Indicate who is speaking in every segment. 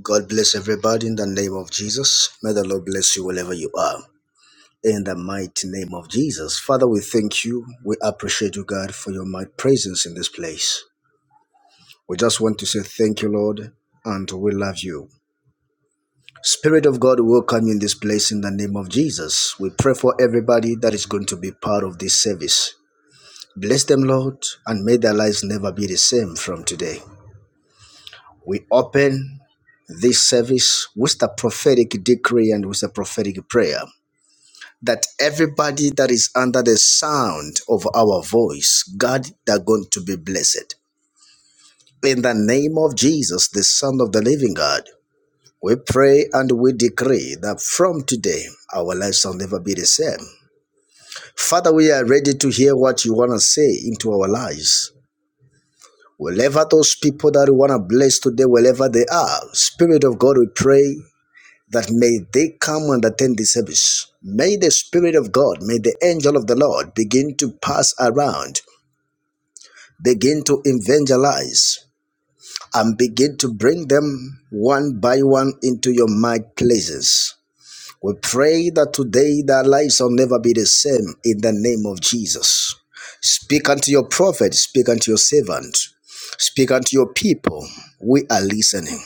Speaker 1: God bless everybody in the name of Jesus. May the Lord bless you wherever you are. In the mighty name of Jesus. Father, we thank you. We appreciate you, God, for your mighty presence in this place. We just want to say thank you, Lord, and we love you. Spirit of God, we welcome you in this place in the name of Jesus. We pray for everybody that is going to be part of this service. Bless them, Lord, and may their lives never be the same from today. We open this service with a prophetic decree and with a prophetic prayer. that everybody that is under the sound of our voice, God, they're going to be blessed. In the name of Jesus, the Son of the Living God, we pray and we decree that from today, our lives shall never be the same. Father, we are ready to hear what you want to say into our lives. Wherever those people that you want to bless today, wherever they are, Spirit of God, we pray that may they come and attend the service. May the Spirit of God, may the angel of the Lord begin to pass around, begin to evangelize, and begin to bring them one by one into your marketplaces. places. We pray that today their lives will never be the same in the name of Jesus. Speak unto your prophet, speak unto your servant, speak unto your people. We are listening.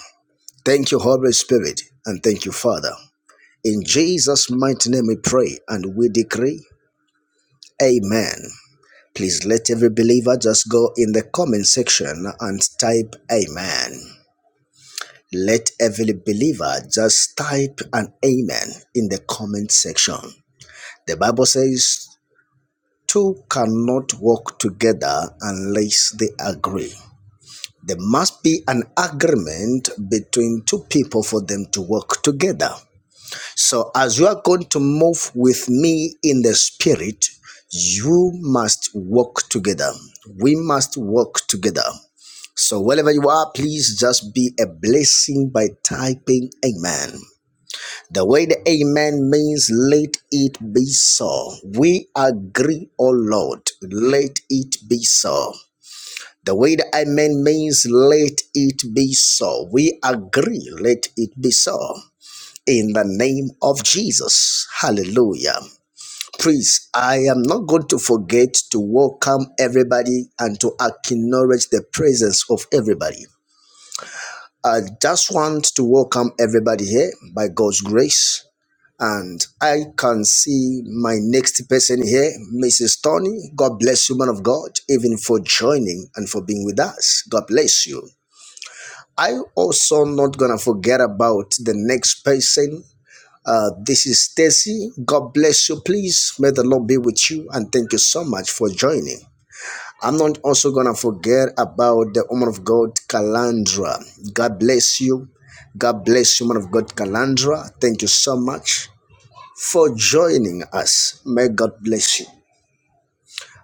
Speaker 1: Thank you, Holy Spirit, and thank you, Father. In Jesus' mighty name we pray and we decree. Amen. Please let every believer just go in the comment section and type Amen. Let every believer just type an Amen in the comment section. The Bible says, Two cannot walk together unless they agree. There must be an agreement between two people for them to work together. So, as you are going to move with me in the spirit, you must walk together. We must walk together. So, wherever you are, please just be a blessing by typing Amen. The way the Amen means, let it be so. We agree, O Lord, let it be so. The way the Amen means, let it be so. We agree, let it be so in the name of Jesus. Hallelujah. Please, I am not going to forget to welcome everybody and to acknowledge the presence of everybody. I just want to welcome everybody here by God's grace. And I can see my next person here, Mrs. Tony. God bless you, man of God, even for joining and for being with us. God bless you. I also not gonna forget about the next person uh, this is Stacy. God bless you, please. May the Lord be with you, and thank you so much for joining. I'm not also gonna forget about the woman of God, Kalandra. God bless you. God bless you, woman of God, Kalandra. Thank you so much for joining us. May God bless you.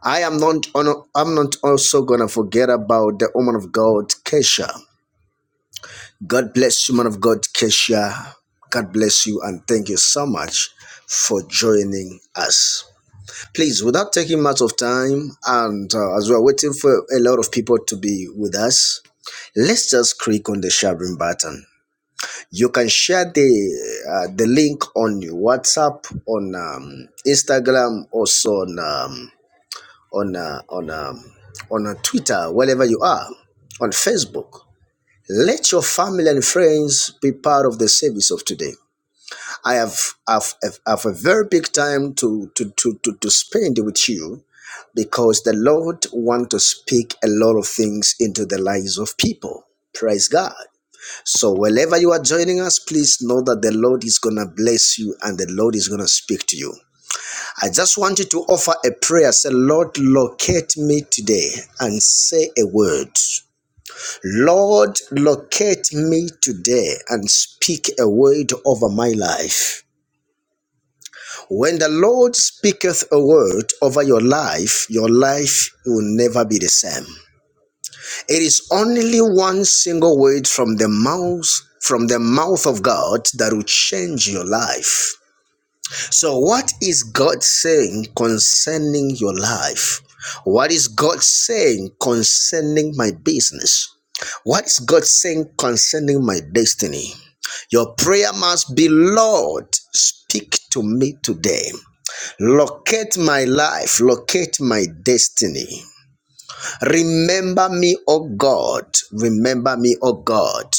Speaker 1: I am not. I'm not also gonna forget about the woman of God, Kesha. God bless you, man of God, Kesha. God bless you and thank you so much for joining us. Please, without taking much of time, and uh, as we're waiting for a lot of people to be with us, let's just click on the sharing button. You can share the uh, the link on your WhatsApp, on um, Instagram, also on um, on uh, on um, on uh, Twitter, wherever you are, on Facebook. Let your family and friends be part of the service of today. I have, have, have a very big time to, to, to, to, to spend with you because the Lord want to speak a lot of things into the lives of people. Praise God. So wherever you are joining us, please know that the Lord is going to bless you and the Lord is going to speak to you. I just want you to offer a prayer. Say, Lord, locate me today and say a word. Lord, locate me today and speak a word over my life. When the Lord speaketh a word over your life, your life will never be the same. It is only one single word from the mouth from the mouth of God that will change your life. So, what is God saying concerning your life? What is God saying concerning my business? What is God saying concerning my destiny? Your prayer must be Lord, speak to me today. Locate my life, locate my destiny. Remember me, O God. Remember me, O God.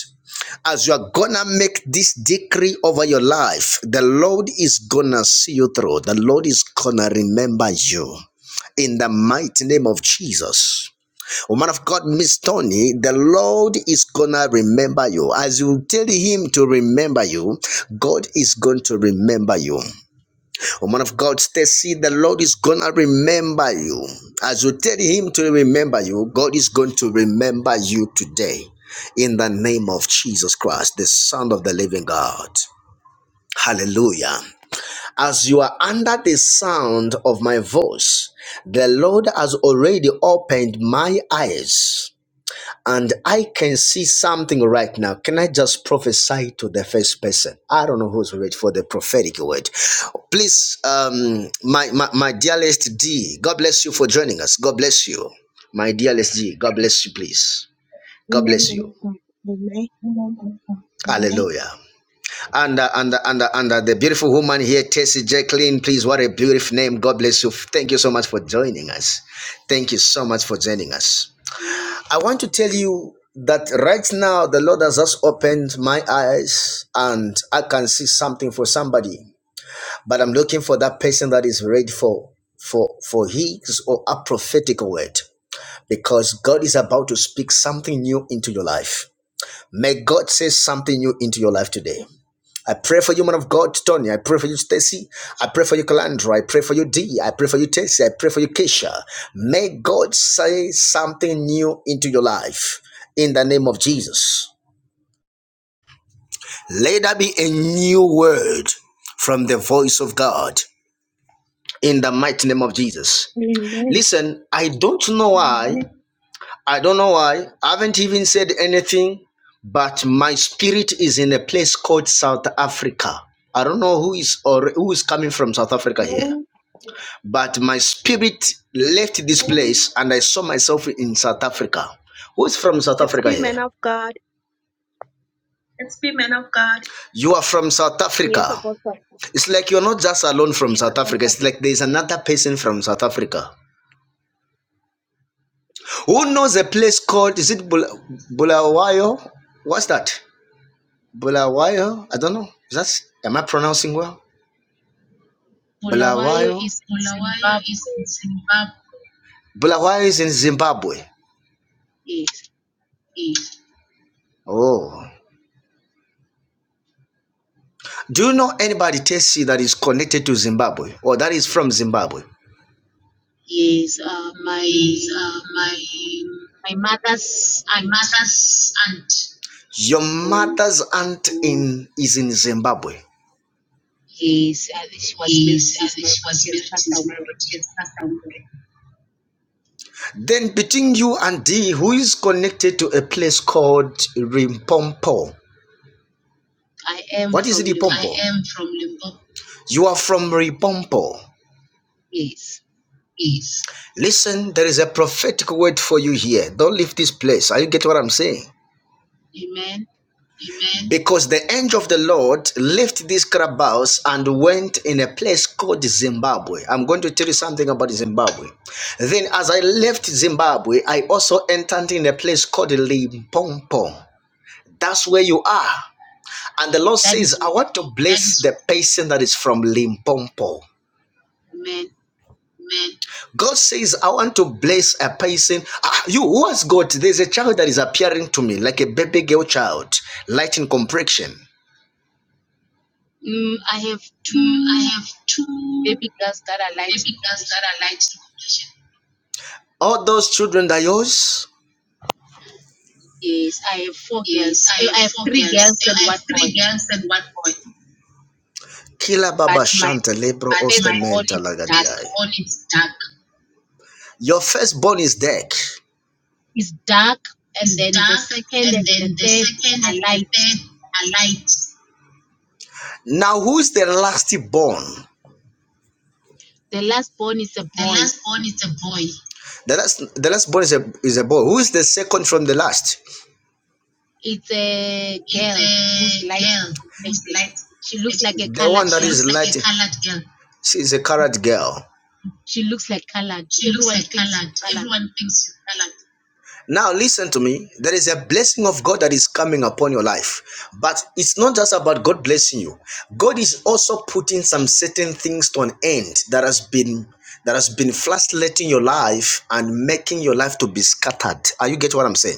Speaker 1: As you are gonna make this decree over your life, the Lord is gonna see you through. The Lord is gonna remember you. In the mighty name of Jesus. Woman of God, Miss Tony, the Lord is gonna remember you. As you tell Him to remember you, God is going to remember you. Woman of God, Stacy, the Lord is gonna remember you. As you tell him to remember you, God is going to remember you today. In the name of Jesus Christ, the Son of the Living God. Hallelujah. As you are under the sound of my voice, the Lord has already opened my eyes and I can see something right now. Can I just prophesy to the first person? I don't know who's ready for the prophetic word. Please, um, my, my, my dearest D, God bless you for joining us. God bless you. My dearest D, God bless you, please. God
Speaker 2: Amen,
Speaker 1: bless
Speaker 2: man
Speaker 1: you.
Speaker 2: of God. Amen.
Speaker 1: Amen. Hallelujah. And uh, and uh, and uh, and uh, the beautiful woman here, Tessie Jacqueline, please, what a beautiful name. God bless you. Thank you so much for joining us. Thank you so much for joining us. I want to tell you that right now the Lord has just opened my eyes and I can see something for somebody. But I'm looking for that person that is ready for for for his or a prophetic word because God is about to speak something new into your life. May God say something new into your life today. I pray for you, man of God, Tony. I pray for you, Stacy. I pray for you, Calandra. I pray for you, Dee. I pray for you, Tessa. I pray for you, Keisha. May God say something new into your life in the name of Jesus. Let there be a new word from the voice of God in the mighty name of Jesus.
Speaker 2: Amen.
Speaker 1: Listen, I don't know why. I don't know why. I haven't even said anything, but my spirit is in a place called South Africa. I don't know who is or who is coming from South Africa here,
Speaker 2: Amen.
Speaker 1: but my spirit left this place and I saw myself in South Africa. Who's from South
Speaker 2: Let's
Speaker 1: Africa
Speaker 2: be
Speaker 1: here?
Speaker 2: men of God.
Speaker 1: It's me, man of God. You are from South
Speaker 2: Yes,
Speaker 1: Africa.
Speaker 2: Apostle.
Speaker 1: It's like you're not just alone from South Africa. It's like there's another person from South Africa. Who knows a place called, is it Bulawayo? What's that? Bulawayo, I don't know. Is that am I pronouncing well?
Speaker 3: Bulawayo
Speaker 1: Bulawayo.
Speaker 3: is in
Speaker 1: Bulawayo
Speaker 3: Zimbabwe.
Speaker 1: is in Zimbabwe. Bulawayo is in Zimbabwe. Yes. Oh. Do you know anybody Tessie that is connected to Zimbabwe or that is from Zimbabwe?
Speaker 3: Yes, uh,
Speaker 1: Is
Speaker 3: my
Speaker 1: uh, my
Speaker 3: my mother's
Speaker 1: my
Speaker 3: aunt.
Speaker 1: mother's aunt. Your
Speaker 3: Oh,
Speaker 1: mother's aunt in is in Zimbabwe.
Speaker 3: yes, uh, she was married
Speaker 1: Is uh,
Speaker 3: in Zimbabwe,
Speaker 1: she
Speaker 3: but
Speaker 1: was
Speaker 3: she has
Speaker 1: married
Speaker 3: passed
Speaker 1: in
Speaker 3: away.
Speaker 1: Zimbabwe. She has passed away. Then between you and D, who is connected to a place called Rimpompo?
Speaker 3: I am
Speaker 1: What is
Speaker 3: from Limpopo.
Speaker 1: Rimpompo? I am from Limpopo. You are from Rimpompo.
Speaker 3: Yes,
Speaker 1: Yes. Listen, there is a prophetic word for you here. Don't leave this place. Are you get what I'm saying?
Speaker 3: amen.
Speaker 1: Because the angel of the Lord left this Krabbaus and went in a place called Zimbabwe. I'm going to tell you something about Zimbabwe. Then, as I left Zimbabwe, I also entered in a place called Limpopo. That's where you are. And the Lord
Speaker 3: That
Speaker 1: says,
Speaker 3: is
Speaker 1: I want to bless the person that is from Limpopo."
Speaker 3: amen.
Speaker 1: God says, I want to bless a person. Ah, you, who has got? There's a child that is appearing to me like a baby girl child, light in complexion.
Speaker 3: Mm, I have
Speaker 1: Mm, I
Speaker 3: two
Speaker 1: have two
Speaker 3: baby girls that are light
Speaker 1: baby
Speaker 3: in
Speaker 1: girls that
Speaker 3: complexion.
Speaker 1: are light in complexion. All those children are yours?
Speaker 3: Yes, I have four
Speaker 1: I
Speaker 3: girls.
Speaker 1: I
Speaker 3: Eh,
Speaker 1: have
Speaker 3: I have
Speaker 1: four
Speaker 3: three
Speaker 1: girls.
Speaker 3: girls and
Speaker 1: I
Speaker 3: one
Speaker 1: have
Speaker 3: boy,
Speaker 1: three girls and one boy. Kila
Speaker 3: but
Speaker 1: baba
Speaker 3: my
Speaker 1: shanta lebro
Speaker 3: first born
Speaker 1: ostamenta
Speaker 3: is dark.
Speaker 1: lagadiai. All is dark. Your firstborn is dark.
Speaker 3: is dark, and
Speaker 1: It's
Speaker 3: then the
Speaker 1: dark,
Speaker 3: second and
Speaker 1: and
Speaker 3: the
Speaker 1: then the
Speaker 3: third
Speaker 1: second
Speaker 3: are
Speaker 1: and the
Speaker 3: light.
Speaker 1: third are light. Now, who's the last born?
Speaker 3: The last born is a
Speaker 1: The
Speaker 3: boy.
Speaker 1: last born is a boy. The last, the last born is a is a boy. Who's the second from the last?
Speaker 3: It's a
Speaker 1: It's
Speaker 3: girl who's
Speaker 1: a
Speaker 3: light in
Speaker 1: girl who's
Speaker 3: complexion.
Speaker 1: light.
Speaker 3: She looks like a
Speaker 1: The one
Speaker 3: colored
Speaker 1: that she
Speaker 3: girl.
Speaker 1: is looks like light. a colored girl. She's a colored girl.
Speaker 3: She looks like colored.
Speaker 1: She looks
Speaker 3: Everyone
Speaker 1: like
Speaker 3: thinks she's
Speaker 1: colored.
Speaker 3: colored.
Speaker 1: Everyone thinks she's colored. Now, listen to me. There is a blessing of God that is coming upon your life. But it's not just about God blessing you. God is also putting some certain things to an end that has been that has been flatlining your life and making your life to be scattered. Are you get what I'm saying?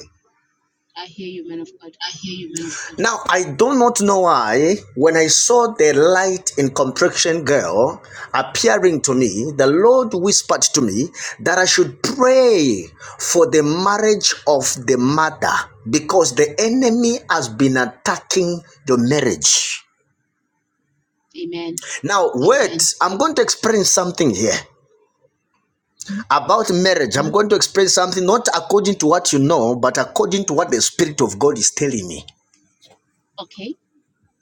Speaker 3: I hear you, man of God.
Speaker 1: I hear you very clearly. Now, I do not know why, when I saw the light in complexion girl appearing to me, the Lord whispered to me that I should pray for the marriage of the mother because the enemy has been attacking your marriage.
Speaker 3: Amen.
Speaker 1: Now, wait, Okay. I'm going to explain something here
Speaker 3: Hmm?
Speaker 1: about marriage. I'm going to explain something not according to what you know, but according to what the Spirit of God is telling me.
Speaker 3: Okay,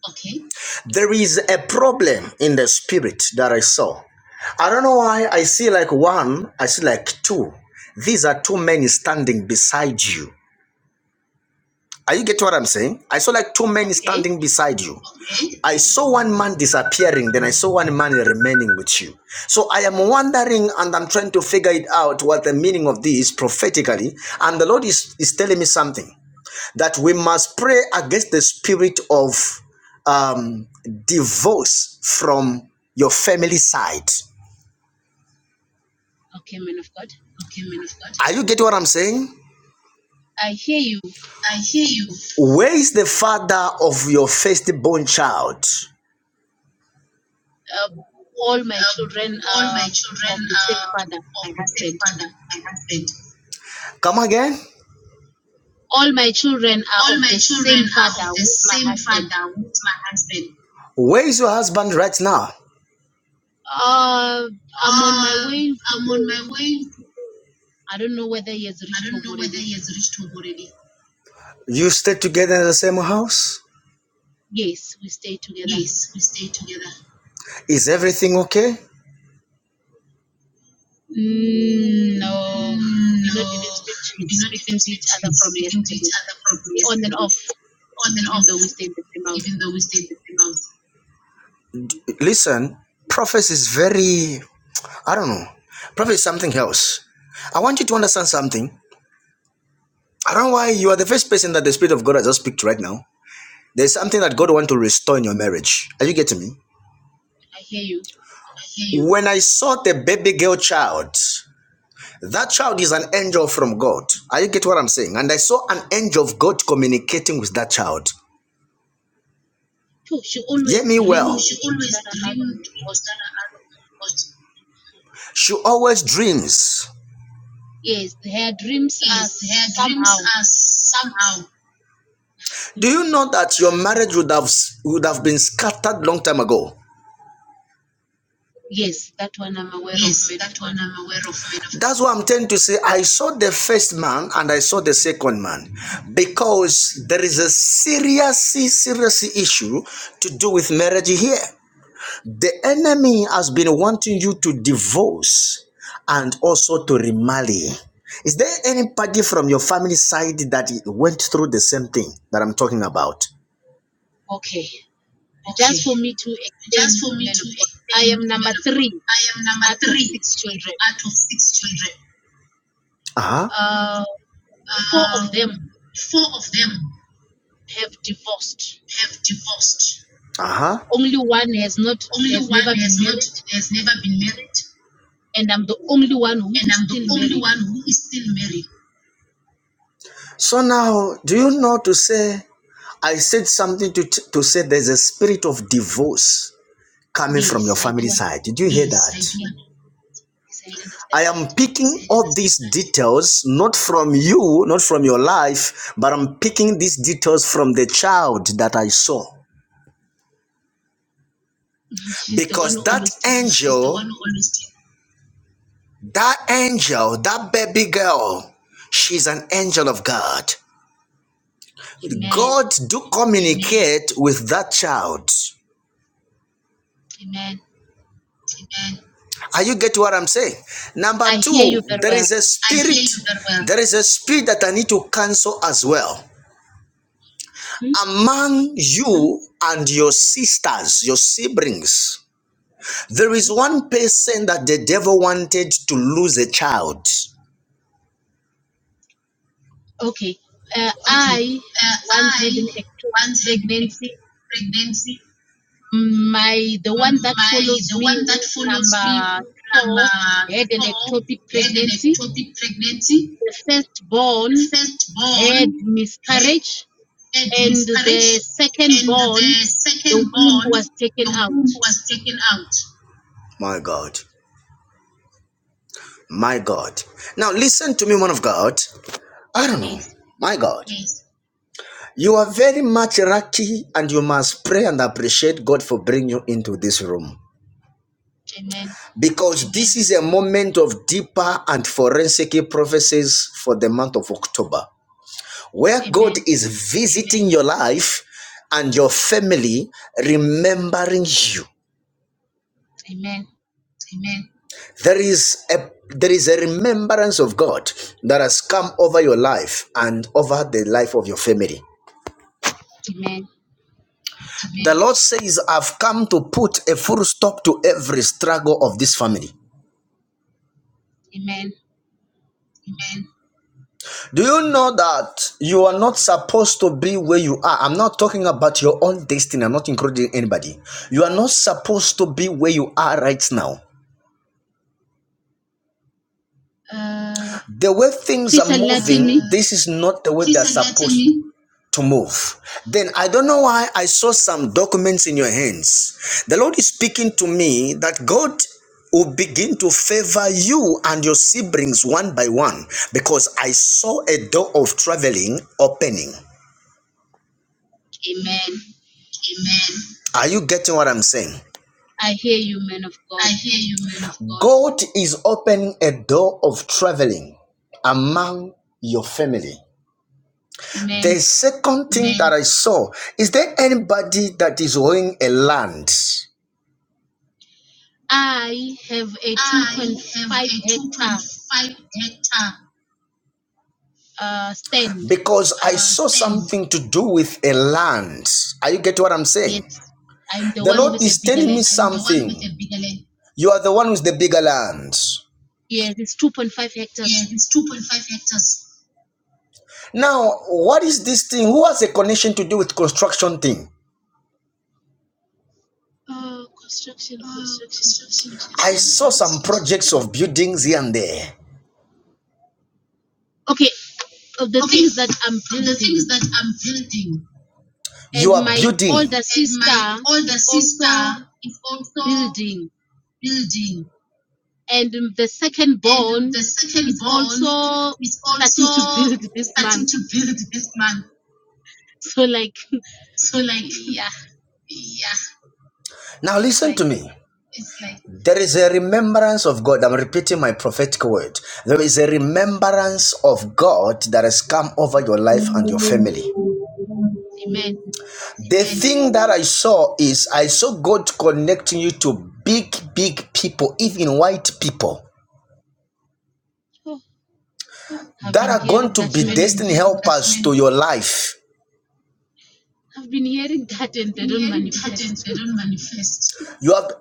Speaker 1: Okay. There is a problem in the spirit that I saw. I don't know why I see like one, I see like two. These are two men standing beside you. Are you getting what I'm saying? I saw like two men
Speaker 3: okay,
Speaker 1: standing beside you. I saw one man disappearing, then I saw one man remaining with you. So I am wondering and I'm trying to figure it out what the meaning of this prophetically. And the Lord is, is telling me something that we must pray against the spirit of um, divorce from your family side.
Speaker 3: okay, man of God.
Speaker 1: Okay, Minister. Are you getting what I'm saying?
Speaker 3: I hear you.
Speaker 1: I hear you. Where is the father of your firstborn child?
Speaker 3: Uh, all my children
Speaker 1: all
Speaker 3: are
Speaker 1: my children
Speaker 3: of the same
Speaker 1: are
Speaker 3: father,
Speaker 1: of
Speaker 3: my
Speaker 1: the same
Speaker 3: husband.
Speaker 1: father, my husband. Come again.
Speaker 3: All my children
Speaker 1: All
Speaker 3: are of
Speaker 1: my
Speaker 3: the
Speaker 1: children
Speaker 3: same
Speaker 1: are of
Speaker 3: father,
Speaker 1: the
Speaker 3: who's my
Speaker 1: same
Speaker 3: husband
Speaker 1: father, who is my husband. Where is your husband right now?
Speaker 3: Uh, I'm on my
Speaker 1: Uh,
Speaker 3: way to
Speaker 1: I'm on
Speaker 3: home.
Speaker 1: my way.
Speaker 3: I don't know whether he has
Speaker 1: I
Speaker 3: reached
Speaker 1: don't
Speaker 3: home
Speaker 1: know whether
Speaker 3: already.
Speaker 1: he has reached home already. You stay together in the same house?
Speaker 3: Yes, we stay together.
Speaker 1: Yes, we stay together. Is everything okay? Mm,
Speaker 3: Mm, no, we
Speaker 1: No,
Speaker 3: not even speak to,
Speaker 1: we not even
Speaker 3: speaking to
Speaker 1: speak
Speaker 3: each
Speaker 1: to,
Speaker 3: other from
Speaker 1: speaking to each
Speaker 3: yesterday.
Speaker 1: other properly
Speaker 3: On and
Speaker 1: yesterday.
Speaker 3: off,
Speaker 1: On and off,
Speaker 3: even though we stay in the same house.
Speaker 1: even though we stay in the same house. Listen, prophecy is very, I don't know, prophecy is something else. I want you to understand something. I don't know why you are the first person that the Spirit of God has just speak to right now. There's something that God wants to restore in your marriage. Are you getting me?
Speaker 3: I hear you.
Speaker 1: When I saw the baby girl child, that child is an angel from God. Are you get what I'm saying? And I saw an angel of God communicating with that child.
Speaker 3: Phew, she
Speaker 1: Hear
Speaker 3: always
Speaker 1: me
Speaker 3: dream
Speaker 1: well. She
Speaker 3: dreams that
Speaker 1: always
Speaker 3: are out of
Speaker 1: dreams.
Speaker 3: what.
Speaker 1: She always dreams.
Speaker 3: Yes, her dreams are
Speaker 1: Yes, her dreams
Speaker 3: somehow.
Speaker 1: are somehow. Do you know that your marriage would have would have been scattered long time ago?
Speaker 3: Yes, that one I'm aware of,
Speaker 1: Yes,
Speaker 3: man
Speaker 1: that
Speaker 3: of
Speaker 1: one
Speaker 3: God.
Speaker 1: I'm aware of, That's what I'm trying to say I saw the first man and I saw the second man because there is a serious serious issue to do with marriage here. The enemy has been wanting you to divorce and also to remarry. Is there anybody from your family side that went through the same thing that I'm talking about?
Speaker 3: Okay,
Speaker 1: Okay.
Speaker 3: just for me to
Speaker 1: Just
Speaker 3: explain,
Speaker 1: for me
Speaker 3: man
Speaker 1: to
Speaker 3: of God,
Speaker 1: explain,
Speaker 3: I am
Speaker 1: man
Speaker 3: number
Speaker 1: of God,
Speaker 3: three
Speaker 1: I am number
Speaker 3: out of
Speaker 1: three
Speaker 3: six children.
Speaker 1: out of six children. Uh huh.
Speaker 3: Uh, four
Speaker 1: Uh,
Speaker 3: of them
Speaker 1: four of them
Speaker 3: have divorced.
Speaker 1: have divorced. Uh huh.
Speaker 3: Only one has not
Speaker 1: Only
Speaker 3: has
Speaker 1: one
Speaker 3: never
Speaker 1: has
Speaker 3: been
Speaker 1: not
Speaker 3: married,
Speaker 1: has never been married,
Speaker 3: and I'm the only one who
Speaker 1: and
Speaker 3: is
Speaker 1: I'm the
Speaker 3: still
Speaker 1: only
Speaker 3: married.
Speaker 1: one who is still married. So now, do you know to say, I said something to, t- to say there's a spirit of divorce coming from your
Speaker 3: Yes, I
Speaker 1: family
Speaker 3: do
Speaker 1: side. Did you hear that?
Speaker 3: understand. Yes, I understand
Speaker 1: I am
Speaker 3: that.
Speaker 1: picking all these details not from you, not from your life, but I'm picking these details from the child that I saw.
Speaker 3: She's the one who
Speaker 1: Because that
Speaker 3: always tells
Speaker 1: angel, that angel, that baby girl, she's an angel of God.
Speaker 3: me, Amen,
Speaker 1: God do communicate with that child.
Speaker 3: Amen.
Speaker 1: Are you get what I'm saying? Number
Speaker 3: I hear
Speaker 1: two,
Speaker 3: you very
Speaker 1: there
Speaker 3: well.
Speaker 1: is a spirit. well. There is a spirit that I need to cancel as well
Speaker 3: Hmm?
Speaker 1: among you and your sisters, your siblings. There is one person that the devil wanted to lose a child.
Speaker 3: Okay. Uh,
Speaker 1: Okay.
Speaker 3: I
Speaker 1: Uh,
Speaker 3: once had
Speaker 1: I
Speaker 3: an ectopic
Speaker 1: once had a
Speaker 3: pregnancy.
Speaker 1: pregnancy.
Speaker 3: My the
Speaker 1: Mm,
Speaker 3: one that
Speaker 1: My
Speaker 3: follows
Speaker 1: the
Speaker 3: me,
Speaker 1: one
Speaker 3: who
Speaker 1: that follows me,
Speaker 3: number four,
Speaker 1: number
Speaker 3: had an
Speaker 1: four,
Speaker 3: ectopic
Speaker 1: had an
Speaker 3: pregnancy.
Speaker 1: ectopic pregnancy.
Speaker 3: The firstborn
Speaker 1: The
Speaker 3: had
Speaker 1: firstborn had
Speaker 3: miscarriage,
Speaker 1: had
Speaker 3: and the
Speaker 1: miscarriage,
Speaker 3: second
Speaker 1: and the
Speaker 3: born,
Speaker 1: second
Speaker 3: the womb
Speaker 1: born,
Speaker 3: was taken
Speaker 1: the
Speaker 3: out.
Speaker 1: womb was taken out. My God. My God. Now listen to me, man of God. I don't know.
Speaker 3: Yes.
Speaker 1: My God. Yes. You are very much lucky and you must pray and appreciate God for bringing you into this room.
Speaker 3: Amen.
Speaker 1: Because this is a moment of deeper and forensic prophecies for the month of October, where God
Speaker 3: Amen.
Speaker 1: is visiting your life and your family, remembering you.
Speaker 3: Amen.
Speaker 1: Amen. there is a there is a remembrance of God that has come over your life and over the life of your family. Amen.
Speaker 3: Amen.
Speaker 1: The Lord says, I've come to put a full stop to every struggle of this family.
Speaker 3: Amen.
Speaker 1: Amen. Do you know that you are not supposed to be where you are? I'm not talking about your own destiny, I'm not including anybody. You are not supposed to be where you are right now.
Speaker 3: Uh,
Speaker 1: The way things
Speaker 3: please
Speaker 1: are
Speaker 3: enlighten
Speaker 1: moving, uh,
Speaker 3: me.
Speaker 1: this is not the way they're supposed to to move. Then I don't know why I saw some documents in your hands. The Lord is speaking to me that God will begin to favor you and your siblings one by one because I saw a door of traveling opening.
Speaker 3: Amen.
Speaker 1: Amen. Are you getting what I'm saying?
Speaker 3: I hear you, man of God.
Speaker 1: I hear you. God God is opening a door of traveling among your family. The
Speaker 3: Amen.
Speaker 1: second thing that I saw is there anybody that is owning a land?
Speaker 3: I have a
Speaker 1: I
Speaker 3: 2.5
Speaker 1: have a two
Speaker 3: hectare
Speaker 1: point five hectare.
Speaker 3: uh, stand.
Speaker 1: Because I uh, saw thing. something to do with a land. Are you getting what I'm saying?
Speaker 3: Yes. I'm the
Speaker 1: The yes.
Speaker 3: one
Speaker 1: Lord
Speaker 3: with a
Speaker 1: is
Speaker 3: bigger
Speaker 1: telling me I'm
Speaker 3: land.
Speaker 1: something. You are the one with the bigger land.
Speaker 3: Yes, it's 2.5
Speaker 1: Yeah,
Speaker 3: hectares.
Speaker 1: it's two point five hectares. Now, what is this thing? Who has a connection to do with construction thing?
Speaker 3: Uh, construction,
Speaker 1: Uh,
Speaker 3: construction,
Speaker 1: construction. I
Speaker 3: construction.
Speaker 1: saw some projects of buildings here and there.
Speaker 3: Okay, of the
Speaker 1: Okay,
Speaker 3: things that I'm
Speaker 1: uh, the things
Speaker 3: building.
Speaker 1: that I'm building, You
Speaker 3: And
Speaker 1: are
Speaker 3: my
Speaker 1: building.
Speaker 3: older
Speaker 1: and my
Speaker 3: sister
Speaker 1: older
Speaker 3: is
Speaker 1: sister
Speaker 3: also
Speaker 1: is also
Speaker 3: building.
Speaker 1: building,
Speaker 3: And the second
Speaker 1: and
Speaker 3: born
Speaker 1: the second
Speaker 3: is
Speaker 1: born
Speaker 3: also
Speaker 1: is also
Speaker 3: starting to build this
Speaker 1: starting
Speaker 3: month.
Speaker 1: to build this month.
Speaker 3: So, like,
Speaker 1: So, like,
Speaker 3: yeah,
Speaker 1: yeah, Now
Speaker 3: it's
Speaker 1: listen
Speaker 3: like,
Speaker 1: to me. it's like, There is a remembrance of God. I'm repeating my prophetic word. There is a remembrance of God that has come over your life and your
Speaker 3: amen.
Speaker 1: family. The thing that I saw is I saw God connecting you to big, big people, even white people,
Speaker 3: Oh, I've
Speaker 1: that
Speaker 3: been
Speaker 1: are going
Speaker 3: hearing
Speaker 1: to
Speaker 3: that,
Speaker 1: be
Speaker 3: man.
Speaker 1: destiny helpers been, to your life.
Speaker 3: I've been hearing that, and
Speaker 1: I've
Speaker 3: they
Speaker 1: been
Speaker 3: don't
Speaker 1: hearing that, and
Speaker 3: manifest.
Speaker 1: they don't manifest. You have,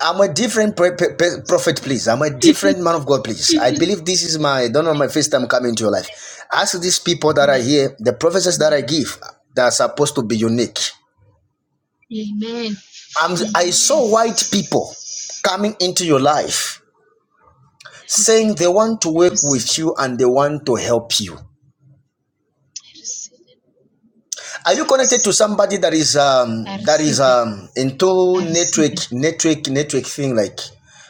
Speaker 1: I'm a different pre- pre- pre- prophet, please. I'm a different man of God, please. I believe this is my, I don't know, my first time coming to your life. Ask these people that are
Speaker 3: Amen.
Speaker 1: here, the prophecies that I give, that are supposed to be unique.
Speaker 3: Amen.
Speaker 1: I'm, I saw white people coming into your life.
Speaker 3: I
Speaker 1: saying
Speaker 3: receive
Speaker 1: they
Speaker 3: them.
Speaker 1: want to work with you and they want to help you.
Speaker 3: I receive them.
Speaker 1: Are you connected to somebody that is
Speaker 3: I
Speaker 1: um that
Speaker 3: receive
Speaker 1: is
Speaker 3: them.
Speaker 1: um into network network network thing like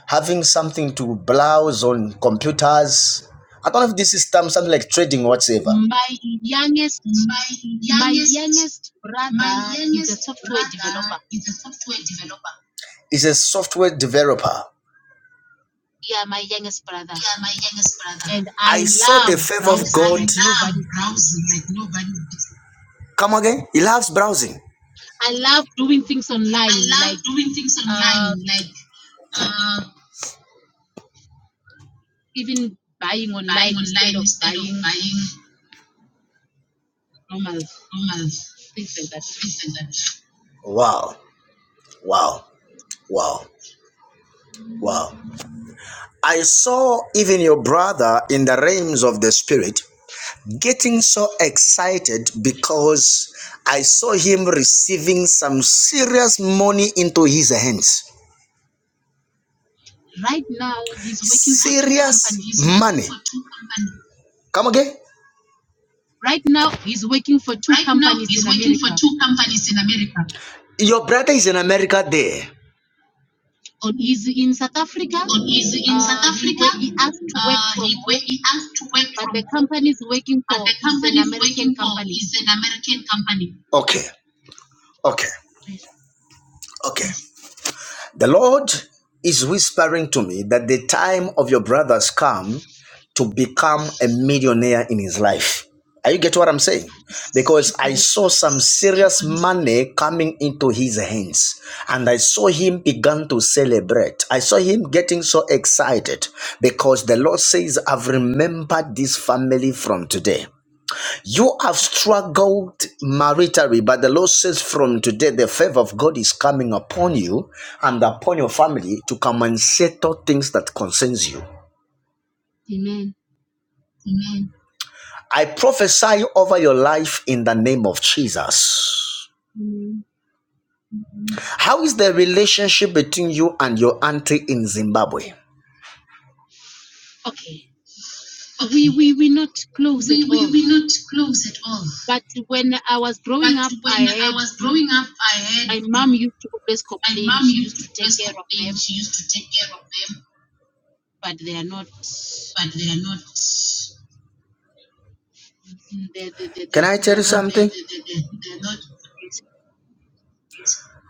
Speaker 1: having something to browse on computers? I don't know if this is term, something like trading or whatsoever.
Speaker 3: My youngest
Speaker 1: My
Speaker 3: My
Speaker 1: youngest
Speaker 3: youngest
Speaker 1: my
Speaker 3: brother is a
Speaker 1: youngest
Speaker 3: software developer.
Speaker 1: brother is a software developer. Is a software developer.
Speaker 3: Yeah, my youngest brother.
Speaker 1: Yeah, my youngest brother.
Speaker 3: And I
Speaker 1: I saw the
Speaker 3: love
Speaker 1: favor of God.
Speaker 3: browsing
Speaker 1: I
Speaker 3: like
Speaker 1: love
Speaker 3: nobody's business.
Speaker 1: browsing like nobody Come again? He loves browsing.
Speaker 3: I love doing things
Speaker 1: I
Speaker 3: online,
Speaker 1: love
Speaker 3: like
Speaker 1: doing things
Speaker 3: uh,
Speaker 1: online, like uh,
Speaker 3: even buying
Speaker 1: buying
Speaker 3: online
Speaker 1: online
Speaker 3: instead of
Speaker 1: instead of
Speaker 3: buying
Speaker 1: buying
Speaker 3: normal
Speaker 1: normal
Speaker 3: things like that.
Speaker 1: things like that. Wow, wow, wow, wow. I saw even your brother in the realms of the spirit getting so excited because I saw him receiving some serious money into his hands.
Speaker 3: Right now, he's working for two
Speaker 1: Serious
Speaker 3: companies.
Speaker 1: He's money. for two companies. Come again?
Speaker 3: Right now, he's working for two
Speaker 1: Right now,
Speaker 3: companies
Speaker 1: he's
Speaker 3: in
Speaker 1: working for
Speaker 3: America.
Speaker 1: two companies in America. Your brother is in America there.
Speaker 3: On he's in South Africa.
Speaker 1: On he's in South
Speaker 3: Uh, he
Speaker 1: Africa.
Speaker 3: wa- he asked to work
Speaker 1: Uh,
Speaker 3: from
Speaker 1: he
Speaker 3: home,
Speaker 1: wa- he asked to work
Speaker 3: but
Speaker 1: from
Speaker 3: the
Speaker 1: home,
Speaker 3: company he's working
Speaker 1: but
Speaker 3: for
Speaker 1: the
Speaker 3: is an
Speaker 1: company he's working
Speaker 3: American
Speaker 1: for
Speaker 3: company
Speaker 1: is an American company. Okay, okay,
Speaker 3: There's
Speaker 1: okay. The Lord is whispering to me that the time of your brothers come to become a millionaire in his life. Are you get what I'm saying? Because I
Speaker 3: everybody's
Speaker 1: saw some serious money coming into his hands and I saw him begin to celebrate. I saw him getting so excited because the Lord says, I've remembered this family from today. You have struggled maritally, but the Lord says from today the favor of God is coming upon you and upon your family to come and settle things that concerns you.
Speaker 3: amen.
Speaker 1: Amen. I prophesy over your life in the name of Jesus.
Speaker 3: Mm.
Speaker 1: How is the relationship between you and your auntie in Zimbabwe?
Speaker 3: Okay. We
Speaker 1: Okay.
Speaker 3: we we're not close at
Speaker 1: We we
Speaker 3: all.
Speaker 1: we are not close at all.
Speaker 3: But when I was
Speaker 1: But
Speaker 3: growing up, I
Speaker 1: when I
Speaker 3: had
Speaker 1: was
Speaker 3: mm,
Speaker 1: growing up, I had
Speaker 3: my mom
Speaker 1: mm,
Speaker 3: used to always
Speaker 1: my
Speaker 3: complain.
Speaker 1: mom
Speaker 3: She
Speaker 1: used
Speaker 3: used
Speaker 1: to
Speaker 3: to take
Speaker 1: always
Speaker 3: care of
Speaker 1: complain.
Speaker 3: them,
Speaker 1: She used to take care of them.
Speaker 3: but they are not.
Speaker 1: but they are not.
Speaker 3: They they they
Speaker 1: Can
Speaker 3: they
Speaker 1: I tell
Speaker 3: they
Speaker 1: you
Speaker 3: are not.
Speaker 1: something? they, they, they, they're not.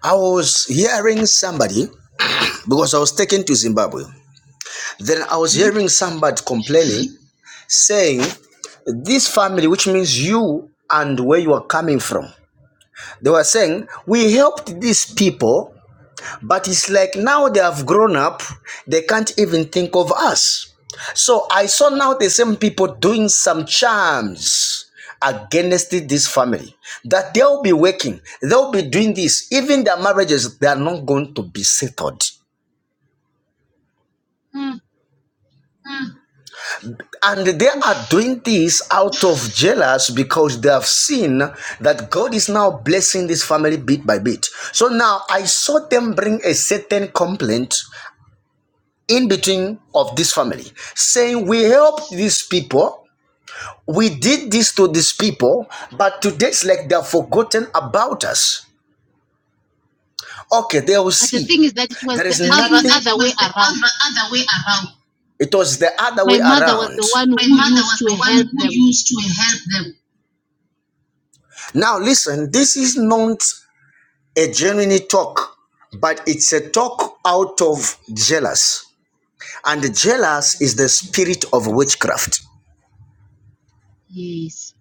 Speaker 1: I was hearing somebody because I was taken to Zimbabwe. Then I was
Speaker 3: Hmm?
Speaker 1: hearing somebody complaining, saying, This family, which means you and where you are coming from, they were saying, We helped these people But it's like now they have grown up, they can't even think of us. So I saw now the same people doing some charms against this family that they'll be working, they'll be doing this. Even their marriages, they are not going to be settled.
Speaker 3: Ah.
Speaker 1: And they are doing this out of jealous because they have seen that God is now blessing this family bit by bit. So now I saw them bring a certain complaint in between of this family saying we helped these people we did this to these people but today it's like they're forgotten about us okay they will
Speaker 3: But the
Speaker 1: see
Speaker 3: thing is that it was
Speaker 1: there
Speaker 3: the
Speaker 1: is The nothing.
Speaker 3: other
Speaker 1: thing
Speaker 3: other way
Speaker 1: is it was
Speaker 3: around.
Speaker 1: the other, other way around. it was the other way
Speaker 3: My mother was
Speaker 1: around
Speaker 3: the one
Speaker 1: My
Speaker 3: who
Speaker 1: mother
Speaker 3: used
Speaker 1: was
Speaker 3: to
Speaker 1: the
Speaker 3: help
Speaker 1: one who
Speaker 3: them.
Speaker 1: used to help them. now listen this is not a genuine talk but it's a talk out of jealous and jealous is the spirit of witchcraft
Speaker 3: Yes.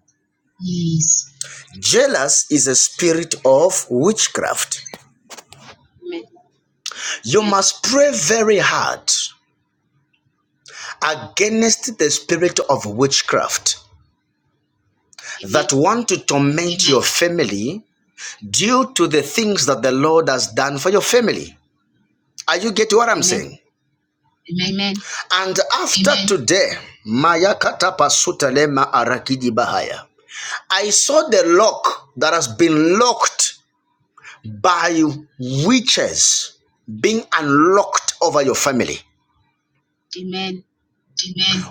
Speaker 1: Yes. Jealous is a spirit of witchcraft.
Speaker 3: Amen.
Speaker 1: You must pray very hard against the spirit of witchcraft
Speaker 3: Amen.
Speaker 1: that want to torment your family due to the things that the Lord has done for your family. Are you getting what I'm
Speaker 3: Amen.
Speaker 1: saying? Amen.
Speaker 3: Amen.
Speaker 1: And after Amen. today, Maya katapa sutalema arakidi bahaya. I saw the lock that has been locked by witches being unlocked over your family.
Speaker 3: Amen.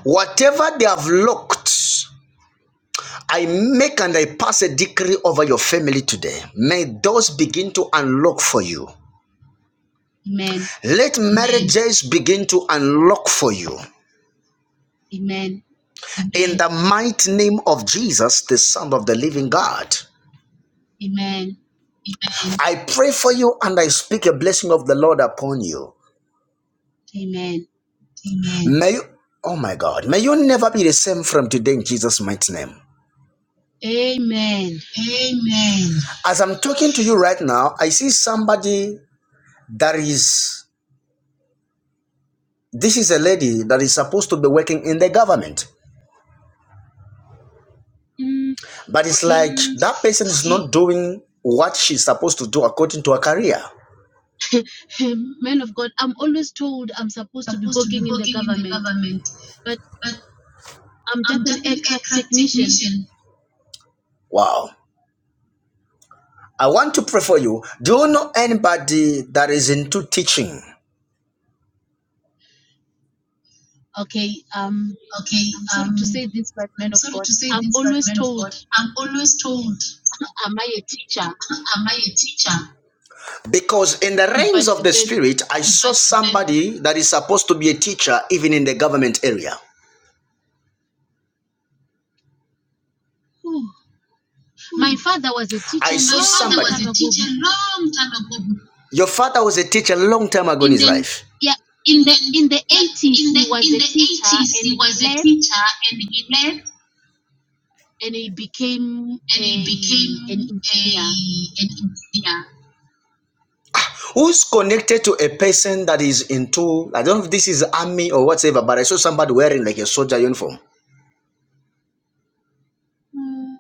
Speaker 1: Whatever they have locked, I make and I pass a decree over your family today. May those begin to unlock for you. Let marriages begin to unlock for you.
Speaker 3: Amen.
Speaker 1: In the mighty name of Jesus, the Son of the Living God.
Speaker 3: Amen.
Speaker 1: I pray for you and I speak a blessing of the Lord upon you.
Speaker 3: Amen.
Speaker 1: May you, oh my God, may you never be the same from today in Jesus' mighty name.
Speaker 3: Amen.
Speaker 1: Amen. As I'm talking to you right now, I see somebody that is, this is a lady that is supposed to be working in the government.
Speaker 3: Mm,
Speaker 1: But it's
Speaker 3: okay,
Speaker 1: like Mm, that person is not doing what she's supposed to do according to her career.
Speaker 3: man of God, I'm always told I'm supposed to be
Speaker 1: supposed to be
Speaker 3: working in the
Speaker 1: working in the
Speaker 3: government,
Speaker 1: government,
Speaker 3: but
Speaker 1: but
Speaker 3: I'm
Speaker 1: I'm
Speaker 3: just an
Speaker 1: just an
Speaker 3: aircraft
Speaker 1: aircraft
Speaker 3: technician.
Speaker 1: technician. Wow. I want to pray for you. Do you know anybody that is into teaching?
Speaker 3: Okay, um,
Speaker 1: Okay,
Speaker 3: I'm sorry to
Speaker 1: um,
Speaker 3: say this, but
Speaker 1: I'm
Speaker 3: man of
Speaker 1: sorry
Speaker 3: God,
Speaker 1: to say
Speaker 3: I'm
Speaker 1: this, but
Speaker 3: always
Speaker 1: man of
Speaker 3: told,
Speaker 1: God, I'm always told.
Speaker 3: am I a teacher?
Speaker 1: Am I a teacher? Because in the realms
Speaker 3: But
Speaker 1: of the
Speaker 3: then,
Speaker 1: spirit, I saw somebody that is supposed to be a teacher, even in the government area.
Speaker 3: whew,
Speaker 1: Hmm.
Speaker 3: my father was a
Speaker 1: I
Speaker 3: teacher
Speaker 1: saw My saw father
Speaker 3: long
Speaker 1: was
Speaker 3: time
Speaker 1: a
Speaker 3: ago.
Speaker 1: teacher long time ago Your father was a teacher long time ago in
Speaker 3: In
Speaker 1: his
Speaker 3: the
Speaker 1: life.
Speaker 3: yeah,
Speaker 1: in
Speaker 3: in the
Speaker 1: the
Speaker 3: in the
Speaker 1: yeah,
Speaker 3: 80s,
Speaker 1: in the
Speaker 3: he was
Speaker 1: in
Speaker 3: a
Speaker 1: the
Speaker 3: teacher,
Speaker 1: eighties
Speaker 3: and
Speaker 1: he
Speaker 3: he
Speaker 1: was a
Speaker 3: left,
Speaker 1: teacher and he left
Speaker 3: and he became
Speaker 1: and he
Speaker 3: a an
Speaker 1: became a
Speaker 3: engineer.
Speaker 1: an engineer. Who's connected to a person that is into, I don't know if this is army or whatever, but I saw somebody wearing like a soldier uniform.
Speaker 3: Mm.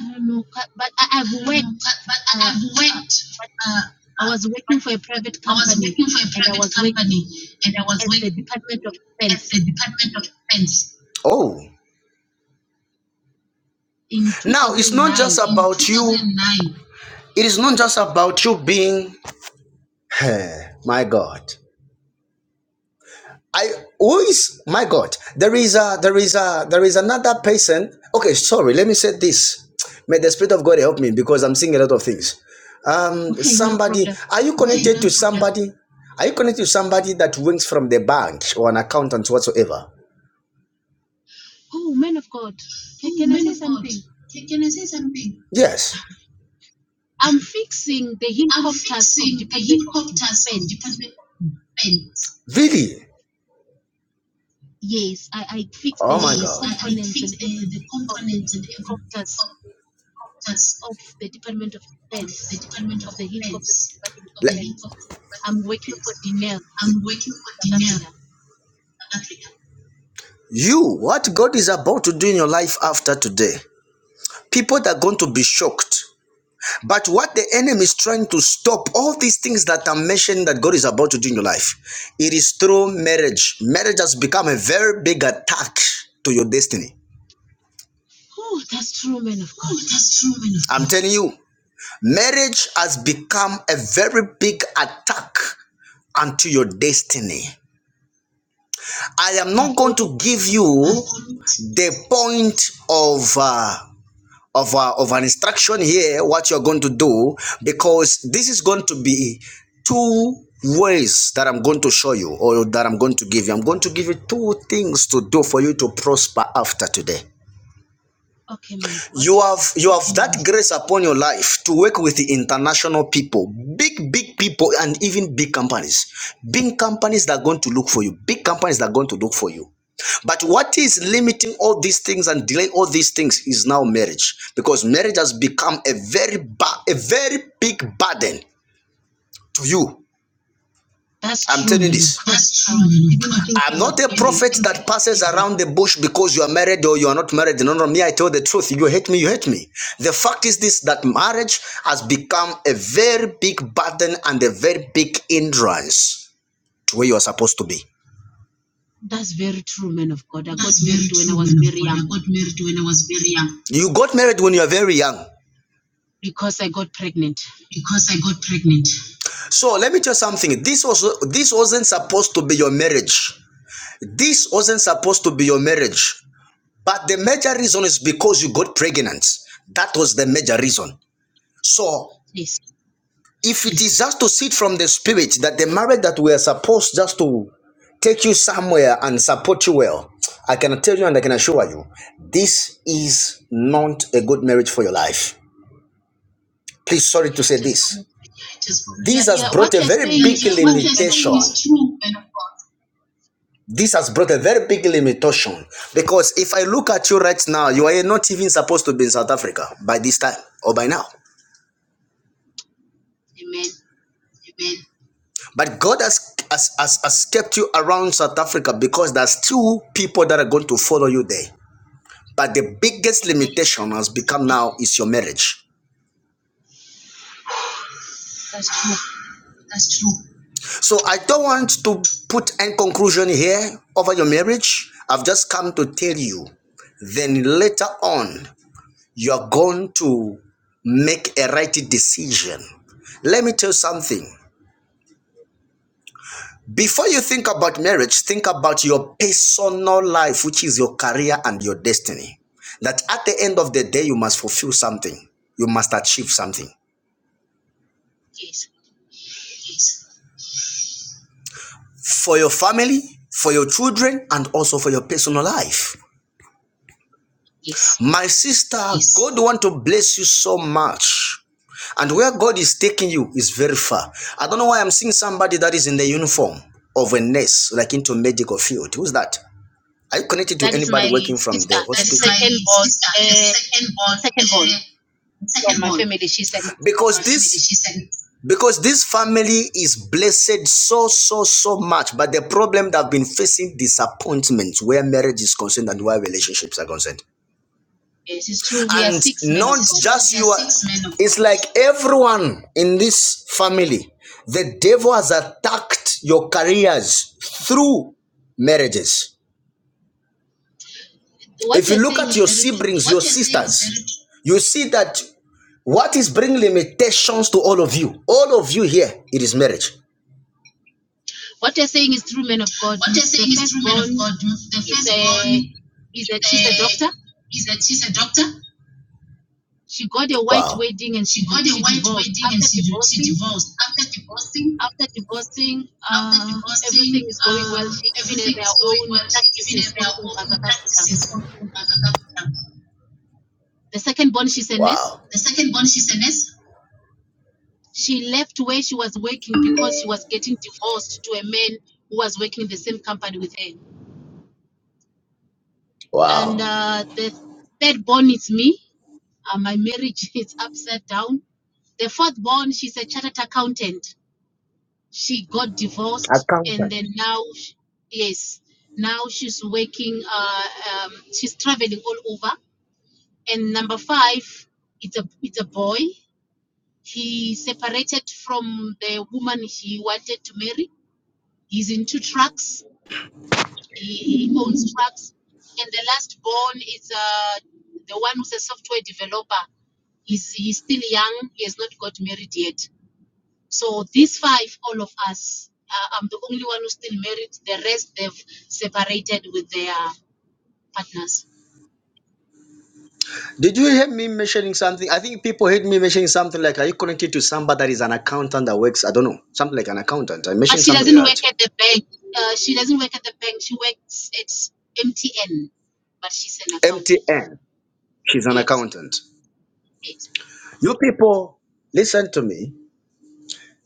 Speaker 3: I don't know, cu- but I, I've
Speaker 1: I don't know, but,
Speaker 3: worked.
Speaker 1: but I-
Speaker 3: Uh,
Speaker 1: have worked.
Speaker 3: but
Speaker 1: Uh,
Speaker 3: I
Speaker 1: uh,
Speaker 3: was
Speaker 1: but
Speaker 3: working for a private
Speaker 1: I was working for
Speaker 3: company,
Speaker 1: a
Speaker 3: and I
Speaker 1: private
Speaker 3: was working
Speaker 1: company, and I was
Speaker 3: at the
Speaker 1: working
Speaker 3: Department of
Speaker 1: at
Speaker 3: Defense
Speaker 1: the Department of Defense Oh,
Speaker 3: in
Speaker 1: now it's not just
Speaker 3: 2009.
Speaker 1: in about you. 2009. It is not just about you being. my God. I who is my God? There is a there is a there is another person. Okay, sorry. Let me say this. May the Spirit of God help me because I'm seeing a lot of things. Um,
Speaker 3: Okay, no
Speaker 1: somebody,
Speaker 3: problem.
Speaker 1: are you connected to somebody? Are you connected to somebody that works from the bank or an accountant whatsoever?
Speaker 3: Oh, man of God, can,
Speaker 1: Oh,
Speaker 3: can I
Speaker 1: man of
Speaker 3: say
Speaker 1: God,
Speaker 3: something?
Speaker 1: can, I say something? Yes,
Speaker 3: I'm fixing the
Speaker 1: I'm
Speaker 3: helicopters of
Speaker 1: fixing
Speaker 3: Department
Speaker 1: the
Speaker 3: of
Speaker 1: helicopters of
Speaker 3: Defense.
Speaker 1: Department of Defense. really.
Speaker 3: Yes, I, I fix
Speaker 1: Oh my
Speaker 3: the
Speaker 1: Yes,
Speaker 3: the
Speaker 1: God. I, I
Speaker 3: components
Speaker 1: fix
Speaker 3: and
Speaker 1: the, the
Speaker 3: everything of the
Speaker 1: components and everything
Speaker 3: helicopters
Speaker 1: helicopters.
Speaker 3: of the Department of
Speaker 1: of the
Speaker 3: Defense
Speaker 1: Department of
Speaker 3: of the helicopters of the
Speaker 1: Defense, of
Speaker 3: Department
Speaker 1: the
Speaker 3: of
Speaker 1: Let-
Speaker 3: Defense.
Speaker 1: headquarters of the Department
Speaker 3: I'm
Speaker 1: of
Speaker 3: working
Speaker 1: Defense.
Speaker 3: for DNL,
Speaker 1: I'm working for
Speaker 3: South
Speaker 1: DINEM,
Speaker 3: Africa.
Speaker 1: South Africa. You, what God is about to do in your life after today, people that are going to be shocked. But what the enemy is trying to stop, all these things that I'm mentioning that God is about to do in your life, it is through marriage. Marriage has become a very big attack to your destiny.
Speaker 3: Oh, that's true, man of God.
Speaker 1: Oh, that's true, man of I'm God. telling you. Marriage has become a very big attack unto your destiny. I am
Speaker 3: I've
Speaker 1: not going
Speaker 3: always
Speaker 1: to give you the point of uh, of uh, of an instruction here. What you're going to do because this is going to be two ways that I'm going to show you or that I'm going to give you. I'm going to give you two things to do for you to prosper after today.
Speaker 3: okay, man of God.
Speaker 1: you have you have that grace upon your life to work with the international people big big people and even big companies big companies that are going to look for you big companies that are going to look for you but what is limiting all these things and delaying all these things is now marriage because marriage has become a very ba- a very big burden to you
Speaker 3: That's
Speaker 1: I'm
Speaker 3: true,
Speaker 1: telling you
Speaker 3: man of
Speaker 1: this.
Speaker 3: God.
Speaker 1: That's
Speaker 3: I
Speaker 1: true,
Speaker 3: was
Speaker 1: man of
Speaker 3: even
Speaker 1: God.
Speaker 3: thinking
Speaker 1: I'm
Speaker 3: of
Speaker 1: not a
Speaker 3: leaving.
Speaker 1: prophet that passes around the bush because you are married or you are not married. No, no, me, I tell the truth. You hate me, you hate me. The fact is this that marriage has become a very big burden and a very big hindrance to where you are supposed to be.
Speaker 3: That's very true, man of God. I got
Speaker 1: That's very
Speaker 3: married when I
Speaker 1: true,
Speaker 3: was
Speaker 1: man of
Speaker 3: very
Speaker 1: God.
Speaker 3: young
Speaker 1: I got married when I was very young You got married when you were very young.
Speaker 3: because I got pregnant.
Speaker 1: because I got pregnant. So let me tell you something. This was this wasn't supposed to be your marriage. This wasn't supposed to be your marriage. But the major reason is because you got pregnant. That was the major reason. So
Speaker 3: Yes,
Speaker 1: if it is just to sit from the spirit that the marriage that we are supposed just to take you somewhere and support you well, I can tell you and I can assure you, this is not a good marriage for your life. Please, sorry to say
Speaker 3: it is.
Speaker 1: this.
Speaker 3: Yeah,
Speaker 1: This has
Speaker 3: yeah.
Speaker 1: brought
Speaker 3: What
Speaker 1: a
Speaker 3: you're
Speaker 1: very
Speaker 3: saying
Speaker 1: big
Speaker 3: is true, man of
Speaker 1: limitation
Speaker 3: God.
Speaker 1: This has brought a very big limitation because if I look at you right now, you are not even supposed to be in South Africa by this time or by now.
Speaker 3: Amen.
Speaker 1: Amen. But God has, has, has, has kept you around South Africa because there's two people that are going to follow you there. But the biggest
Speaker 3: Amen.
Speaker 1: limitation has become now is your marriage.
Speaker 3: That's true.
Speaker 1: That's true. So I don't want to put any conclusion here over your marriage. I've just come to tell you. Then later on, you're going to make a right decision. Let me tell you something. Before you think about marriage, think about your personal life, which is your career and your destiny. That at the end of the day, you must fulfill something, you must achieve something
Speaker 3: Yes,
Speaker 1: for your family, for your children, and also for your personal life.
Speaker 3: yes.
Speaker 1: My sister, Yes. God want to bless you so much. And where God is taking you is very far. I don't know why I'm seeing somebody that is in the uniform of a nurse, like into medical field. Who's that? Are you connected to
Speaker 3: That is
Speaker 1: anybody
Speaker 3: my
Speaker 1: working from the That
Speaker 3: sister,
Speaker 1: is
Speaker 3: the
Speaker 1: hospital? my
Speaker 3: second born,
Speaker 1: sister, the
Speaker 3: uh,
Speaker 1: second
Speaker 3: the
Speaker 1: born,
Speaker 3: second born
Speaker 1: uh,
Speaker 3: from
Speaker 1: second
Speaker 3: my
Speaker 1: born.
Speaker 3: family. She's a
Speaker 1: Because Or she may be the this she's second. because this family is blessed so so so much but the problem that have been facing disappointments where marriage is concerned and where relationships are concerned
Speaker 3: yes. It's true. We are
Speaker 1: and
Speaker 3: six men of
Speaker 1: not
Speaker 3: God.
Speaker 1: just you it's like everyone in this family the devil has attacked your careers through marriages
Speaker 3: So What
Speaker 1: if you
Speaker 3: you are
Speaker 1: look
Speaker 3: saying
Speaker 1: at
Speaker 3: is
Speaker 1: your
Speaker 3: very
Speaker 1: siblings your sisters you see that what is bringing limitations to all of you all of you here it is marriage
Speaker 3: What you're saying is true, man of God.
Speaker 1: What
Speaker 3: M-
Speaker 1: you're
Speaker 3: The
Speaker 1: saying is is true, men of
Speaker 3: firstborn
Speaker 1: God. The
Speaker 3: is
Speaker 1: firstborn
Speaker 3: a is a she's a doctor.
Speaker 1: is that she's a doctor.
Speaker 3: She got a
Speaker 1: wow
Speaker 3: white wedding
Speaker 1: She
Speaker 3: and
Speaker 1: she
Speaker 3: she
Speaker 1: she got a
Speaker 3: she
Speaker 1: white
Speaker 3: divorced.
Speaker 1: wedding and
Speaker 3: After
Speaker 1: she, she
Speaker 3: divorcing,
Speaker 1: divorced. After divorcing.
Speaker 3: after divorcing,
Speaker 1: After
Speaker 3: uh,
Speaker 1: divorcing,
Speaker 3: everything is going well.
Speaker 1: uh,
Speaker 3: She even has
Speaker 1: everything
Speaker 3: their
Speaker 1: was going
Speaker 3: own
Speaker 1: well. She even had
Speaker 3: practices all
Speaker 1: her
Speaker 3: over
Speaker 1: own
Speaker 3: South Africa.
Speaker 1: practices. for her accountant.
Speaker 3: The second born, she's a nurse.
Speaker 1: Wow. The second born, she's a nurse.
Speaker 3: She left where she was working because she was getting divorced to a man who was working in the same company with her. And
Speaker 1: Wow.
Speaker 3: uh, the third born is me. Uh, my marriage is upside down The fourth born, she's a chartered accountant. She got divorced, and
Speaker 1: Accountant.
Speaker 3: then now, sh yes, now she's working. Uh, um, she's traveling all over. And number five, it's a it's a boy. He separated from the woman he wanted to marry. He's in two trucks. He, he owns trucks. And the last born is uh, the one who's a software developer. He's, he's still young. He has not got married yet. So these five, all of us, uh, I'm the only one who's still married. The rest, they've separated with their partners.
Speaker 1: Did you hear me mentioning something? I think people heard me mentioning something like, are you connected to somebody that is an accountant that works, I don't know, something like an accountant. I
Speaker 3: But
Speaker 1: mentioned
Speaker 3: she
Speaker 1: something
Speaker 3: doesn't
Speaker 1: like that.
Speaker 3: work at the bank. Uh, she doesn't work at the bank. She works at MTN, but she's an accountant.
Speaker 1: MTN, she's an
Speaker 3: Yes,
Speaker 1: accountant.
Speaker 3: yes,
Speaker 1: You people, listen to me.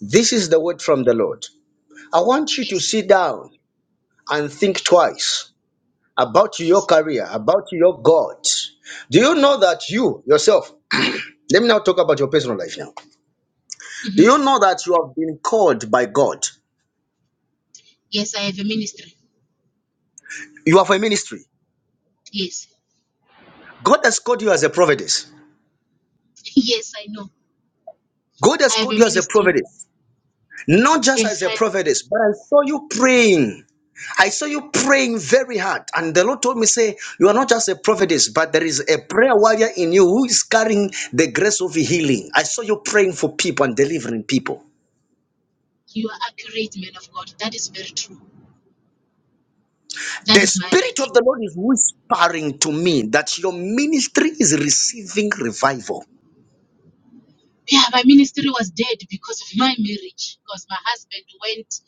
Speaker 1: This is the word from the Lord. I want you to
Speaker 3: yes,
Speaker 1: sit down and think
Speaker 3: yes,
Speaker 1: twice. about your
Speaker 3: yes.
Speaker 1: career, about your God. Do you know that you yourself, let me now talk about your personal life now. Do
Speaker 3: hmm
Speaker 1: you know that you have been called by God?
Speaker 3: Yes, I have a ministry.
Speaker 1: You are for a ministry.
Speaker 3: Yes,
Speaker 1: God has called you as a prophetess.
Speaker 3: yes, I know.
Speaker 1: God has
Speaker 3: I have
Speaker 1: called
Speaker 3: a
Speaker 1: you as a
Speaker 3: ministry.
Speaker 1: prophetess, not just as
Speaker 3: Yes,
Speaker 1: a
Speaker 3: I,
Speaker 1: prophetess, but I saw you praying. I saw you praying very hard, and the Lord told me, Say, you are not just a prophetess, but there is a prayer warrior in you who is carrying the grace of healing. I saw you praying for people and delivering people.
Speaker 3: you are accurate, man of God. That is very true. That
Speaker 1: The
Speaker 3: is my
Speaker 1: Spirit of
Speaker 3: anointing.
Speaker 1: the Lord is whispering to me that your ministry is receiving revival.
Speaker 3: yeah, my ministry was dead because of my marriage. Because my husband went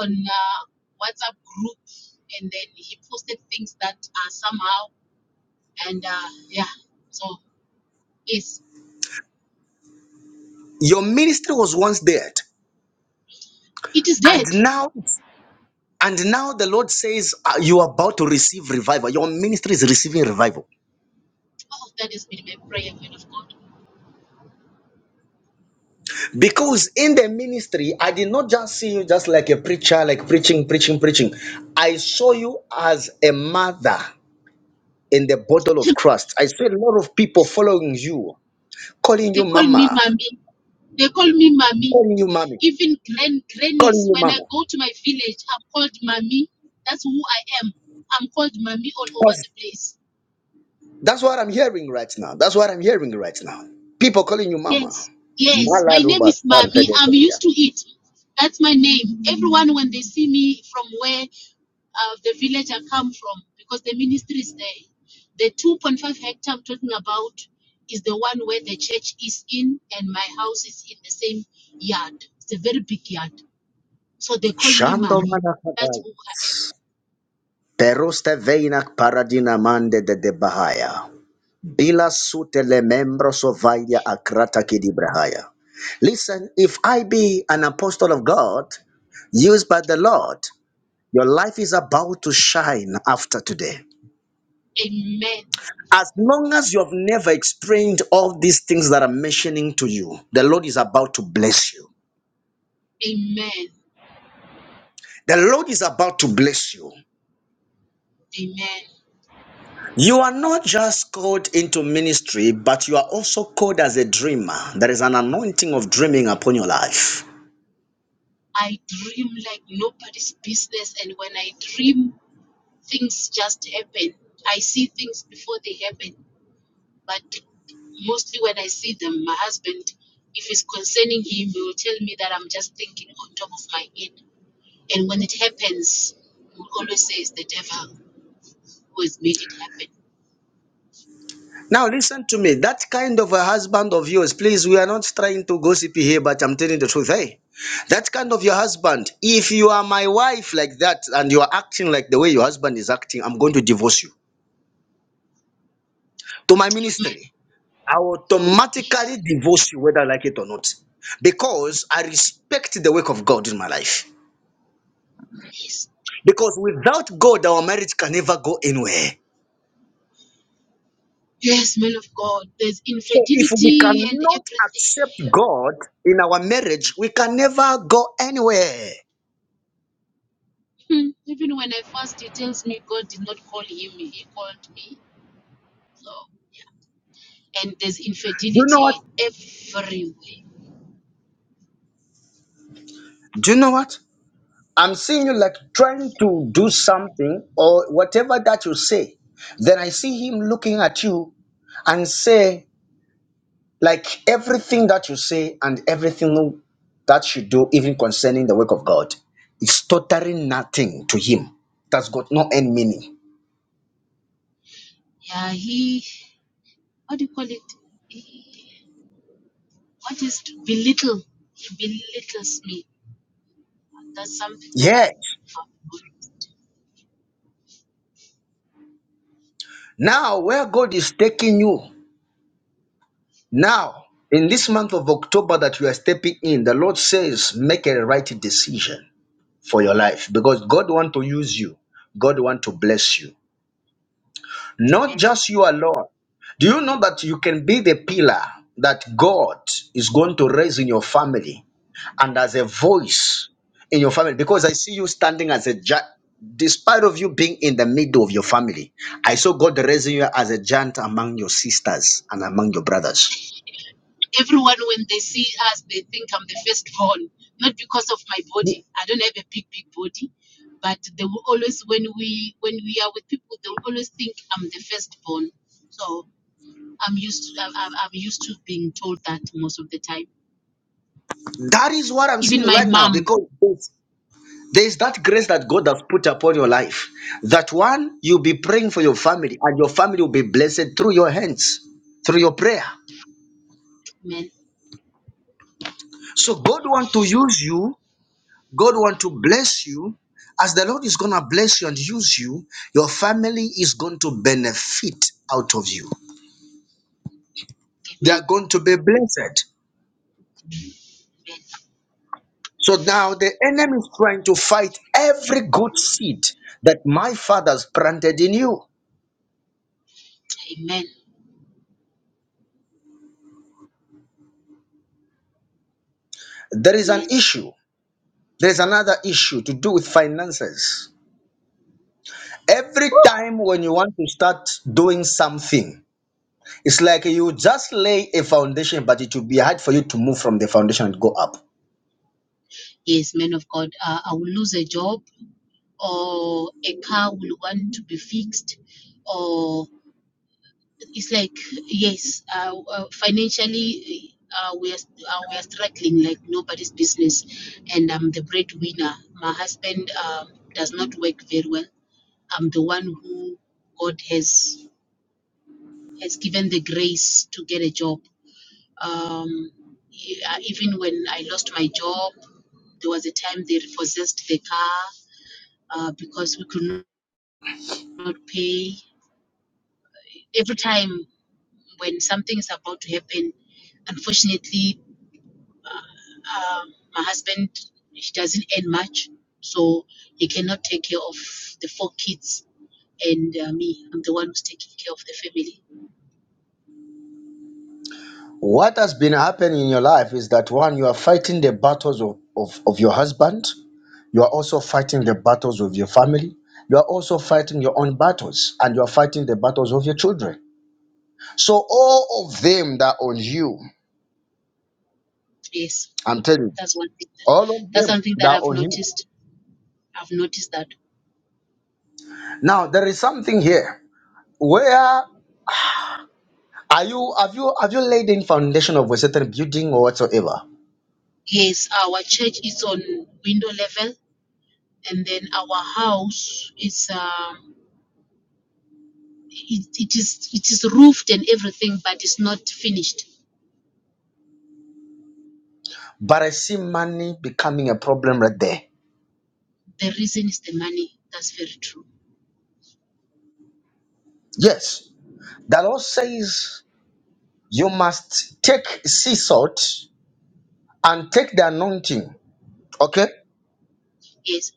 Speaker 3: on uh, WhatsApp group and then he posted things that are somehow and uh, yeah, so it's
Speaker 1: Your ministry was once dead,
Speaker 3: it is
Speaker 1: and
Speaker 3: dead.
Speaker 1: now and now the Lord says uh, you are about to receive revival. Your ministry is receiving revival
Speaker 3: All of that has been my prayer, man of God.
Speaker 1: because in the ministry I did not just see you just like a preacher, like preaching, preaching, preaching. I saw you as a mother in the bottle of Christ. I saw a lot of people following you, calling
Speaker 3: they
Speaker 1: you
Speaker 3: call me
Speaker 1: mama,
Speaker 3: mommy. They call me mommy.
Speaker 1: calling you mommy,
Speaker 3: Even grand
Speaker 1: calling
Speaker 3: grannies,
Speaker 1: you
Speaker 3: when I
Speaker 1: mama
Speaker 3: go to my village, I'm called mommy. That's who I am. I'm called mommy all over the place.
Speaker 1: That's what I'm hearing right now. That's what I'm hearing right now. People calling you mama.
Speaker 3: Yes, yes. My
Speaker 1: Malado
Speaker 3: name is
Speaker 1: bastan
Speaker 3: Mami.
Speaker 1: fede
Speaker 3: I'm
Speaker 1: fede.
Speaker 3: used to it. That's my name. Everyone, when they see me from where uh, the village I come from, because the ministry is there, the 2.5 hectare I'm talking about is the one where the church is in and my house is in the same yard. It's a very big yard. So they call me
Speaker 1: Shando
Speaker 3: Mami. That's
Speaker 1: manakadai.
Speaker 3: who I
Speaker 1: Peruste veina paradina mande de de bahaya. Bila sute le membro sovalia akrata kidibrahaya. Listen, if I be an apostle of God, used by the Lord, your life is about to shine after today.
Speaker 3: am. Amen.
Speaker 1: As long as you have never explained all these things that I'm mentioning to you, the Lord is about to bless you.
Speaker 3: Amen.
Speaker 1: The Lord is about to bless you.
Speaker 3: Amen.
Speaker 1: You are not just called into ministry, but you are also called as a dreamer. There is an anointing of dreaming upon your life.
Speaker 3: I dream like nobody's business. And when I dream, Things just happen. I see things before they happen, but mostly when I see them, my husband, if it's concerning him, he will tell me that I'm just thinking on top of my head. And when it happens, he will always say it's the devil who has made it happen.
Speaker 1: Now, listen to me. That kind of a husband of yours, please, we are not trying to gossip here, but I'm telling the truth. Hey, that kind of your husband, if you are my wife like that and you are acting like the way your husband is acting, I'm going to divorce you to my
Speaker 3: Amen.
Speaker 1: ministry. I
Speaker 3: Yes,
Speaker 1: automatically divorce you, whether I like it or not, because I respect the work of God in my life.
Speaker 3: yes,
Speaker 1: Because without God, our marriage can never go anywhere.
Speaker 3: yes, man of God. There's
Speaker 1: So if we
Speaker 3: infidelity and
Speaker 1: cannot
Speaker 3: everything.
Speaker 1: accept God in our marriage, we can never go anywhere.
Speaker 3: Hmm. Even when I fast, he tells me God did not call him, he called me. So, and there's
Speaker 1: Do you know what?
Speaker 3: infidelity everywhere
Speaker 1: Do you know what? I'm seeing you like trying to do something or whatever that you say. Then I see him looking at you and say. Like everything that you say and everything that you do, even concerning the work of God, is totally nothing to Him. That's got no end meaning.
Speaker 3: Yeah, he, what do you call it? He, what is to belittle? He belittles me. And that's something that I
Speaker 1: Yes.
Speaker 3: have
Speaker 1: Now, where God is taking you, now, in this month of October that you are stepping in, the Lord says, make a right decision for your life because God want to use you. God want to bless you. Not
Speaker 3: implemented.
Speaker 1: just you alone. Do you know that you can be the pillar that God is going to raise in your family and as a voice in your family? Because I see you standing as a giant, despite of you being in the middle of your family, I saw God raising you as a giant among your sisters and among your brothers.
Speaker 3: Everyone, when they see us, they think I'm the firstborn, not because of my body. I don't have a big, big body, but they will always, when we when we are with people, they will always think I'm the firstborn. So I'm used to I'm, I'm I'm used to being told that most of the time.
Speaker 1: That is what I'm
Speaker 3: Even
Speaker 1: seeing
Speaker 3: my
Speaker 1: right now
Speaker 3: mom,
Speaker 1: because there's that grace that God has put upon your life. That one, you'll be praying for your family and your family will be blessed through your hands, through your prayer.
Speaker 3: amen,
Speaker 1: So God wants to use you God want to bless you. As the Lord is going to bless you and use you, your family is going to benefit out of you. They are
Speaker 3: amen,
Speaker 1: going to be blessed. So now the enemy is trying to fight every good seed that my fathers planted in you.
Speaker 3: amen, amen,
Speaker 1: There is an
Speaker 3: amen.
Speaker 1: issue. There is another issue to do with finances. Every time when you want to start doing something, it's like you just lay a foundation, but it will be hard for you to move from the foundation and go up.
Speaker 3: Yes, man of God, uh, I will lose a job or a car will want to be fixed, or it's like, yes, uh, uh, financially uh, we, are, uh, we are struggling like nobody's business. And I'm the breadwinner. My husband um, does not work very well. I'm the one who God has, has given the grace to get a job. Um, e- uh, even when I lost my job, there was a time they repossessed the car uh, because we could not pay. Every time when something is about to happen, unfortunately, uh, uh, my husband he doesn't earn much, so he cannot take care of the four kids and uh, me. I'm the one who's taking care of the family.
Speaker 1: What has been happening in your life is that one, you are fighting the battles of, of, of your husband, you are also fighting the battles of your family, you are also fighting your own battles, and you are fighting the battles of your children. So, all of them that are on you,
Speaker 3: Yes,
Speaker 1: I'm telling you,
Speaker 3: that's one thing. That,
Speaker 1: all of
Speaker 3: that's
Speaker 1: them
Speaker 3: something
Speaker 1: that
Speaker 3: that
Speaker 1: are
Speaker 3: I've
Speaker 1: on you.
Speaker 3: noticed. I've noticed that
Speaker 1: Now, there is something here. Where are you? Have you have you laid in foundation of a certain building or whatsoever?
Speaker 3: yes, our church is on window level, and then our house is. um it, it is it is roofed and everything, but it's not finished
Speaker 1: But I see money becoming a problem right there.
Speaker 3: The reason is the money. That's very true.
Speaker 1: Yes. The Lord says You must take sea salt and take the anointing. Okay?
Speaker 3: Yes,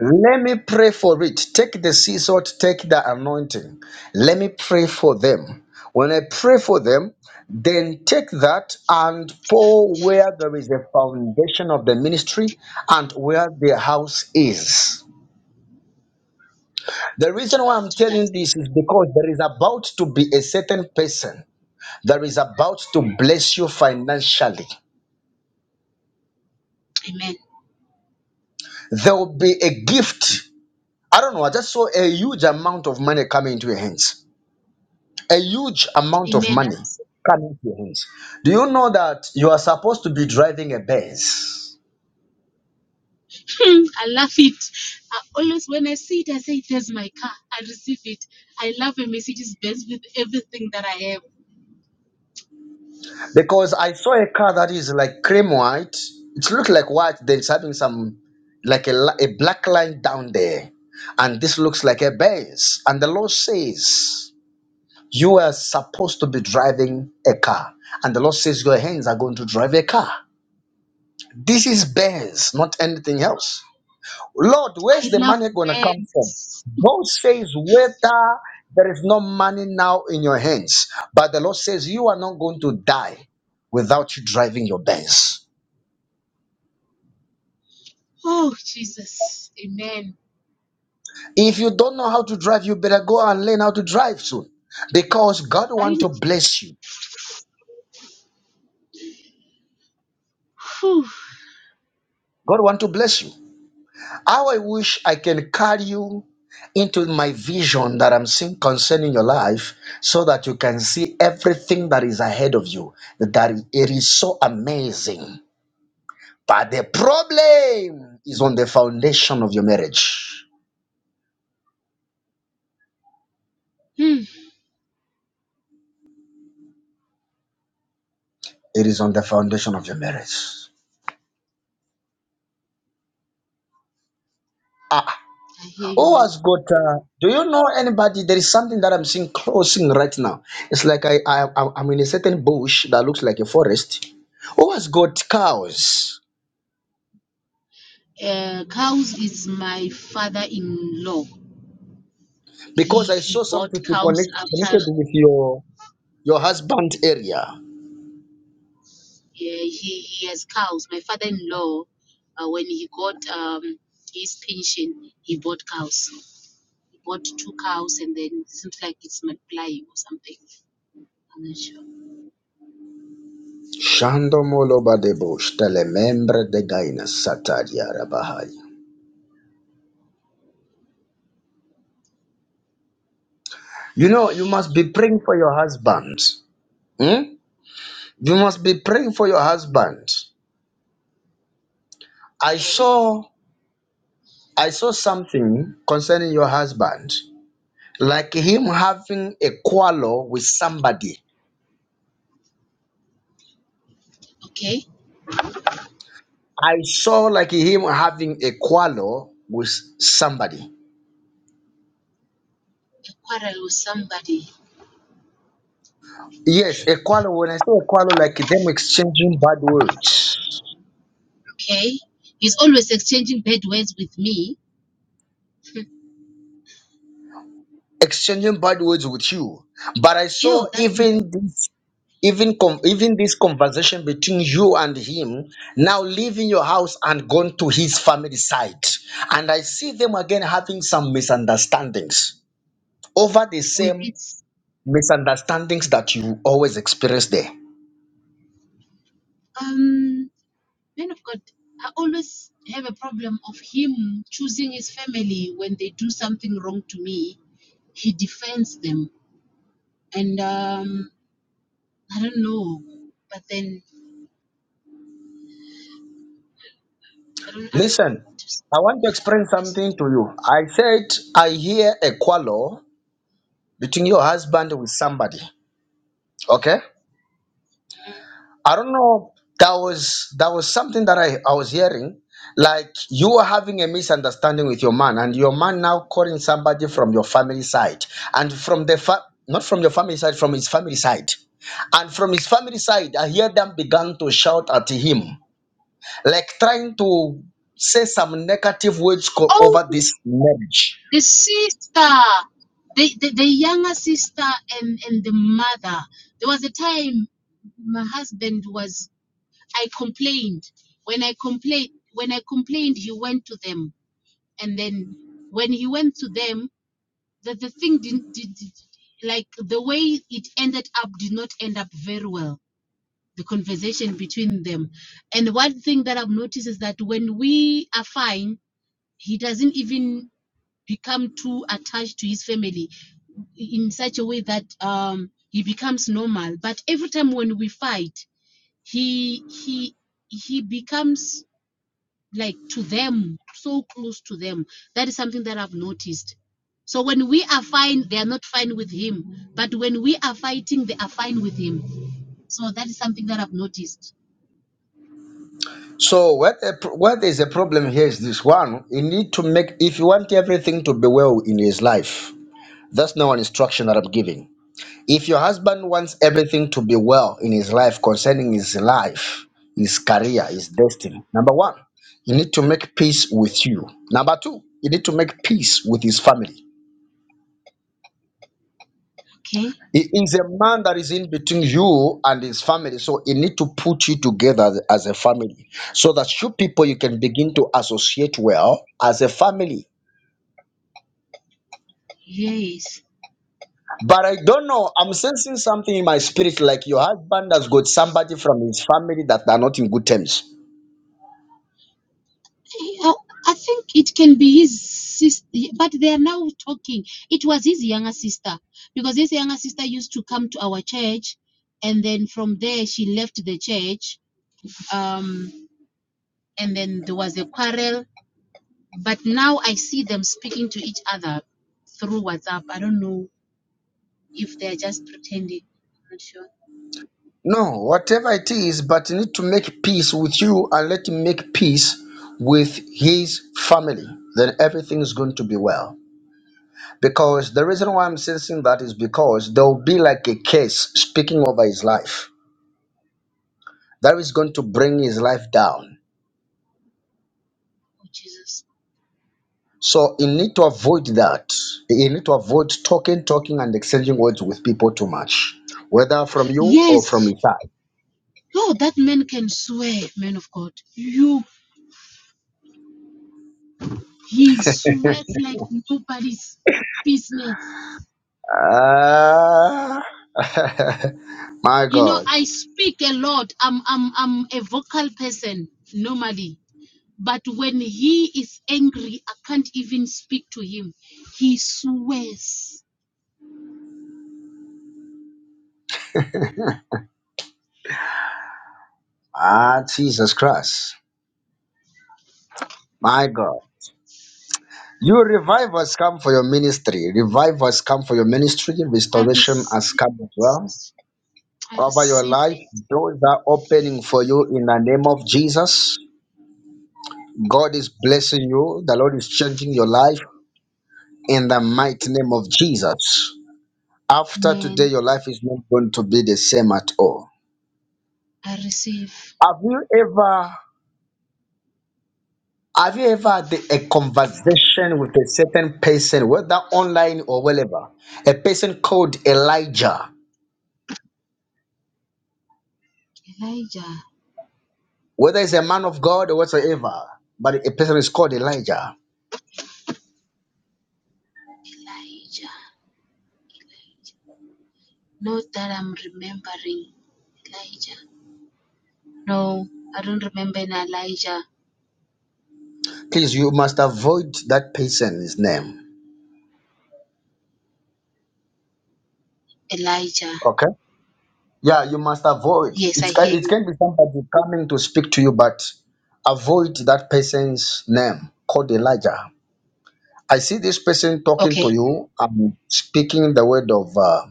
Speaker 1: Let me pray for it. Take the sea salt, take the anointing. Let me pray for them. When I pray for them, then take that and pour where there is a foundation of the ministry and where the house is. The reason why
Speaker 3: I'll
Speaker 1: I'm
Speaker 3: do that.
Speaker 1: telling this is because there is about to be a certain person that is about to bless you financially.
Speaker 3: Amen.
Speaker 1: There will be a gift I don't know. I just saw a huge amount of money coming into your hands. A huge amount of
Speaker 3: Amen. I
Speaker 1: money coming into your hands. Do you know that you are supposed to be driving a Benz?
Speaker 3: receive- I love it. I always, when I see it, I say, There's my car. I receive it. I love a Mercedes Benz with everything that I have.
Speaker 1: Because I saw a car that is like cream white. It looks like white. Then it's having some like a, li- a black line down there, and this looks like a Benz. And the Lord says you are supposed to be driving a car, and the Lord says your hands are going to drive a car. This is Benz, not anything else. Lord,
Speaker 3: I
Speaker 1: where's the
Speaker 3: love
Speaker 1: money going to come from?
Speaker 3: Benz.
Speaker 1: God says, whether there is no money now in your hands, but the Lord says, you are not going to die without you driving your Benz.
Speaker 3: Oh, Jesus. Amen.
Speaker 1: If you don't know how to drive, you better go and learn how to drive soon because God
Speaker 3: I,
Speaker 1: want to bless you.
Speaker 3: whew.
Speaker 1: God want to bless you. How I wish I can carry you into my vision that I'm seeing concerning your life so that you can see everything that is ahead of you. That it is so amazing. But the problem is on the foundation of your marriage.
Speaker 3: Hmm.
Speaker 1: It is on the foundation of your marriage. Ah,
Speaker 3: I hear you,
Speaker 1: who
Speaker 3: man.
Speaker 1: has got? Uh, do you know anybody? There is something that I'm seeing closing right now. It's like I, I I'm I'm in a certain bush that looks like a forest. Who has got cows?
Speaker 3: Uh, cows is my father in law. He
Speaker 1: Because I saw
Speaker 3: he bought
Speaker 1: something to
Speaker 3: cows
Speaker 1: connect
Speaker 3: after
Speaker 1: connected with your your husband area.
Speaker 3: Yeah, he, he has cows. My father-in-law, uh, when he got um, his pension, he bought cows. He bought two cows, and then it seems like it's multiplying or something. I'm not sure.
Speaker 1: Shando moloba de bush, telemembre de gaina sataria rabahai. You know, you must be praying for your husband. Hmm? You must be praying for your husband. I
Speaker 3: Okay,
Speaker 1: saw I saw something concerning your husband, like him having a quarrel with somebody.
Speaker 3: okay.
Speaker 1: I saw like him having a quarrel with somebody.
Speaker 3: A quarrel with somebody.
Speaker 1: Yes, a quarrel. When I say a quarrel, like them exchanging bad words,
Speaker 3: Okay, he's always exchanging bad words with me.
Speaker 1: exchanging bad words with you. But I
Speaker 3: Yeah,
Speaker 1: saw
Speaker 3: that
Speaker 1: even this. even com- even this conversation between you and him now leaving your house and gone to his family side and i see them again having some misunderstandings over the
Speaker 3: with
Speaker 1: same
Speaker 3: it's
Speaker 1: misunderstandings that you always experience there
Speaker 3: um man of God. I always have a problem of him choosing his family when they do something wrong to me. He defends them and um, I don't know, but then I don't, I don't know
Speaker 1: listen
Speaker 3: what to say.
Speaker 1: i want to explain something to you i said i hear a quarrel between your husband with somebody okay I don't know. That was that was something that I, I was hearing. Like you were having a misunderstanding with your man, and your man now calling somebody from your family side, and from the fa- not from your family side, from his family side, and from his family side, I hear them began to shout at him, like trying to say some negative words co-
Speaker 3: Oh,
Speaker 1: over this marriage.
Speaker 3: the sister, the, the the younger sister and and the mother. There was a time my husband was. I complained. When I complained, when I complained, he went to them, and then when he went to them, the the thing didn't did, did- like the way it ended up did not end up very well the conversation between them. And one thing that I've noticed is that when we are fine, he doesn't even become too attached to his family in such a way that um, he becomes normal. But every time when we fight, he he he becomes like to them, so close to them. That is something that I've noticed. So when we are fine, they are not fine with him. But when we are fighting, they are fine with him. So that is something that I've noticed.
Speaker 1: So where the, pro- where there is a problem here is this one: you need to make if you want everything to be well in his life That's now an instruction that I'm giving. If your husband wants everything to be well in his life, concerning his life, his career, his destiny, number one, you need to make peace with you. Number two, you need to make peace with his family.
Speaker 3: Okay.
Speaker 1: He is a man that is in between you and his family, so he need to put you together as as a family, so that you people you can begin to associate well as a family
Speaker 3: Yes,
Speaker 1: But I don't know. I'm sensing something in my spirit, like your husband has got somebody from his family that are not in good terms.
Speaker 3: I, I think it can be his sister, but they are now talking. It was his younger sister because his younger sister used to come to our church, and then from there she left the church. Um, and then there was a quarrel, but now I see them speaking to each other through WhatsApp. I don't know if they are just pretending. I'm not sure.
Speaker 1: No, whatever it is, but you need to make peace with you and let him make peace with his family. Then everything is going to be well. Because the reason why I'm sensing that is because there will be like a case speaking over his life that is going to bring his life down.
Speaker 3: Oh Jesus!
Speaker 1: So you need to avoid that. You need to avoid talking, talking, and exchanging words with people too much, whether from you or
Speaker 3: Yes.
Speaker 1: from inside.
Speaker 3: Oh, that man can swear, man of God. You He sweats like nobody's business.
Speaker 1: Ah, my
Speaker 3: You know,
Speaker 1: God.
Speaker 3: I speak a lot. I'm I'm I'm a vocal person normally. But when he is angry, I can't even speak to him. He swears.
Speaker 1: Ah, Jesus Christ. My God. You revivals come for your ministry. Revivals come for your ministry.
Speaker 3: I
Speaker 1: Restoration
Speaker 3: receive
Speaker 1: has come as
Speaker 3: it.
Speaker 1: well.
Speaker 3: I
Speaker 1: Over your
Speaker 3: receive
Speaker 1: life,
Speaker 3: it,
Speaker 1: doors are opening for you in the name of Jesus. God is blessing you. The Lord is changing your life. in the mighty name of Jesus. After today,
Speaker 3: man.
Speaker 1: your life is not going to be the same at all.
Speaker 3: I receive
Speaker 1: Have you ever have you ever had a conversation with a certain person, whether online or wherever? A person called Elijah,
Speaker 3: Elijah.
Speaker 1: whether it's a man of God or whatsoever, but a person is called Elijah.
Speaker 3: Elijah. Not that I'm remembering Elijah. No, I don't remember an Elijah.
Speaker 1: Please, you must avoid that person's name.
Speaker 3: Elijah.
Speaker 1: Okay? Yeah, you must avoid.
Speaker 3: Yes, I
Speaker 1: It's can,
Speaker 3: hear
Speaker 1: it
Speaker 3: you.
Speaker 1: can be somebody coming to speak to you, but avoid that person's name called Elijah. I see this person talking
Speaker 3: Okay,
Speaker 1: to you and speaking the word of uh,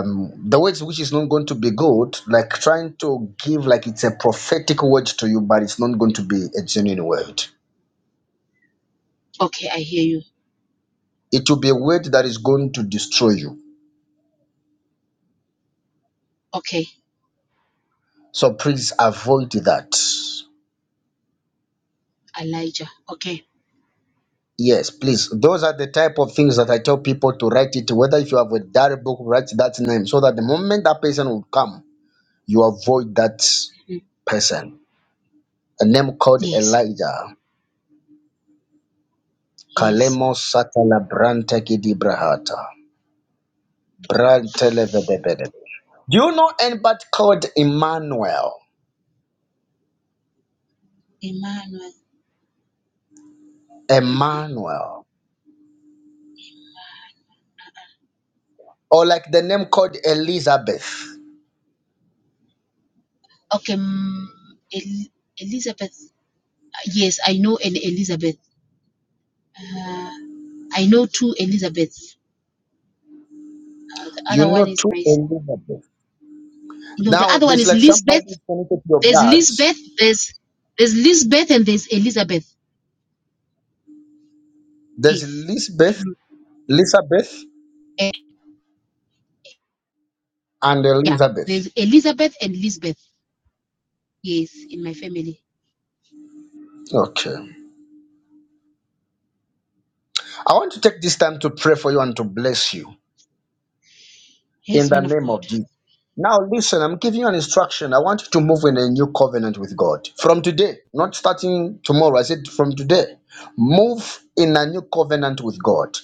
Speaker 1: um, the words which is not going to be good, like trying to give like it's a prophetic word to you, but it's not going to be a genuine word.
Speaker 3: okay, I hear you.
Speaker 1: It will be a word that is going to destroy you.
Speaker 3: Okay,
Speaker 1: So please avoid that.
Speaker 3: Elijah. Okay,
Speaker 1: Yes, please. Those are the type of things that I tell people to write it. Whether if you have a diary book, write that name so that the moment that person will come, you avoid that
Speaker 3: Mm.
Speaker 1: person. A name called
Speaker 3: yes,
Speaker 1: Elijah.
Speaker 3: yes,
Speaker 1: Kalemo Satala Brantekidibrahata. Brantelevedebede. Do you know anybody called Emmanuel?
Speaker 3: Emmanuel.
Speaker 1: Emmanuel. Or like the name called Elizabeth.
Speaker 3: Okay, mm, El- Elizabeth. Uh, Yes, I know an Elizabeth. Uh, I know two Elizabeths. Uh, the
Speaker 1: You
Speaker 3: other
Speaker 1: know
Speaker 3: one is
Speaker 1: two
Speaker 3: my. s-
Speaker 1: Elizabeth.
Speaker 3: No, the
Speaker 1: Now
Speaker 3: other one
Speaker 1: there's
Speaker 3: is
Speaker 1: like somebody is
Speaker 3: Lisbeth.
Speaker 1: connected to your
Speaker 3: There's
Speaker 1: blood.
Speaker 3: Lisbeth. There's there's Lisbeth and there's Elizabeth.
Speaker 1: There's
Speaker 3: Yes.
Speaker 1: Elizabeth
Speaker 3: In,
Speaker 1: Elizabeth
Speaker 3: eh,
Speaker 1: and
Speaker 3: yeah.
Speaker 1: Elizabeth.
Speaker 3: There's Elizabeth and Lisbeth. Yes, in my family.
Speaker 1: Okay. I want to take this time to pray for you and to bless you in
Speaker 3: Yes,
Speaker 1: the
Speaker 3: man of
Speaker 1: name
Speaker 3: God.
Speaker 1: of Jesus. Now, listen, I'm giving you an instruction. I want you to move in a new covenant with God. From today, not starting tomorrow, I said from today, move in a new covenant with God.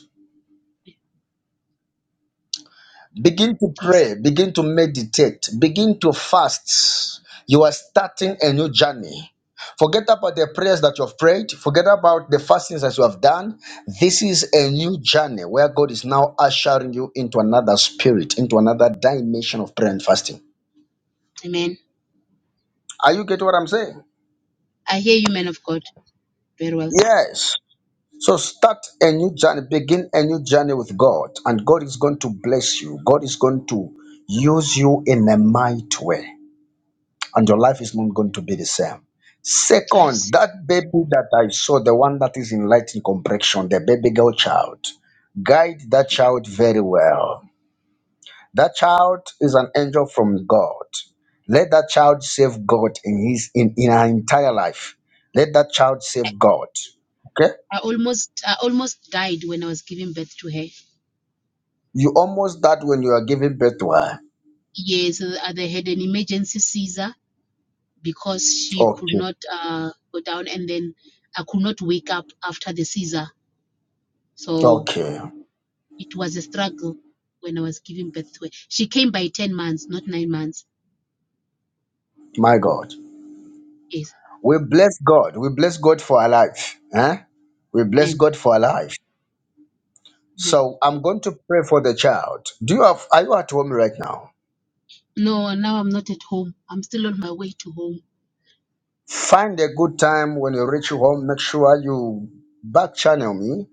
Speaker 1: Begin to
Speaker 3: Yes,
Speaker 1: pray, begin to meditate, begin to fast. You are starting a new journey. Forget about the prayers that you have prayed, forget about the fastings that you have done. This is a new journey where God is now ushering you into another spirit, into another dimension of prayer and fasting.
Speaker 3: Amen.
Speaker 1: Are you getting what I'm saying?
Speaker 3: I hear you, man of God. Very well.
Speaker 1: Yes. So start a new journey, begin a new journey with God, and God is going to bless you. God is going to use you in a mighty way. and your life is not going to be the same.
Speaker 3: I
Speaker 1: Second,
Speaker 3: received.
Speaker 1: that baby that I saw, the one that is in light in complexion, the baby girl child, guide that child very well. That child is an angel from God. Let that child save God in his in, in her entire life. Let that child save God. Okay?
Speaker 3: I almost I almost died when I was giving birth to her.
Speaker 1: You almost died when you are giving birth to her.
Speaker 3: Yes, uh, they had an emergency seizure because she could
Speaker 1: Okay.
Speaker 3: not uh, go down, and then I could not wake up after the seizure. So
Speaker 1: Okay.
Speaker 3: it was a struggle when I was giving birth to her. She came by ten months, not nine months.
Speaker 1: My God.
Speaker 3: Yes,
Speaker 1: We bless God. We bless God for our life. Eh? We bless
Speaker 3: man,
Speaker 1: God for our life.
Speaker 3: man.
Speaker 1: So I'm going to pray for the child. Do you have are you at home right now?
Speaker 3: No, now I'm not at home. I'm still on my way to home.
Speaker 1: Find a good time when you reach home. Make sure you back channel me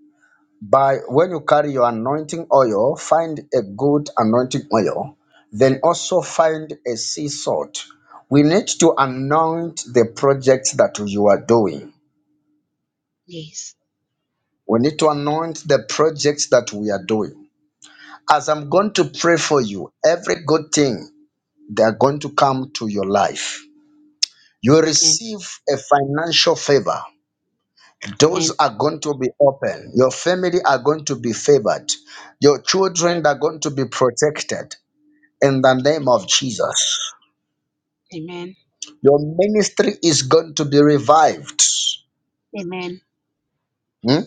Speaker 1: by when you carry your anointing oil, find a good anointing oil. Then also find a sea salt. We need to anoint the project that you are doing.
Speaker 3: Yes,
Speaker 1: We need to anoint the project that we are doing. As I'm going to pray for you, every good thing they are going to come to your life You
Speaker 3: man,
Speaker 1: receive a financial favor. Doors
Speaker 3: man,
Speaker 1: are going to be open. Your family are going to be favored. Your
Speaker 3: man.
Speaker 1: children are going to be protected in the name of Jesus.
Speaker 3: Amen,
Speaker 1: Your ministry is going to be revived.
Speaker 3: amen,
Speaker 1: Hmm?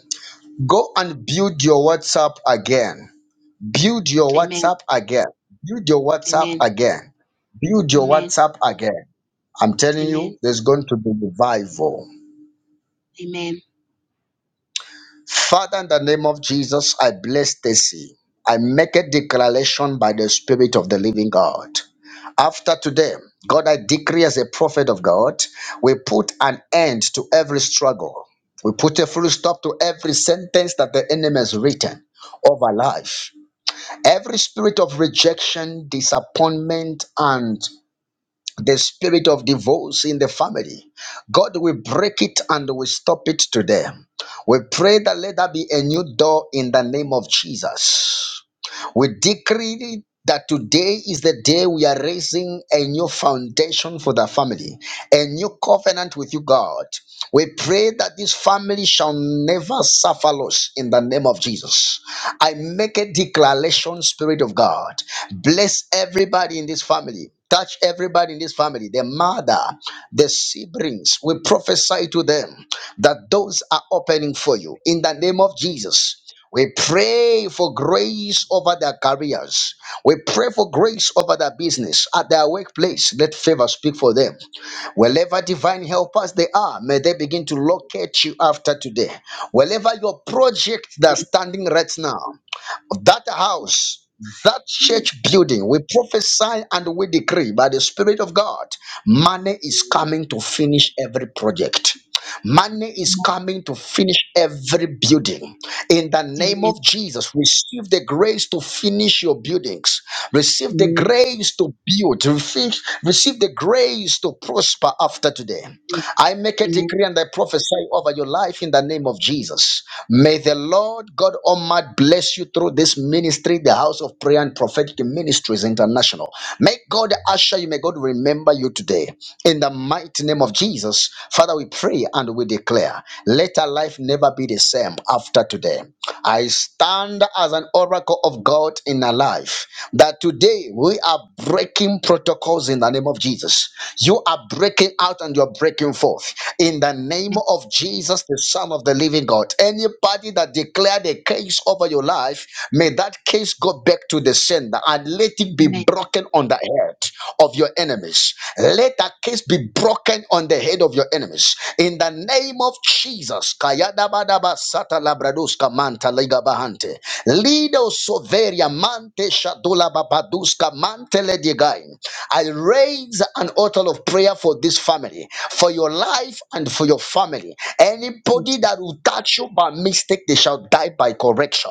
Speaker 1: Go and build your WhatsApp again. Build your
Speaker 3: amen,
Speaker 1: WhatsApp again. Build your WhatsApp
Speaker 3: amen,
Speaker 1: again. Build your
Speaker 3: amen,
Speaker 1: WhatsApp again. I'm telling
Speaker 3: amen,
Speaker 1: you, there's going to be revival.
Speaker 3: amen.
Speaker 1: Father, in the name of Jesus, I bless Stacy. I make a declaration by the Spirit of the Living God. After today, God, I decree as a prophet of God, we put an end to every struggle. We put a full stop to every sentence that the enemy has written over life. Every spirit of rejection, disappointment, and the spirit of divorce in the family. God will break it and will stop it today. We pray that let there be a new door in the name of Jesus. We decree that today is the day we are raising a new foundation for the family, a new covenant with you, God. We pray that this family shall never suffer loss in the name of Jesus. I make a declaration, Spirit of God. Bless everybody in this family. Touch everybody in this family, the mother, the siblings. We prophesy to them that doors are opening for you in the name of Jesus. We pray for grace over their careers. We pray for grace over their business at their workplace. Let favor speak for them. Wherever divine helpers they are, may they begin to locate you after today. Wherever your project that's standing right now, that house, that church building, we prophesy and we decree by the Spirit of God money is coming to finish every project. Money
Speaker 3: amen.
Speaker 1: is coming to finish every building. In the name
Speaker 3: Amen.
Speaker 1: of Jesus, receive the grace to finish your buildings. Receive the
Speaker 3: Amen.
Speaker 1: grace to build. Refi- Receive the grace to prosper after today.
Speaker 3: Amen.
Speaker 1: I make a
Speaker 3: Amen.
Speaker 1: decree and I prophesy over your life in the name of Jesus. May the Lord God Almighty bless you through this ministry, the House of Prayer and Prophetic Ministries International. May God usher you, may God remember you today. In the mighty name of Jesus, Father, we pray and we declare, let our life never be the same after today. I stand as an oracle of God in alignment our life. That today we are breaking protocols in the name of Jesus. You are breaking out and you're breaking forth in the name of Jesus, the Son of the Living God. Anybody that declared a case over your life, may that case go back to the sender and let it be
Speaker 3: Amen.
Speaker 1: broken on the head of your enemies. Let that case be broken on the head of your enemies in the the name of Jesus. Kayadabadaba sata labraduska manta ligabahante. Lido soveria mante shadula babaduska mante ledigai. I raise an altar of prayer for this family, for your life and for your family. Anybody
Speaker 3: Yes,
Speaker 1: that will touch you by mistake, they shall die by correction.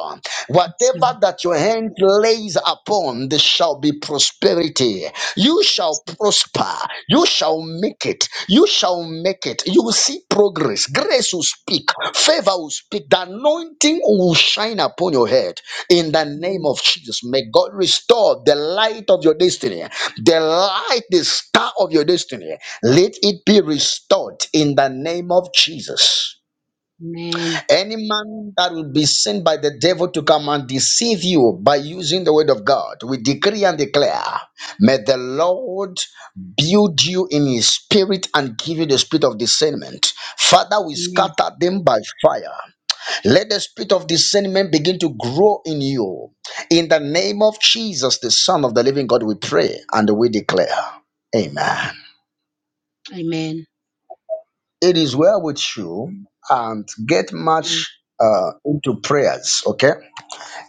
Speaker 3: yes, Lord.
Speaker 1: Whatever that your hand lays upon, there shall be prosperity. You shall prosper. You shall make it. You shall make it. You will see progress. Grace will speak, favor will speak, the anointing will shine upon your head in the name of Jesus. May God restore the light of your destiny, the light, the star of your destiny. Let it be restored in the name of Jesus.
Speaker 3: Amen.
Speaker 1: Any man that will be sent by the devil to come and deceive you by using the word of God, we decree and declare, may the Lord build you in his spirit and give you the spirit of discernment. Father, we
Speaker 3: Amen.
Speaker 1: scatter them by fire. Let the spirit of discernment begin to grow in you. In the name of Jesus, the Son of the living God, we pray and we declare. Amen.
Speaker 3: Amen.
Speaker 1: It is well with you and get
Speaker 3: Amen.
Speaker 1: much uh, into prayers, okay?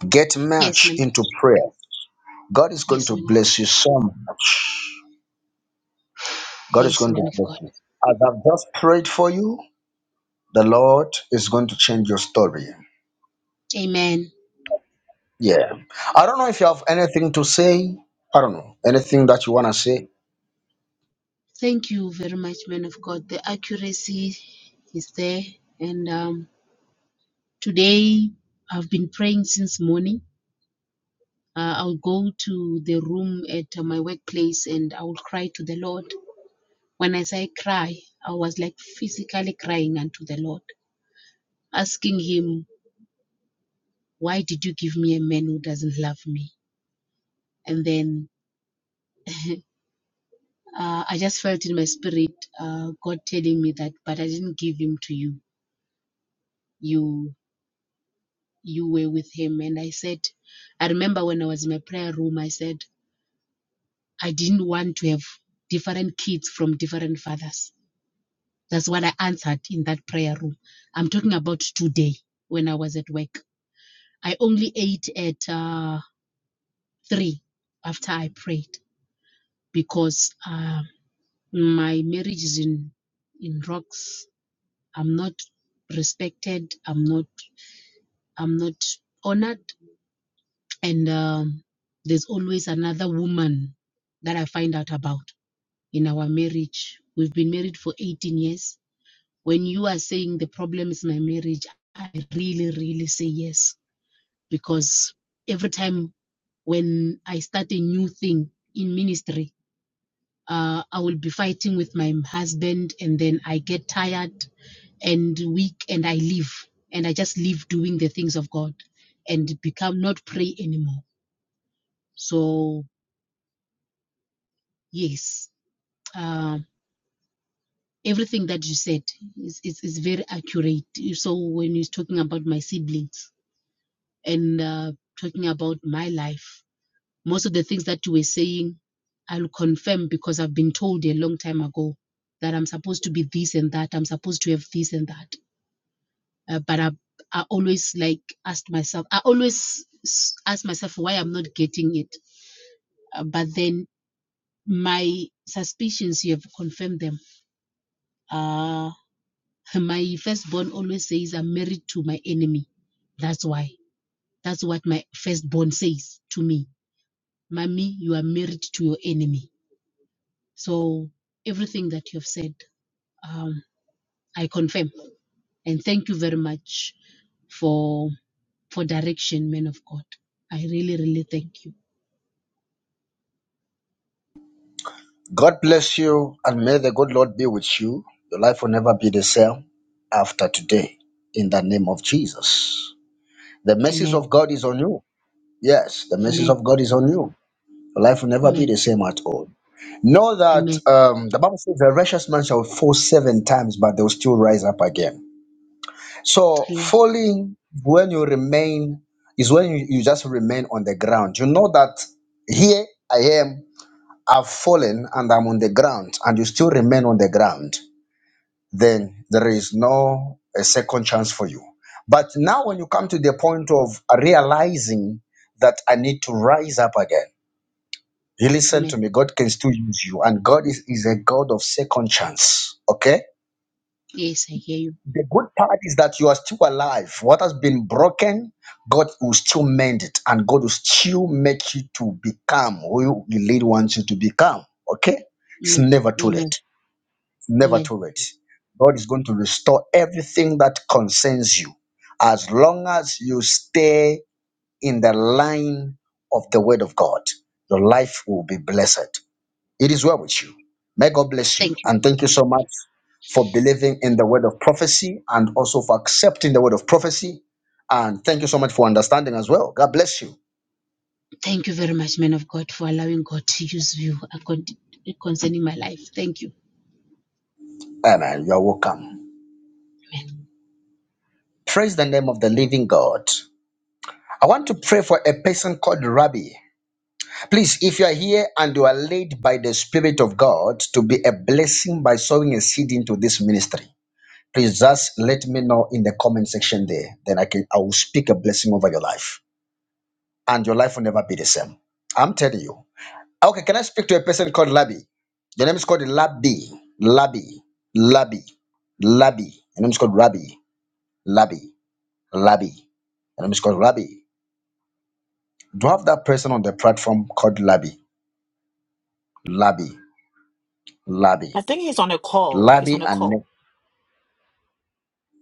Speaker 1: Get
Speaker 3: Yes,
Speaker 1: much
Speaker 3: man.
Speaker 1: into prayer. God is going
Speaker 3: Yes,
Speaker 1: to
Speaker 3: man of
Speaker 1: bless you so much. God is
Speaker 3: yes,
Speaker 1: going
Speaker 3: man
Speaker 1: to
Speaker 3: of
Speaker 1: bless
Speaker 3: God.
Speaker 1: you. As I've just prayed for you, the Lord is going to change your story.
Speaker 3: Amen.
Speaker 1: Yeah. I don't know if you have anything to say. I don't know. Anything that you want to say.
Speaker 3: Thank you very much, man of God. The accuracy is there. And um, today I've been praying since morning. Uh, I'll go to the room at uh, my workplace and I will cry to the Lord. When I say cry, I was like physically crying unto the Lord, asking Him Why did you give me a man who doesn't love me? And then uh, I just felt in my spirit uh, God telling me that, but I didn't give him to you. You you were with him, and I said, I remember when I was in my prayer room, I said I didn't want to have different kids from different fathers. That's what I answered in that prayer room. I'm talking about today when I was at work. I only ate at uh, three after I prayed because. Uh, my marriage is in in rocks i'm not respected i'm not i'm not honored and um, there's always another woman that i find out about in our marriage we've been married for 18 years when you are saying the problem is my marriage i really really say yes because every time when i start a new thing in ministry uh, i will be fighting with my husband and then i get tired and weak and I live and I just live doing the things of God and become not pray anymore. So yes, uh, everything that you said is, is is very accurate. So when you're talking about my siblings and uh, talking about my life, most of the things that you were saying, I'll confirm because I've been told a long time ago that I'm supposed to be this and that. I'm supposed to have this and that. uh, but I, I always like asked myself, I always ask myself why I'm not getting it. Uh, but then my suspicions, you have confirmed them. Uh, my firstborn always says I'm married to my enemy. That's why. That's what my firstborn says to me. Mommy, you are married to your enemy. So everything that you've said, um, I confirm. And thank you very much for for direction, man of God. I really, really thank you.
Speaker 1: God bless you and may the good Lord be with you. Your life will never be the same after today in the name of Jesus. The message
Speaker 3: Amen.
Speaker 1: of God is on you. Yes, the message
Speaker 3: Amen.
Speaker 1: of God is on you. Your life will never be
Speaker 3: Amen.
Speaker 1: the same at all. Know that
Speaker 3: Amen.
Speaker 1: um, the Bible says the righteous man shall fall seven times, but they'll still rise up again. So
Speaker 3: Allah.
Speaker 1: falling when you remain is when you, you just remain on the ground. You know that here I am, I've fallen and I'm on the ground, and you still remain on the ground, then there is no a second chance for you. But now when you come to the point of realizing that I need to rise up again you listen to
Speaker 3: Amen.
Speaker 1: me. God can still use you, and God is, is a God of second chance. Okay.
Speaker 3: Yes, I hear you.
Speaker 1: The good part is that you are still alive. What has been broken, God will still mend it, and God will still make you to become who the Lord wants you to become. Okay. It's
Speaker 3: Amen.
Speaker 1: never too
Speaker 3: Amen.
Speaker 1: late. It's never
Speaker 3: Amen.
Speaker 1: too late. God is going to restore everything that concerns you, as long as you stay in the line of the Word of God. Your life will be blessed. It is well with you. May God bless you.
Speaker 3: Thank you.
Speaker 1: And thank you so much for believing in the word of prophecy and also for accepting the word of prophecy. And thank you so much for understanding as well. God bless you.
Speaker 3: Thank you very much, man of God, for allowing God to use you accord- concerning my life. Thank you.
Speaker 1: Amen. You're welcome. Praise the name of the living God. I want to pray for a person called Rabbi. Please, if you are here and you are led by the Spirit of God to be a blessing by sowing a seed into this ministry, please just let me know in the comment section there. Then I can I will speak a blessing over your life. and your life will never be the same. I'm telling you. Okay, can I speak to a person called Labi? Your name is called Labi. Labi. Labi. Labi. Your name is called Rabbi. Labi. Labi. Your name is called Labi. Do you have that person on the platform called Labi? Labi. Labi.
Speaker 4: I think he's on a call. He's
Speaker 1: Labi
Speaker 4: on a
Speaker 1: and Ne-
Speaker 4: call.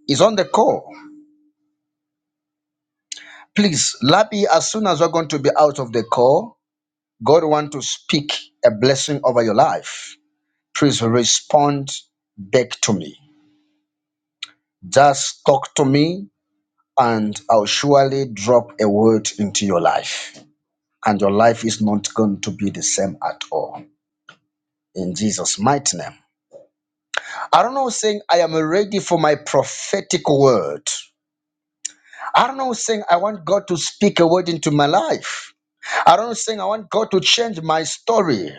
Speaker 1: is on the call. Please, Labi, as soon as you're going to be out of the call, God want to speak a blessing over your life. Please respond back to me Just talk to me, and I'll surely drop a word into your life. And your life is not going to be the same at all. In Jesus' mighty name. I don't know saying I am ready for my prophetic word. I don't know saying I want God to speak a word into my life. I don't saying I want God to change my story.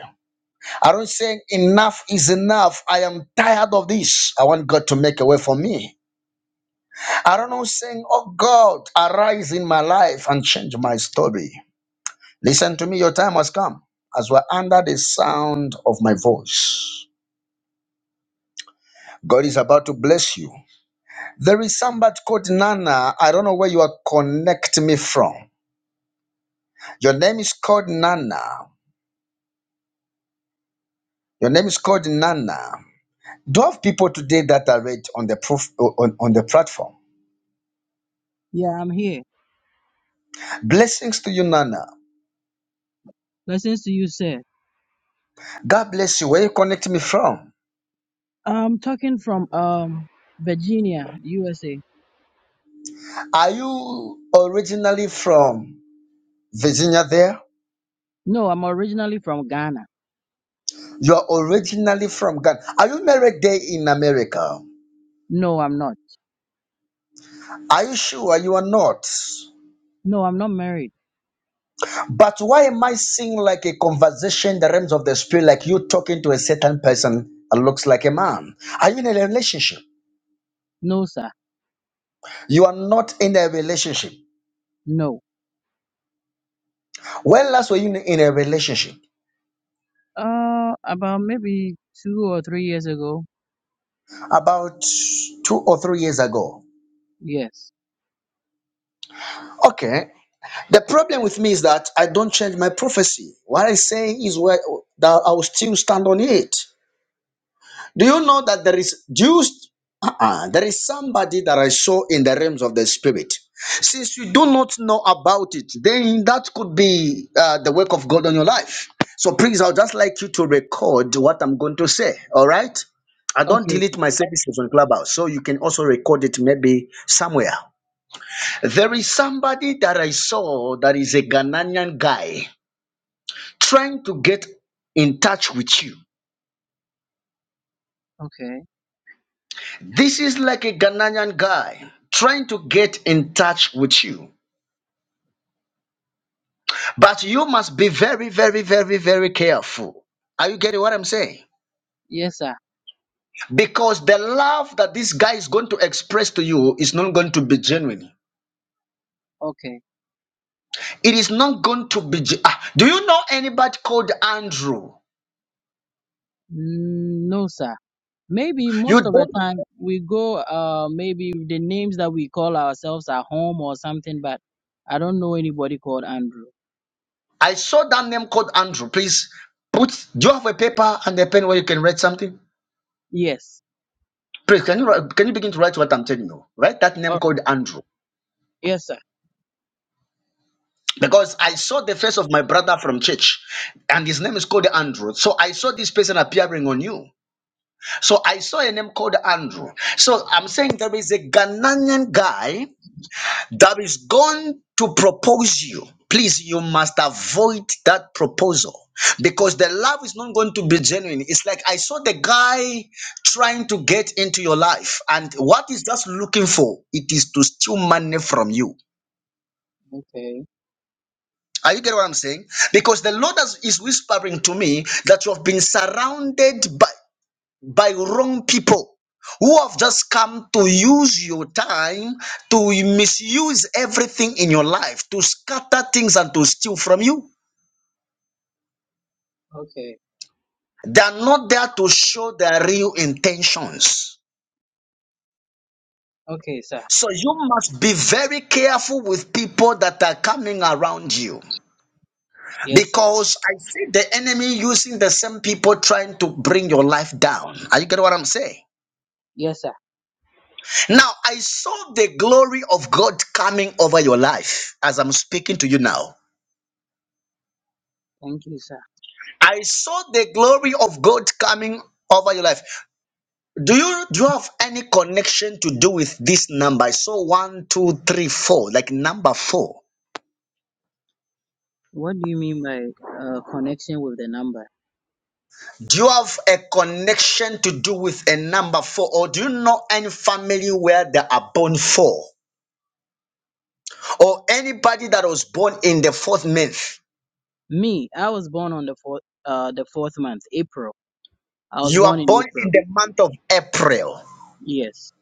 Speaker 1: I don't saying enough is enough. I am tired of this. I want God to make a way for me. I don't know, saying, Oh God, arise in my life and change my story. Listen to me, your time has come as we're under the sound of my voice. God is about to bless you. There is somebody called Nana. I don't know where you are connecting me from. Your name is called Nana. Your name is called Nana. Do have people today that are read on the proof on, on the platform?
Speaker 5: Yeah, I'm here.
Speaker 1: Blessings to you, Nana.
Speaker 5: Blessings to you, sir.
Speaker 1: God bless you. Where you connecting me from?
Speaker 5: I'm talking from um Virginia, USA.
Speaker 1: Are you originally from Virginia there?
Speaker 5: No, I'm originally from Ghana.
Speaker 1: You are originally from Ghana. Are you married there in America?
Speaker 5: No, I'm not.
Speaker 1: Are you sure you are not?
Speaker 5: No, I'm not married.
Speaker 1: But why am I seeing like a conversation in the realms of the spirit, like you talking to a certain person that looks like a man? Are you in a relationship?
Speaker 5: No, sir.
Speaker 1: You are not in a relationship.
Speaker 5: No.
Speaker 1: When last were you in a relationship?
Speaker 5: Uh, about maybe two or three years ago.
Speaker 1: About two or three years ago.
Speaker 5: Yes.
Speaker 1: Okay. The problem with me is that I don't change my prophecy. What I say is where that I will still stand on it. Do you know that there is Jews? Uh-uh, there is somebody that I saw in the realms of the spirit. Since you do not know about it, then that could be uh, the work of God on your life. So please, I'll just like you to record what I'm going to say. All right? I don't
Speaker 5: Okay, sir.
Speaker 1: delete my services on Clubhouse, so you can also record it maybe somewhere. There is somebody that I saw that is a Ghanaian guy trying to get in touch with you
Speaker 5: Okay.
Speaker 1: This is like a Ghanaian guy trying to get in touch with you. But you must be very, very, very, very careful. Are you getting what I'm saying?
Speaker 5: Yes, sir.
Speaker 1: Because the love that this guy is going to express to you is not going to be genuine.
Speaker 5: Okay.
Speaker 1: It is not going to be. ge- Ah, do you know anybody called Andrew?
Speaker 5: Mm, No, sir. Maybe
Speaker 1: You
Speaker 5: most of the
Speaker 1: don't.
Speaker 5: time we go, uh, maybe the names that we call ourselves at home or something, but I don't know anybody called Andrew.
Speaker 1: I saw that name called Andrew. Please put. Do you have a paper and a pen where you can write something?
Speaker 5: Yes.
Speaker 1: Please, can you write- can you begin to write what I'm telling you? Write that name
Speaker 5: Oh,
Speaker 1: called Andrew.
Speaker 5: yes, sir.
Speaker 1: because I saw the face of my brother from church, and his name is called Andrew. So I saw this person appearing on you. So I saw a name called Andrew. So I'm saying there is a Ghanaian guy that is going to propose you. Please, you must avoid that proposal because the love is not going to be genuine. It's like I saw the guy trying to get into your life, and what is just looking for it is to steal money from you.
Speaker 5: Okay,
Speaker 1: Are you getting what I'm saying? Because the Lord has, is whispering to me that you have been surrounded by, by wrong people who have just come to use your time to misuse everything in your life, to scatter things and to steal from you.
Speaker 5: okay,
Speaker 1: They are not there to show their real intentions.
Speaker 5: okay, sir.
Speaker 1: So you must be very careful with people that are coming around you.
Speaker 5: Yes, sir.
Speaker 1: Because I see the enemy using the same people trying to bring your life down. Are you getting what I'm saying?
Speaker 5: Yes, sir.
Speaker 1: Now, I saw the glory of God coming over your life as I'm speaking to you now.
Speaker 5: Thank you, sir.
Speaker 1: I saw the glory of God coming over your life. Do you do you have any connection to do with this number? I saw one, two, three, four, like number four.
Speaker 5: What do you mean by uh, connection with the number?
Speaker 1: Do you have a connection to do with a number four, or do you know any family where they are born four? or anybody that was born in the fourth month,
Speaker 5: Me, I was born on the fourth, uh, the fourth month, April. I was
Speaker 1: you
Speaker 5: born
Speaker 1: are
Speaker 5: in
Speaker 1: born
Speaker 5: April.
Speaker 1: in the month of April.
Speaker 5: Yes.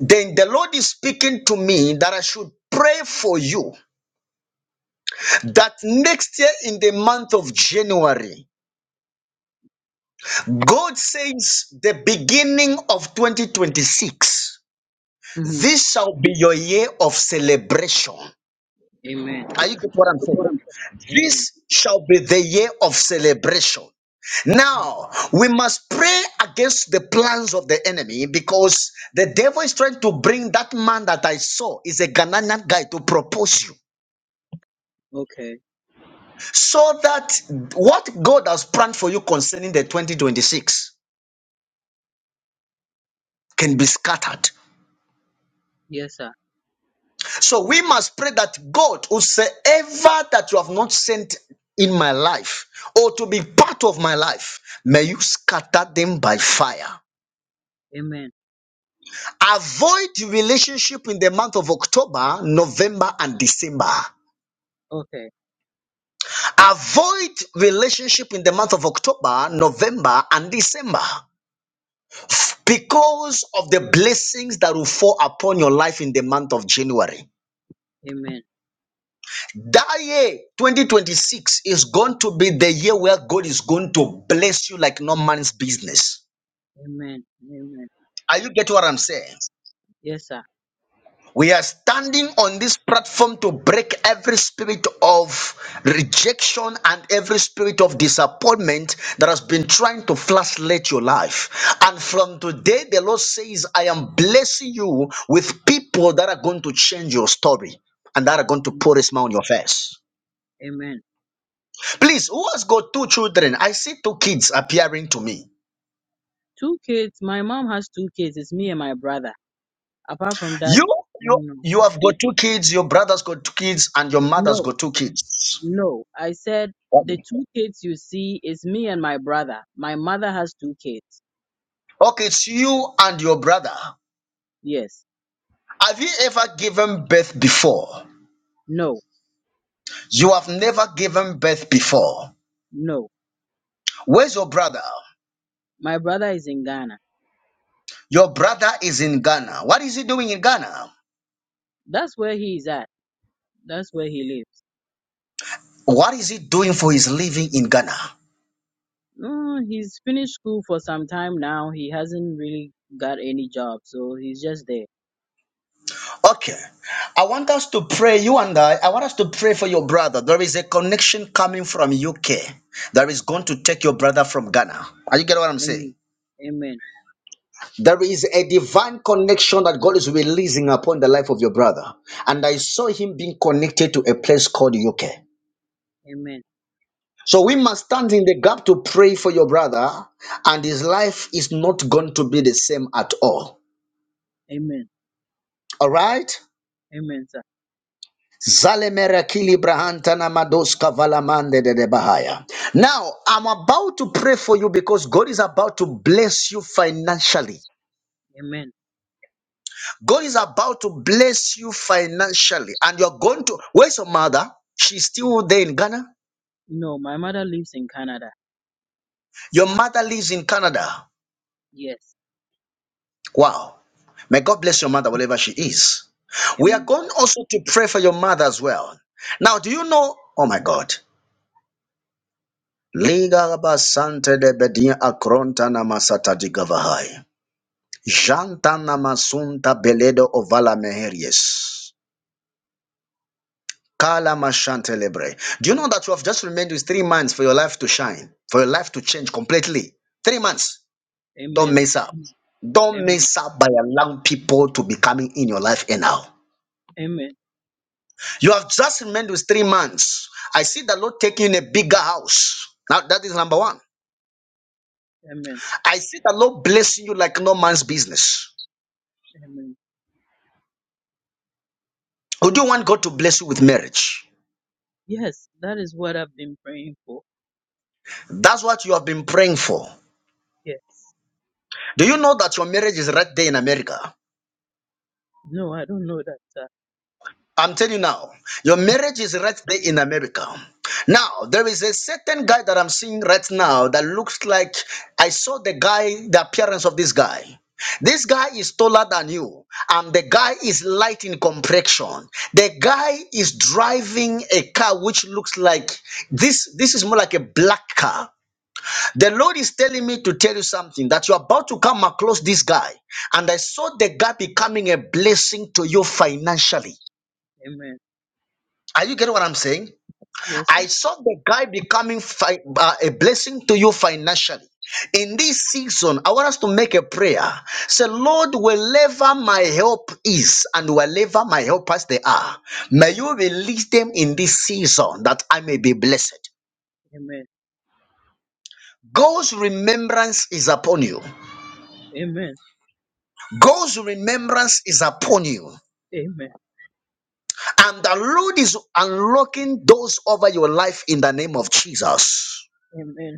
Speaker 1: Then the Lord is speaking to me that I should pray for you that next year in the month of January, God says the beginning of 2026,
Speaker 5: Mm-hmm.
Speaker 1: this shall be your year of celebration.
Speaker 5: Amen.
Speaker 1: Are you get what I'm saying?
Speaker 5: Amen.
Speaker 1: This shall be the year of celebration. Now, we must pray against the plans of the enemy because the devil is trying to bring that man that I saw is a Ghanaian guy to propose you.
Speaker 5: Okay.
Speaker 1: So that what God has planned for you concerning the 2026 can be scattered.
Speaker 5: Yes, sir.
Speaker 1: So we must pray that God, whosoever that you have not sent in my life or to be part of my life, may you scatter them by fire.
Speaker 5: Amen.
Speaker 1: Avoid relationship in the month of October, November, and December.
Speaker 5: Okay.
Speaker 1: Avoid relationship in the month of October, November, and December because of the blessings that will fall upon your life in the month of January.
Speaker 5: Amen.
Speaker 1: That year, 2026, is going to be the year where God is going to bless you like no man's business.
Speaker 5: Amen. Amen.
Speaker 1: Are you getting what I'm saying?
Speaker 5: Yes, sir.
Speaker 1: We are standing on this platform to break every spirit of rejection and every spirit of disappointment that has been trying to flashlight your life. And from today, the Lord says, I am blessing you with people that are going to change your story and that are going to
Speaker 5: Am-
Speaker 1: put a smile on your face.
Speaker 5: Amen.
Speaker 1: Please, who has got two children? I see two kids appearing to me.
Speaker 5: Two kids. My mom has two kids. It's me and my brother. Apart from that,
Speaker 1: You,
Speaker 5: I
Speaker 1: you,
Speaker 5: don't know.
Speaker 1: you have got two kids, your brother's got two kids, and your mother's
Speaker 5: No.
Speaker 1: got two kids.
Speaker 5: No, I said the two kids you see is me and my brother. My mother has two kids.
Speaker 1: Okay, it's you and your brother.
Speaker 5: Yes.
Speaker 1: Have you ever given birth before?
Speaker 5: No,
Speaker 1: You have never given birth before.
Speaker 5: no.
Speaker 1: Where's your brother?
Speaker 5: My brother is in Ghana.
Speaker 1: Your brother is in Ghana. What is he doing in Ghana?
Speaker 5: That's where he is at. That's where he lives.
Speaker 1: What is he doing for his living in Ghana?
Speaker 5: Mm, he's finished school for some time now. He hasn't really got any job, so he's just there.
Speaker 1: Okay. I want us to pray, you and I, I want us to pray for your brother. There is a connection coming from UK that is going to take your brother from Ghana. Are you getting what I'm saying?
Speaker 5: Amen. Amen.
Speaker 1: There is a divine connection that God is releasing upon the life of your brother. And I saw him being connected to a place called UK.
Speaker 5: Amen.
Speaker 1: So we
Speaker 5: Amen.
Speaker 1: must stand in the gap to pray for your brother, and his life is not going to be the same at all.
Speaker 5: Amen.
Speaker 1: All right?
Speaker 5: Amen, sir.
Speaker 1: Zalemera kili brahantana madoska valamande de de bahaya. Now, I'm about to pray for you because God is about to bless you financially.
Speaker 5: Amen.
Speaker 1: God is about to bless you financially, and you're going to. Where's your mother? She's still there in Ghana.
Speaker 5: No, my mother lives in Canada.
Speaker 1: Your mother lives in Canada.
Speaker 5: Yes.
Speaker 1: Wow. May God bless your mother, wherever she is. We are
Speaker 5: Amen.
Speaker 1: going also to pray for your mother as well. Now, do you know? Oh my God. Liga ba sante de bedia akronta na masata di Janta na masunta beledo ovala meheries. Kalamashantelebre. Do you know that you have just remained with three months for your life to shine, for your life to change completely? Three months. Don't
Speaker 5: Amen.
Speaker 1: mess up. Don't
Speaker 5: Amen.
Speaker 1: mess up by allowing people to be coming in your life and now.
Speaker 5: Amen.
Speaker 1: You have just remained with three months. I see the Lord taking a bigger house. Now that is number one.
Speaker 5: Amen.
Speaker 1: I see the Lord blessing you like no man's business.
Speaker 5: Amen.
Speaker 1: Would you want God to bless you with marriage?
Speaker 5: Yes, that is what I've been praying for.
Speaker 1: That's what you have been praying for.
Speaker 5: Yes.
Speaker 1: Do you know that your marriage is right there in America?
Speaker 5: No, I don't know that, sir.
Speaker 1: I'm telling you now, your marriage is right there in America. Now, there is a certain guy that I'm seeing right now that looks like I saw the guy, the appearance of this guy. This guy is taller than you, and the guy is light in complexion. The guy is driving a car which looks like this. This is more like a black car. The Lord is telling me to tell you something that you're about to come across this guy, and I saw the guy becoming a blessing to you financially.
Speaker 5: Amen.
Speaker 1: Are you getting what I'm saying?
Speaker 5: Yes, sir.
Speaker 1: I saw the guy becoming fi- uh, a blessing to you financially. In this season, I want us to make a prayer. Say, Lord, wherever my help is and wherever my helpers they are, may you release them in this season that I may be blessed.
Speaker 5: Amen.
Speaker 1: God's remembrance is upon you.
Speaker 5: Amen.
Speaker 1: God's remembrance is upon you.
Speaker 5: Amen.
Speaker 1: And the Lord is unlocking doors over your life in the name of Jesus.
Speaker 5: Amen.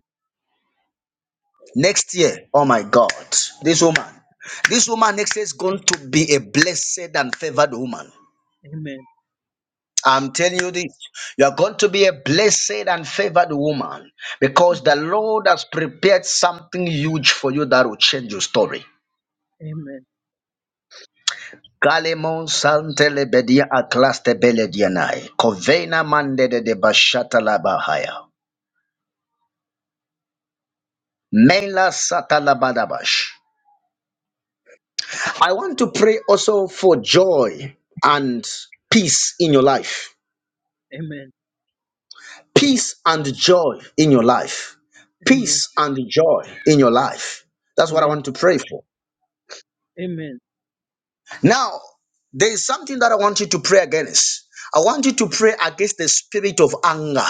Speaker 1: Next year, oh my God, this woman, this woman next year is going to be a blessed and favored woman.
Speaker 5: Amen.
Speaker 1: I'm telling you this, you are going to be a blessed and favored woman because the Lord has prepared something huge for you that will change your story.
Speaker 5: Amen.
Speaker 1: Galemon santele bedia aklaste beledianai. Kovena mande de de bashata labahaya. Mela satalabadabash. I want to pray also for joy and peace in your life.
Speaker 5: Amen.
Speaker 1: peace and joy in your life.
Speaker 5: Amen.
Speaker 1: Peace and joy in your life. That's what I
Speaker 5: Amen.
Speaker 1: want to pray for.
Speaker 5: Amen.
Speaker 1: Now, there is something that I want you to pray against. I want you to pray against the spirit of anger,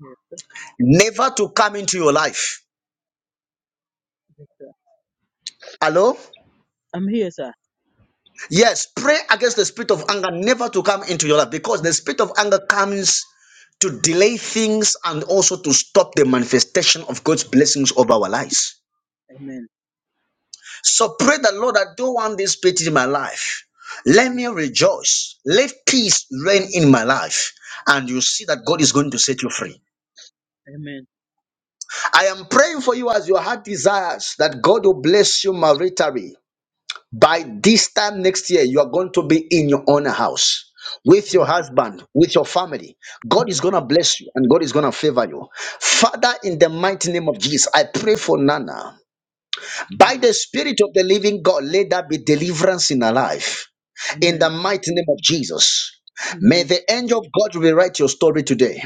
Speaker 5: Yes, sir.
Speaker 1: never to come into your life.
Speaker 5: Yes, sir.
Speaker 1: Hello?
Speaker 5: I'm here, sir.
Speaker 1: Yes, pray against the spirit of anger, never to come into your life because the spirit of anger comes to delay things and also to stop the manifestation of God's blessings over our lives.
Speaker 5: Amen.
Speaker 1: So pray the Lord, I don't want this pity in my life. Let me rejoice. Let peace reign in my life. And you see that God is going to set you free.
Speaker 5: Amen.
Speaker 1: I am praying for you as your heart desires that God will bless you maritally. By this time next year, you are going to be in your own house with your
Speaker 5: Amen.
Speaker 1: husband, with your family. God is
Speaker 5: Amen.
Speaker 1: going to bless you and God is going to favor you. Father, in the mighty name of Jesus, I pray for Nana. By
Speaker 5: Amen.
Speaker 1: the Spirit of the living God, let there be deliverance in our life. In
Speaker 5: Amen.
Speaker 1: the mighty name of Jesus. May
Speaker 5: Amen.
Speaker 1: the angel of God rewrite your story today.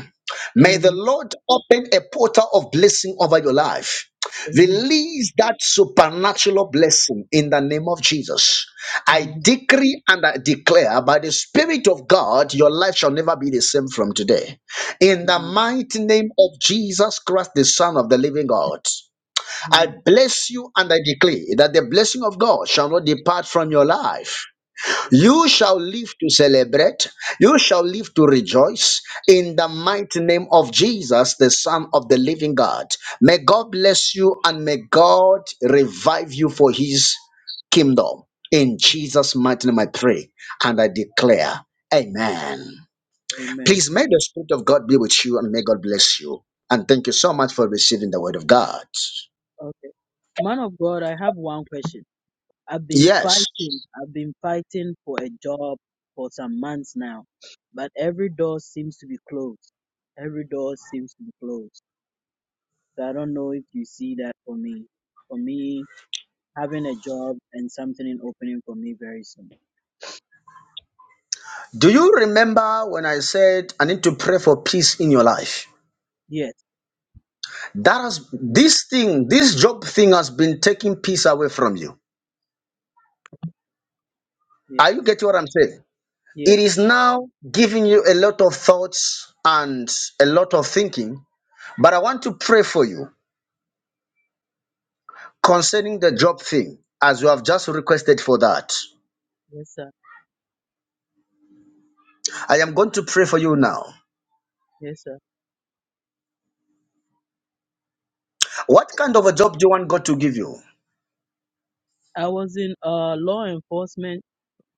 Speaker 1: May
Speaker 5: Amen.
Speaker 1: the Lord open a portal of blessing over your life.
Speaker 5: Amen.
Speaker 1: Release that supernatural blessing in the name of Jesus. I
Speaker 5: Amen.
Speaker 1: decree and I declare by the Spirit of God, your life shall never be the same from today. In the mighty name of Jesus Christ, the Son of the living God. I
Speaker 5: Amen.
Speaker 1: bless you and I declare that the blessing of God shall not depart from your life.
Speaker 5: Amen.
Speaker 1: You shall live to celebrate, you shall live to rejoice in the mighty name of Jesus, the Son of the living God. May God bless you and may God revive you for his kingdom. In Jesus' mighty name, I pray and I declare, Amen.
Speaker 5: Amen.
Speaker 1: Please may the Spirit of God be with you and may God bless you. And thank you so much for receiving the word of God.
Speaker 5: Okay. Man of God, I have one question. I've been
Speaker 1: Yes.
Speaker 5: fighting. I've been fighting for a job for some months now, but every door seems to be closed. Every door seems to be closed. So I don't know if you see that for me. For me, having a job and something in opening for me very soon.
Speaker 1: Do you remember when I said I need to pray for peace in your life?
Speaker 5: Yes,
Speaker 1: That has this thing, this job thing has been taking peace away from you.
Speaker 5: yes,
Speaker 1: Are you getting what I'm saying?
Speaker 5: yes,
Speaker 1: It is now giving you a lot of thoughts and a lot of thinking, but I want to pray for you concerning the job thing as you have just requested for that.
Speaker 5: yes, sir,
Speaker 1: I am going to pray for you now.
Speaker 5: yes, sir.
Speaker 1: What kind of a job do you want God to give you?
Speaker 5: I was in uh law enforcement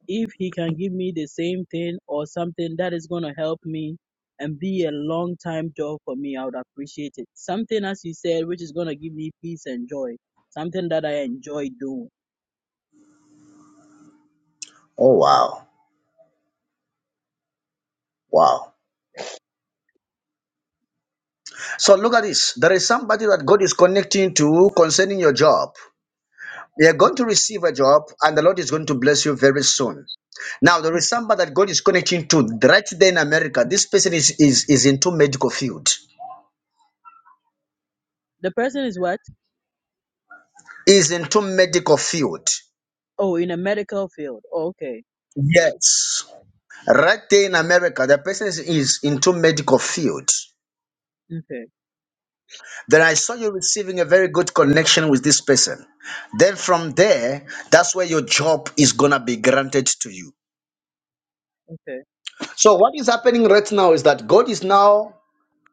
Speaker 5: if he can give me the same thing or something that is going to help me and be a long time job for me, I would appreciate it. Something, as you said, which is going to give me peace and joy. Something that I enjoy doing.
Speaker 1: Oh, wow. Wow. So look at this. There is somebody that God is connecting to concerning your job. You're going to receive a job and the Lord is going to bless you very soon. Now there is somebody that God is connecting to right there in America. This person is is, is into medical field.
Speaker 5: The person is what?
Speaker 1: Is into medical field.
Speaker 5: Oh, in a medical field. Oh, okay.
Speaker 1: Yes. Right there in America, the person is, is into medical field.
Speaker 5: Okay.
Speaker 1: Then I saw you receiving a very good connection with this person. Then from there, that's where your job is gonna be granted to you.
Speaker 5: Okay.
Speaker 1: So, what is happening right now is that God is now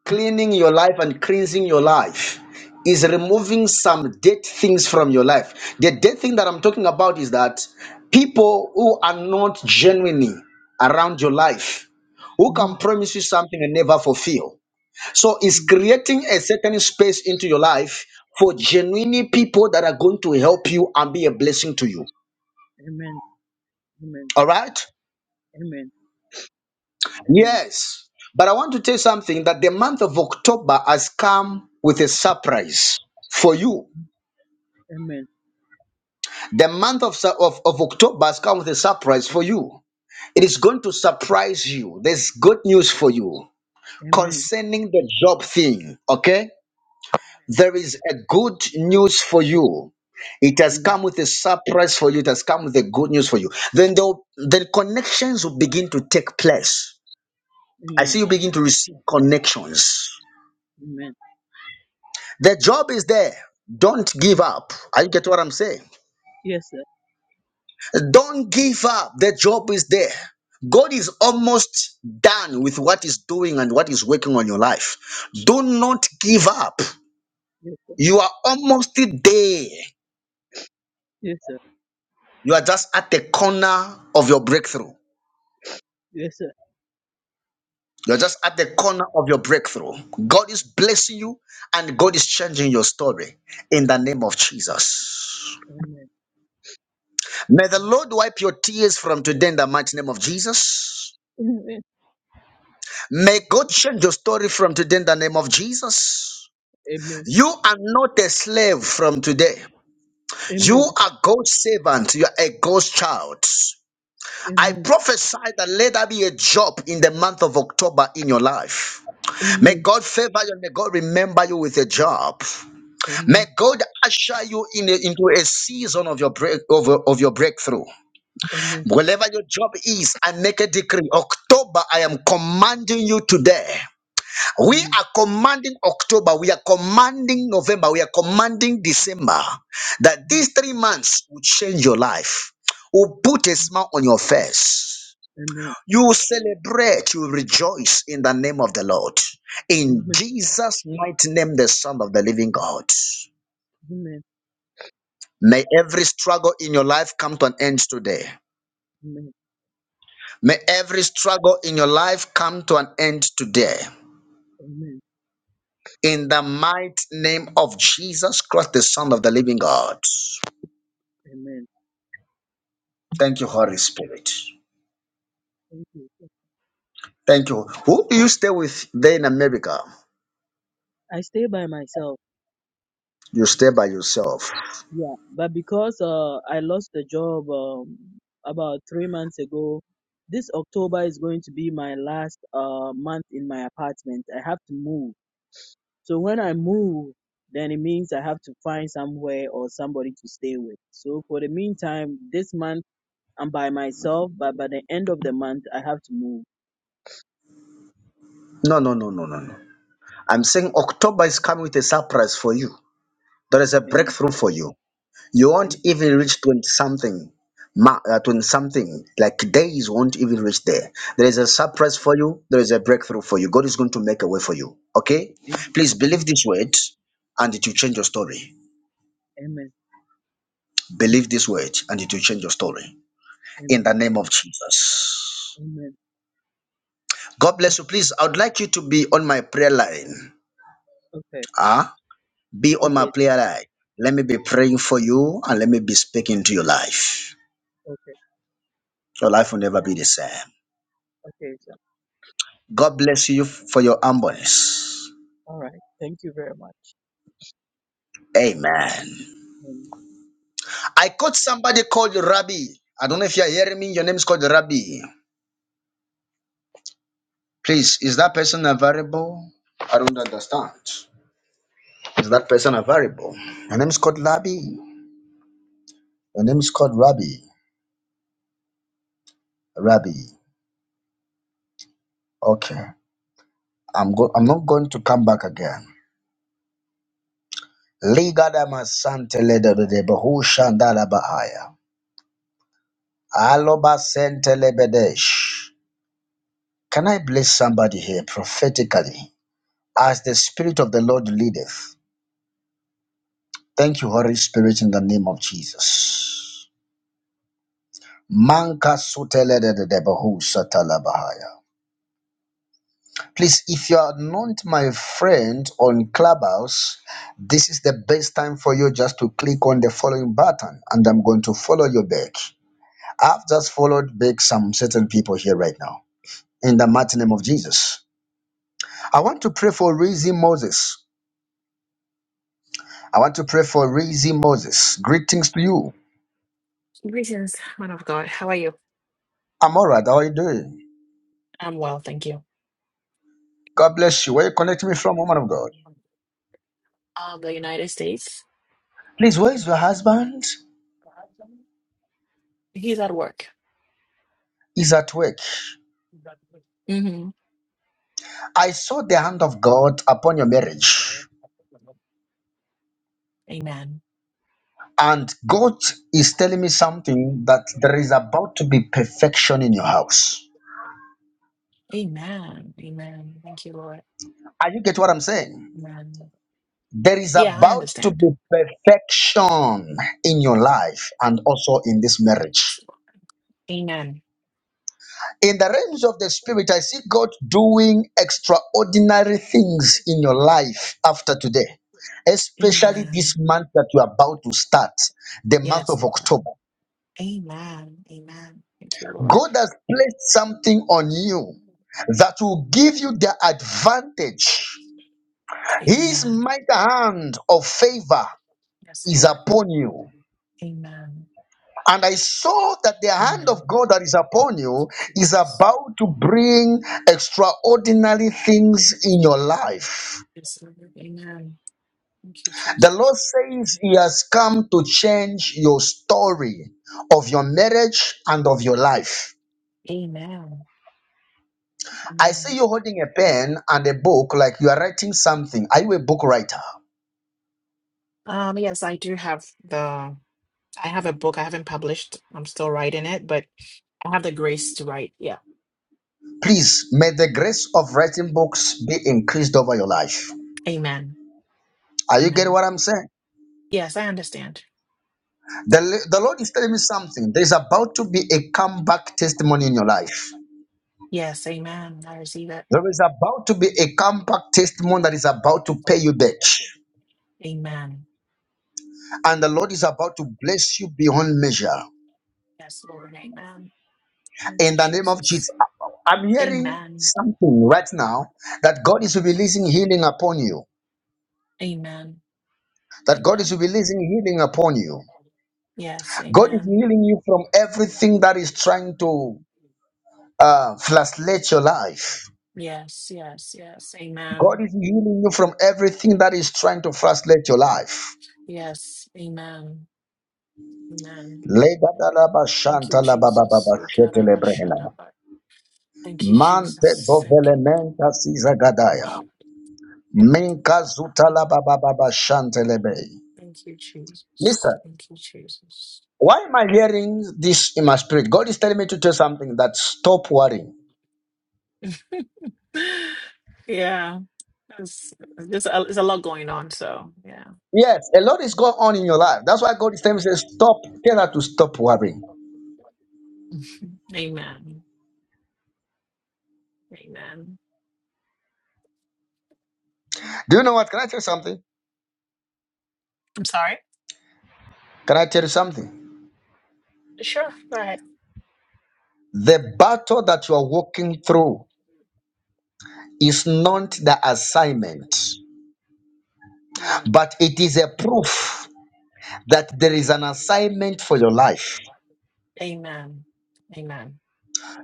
Speaker 1: cleaning your life and cleansing your life, is removing some dead things from your life. The dead thing that I'm talking about is that people who are not genuinely around your life, who
Speaker 5: hmm
Speaker 1: can promise you something and never fulfill. So, it's creating a certain space into your life for genuinely people that are going to help you and be a blessing to you.
Speaker 5: Amen. Amen.
Speaker 1: All right?
Speaker 5: Amen. Amen.
Speaker 1: Yes. But I want to tell you something that the month of October has come with a surprise for you.
Speaker 5: Amen.
Speaker 1: The month of, Sa- of, of October has come with a surprise for you. It is going to surprise you. There's good news for you
Speaker 5: Amen.
Speaker 1: concerning the job thing, okay? There is a good news for you. It has
Speaker 5: Amen.
Speaker 1: come with a surprise for you. It has come with a good news for you. Then the, then connections will begin to take place. I see
Speaker 5: Amen.
Speaker 1: you begin to receive connections
Speaker 5: Amen.
Speaker 1: The job is there. Don't give up. Are you get what I'm saying?
Speaker 5: Yes, sir.
Speaker 1: Don't give up. The job is there. God is almost done with what is doing and what is working on your life. Do not give up.
Speaker 5: Yes, sir.
Speaker 1: You are almost there.
Speaker 5: Yes, sir.
Speaker 1: You are just at the corner of your breakthrough.
Speaker 5: Yes, sir.
Speaker 1: You're just at the corner of your breakthrough. God is blessing you and God is changing your story in the name of Jesus.
Speaker 5: Amen.
Speaker 1: May the Lord wipe your tears from today in the mighty name of Jesus.
Speaker 5: Amen.
Speaker 1: May God change your story from today in the name of Jesus. You are not a slave from today. You
Speaker 5: Amen.
Speaker 1: are God's servant. You are a God's child. I
Speaker 5: Amen.
Speaker 1: prophesy that let there be a job in the month of October in your life. May
Speaker 5: Amen.
Speaker 1: God favor you. May God remember you with a job.
Speaker 5: Amen.
Speaker 1: May God usher you in a- into a season of your break of, your- of your breakthrough.
Speaker 5: Amen.
Speaker 1: Whatever your job is, I make a decree. October, I am commanding you today. We
Speaker 5: Amen.
Speaker 1: are commanding October, we are commanding November, we are commanding December that these three months will change your life, will put a smile on your face.
Speaker 5: Amen.
Speaker 1: You will celebrate, you will rejoice in the name of the Lord. In
Speaker 5: Amen.
Speaker 1: Jesus' mighty name, the Son of the Living God.
Speaker 5: Amen.
Speaker 1: May every struggle in your life come to an end today.
Speaker 5: Amen.
Speaker 1: May every struggle in your life come to an end today.
Speaker 5: Amen.
Speaker 1: In the mighty name of Jesus Christ, the Son of the Living God.
Speaker 5: Amen.
Speaker 1: Thank you, Holy Spirit.
Speaker 5: Thank you.
Speaker 1: Thank you. Who do you stay with there in America?
Speaker 5: I stay by myself.
Speaker 1: You stay by yourself.
Speaker 5: Yeah. But because uh I lost the job um about three months ago, this October is going to be my last uh month in my apartment. I have to move. So when I move, then it means I have to find somewhere or somebody to stay with. So for the meantime, this month I'm by myself, but by the end of the month I have to move.
Speaker 1: No, no, no, no, no, no. I'm saying October is coming with a surprise for you. There is a
Speaker 5: Amen.
Speaker 1: breakthrough for you. You won't
Speaker 5: Amen.
Speaker 1: even reach 20 something, ma- uh, 20 something, like days won't even reach there. There is a surprise for you. There is a breakthrough for you. God is going to make a way for you. Okay?
Speaker 5: Amen.
Speaker 1: Please
Speaker 5: Am-
Speaker 1: believe this word and it will change your story.
Speaker 5: Amen.
Speaker 1: Believe this word and it will change your story. In the
Speaker 5: Amen.
Speaker 1: name of Jesus.
Speaker 5: Amen.
Speaker 1: God bless you. Please, I would like you to be on my prayer line.
Speaker 5: Okay.
Speaker 1: Ah, be on my
Speaker 5: Okay.
Speaker 1: prayer line. Let me be praying for you and let me be speaking to your life.
Speaker 5: Okay.
Speaker 1: Your life will never be the same.
Speaker 5: Okay. So,
Speaker 1: God bless you for your humbleness.
Speaker 5: all right. Thank you very much.
Speaker 1: Amen. I caught somebody called Rabbi. I don't know if you're hearing me. Your name is called Rabbi. Please, is that person available? I don't understand. Is that person available? Your name is called Rabbi. Your name is called Rabbi. Rabbi. Okay. I'm go- I'm not going to come back again. Ligadama santeledede bahushandalabaaya. Aloba sentelebedesh. Can I bless somebody here prophetically? As the Spirit of the Lord leadeth. Thank you, Holy Spirit, in the name of Jesus. Manka suteledede bahusatalabahaya. Please, if you are not my friend on Clubhouse, this is the best time for you just to click on the following button, and I'm going to follow you back. I've just followed back some certain people here right now in the mighty name of Jesus. I want to pray for Rizzy Moses. I want to pray for Rizzy Moses. Greetings to you.
Speaker 4: Greetings, man of God. How are you?
Speaker 1: I'm all right. How are you doing?
Speaker 4: I'm well, thank you.
Speaker 1: God bless you. Where you connecting me from, woman of God?
Speaker 4: Um, the United States.
Speaker 1: Please, where is your husband?
Speaker 4: He's at work.
Speaker 1: He's at work.
Speaker 4: hmm
Speaker 1: I saw the hand of God upon your marriage.
Speaker 4: Amen.
Speaker 1: And God is telling me something that there is about to be perfection in your house.
Speaker 4: Amen. Amen. Thank you, Lord.
Speaker 1: Are you get what I'm saying?
Speaker 4: Amen.
Speaker 1: There is
Speaker 4: Yeah, I
Speaker 1: about to
Speaker 4: understand.
Speaker 1: be perfection in your life and also in this marriage.
Speaker 4: Amen.
Speaker 1: In the realms of the spirit, I see God doing extraordinary things in your life after today, especially
Speaker 4: Amen.
Speaker 1: this month that you're about to start, the month
Speaker 4: Yes,
Speaker 1: of
Speaker 4: Lord.
Speaker 1: October.
Speaker 4: Amen. Amen. Thank you, Lord.
Speaker 1: God has placed something on you that will give you the advantage. His
Speaker 4: Amen.
Speaker 1: mighty hand of favor
Speaker 4: Yes,
Speaker 1: is
Speaker 4: Lord.
Speaker 1: upon you.
Speaker 4: Amen.
Speaker 1: And I saw that the hand of
Speaker 4: Amen.
Speaker 1: God that is upon you
Speaker 4: Thank you,
Speaker 1: is
Speaker 4: Jesus.
Speaker 1: about to bring extraordinary things in your life.
Speaker 4: Yes, Lord. Amen. Thank you,
Speaker 1: The Lord
Speaker 4: Jesus.
Speaker 1: says He has come to change your story of your marriage and of your life.
Speaker 4: Amen.
Speaker 1: I see
Speaker 4: Amen.
Speaker 1: you holding a pen and a book like you are writing something. Are you a book writer?
Speaker 4: Um, yes, I do have the I have a book I haven't published. I'm still writing it, but I have the grace to write. Yeah.
Speaker 1: Please, may the grace of writing books be increased over your life.
Speaker 4: Amen.
Speaker 1: Are you getting
Speaker 4: Amen.
Speaker 1: what I'm saying?
Speaker 4: Yes, I understand.
Speaker 1: The, the Lord is telling me something. There is about to be a comeback testimony in your life.
Speaker 4: Yes, amen. I receive it.
Speaker 1: There is about to be a comeback testimony that is about to pay you back.
Speaker 4: Amen.
Speaker 1: And the Lord is about to bless you beyond measure.
Speaker 4: Yes, Lord, amen. Thank you,
Speaker 1: In the name of Jesus.
Speaker 4: Jesus.
Speaker 1: I'm hearing
Speaker 4: Amen.
Speaker 1: something right now that God is releasing healing upon you.
Speaker 4: Amen.
Speaker 1: That God is
Speaker 4: Amen.
Speaker 1: releasing healing upon you.
Speaker 4: Yes,
Speaker 1: God is
Speaker 4: amen.
Speaker 1: healing you from everything that is trying to uh, frustrate your life.
Speaker 4: Yes, yes, yes.
Speaker 1: God
Speaker 4: Amen.
Speaker 1: is healing you from everything that is trying to frustrate your life.
Speaker 4: Yes, amen. Amen.
Speaker 1: Legadalaba
Speaker 4: Thank you, Jesus.
Speaker 1: shantalabababa shetelebrehena.
Speaker 4: Ikarabashadaba. Thank you,
Speaker 1: Mante
Speaker 4: Jesus. Thank you.
Speaker 1: zovelementa sizagadaya. Minka
Speaker 4: Father.
Speaker 1: zutalabababa shantelebe.
Speaker 4: Thank you, Jesus.
Speaker 1: Listen,
Speaker 4: Thank you, Jesus.
Speaker 1: why am I hearing this in my spirit? God is telling me to tell something that stop worrying.
Speaker 4: Yeah, it's just a, it's a lot going on. So yeah,
Speaker 1: Yes, a lot is going on in your life. That's why God is telling me, say, stop. Tell her to stop worrying.
Speaker 4: amen, amen.
Speaker 1: Do you know what? Can I tell you something?
Speaker 4: I'm sorry.
Speaker 1: Can I tell you something?
Speaker 4: Sure, go ahead.
Speaker 1: The battle that you are walking through is not the assignment,
Speaker 4: Mm.
Speaker 1: but it is a proof that there is an assignment for your life.
Speaker 4: Amen, amen,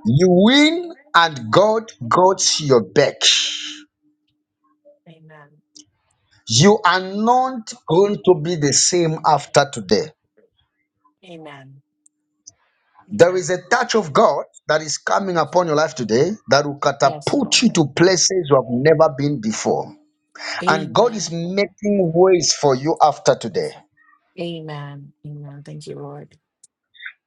Speaker 1: You win, and God guards your back.
Speaker 4: amen,
Speaker 1: You are not going to be the same after today.
Speaker 4: amen,
Speaker 1: There
Speaker 4: amen.
Speaker 1: is a touch of God that is coming upon your life today that will
Speaker 4: Yes,
Speaker 1: catapult you
Speaker 4: Lord.
Speaker 1: to places you have never been before. And God is
Speaker 4: Amen.
Speaker 1: making ways for you after today.
Speaker 4: Amen. Amen. Thank you, Lord.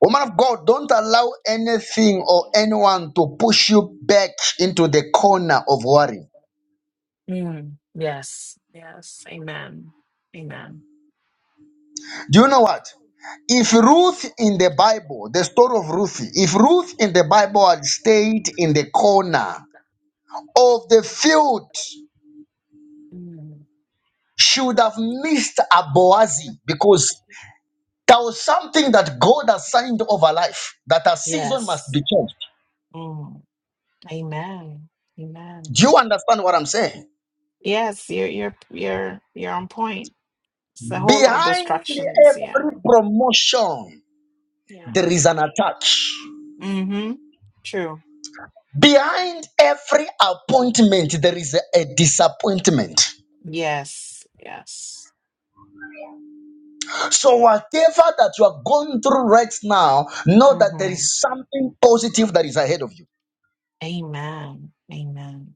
Speaker 1: Woman of God, don't allow anything or anyone to push you back into the corner of worry.
Speaker 4: Mm, yes. Yes. Amen. Amen.
Speaker 1: Do you know what? If Ruth in the Bible, the story of Ruth, if Ruth in the Bible had stayed in the corner of the field,
Speaker 4: Mm,
Speaker 1: she would have missed a Boazi because there was something that God assigned over life that a season must
Speaker 4: yes.
Speaker 1: be changed.
Speaker 4: Mm. Amen.
Speaker 1: Do
Speaker 4: Amen.
Speaker 1: you understand what I'm saying?
Speaker 4: Yes, you're you're you're you're on point. It's a whole lot of
Speaker 1: Behind
Speaker 4: distractions. Yeah.
Speaker 1: every promotion
Speaker 4: Yeah.
Speaker 1: There is an attack.
Speaker 4: Mm-hmm. True.
Speaker 1: Behind every appointment, there is a, a disappointment.
Speaker 4: Yes. Yes.
Speaker 1: So, whatever that you are going through right now, know that there
Speaker 4: Mm-hmm.
Speaker 1: is something positive that is ahead of you.
Speaker 4: Amen. Amen.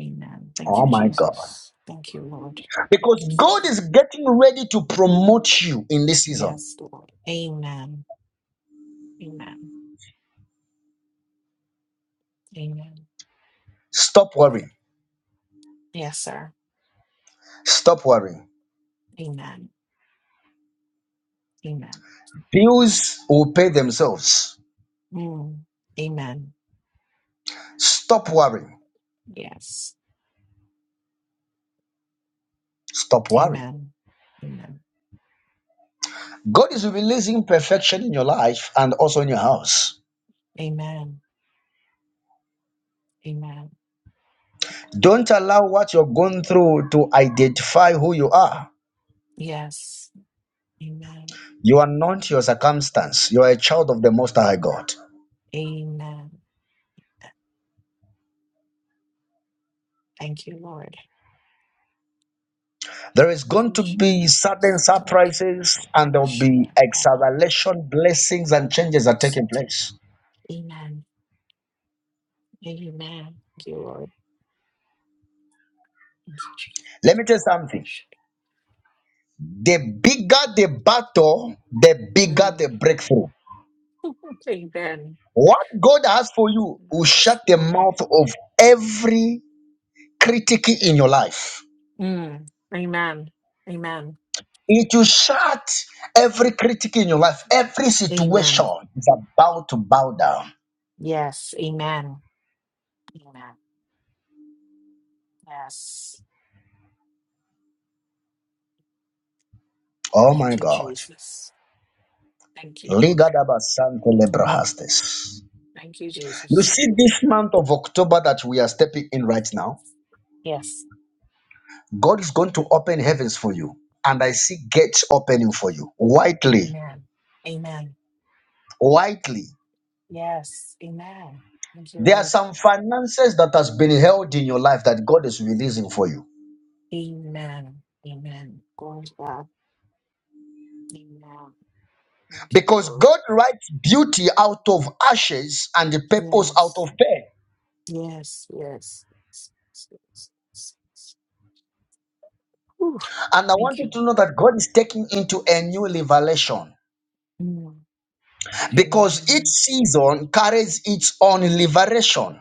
Speaker 4: Amen. Thank you,
Speaker 1: Oh my God.
Speaker 4: Jesus. Thank you, Lord. Thank
Speaker 1: Because
Speaker 4: you,
Speaker 1: God
Speaker 4: Father.
Speaker 1: is getting ready to promote you in this season.
Speaker 4: Yes, Lord. Amen. Amen. Amen.
Speaker 1: Stop worrying.
Speaker 4: Yes, sir.
Speaker 1: Stop worrying.
Speaker 4: Amen. Amen.
Speaker 1: Bills will pay themselves.
Speaker 4: Mm. Amen.
Speaker 1: Stop worrying.
Speaker 4: Yes.
Speaker 1: Stop worrying.
Speaker 4: Amen. Amen.
Speaker 1: God is releasing perfection in your life and also in your house.
Speaker 4: Amen. Amen. Amen.
Speaker 1: Don't allow what you're going through to identify who you are.
Speaker 4: Yes. Amen.
Speaker 1: You are not your circumstance. You are a child of the Most High God.
Speaker 4: Amen. Thank you, Lord.
Speaker 1: There is
Speaker 4: Thank
Speaker 1: going
Speaker 4: you,
Speaker 1: to be sudden
Speaker 4: Jesus.
Speaker 1: surprises and there will be acceleration, blessings, and changes are taking place.
Speaker 4: Amen. Amen. Thank you, Lord. Thank you,
Speaker 1: Let me tell you something.
Speaker 4: Jesus.
Speaker 1: The bigger the battle, the bigger
Speaker 4: Mm.
Speaker 1: the breakthrough.
Speaker 4: Amen.
Speaker 1: What God has for you will
Speaker 4: Yes,
Speaker 1: shut the
Speaker 4: Lord.
Speaker 1: mouth of every critic in your life.
Speaker 4: Mm. Amen. Amen.
Speaker 1: It will shut every critic in your life. Every situation
Speaker 4: Amen.
Speaker 1: is about to bow down.
Speaker 4: Yes. Amen. Amen. Yes.
Speaker 1: Oh my
Speaker 4: Thank you,
Speaker 1: God.
Speaker 4: Jesus. Thank you, Lord.
Speaker 1: Liga da basante lebrahastes.
Speaker 4: Thank you,
Speaker 1: You
Speaker 4: Jesus.
Speaker 1: see, this month of October that we are stepping in right now,
Speaker 4: Yes.
Speaker 1: God is going to open heavens for you. And I see gates opening for you. Widely,
Speaker 4: Amen. Amen.
Speaker 1: widely.
Speaker 4: Yes. Amen. Thank you,
Speaker 1: There are
Speaker 4: Lord.
Speaker 1: some finances that has been held in your life that God is releasing for you.
Speaker 4: Amen. Amen. Glory to God. Amen. Thank you,
Speaker 1: Because
Speaker 4: Lord.
Speaker 1: God writes beauty out of ashes and the purpose out
Speaker 4: Yes.
Speaker 1: of pain.
Speaker 4: Yes. Yes. yes, yes, yes, yes. yes. Whew.
Speaker 1: And I want
Speaker 4: Thank you,
Speaker 1: you to know that God is taking into a new revelation
Speaker 4: Lord. Mm.
Speaker 1: because each
Speaker 4: Amen.
Speaker 1: season carries its own liberation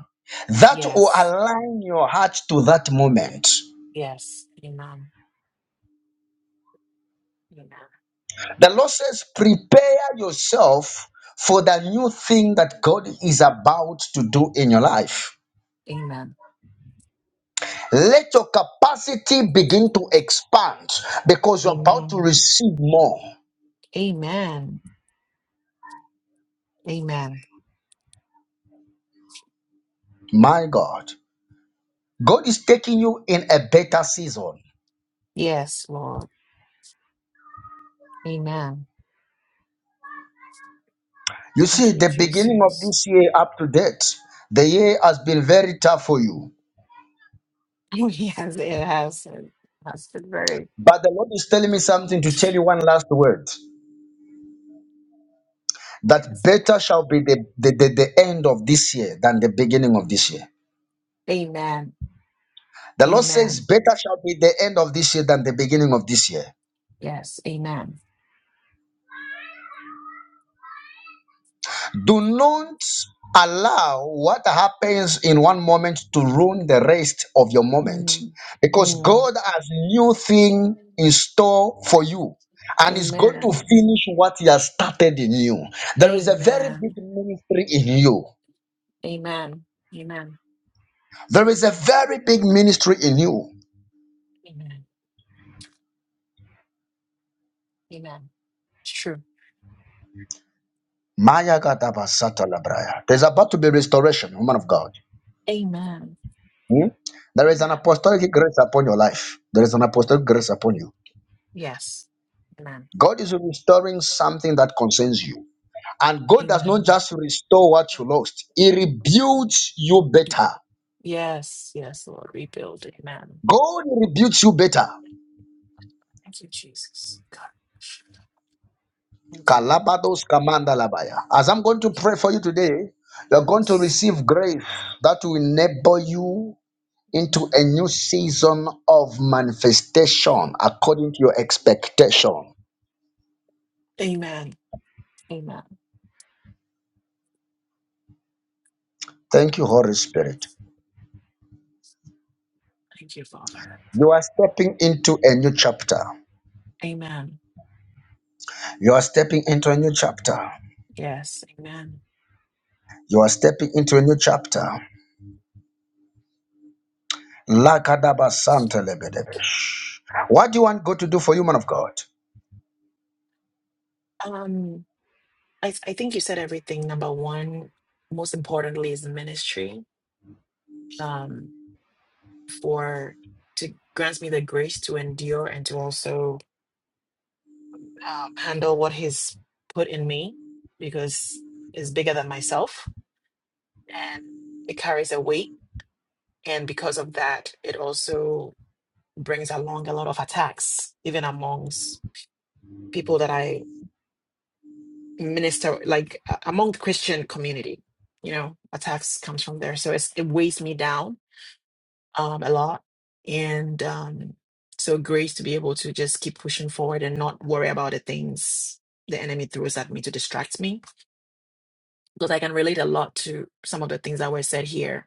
Speaker 1: that will
Speaker 4: Yes.
Speaker 1: align your heart to that moment.
Speaker 4: Yes. Amen. Amen.
Speaker 1: The Lord says, prepare yourself for the new thing that God is about to do in your life.
Speaker 4: Amen.
Speaker 1: Let your capacity begin to expand because you're about to
Speaker 4: Amen.
Speaker 1: receive more.
Speaker 4: Amen. Amen.
Speaker 1: My God, God is taking you in a better season.
Speaker 4: Yes, Lord. Amen.
Speaker 1: You
Speaker 4: Thank
Speaker 1: see,
Speaker 4: you,
Speaker 1: the beginning of
Speaker 4: Jesus.
Speaker 1: this year up to date, the year has been very tough for you.
Speaker 4: yes, it has. It has been very
Speaker 1: But the Lord is telling me something to
Speaker 4: difficult.
Speaker 1: tell you one last word that
Speaker 4: Yes, Lord.
Speaker 1: better shall be the, the, the, the end of this year than the beginning of this year.
Speaker 4: Amen.
Speaker 1: The Lord says,
Speaker 4: Amen.
Speaker 1: Better shall be the end of this year than the beginning of this year.
Speaker 4: Yes. Amen.
Speaker 1: Do not allow what happens in one moment to ruin the rest of your moment
Speaker 4: Mm.
Speaker 1: because
Speaker 4: Mm.
Speaker 1: God has new thing in store for you and is going to
Speaker 4: Amen.
Speaker 1: finish what he has started in you. There is a very big
Speaker 4: Amen.
Speaker 1: ministry in you.
Speaker 4: Amen. Amen.
Speaker 1: There is a very big ministry in you.
Speaker 4: Amen. Amen. It's true.
Speaker 1: Maya Gadaba Sata Labraya. There's about to be restoration, woman of God.
Speaker 4: Amen.
Speaker 1: Hmm? There is an
Speaker 4: Amen.
Speaker 1: apostolic grace upon your life. There is an apostolic grace upon you.
Speaker 4: Yes. Amen.
Speaker 1: God is restoring something that concerns you. And God does not
Speaker 4: Amen.
Speaker 1: just restore what you lost, He rebuilds you better.
Speaker 4: Yes. Yes, Lord. Rebuild. Amen.
Speaker 1: God rebuilds you better.
Speaker 4: Thank you, Jesus. God. Thank you, Lord.
Speaker 1: Kalabados kamanda labaya. As I'm going to pray for you today, you're going to
Speaker 4: Yes.
Speaker 1: receive grace that will enable you into a new season of manifestation according to your expectation.
Speaker 4: Amen. Amen.
Speaker 1: Thank you, Holy Spirit.
Speaker 4: Thank you, Father.
Speaker 1: You are stepping into a new chapter.
Speaker 4: Amen.
Speaker 1: You are stepping into a new chapter.
Speaker 4: Yes. Amen.
Speaker 1: You are stepping into a new chapter. Lakadaba santelebedebe. What do you want God to do for you, man of God?
Speaker 4: Um, I, th- I think you said everything. Number one, most importantly, is ministry. Um, for to grants me the grace to endure and to also um, handle what He's put in me, because it's bigger than myself and it carries a weight. And because of that, it also brings along a lot of attacks, even amongst people that I minister like a- among the christian community you know attacks comes from there so it's, it weighs me down um a lot and um so grace to be able to just keep pushing forward and not worry about the things the enemy throws at me to distract me because i can relate a lot to some of the things that were said here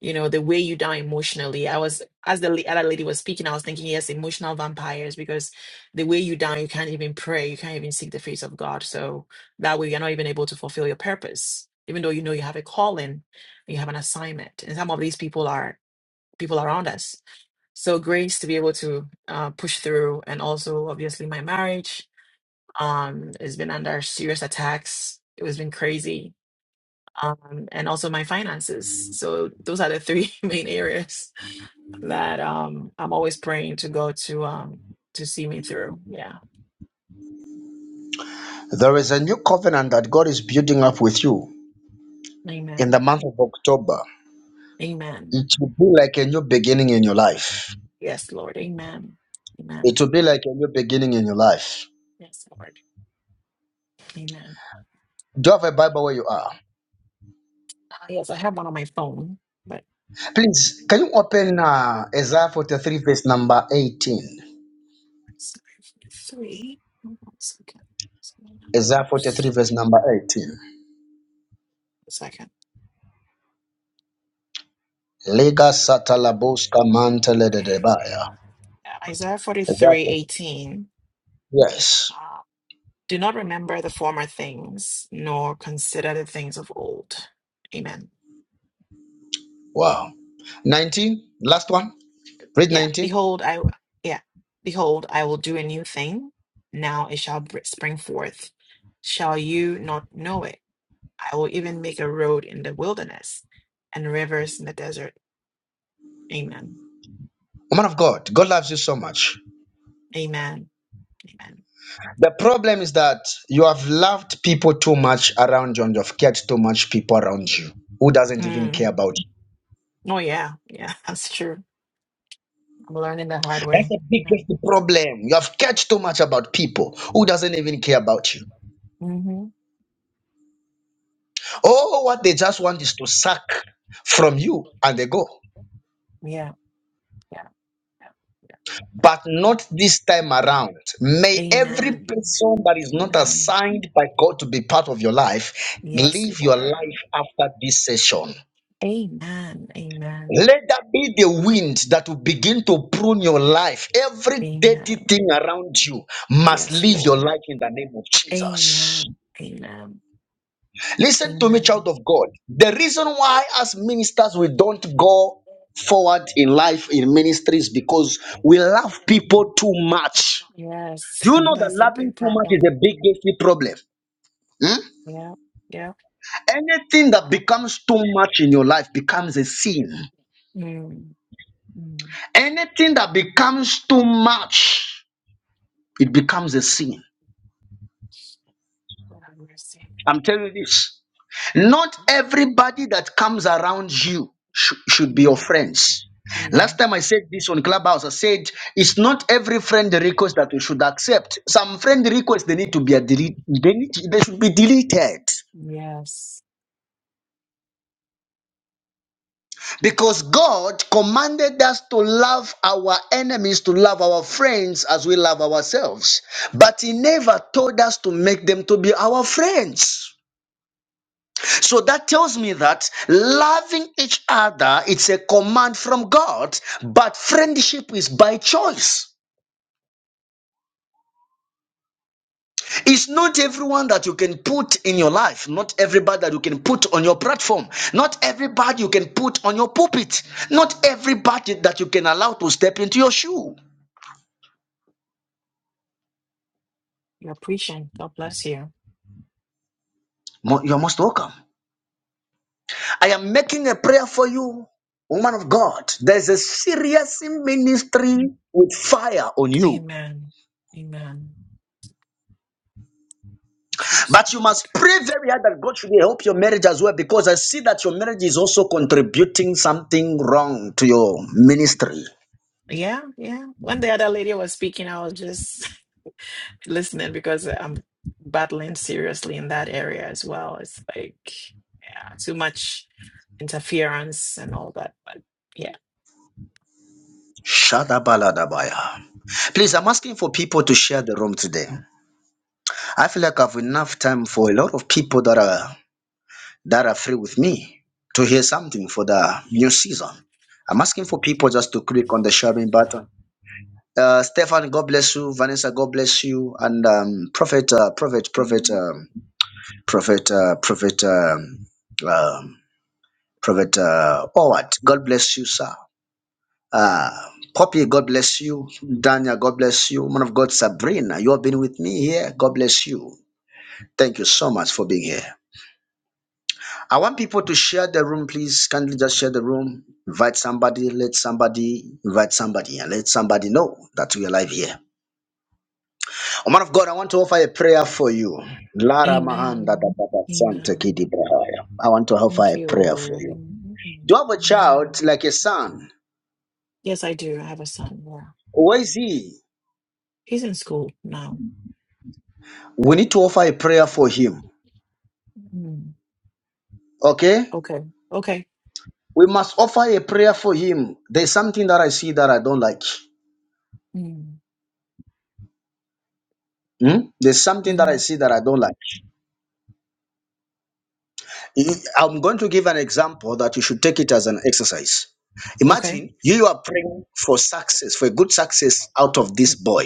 Speaker 4: you know the way you down emotionally i was as the la- other lady was speaking i was thinking yes emotional vampires because the way you down you can't even pray you can't even seek the face of god so that way you're not even able to fulfill your purpose even though you know you have a calling you have an assignment and some of these people are people around us so grace to be able to uh, push through and also obviously my marriage um has been under serious attacks it was been crazy um, and also my finances. So those are the three main areas that um I'm always praying to go to um to see me through. Yeah.
Speaker 1: There is a new covenant that God is building up with you in the
Speaker 4: Amen.
Speaker 1: month of October.
Speaker 4: Amen.
Speaker 1: It will be like a new beginning in your life.
Speaker 4: Yes, Lord. Amen. Amen.
Speaker 1: It will be like a new beginning in your life.
Speaker 4: Yes, Lord. Amen.
Speaker 1: Do you have a Bible where you are?
Speaker 4: Uh, yes, I have one on my phone, but
Speaker 1: Please, can you open uh, Isaiah 43, verse number 18?
Speaker 4: it's 43. Hold on a second.
Speaker 1: Isaiah 43,
Speaker 4: Oops.
Speaker 1: verse number 18.
Speaker 4: A second.
Speaker 1: Lega satalaboska manteledebaya.
Speaker 4: Uh, Isaiah
Speaker 1: Isaiah
Speaker 4: 43:18.
Speaker 1: 43.
Speaker 4: Uh,
Speaker 1: Yes.
Speaker 4: Do not remember the former things, nor consider the things of old. Amen.
Speaker 1: Wow. 19, last one. Read
Speaker 4: Yeah,
Speaker 1: 19.
Speaker 4: behold, I yeah, behold, I will do a new thing. Now it shall br- spring forth. Shall you not know it? I will even make a road in the wilderness and rivers in the desert. Amen.
Speaker 1: Woman of God, God loves you so much.
Speaker 4: Amen. Amen.
Speaker 1: The problem is that you have loved people too much around you and you've cared too much people around you who doesn't even
Speaker 4: Mm.
Speaker 1: care about you.
Speaker 4: Oh yeah, yeah, that's true. I'm learning the hard
Speaker 1: That's
Speaker 4: way.
Speaker 1: the
Speaker 4: Yeah.
Speaker 1: biggest problem. You have cared too much about people who doesn't even care about you.
Speaker 4: Mm-hmm.
Speaker 1: Oh, what they just want is to suck from you and they go.
Speaker 4: Yeah, yeah, yeah, yeah.
Speaker 1: but not this time around. May every
Speaker 4: Amen.
Speaker 1: person that is not
Speaker 4: Amen.
Speaker 1: assigned by God to be part of your life
Speaker 4: Yes,
Speaker 1: live your
Speaker 4: Lord.
Speaker 1: life after this session.
Speaker 4: Amen. Amen.
Speaker 1: Let that be the wind that will begin to prune your life. Every dirty
Speaker 4: Amen.
Speaker 1: thing around you must
Speaker 4: Yes,
Speaker 1: leave your
Speaker 4: Lord.
Speaker 1: life in the name of Jesus.
Speaker 4: Amen. Amen.
Speaker 1: Listen to me,
Speaker 4: Amen.
Speaker 1: child of God. The reason why, as ministers, we don't go forward in life in ministries because we love people too much
Speaker 4: Yes,
Speaker 1: Do you know that
Speaker 4: that's a
Speaker 1: loving
Speaker 4: big
Speaker 1: too much is
Speaker 4: problem.
Speaker 1: a big gateway problem? Hmm?
Speaker 4: Yeah. Yeah.
Speaker 1: Anything that becomes too much in your life becomes a sin.
Speaker 4: Mm. Mm.
Speaker 1: Anything that becomes too much, it becomes a sin.
Speaker 4: Lord have mercy.
Speaker 1: I'm telling you this. Not everybody that comes around you sh- should be your
Speaker 4: Mm.
Speaker 1: friends. Last
Speaker 4: Mm.
Speaker 1: time I said this on Clubhouse, I said it's not every friend request that you should accept. Some friend requests they need to be a delete. They, need, they should be deleted.
Speaker 4: Yes.
Speaker 1: Because God commanded us to love our enemies, to love our friends as we love ourselves. But He never told us to make them to be our friends. So that tells me that loving each other, it's a command from God, but friendship is by choice. It's not everyone that you can put in your life, not everybody that you can put on your platform, not everybody you can put on your pulpit, not everybody that you can allow to step into your shoe.
Speaker 4: You're preaching. God bless you.
Speaker 1: Mo- You're most welcome. I am making a prayer for you, woman of God. There's a serious ministry with fire on you.
Speaker 4: Amen. Amen. Jesus.
Speaker 1: But you must pray very hard that God should help your marriage as well because I see that your marriage is also contributing something wrong to your ministry.
Speaker 4: Yeah, yeah. When the other lady was speaking, I was just listening because I'm battling seriously in that area as well. It's like, yeah, too much interference and all that. But yeah.
Speaker 1: Shadabaladabaya. Please, I'm asking for people to share the room today. I feel like I've enough time for a lot of people that are that are free with me to hear something for the new season. I'm asking for people just to click on the sharing button. Uh, Stefan, God bless you. Vanessa, God bless you. And um, Prophet, uh, Prophet, Prophet, um, Prophet, uh, Prophet, um, um, Prophet uh, Howard, God bless you, sir. Uh, Poppy, God bless you. Daniel, God bless you. Man of God, Sabrina, you have been with me here. God bless you. Thank you so much for being here. I want people to share the room, please. Kindly just share the room. Invite somebody, let somebody, invite somebody, and let somebody know that we are live here. Oh, man of God, I want to offer a prayer for you. Lara Mahanda da
Speaker 4: Amen.
Speaker 1: da da Santa
Speaker 4: Amen.
Speaker 1: Kidi Brahaya. I want to offer
Speaker 4: Thank
Speaker 1: a
Speaker 4: you,
Speaker 1: prayer for
Speaker 4: Lord.
Speaker 1: you.
Speaker 4: Amen.
Speaker 1: Do you have a
Speaker 4: Amen.
Speaker 1: child like a son?
Speaker 4: Yes, I do. I have a son. Yeah.
Speaker 1: Where is he?
Speaker 4: He's in school now.
Speaker 1: We need to offer a prayer for him.
Speaker 4: Mm.
Speaker 1: Okay?
Speaker 4: Okay. Okay.
Speaker 1: We must offer a prayer for him. There's something that I see that I don't like.
Speaker 4: Mm.
Speaker 1: Hmm? There's something that
Speaker 4: hmm
Speaker 1: I see that I don't like. You- I'm going to give an example that you should take it as an exercise.
Speaker 4: Okay.
Speaker 1: Imagine you are praying for success, for a good success out of
Speaker 4: Mm-hmm.
Speaker 1: this boy.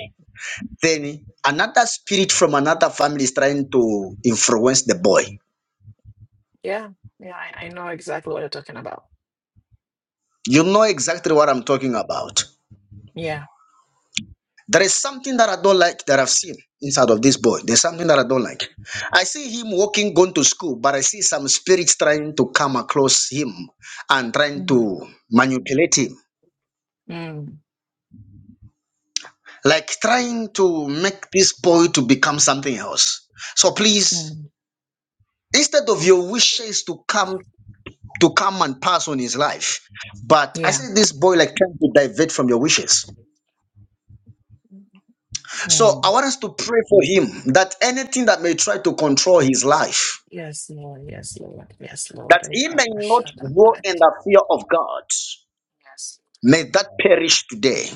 Speaker 1: Then another spirit from another family is trying to influence the boy.
Speaker 4: Yeah. Yeah. I, I know exactly what you're talking about.
Speaker 1: You know exactly what I'm talking about.
Speaker 4: Yeah.
Speaker 1: There is something that I don't like that I've seen inside of this boy. There's something that I don't like. I see him walking, going to school, but I see some spirits trying to come across him and trying
Speaker 4: Mm,
Speaker 1: to manipulate him
Speaker 4: mm,
Speaker 1: like trying to make this boy to become something else so please
Speaker 4: mm.
Speaker 1: instead of your wishes to come to come and pass on his life but i
Speaker 4: Yeah.
Speaker 1: see this boy like trying to divert from your wishes so i
Speaker 4: Mm.
Speaker 1: want us to pray for him that anything that may try to control his life
Speaker 4: Yes, Lord. Yes, Lord. Yes,
Speaker 1: that
Speaker 4: Lord. I
Speaker 1: he
Speaker 4: come,
Speaker 1: may
Speaker 4: I
Speaker 1: not
Speaker 4: shut up.
Speaker 1: grow
Speaker 4: I-
Speaker 1: in the fear of god
Speaker 4: Yes.
Speaker 1: may that perish today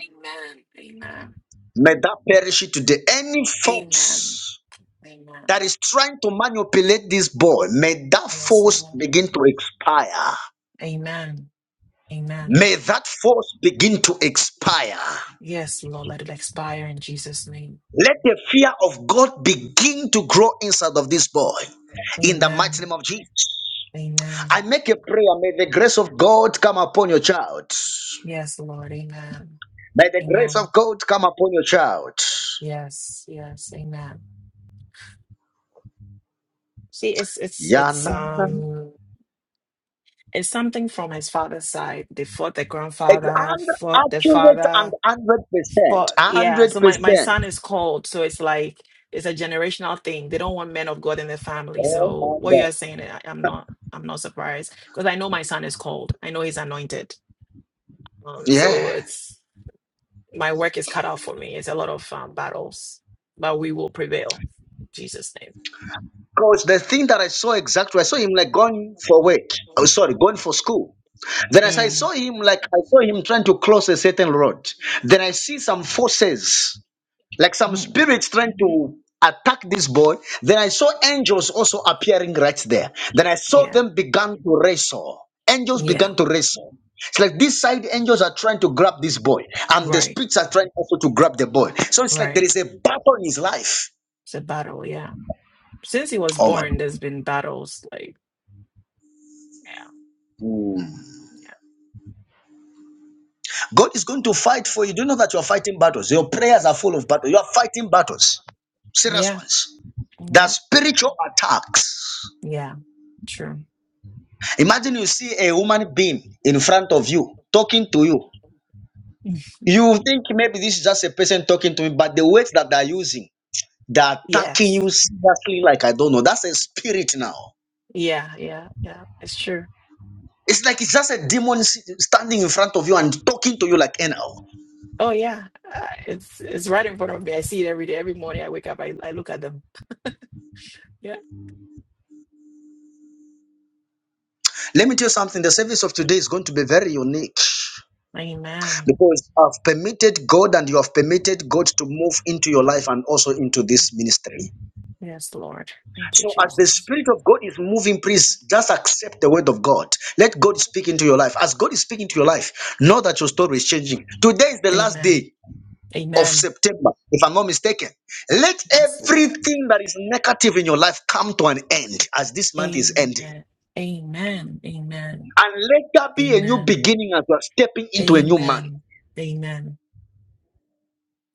Speaker 4: Amen. Amen.
Speaker 1: may that perish today any
Speaker 4: Amen.
Speaker 1: thoughts
Speaker 4: Amen.
Speaker 1: that is trying to manipulate this boy, may that
Speaker 4: Yes,
Speaker 1: force
Speaker 4: Lord.
Speaker 1: begin to expire.
Speaker 4: Amen. Amen.
Speaker 1: May that force begin to expire.
Speaker 4: Yes, Lord. Let it expire in Jesus' name.
Speaker 1: Let the fear of God begin to grow inside of this boy. In the mighty
Speaker 4: Amen.
Speaker 1: name of Jesus.
Speaker 4: Amen.
Speaker 1: I make a prayer. May the grace of God come upon your child.
Speaker 4: Yes, Lord. Amen.
Speaker 1: May the grace
Speaker 4: Amen.
Speaker 1: of God come upon your child.
Speaker 4: Yes. Yes. Amen. See, it's it's
Speaker 1: Yana.
Speaker 4: it's um it's something from his father's side. They fought the
Speaker 1: Ex-
Speaker 4: grandfather,
Speaker 1: and
Speaker 4: fought the
Speaker 1: Accurate
Speaker 4: father, fought
Speaker 1: and
Speaker 4: yeah.
Speaker 1: 100%.
Speaker 4: So my, my son is
Speaker 1: 100%.
Speaker 4: called, so it's like it's a generational thing. They don't want men of God in their family.
Speaker 1: Oh
Speaker 4: So
Speaker 1: my
Speaker 4: what you
Speaker 1: God.
Speaker 4: are saying, I, I'm not I'm not surprised because I know my son is called. I know he's anointed. Um, so
Speaker 1: Yeah.
Speaker 4: it's my work is cut out for me. It's a lot of um, battles, but we will prevail. In Jesus' name.
Speaker 1: Because the thing that I saw exactly, I saw him like going for work. Oh, sorry, going for school. Then as I
Speaker 4: Mm,
Speaker 1: saw him, like I saw him trying to cross a certain road. Then I see some forces, like some
Speaker 4: mm.
Speaker 1: spirits trying to attack this boy. Then I saw angels also appearing right there. Then I saw
Speaker 4: Yeah,
Speaker 1: them began to wrestle. Angels
Speaker 4: yeah,
Speaker 1: began to wrestle. It's like this side angels are trying to grab this boy, and the
Speaker 4: right,
Speaker 1: spirits are trying also to grab the boy. So it's like there
Speaker 4: right.
Speaker 1: is a battle in his life.
Speaker 4: It's a battle, yeah. Since he was
Speaker 1: Oh my.
Speaker 4: born, there's been battles, like, yeah,
Speaker 1: God is going to fight for you. Do you know that you are fighting battles? Your prayers are full of battles. You are fighting battles, serious
Speaker 4: yeah, yeah,
Speaker 1: ones. There are
Speaker 4: yeah,
Speaker 1: spiritual attacks.
Speaker 4: yeah, true.
Speaker 1: Imagine you see a human being in front of you talking to you.
Speaker 4: Mm.
Speaker 1: You think maybe this is just a person talking to me, but the words that they're using, they're attacking you
Speaker 4: Yes,
Speaker 1: seriously, like I don't know. That's a spirit now.
Speaker 4: yeah, yeah, yeah, it's true.
Speaker 1: It's like it's just a demon sit- standing in front of you and talking to you like an owl.
Speaker 4: Oh, yeah, uh, it's it's right in front of me. I see it every day, every morning I wake up, I, I look at them. Yeah,
Speaker 1: Let me tell you something the service of today is going to be very unique.
Speaker 4: amen.
Speaker 1: Because you have permitted God and you have permitted God to move into your life and also into
Speaker 4: Mm.
Speaker 1: this ministry.
Speaker 4: Yes, Lord. Thank you,
Speaker 1: So, as the
Speaker 4: Jesus.
Speaker 1: Spirit of God is moving, please just accept the word of God. Let God speak into your life. As God is speaking to your life, know that your story is changing. Today is the last
Speaker 4: Amen.
Speaker 1: day of
Speaker 4: Amen.
Speaker 1: September, if I'm not mistaken. Let
Speaker 4: Yes, Lord.
Speaker 1: everything that is negative in your life come to an end as this month is ending.
Speaker 4: Amen. Amen. Amen.
Speaker 1: And let there be a new
Speaker 4: Amen.
Speaker 1: beginning as you are stepping into a new month.
Speaker 4: Amen. Amen.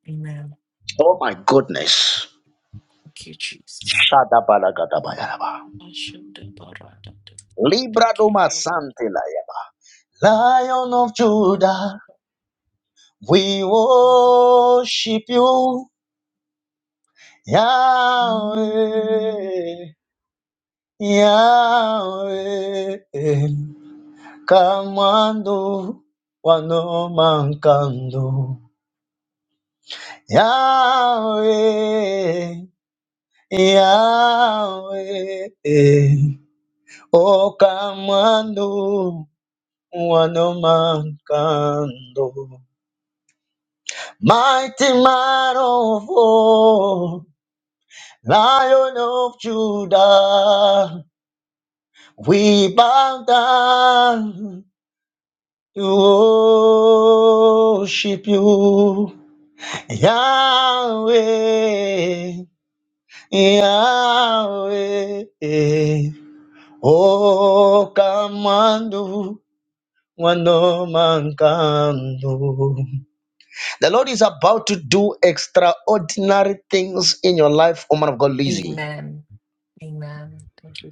Speaker 4: Amen.
Speaker 1: Oh my goodness.
Speaker 4: Thank you, Jesus.
Speaker 1: Shadabalagadabayaraba.
Speaker 4: Ashadabarada. Thank
Speaker 1: Libra
Speaker 4: you,
Speaker 1: doma sante la Lion of
Speaker 4: Lord.
Speaker 1: Judah, we worship you, Yahweh, Yahweh. Kamando wanomankando, Yahweh, Yahweh. O kamando wanomankando. Mighty man of war, Lion of Judah, we bow down to worship you. Yahweh, Yahweh, oh, commando, one no man can do. The Lord is about to do extraordinary things in your life, O man of God, Lizzie.
Speaker 4: Amen. Amen. Thank you,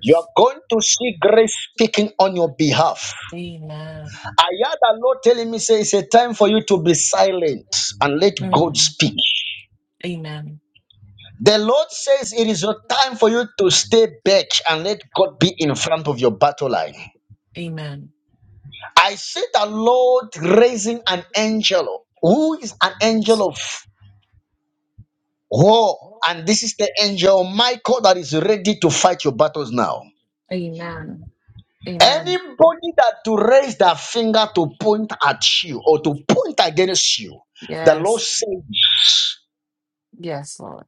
Speaker 1: You are going to see grace speaking on your behalf.
Speaker 4: Amen.
Speaker 1: I heard the Lord telling me, say, it's a time for you to be silent and let God
Speaker 4: Mm.
Speaker 1: speak.
Speaker 4: Amen.
Speaker 1: The Lord says it is your time for you to stay back and let God be in front of your battle line.
Speaker 4: Amen.
Speaker 1: I see the Lord raising an angel who is an
Speaker 4: Yes.
Speaker 1: angel of war. And this is the angel Michael that is ready to fight your battles now.
Speaker 4: Amen. Amen.
Speaker 1: Anybody that to raise their finger to point at you or to point against you, the Lord
Speaker 4: Yes.
Speaker 1: said
Speaker 4: Yes, Lord.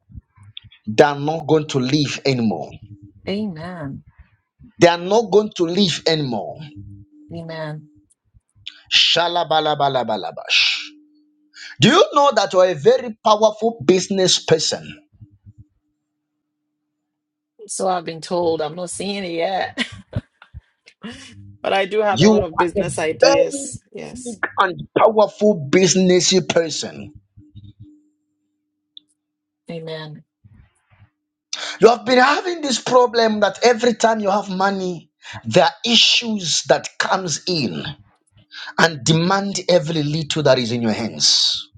Speaker 1: they are not going to live anymore.
Speaker 4: Amen.
Speaker 1: They are not going to live anymore.
Speaker 4: Amen.
Speaker 1: Shalabalabalabash. Do you know that you are a very powerful business person?
Speaker 4: So I've been told I'm not seeing it yet. But I do have a
Speaker 1: You
Speaker 4: lot of
Speaker 1: are a
Speaker 4: business
Speaker 1: very
Speaker 4: ideas. Yes.
Speaker 1: big and powerful businessy person.
Speaker 4: Amen.
Speaker 1: You have been having this problem that every time you have money, there are issues that comes in. and demand every little that is in your hands.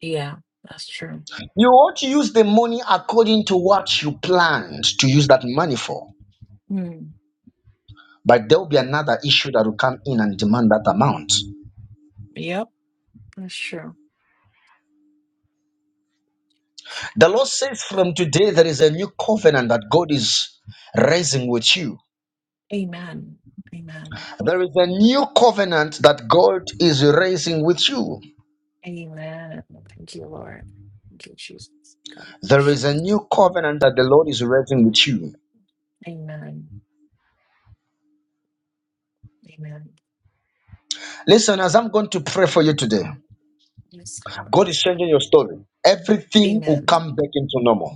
Speaker 4: Yeah, that's true.
Speaker 1: You ought to use the money according to what you planned to use that money for.
Speaker 4: Hmm.
Speaker 1: But there will be another issue that will come in and demand that amount.
Speaker 4: Yep, that's true.
Speaker 1: The Lord says from today there is a new covenant that God is raising with you.
Speaker 4: Amen. Amen.
Speaker 1: There is a new covenant that God is raising with you.
Speaker 4: Amen. Thank you, Lord. Thank you, Jesus. God.
Speaker 1: There is a new covenant that the Lord is raising with you.
Speaker 4: Amen. Amen.
Speaker 1: Listen, as I'm going to pray for you today,
Speaker 4: Yes,
Speaker 1: God
Speaker 4: Lord.
Speaker 1: is changing your story. Everything will
Speaker 4: Amen.
Speaker 1: come back into normal.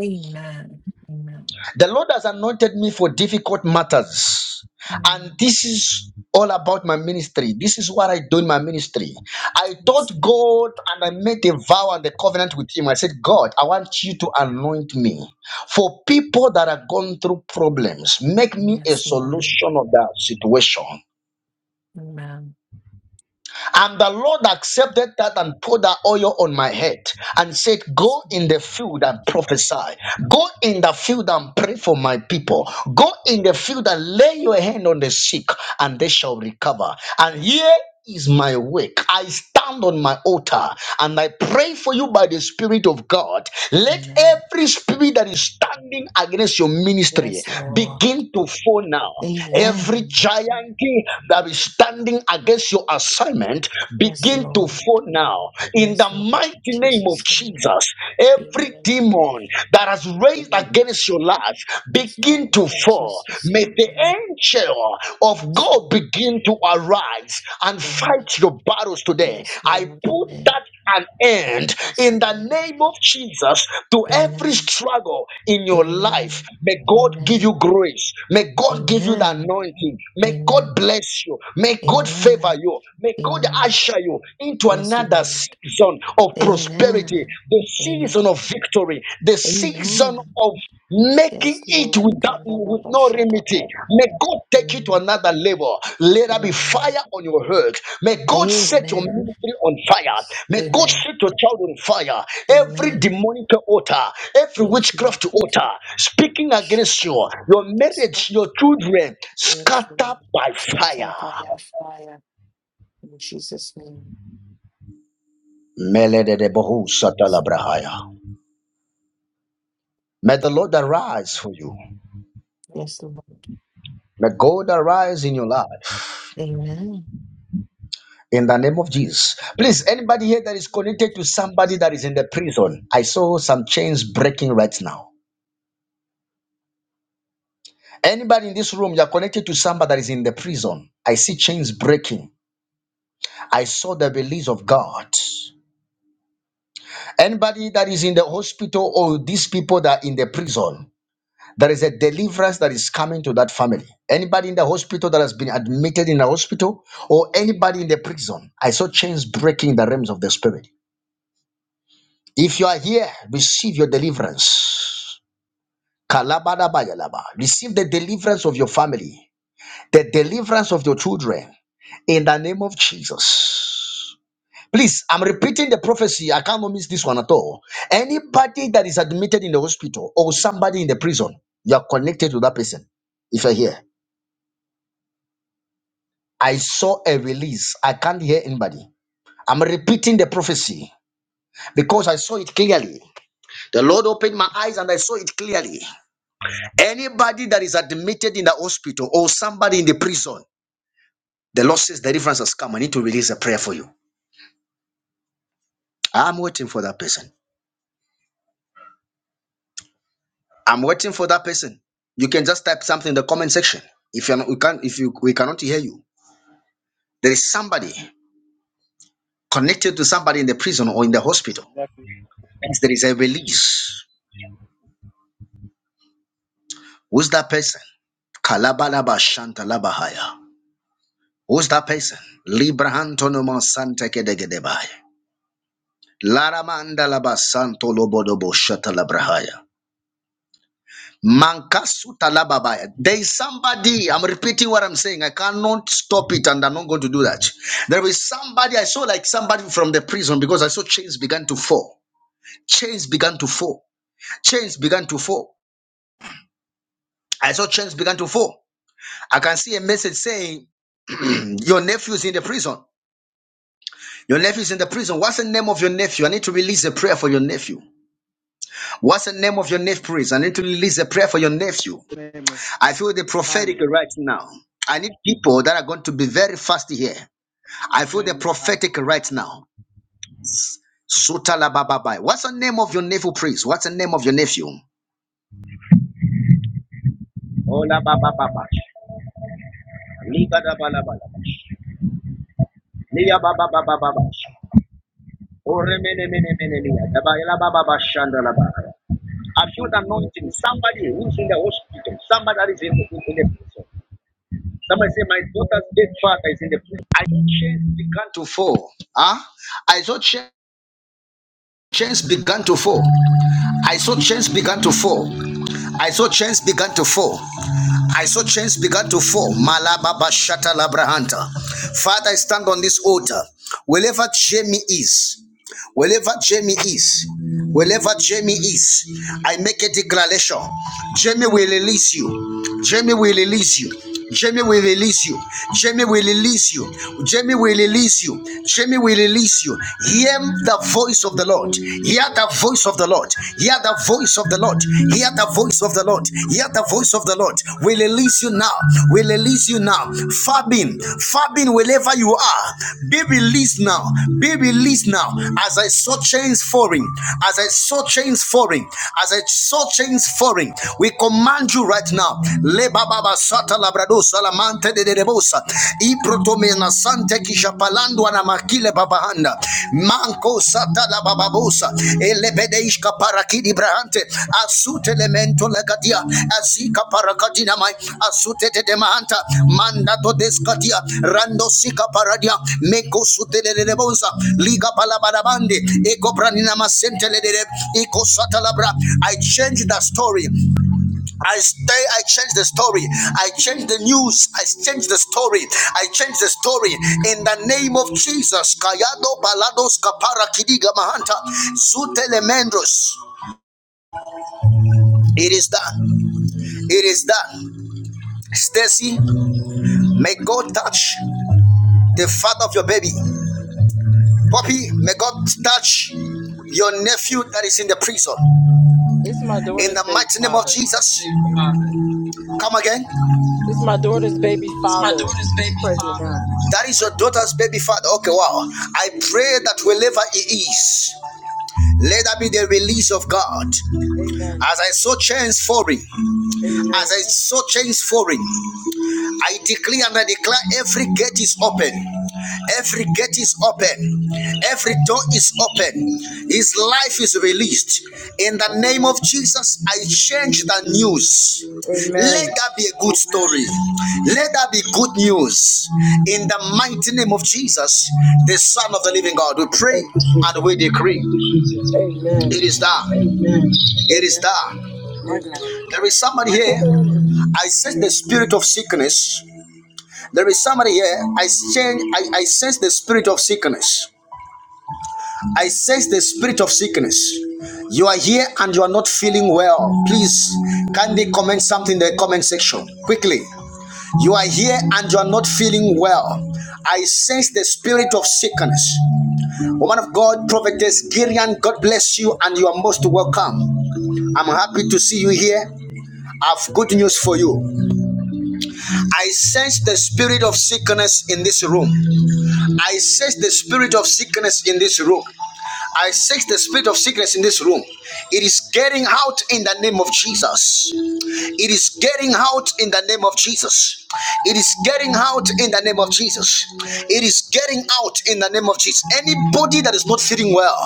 Speaker 4: Amen. Amen.
Speaker 1: The Lord has anointed me for difficult matters. And
Speaker 4: Amen.
Speaker 1: this is all about my ministry. This is what I do in my ministry. I
Speaker 4: Yes,
Speaker 1: taught
Speaker 4: Lord.
Speaker 1: God and I made a vow and a covenant with Him. I said, God, I want you to anoint me for people that are going through problems. Make me a
Speaker 4: Yes, Lord.
Speaker 1: solution of that situation.
Speaker 4: Amen.
Speaker 1: And the Lord accepted that and poured that oil on my head and said,
Speaker 4: Yes,
Speaker 1: Go in
Speaker 4: Lord.
Speaker 1: the field and prophesy. Go in the field and pray for my people. Go in the field and lay your hand on the sick, and they shall recover. And here is my work. I stand on my altar and I pray for you by the Spirit of God. Let
Speaker 4: Amen.
Speaker 1: every spirit that is standing against your ministry
Speaker 4: Yes, Lord.
Speaker 1: begin to fall now. Every
Speaker 4: Amen.
Speaker 1: giant that is standing against your assignment
Speaker 4: Yes,
Speaker 1: begin to
Speaker 4: Lord.
Speaker 1: fall now. In
Speaker 4: Yes,
Speaker 1: the
Speaker 4: Lord. In
Speaker 1: mighty name of
Speaker 4: Jesus' name.
Speaker 1: Jesus, every
Speaker 4: Amen.
Speaker 1: demon that has raised
Speaker 4: Amen.
Speaker 1: against your life
Speaker 4: Yes,
Speaker 1: begin
Speaker 4: Lord.
Speaker 1: to
Speaker 4: In
Speaker 1: fall.
Speaker 4: Jesus'
Speaker 1: May
Speaker 4: name.
Speaker 1: the
Speaker 4: Amen.
Speaker 1: angel of
Speaker 4: Yes,
Speaker 1: God
Speaker 4: Lord.
Speaker 1: begin to arise and
Speaker 4: Amen.
Speaker 1: fight your battles today.
Speaker 4: Yes,
Speaker 1: I
Speaker 4: Lord.
Speaker 1: put
Speaker 4: Amen.
Speaker 1: that an end
Speaker 4: Yes,
Speaker 1: in the
Speaker 4: Lord.
Speaker 1: name of Jesus to every
Speaker 4: Amen.
Speaker 1: struggle in
Speaker 4: Amen.
Speaker 1: your life.
Speaker 4: Amen.
Speaker 1: May God give
Speaker 4: Amen.
Speaker 1: you grace. May God give you the anointing. May God
Speaker 4: Amen.
Speaker 1: bless you. May God favor
Speaker 4: Amen.
Speaker 1: you. May God
Speaker 4: Amen.
Speaker 1: usher you into
Speaker 4: Yes,
Speaker 1: another
Speaker 4: Lord.
Speaker 1: season of prosperity
Speaker 4: Amen.
Speaker 1: the season of
Speaker 4: Amen.
Speaker 1: victory, the season
Speaker 4: Amen.
Speaker 1: of
Speaker 4: Yes,
Speaker 1: making it
Speaker 4: Lord, we
Speaker 1: without
Speaker 4: come to love
Speaker 1: with
Speaker 4: and
Speaker 1: no
Speaker 4: show the
Speaker 1: remedy.
Speaker 4: love.
Speaker 1: May God take it to
Speaker 4: Amen.
Speaker 1: another level. Let there be
Speaker 4: Amen.
Speaker 1: fire on your heart. May God set your
Speaker 4: Amen.
Speaker 1: ministry on fire.
Speaker 4: Yes.
Speaker 1: May God
Speaker 4: Amen.
Speaker 1: set your child on fire. Every
Speaker 4: Amen.
Speaker 1: demonic altar, every
Speaker 4: Yes, Lord.
Speaker 1: witchcraft altar
Speaker 4: Okay.
Speaker 1: speaking
Speaker 4: Show
Speaker 1: against
Speaker 4: the
Speaker 1: you,
Speaker 4: love.
Speaker 1: your
Speaker 4: Yes, Lord.
Speaker 1: marriage, your children,
Speaker 4: Yes, Lord.
Speaker 1: scatter by fire.
Speaker 4: Scatter by our fire in Jesus' name.
Speaker 1: May
Speaker 4: Yes,
Speaker 1: the Lord
Speaker 4: Lord.
Speaker 1: arise for you.
Speaker 4: Yes, Lord.
Speaker 1: May God arise in your life
Speaker 4: Amen.
Speaker 1: in the name of Jesus. Please, anybody here that is connected to somebody that is in the prison, I saw some chains breaking right now. Anybody in this room, you are connected to somebody that is in the prison. I see chains breaking. I saw the release of God. Anybody that is in the hospital or these people that are in the prison, there is a deliverance that is coming to that family. Anybody in the hospital that has been admitted in the hospital or anybody in the prison, I saw chains breaking in the realms of the spirit. If you are here, receive your deliverance. Kalabadabayalaba. Receive the deliverance of your family, the deliverance of your children in the name of Jesus. Please, I'm repeating the prophecy. I cannot miss this one at all. Anybody that is admitted in the hospital or somebody in the prison, you are connected to that person. If you're here, I saw a release. I can't hear anybody. I'm repeating the prophecy because I saw it clearly. The Lord opened my eyes and I saw it clearly. Anybody that is admitted in the hospital or somebody in the prison, the Lord says deliverance has come. I need to release a prayer for you. I'm waiting for that person. I'm waiting for that person. You can just type something in the comment section. If you're not, we can't, if you we cannot hear you, there is somebody connected to somebody in the prison or in the hospital.
Speaker 6: Exactly.
Speaker 1: Means There is a release. Who's that person? Kalabalaba Shantalabahaya. Who's that person? Librahantonoma Santa Kedegedebai. Laramanda Laba Santo Lobodobo Shatalabrahaya. Mankasutalababaya. There is somebody, I'm repeating what I'm saying. I cannot stop it and I'm not going to do that. There is somebody, I saw like somebody from the prison because I saw chains began to fall. Chains began to fall. Chains began to fall. I saw chains began to fall. I can see a message saying, Your nephew is in the prison. Your nephew is in the prison. What's the name of your nephew? I need to release a prayer for your nephew. What's the name of your nephew, please? I need to release a prayer for your nephew.
Speaker 6: His name is
Speaker 1: I feel the prophetic
Speaker 6: Hyman.
Speaker 1: right now. I need people that are going to be very fast here. I
Speaker 6: His
Speaker 1: feel the
Speaker 6: name is Hyman.
Speaker 1: prophetic right now. Sutalabababai. What's the name of your nephew, priest? What's the name of your nephew? Olababababai. Ligadabalabalaba. Liyabababababai. Oremenemenemenenia. Dabayalabababashandalaba. I feel the anointing. Somebody who's in the hospital, somebody that is in, in, in the prison. Somebody say, My daughter's dead father is in the prison. I saw chains began to fall. Huh? I saw chains. chains began to fall. I saw chains began to fall. I saw chains began to fall. I saw chains began to fall. Malababa Shata Labrahanta. Father, I stand on this altar. Wherever shame is, Wherever Jamie is, wherever Jamie is, I make a declaration. Jamie will release you. Jamie will release you. Jamie will release you. Jamie will release you. Jamie will release you. Jamie will release you. Hear the voice of the Lord. Hear the voice of the Lord. Hear the voice of the Lord. Hear the voice of the Lord. Hear the voice of the Lord. Lord. We release you now. We release you now. Fabin, Fabin, wherever you are, be released now. Be released now. As I saw chains falling, as I saw chains falling, as I saw chains falling, we command you right now. Le baba sata labrado salamante de debosa. I protomena sante kisha palando ana makile babanda manco sata la bababosa parakidi brahante asute lemento legadia asika parakadina mai asute de demanta manda to rando sika paradia meko sute le le liga palabadabande eko pranina masente le eko sata I changed the story I stay, I change the story. I change the news. I change the story. I change the story in the name of Jesus. Kayado balados kapara kidiga mahanta. Zutelemendros. It is done. It is done. Stacy, may God touch the father of your baby. Poppy, may God touch your nephew that is in the prison.
Speaker 7: It's my
Speaker 1: In
Speaker 7: daughter's
Speaker 1: the
Speaker 7: baby
Speaker 1: mighty name of
Speaker 7: father.
Speaker 1: Jesus. Come again.
Speaker 7: It's my daughter's baby
Speaker 1: It's my
Speaker 7: father.
Speaker 1: daughter's
Speaker 7: He's
Speaker 1: baby
Speaker 7: pregnant
Speaker 1: father.
Speaker 7: now.
Speaker 1: That is your daughter's baby father. Okay, wow. I pray that wherever he is, let that be the release of God.
Speaker 7: Amen.
Speaker 1: As I saw chains falling, as
Speaker 7: Amen.
Speaker 1: I saw chains falling, I decree and I declare every gate is open. Every gate is open. Every door is open. His life is released. In the name
Speaker 7: Amen.
Speaker 1: of Jesus, I change the news. Let
Speaker 7: Amen.
Speaker 1: that be a good story. Let that be good news. In the mighty name of Jesus, the Son of the living God, we pray
Speaker 7: Thank you,
Speaker 1: and
Speaker 7: Jesus.
Speaker 1: we decree.
Speaker 7: Amen.
Speaker 1: It is done. It is
Speaker 7: Amen.
Speaker 1: done.
Speaker 7: My God.
Speaker 1: There is somebody here. I sense the spirit of sickness. There is somebody here. I change. I, I sense the spirit of sickness. I sense the spirit of sickness. You are here and you are not feeling well. Please kindly comment something in the comment section quickly. You are here and you are not feeling well. I sense the spirit of sickness. Woman of God, prophetess Girian, God bless you and you are most welcome. I'm happy to see you here. I've good news for you. I sense the spirit of sickness in this room. I sense the spirit of sickness in this room. I sense the spirit of sickness in this room. It is getting out in the name of Jesus. It is getting out in the name of Jesus. It is getting out in the name of Jesus. It is getting out in the name of Jesus. Anybody that is not feeling well,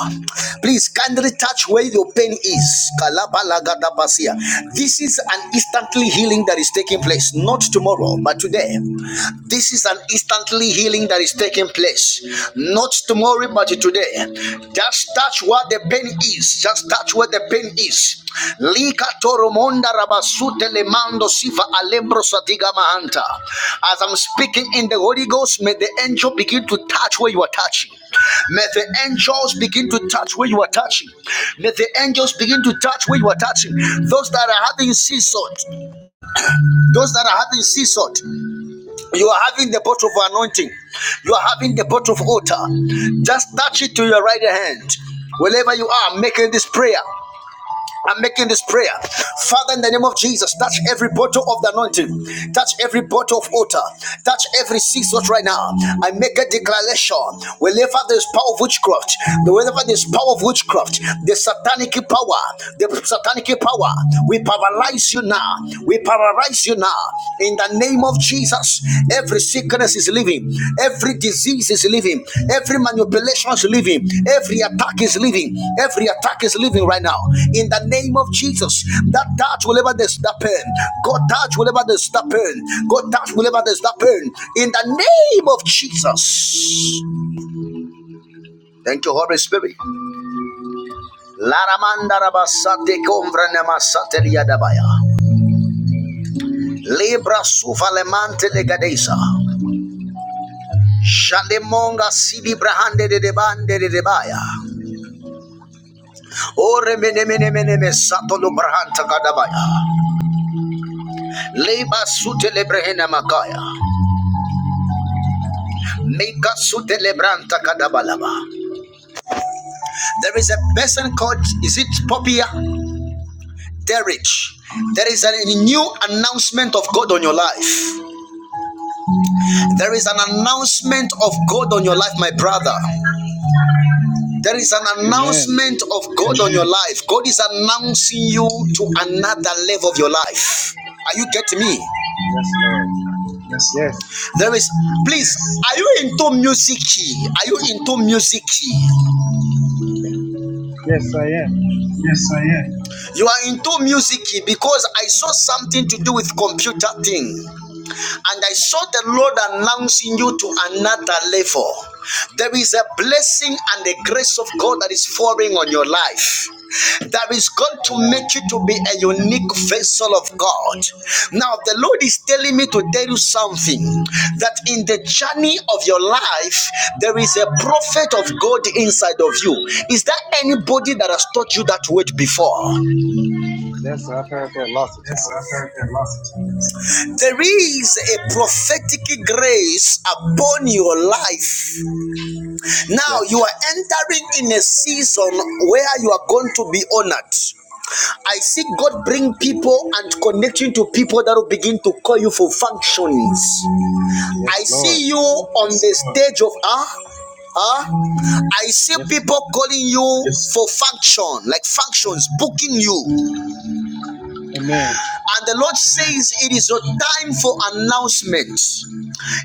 Speaker 1: please kindly touch where your pain is. Kalabalagadabasi. This is an instantly healing that is taking taking place, not tomorrow, but today. This is an instantly healing that is taking place, not tomorrow, but today. Just touch what the pain is, just touch where the pain is. As I'm speaking in the Holy Ghost, may the angel begin to touch where you are touching. May the angels begin to touch where you are touching. May the angels begin to touch where you are touching. Those that are having seasons, those that are having sea salt, you are having the bottle of anointing, you are having the bottle of water. Just touch it to your right hand. Wherever you are, making this prayer. I'm making this prayer. Father, in the name of Jesus, touch every bottle of the anointing, touch every bottle of water, touch every sea salt right now. I make a declaration. Wherever there's power of witchcraft, wherever there's power of witchcraft, the satanic power, the satanic power, we paralyze you now. We paralyze you now. In the name of Jesus, every sickness is leaving, every disease is leaving, every manipulation is leaving, every attack is leaving, every attack is leaving right now. In the name of Jesus, that touch will ever there's that pain, God touch will ever there's that pain, God touch will ever there's that pain. In the name of Jesus. Thank you, Holy Spirit. Libra suvalemante legadeza. Shalemonga sidi brahande de de bande de de baya. Ore mene mene mene me sato lo brahanta kadabaya. Leba sute le makaya. Meka sute le branta kadabalaba. There is a person called, is it Popia? Derich. There is a new announcement of God on your life. There is an announcement of God on your life, my brother. There is an
Speaker 6: Amen.
Speaker 1: announcement of God on your life. God is announcing you to another level of your life. Are you getting me?
Speaker 6: Yes, Lord. Yes.
Speaker 1: There is, please, are you into music? Are you into music?
Speaker 6: Yes, I am.
Speaker 1: Yes, I am. You are into music because I saw something to do with computer thing. And I saw the Lord
Speaker 6: Yes.
Speaker 1: announcing you to another level. There is a blessing and the grace of God that is falling on your life. That is going to
Speaker 6: Amen.
Speaker 1: make you to be a unique vessel of God. Now, the Lord is telling me to
Speaker 6: Amen.
Speaker 1: tell you something that in the journey of your life, there is a prophet of God inside of you. Is there anybody that has taught you that word before?
Speaker 6: Yes, I've heard that lots of times.
Speaker 1: There is a prophetic grace upon your life Now
Speaker 6: Yes.
Speaker 1: you are entering in a season where you are going to be honored. I see God bring people and connecting to people that will begin to call you for functions. I
Speaker 6: Yes, Lord.
Speaker 1: see you on the stage of ah. Uh, Huh? I see
Speaker 6: Yes.
Speaker 1: people calling you Yes. for function, like functions, booking you.
Speaker 6: Amen.
Speaker 1: And the Lord says it is your time for announcements.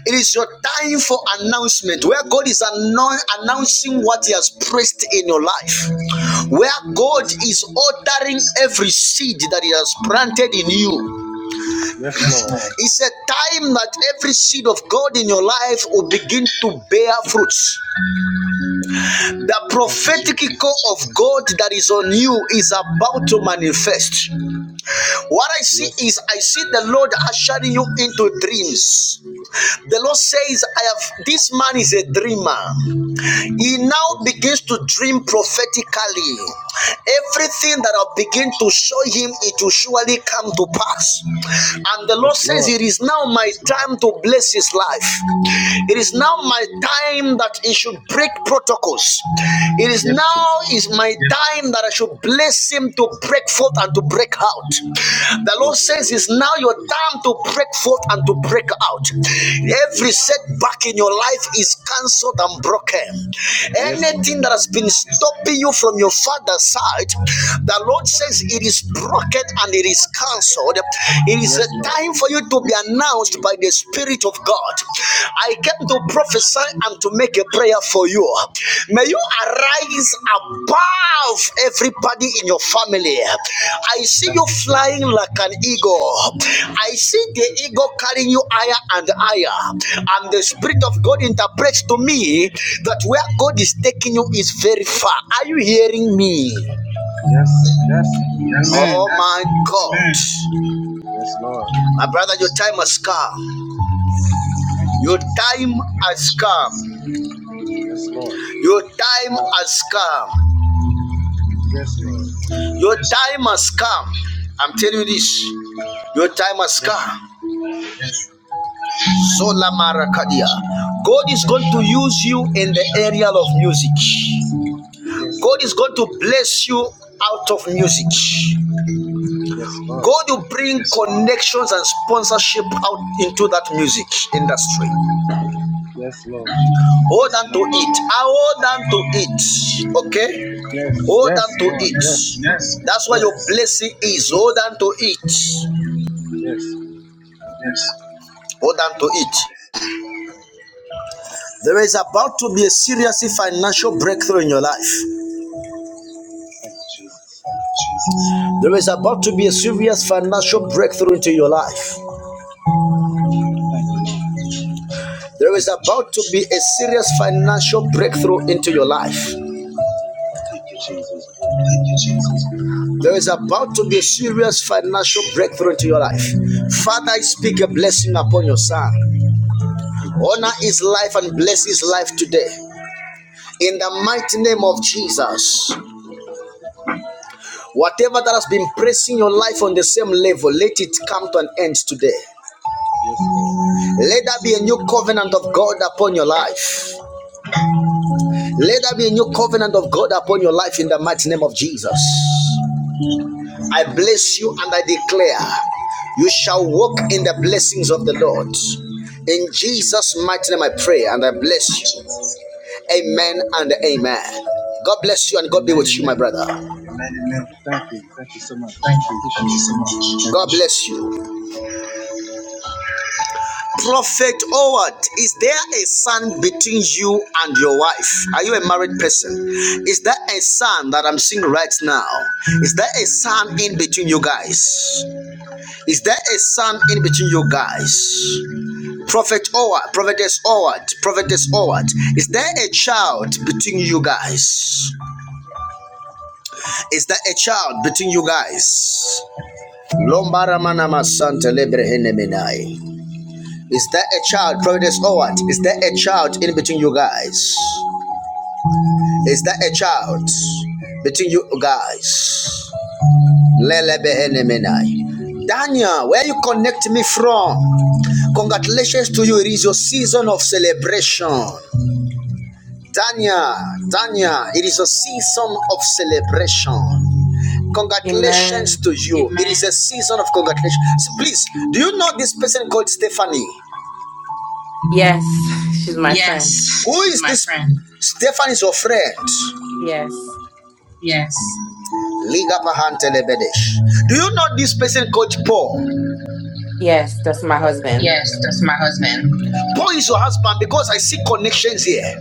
Speaker 1: It is your time for announcement where God is annou- announcing what He has placed in your life, where God
Speaker 6: Yes,
Speaker 1: is
Speaker 6: Lord.
Speaker 1: ordering every seed that He has planted in you.
Speaker 6: Yes, Lord.
Speaker 1: It's a time that every seed of God in your life will begin to bear fruits. The
Speaker 6: Thank you,
Speaker 1: prophetic call
Speaker 6: Jesus.
Speaker 1: of God that is on you is about to manifest. What I see
Speaker 6: Yes.
Speaker 1: is I see the Lord ushering you into dreams. The Lord says, I have this man is a dreamer. He now
Speaker 6: Yes.
Speaker 1: begins to dream prophetically. Everything that I'll begin to show him, it will surely come to pass. And the Lord
Speaker 6: Yes,
Speaker 1: says,
Speaker 6: Lord.
Speaker 1: It is now my time to bless his life. It is now my time that he should break protocols purpose. It is
Speaker 6: Yes,
Speaker 1: now
Speaker 6: Jesus.
Speaker 1: is my time that I should bless him to break forth and to break out. The Lord
Speaker 6: Yes,
Speaker 1: says
Speaker 6: Lord.
Speaker 1: it's now your time to break forth and to break out.
Speaker 6: Yes.
Speaker 1: Every setback in your life is cancelled and broken.
Speaker 6: Yes, Lord.
Speaker 1: Anything that has been stopping you from your father's side, the Lord says it is broken and it is cancelled. It is a
Speaker 6: Yes, Lord.
Speaker 1: time for you to be an announced by the Spirit of God. I came to prophesy and to make a prayer for you. May you arise above everybody in your family. I see
Speaker 6: Thank
Speaker 1: you
Speaker 6: you,
Speaker 1: flying
Speaker 6: Jesus.
Speaker 1: like an eagle. I see the eagle carrying you higher and higher. And the Spirit
Speaker 6: Thank
Speaker 1: of
Speaker 6: you,
Speaker 1: God
Speaker 6: Lord.
Speaker 1: interprets to me that where God is taking you is very far. Are you hearing me?
Speaker 6: Yes, yes.
Speaker 1: Oh
Speaker 6: Amen.
Speaker 1: my God.
Speaker 6: Yes, Lord.
Speaker 1: My brother, your time has come.
Speaker 6: Thank you,
Speaker 1: Your
Speaker 6: Jesus.
Speaker 1: time has come.
Speaker 6: Yes, Lord.
Speaker 1: Your time has come.
Speaker 6: Yes, Lord.
Speaker 1: Your time has come. I'm telling you this. Your time has
Speaker 6: Yes.
Speaker 1: come.
Speaker 6: Thank you, Jesus.
Speaker 1: Sola Marakadia. God is going to use you in the area of music.
Speaker 6: Yes,
Speaker 1: God
Speaker 6: Lord.
Speaker 1: is going to bless you out of music.
Speaker 6: Yes, Lord.
Speaker 1: God will bring connections and sponsorship out into that music industry.
Speaker 6: Yes, Lord Jesus.
Speaker 1: Hold on to it. Ah, Hold on to it. Okay?
Speaker 6: Yes,
Speaker 1: Hold
Speaker 6: yes,
Speaker 1: on to
Speaker 6: Lord.
Speaker 1: it.
Speaker 6: Yes,
Speaker 1: Yes. That's why your
Speaker 6: yes,
Speaker 1: blessing is. Hold on to it.
Speaker 6: yes.
Speaker 1: more than to
Speaker 6: Thank you,
Speaker 1: eat.
Speaker 6: Jesus.
Speaker 1: There is about to be a serious financial breakthrough in your life.
Speaker 6: Thank you, Jesus.
Speaker 1: There is about to be a
Speaker 6: Thank you.
Speaker 1: serious
Speaker 6: Lord.
Speaker 1: financial breakthrough into your life.
Speaker 6: Thank you, Lord.
Speaker 1: There is about to be a serious financial breakthrough into your life.
Speaker 6: Thank you, Jesus.
Speaker 1: There is about to be a serious financial breakthrough into your life. Father, I speak a blessing upon your son.
Speaker 6: Thank you,
Speaker 1: Honor his
Speaker 6: Jesus.
Speaker 1: life and bless his life today. In the mighty name of Jesus, whatever that has been pressing your life on the same level, let it come to an end today.
Speaker 6: Yes, Lord.
Speaker 1: Let there be a new covenant of God upon your life. Let there be a new covenant of God upon your life in the mighty name of Jesus. I bless you and I declare you shall walk in the blessings of the Lord. In
Speaker 6: Thank you,
Speaker 1: Jesus'
Speaker 6: Jesus.
Speaker 1: mighty name I pray and I bless you. Amen and amen. God bless you and God be
Speaker 6: Amen,
Speaker 1: with you, my
Speaker 6: amen.
Speaker 1: brother.
Speaker 6: Thank you. Thank you so much. I appreciate it.
Speaker 1: God bless you. Prophet Howard, is there a son between you and your wife? Are you a married person? Is there a son that I'm seeing right now? Is there a son in between you guys? Is there a son in between you guys? Prophet Howard, Prophetess Howard, Prophetess Howard, is there a child between you guys? Is there a child between you guys? Lombara manama santa lebre eneminai. Is there a child, Providence Howard? Is there a child in between you guys? Is there a child between you guys? Lele Daniel, where you connect me from? Congratulations to you. It is your season of celebration. Daniel, Daniel, it is a season of celebration. Congratulations
Speaker 8: Amen.
Speaker 1: to you. It is a season of congratulations. So Please, do you know this person called Stephanie?
Speaker 8: Yes, she's my friend.
Speaker 1: Yes, Who is my this? friend. Stefan is your friend.
Speaker 8: Yes.
Speaker 1: Yes. Liga Pahantelebedesh. Do you know this person called Paul?
Speaker 8: Yes, that's my husband.
Speaker 1: Yes, that's my husband. Paul is your husband because I see connections here.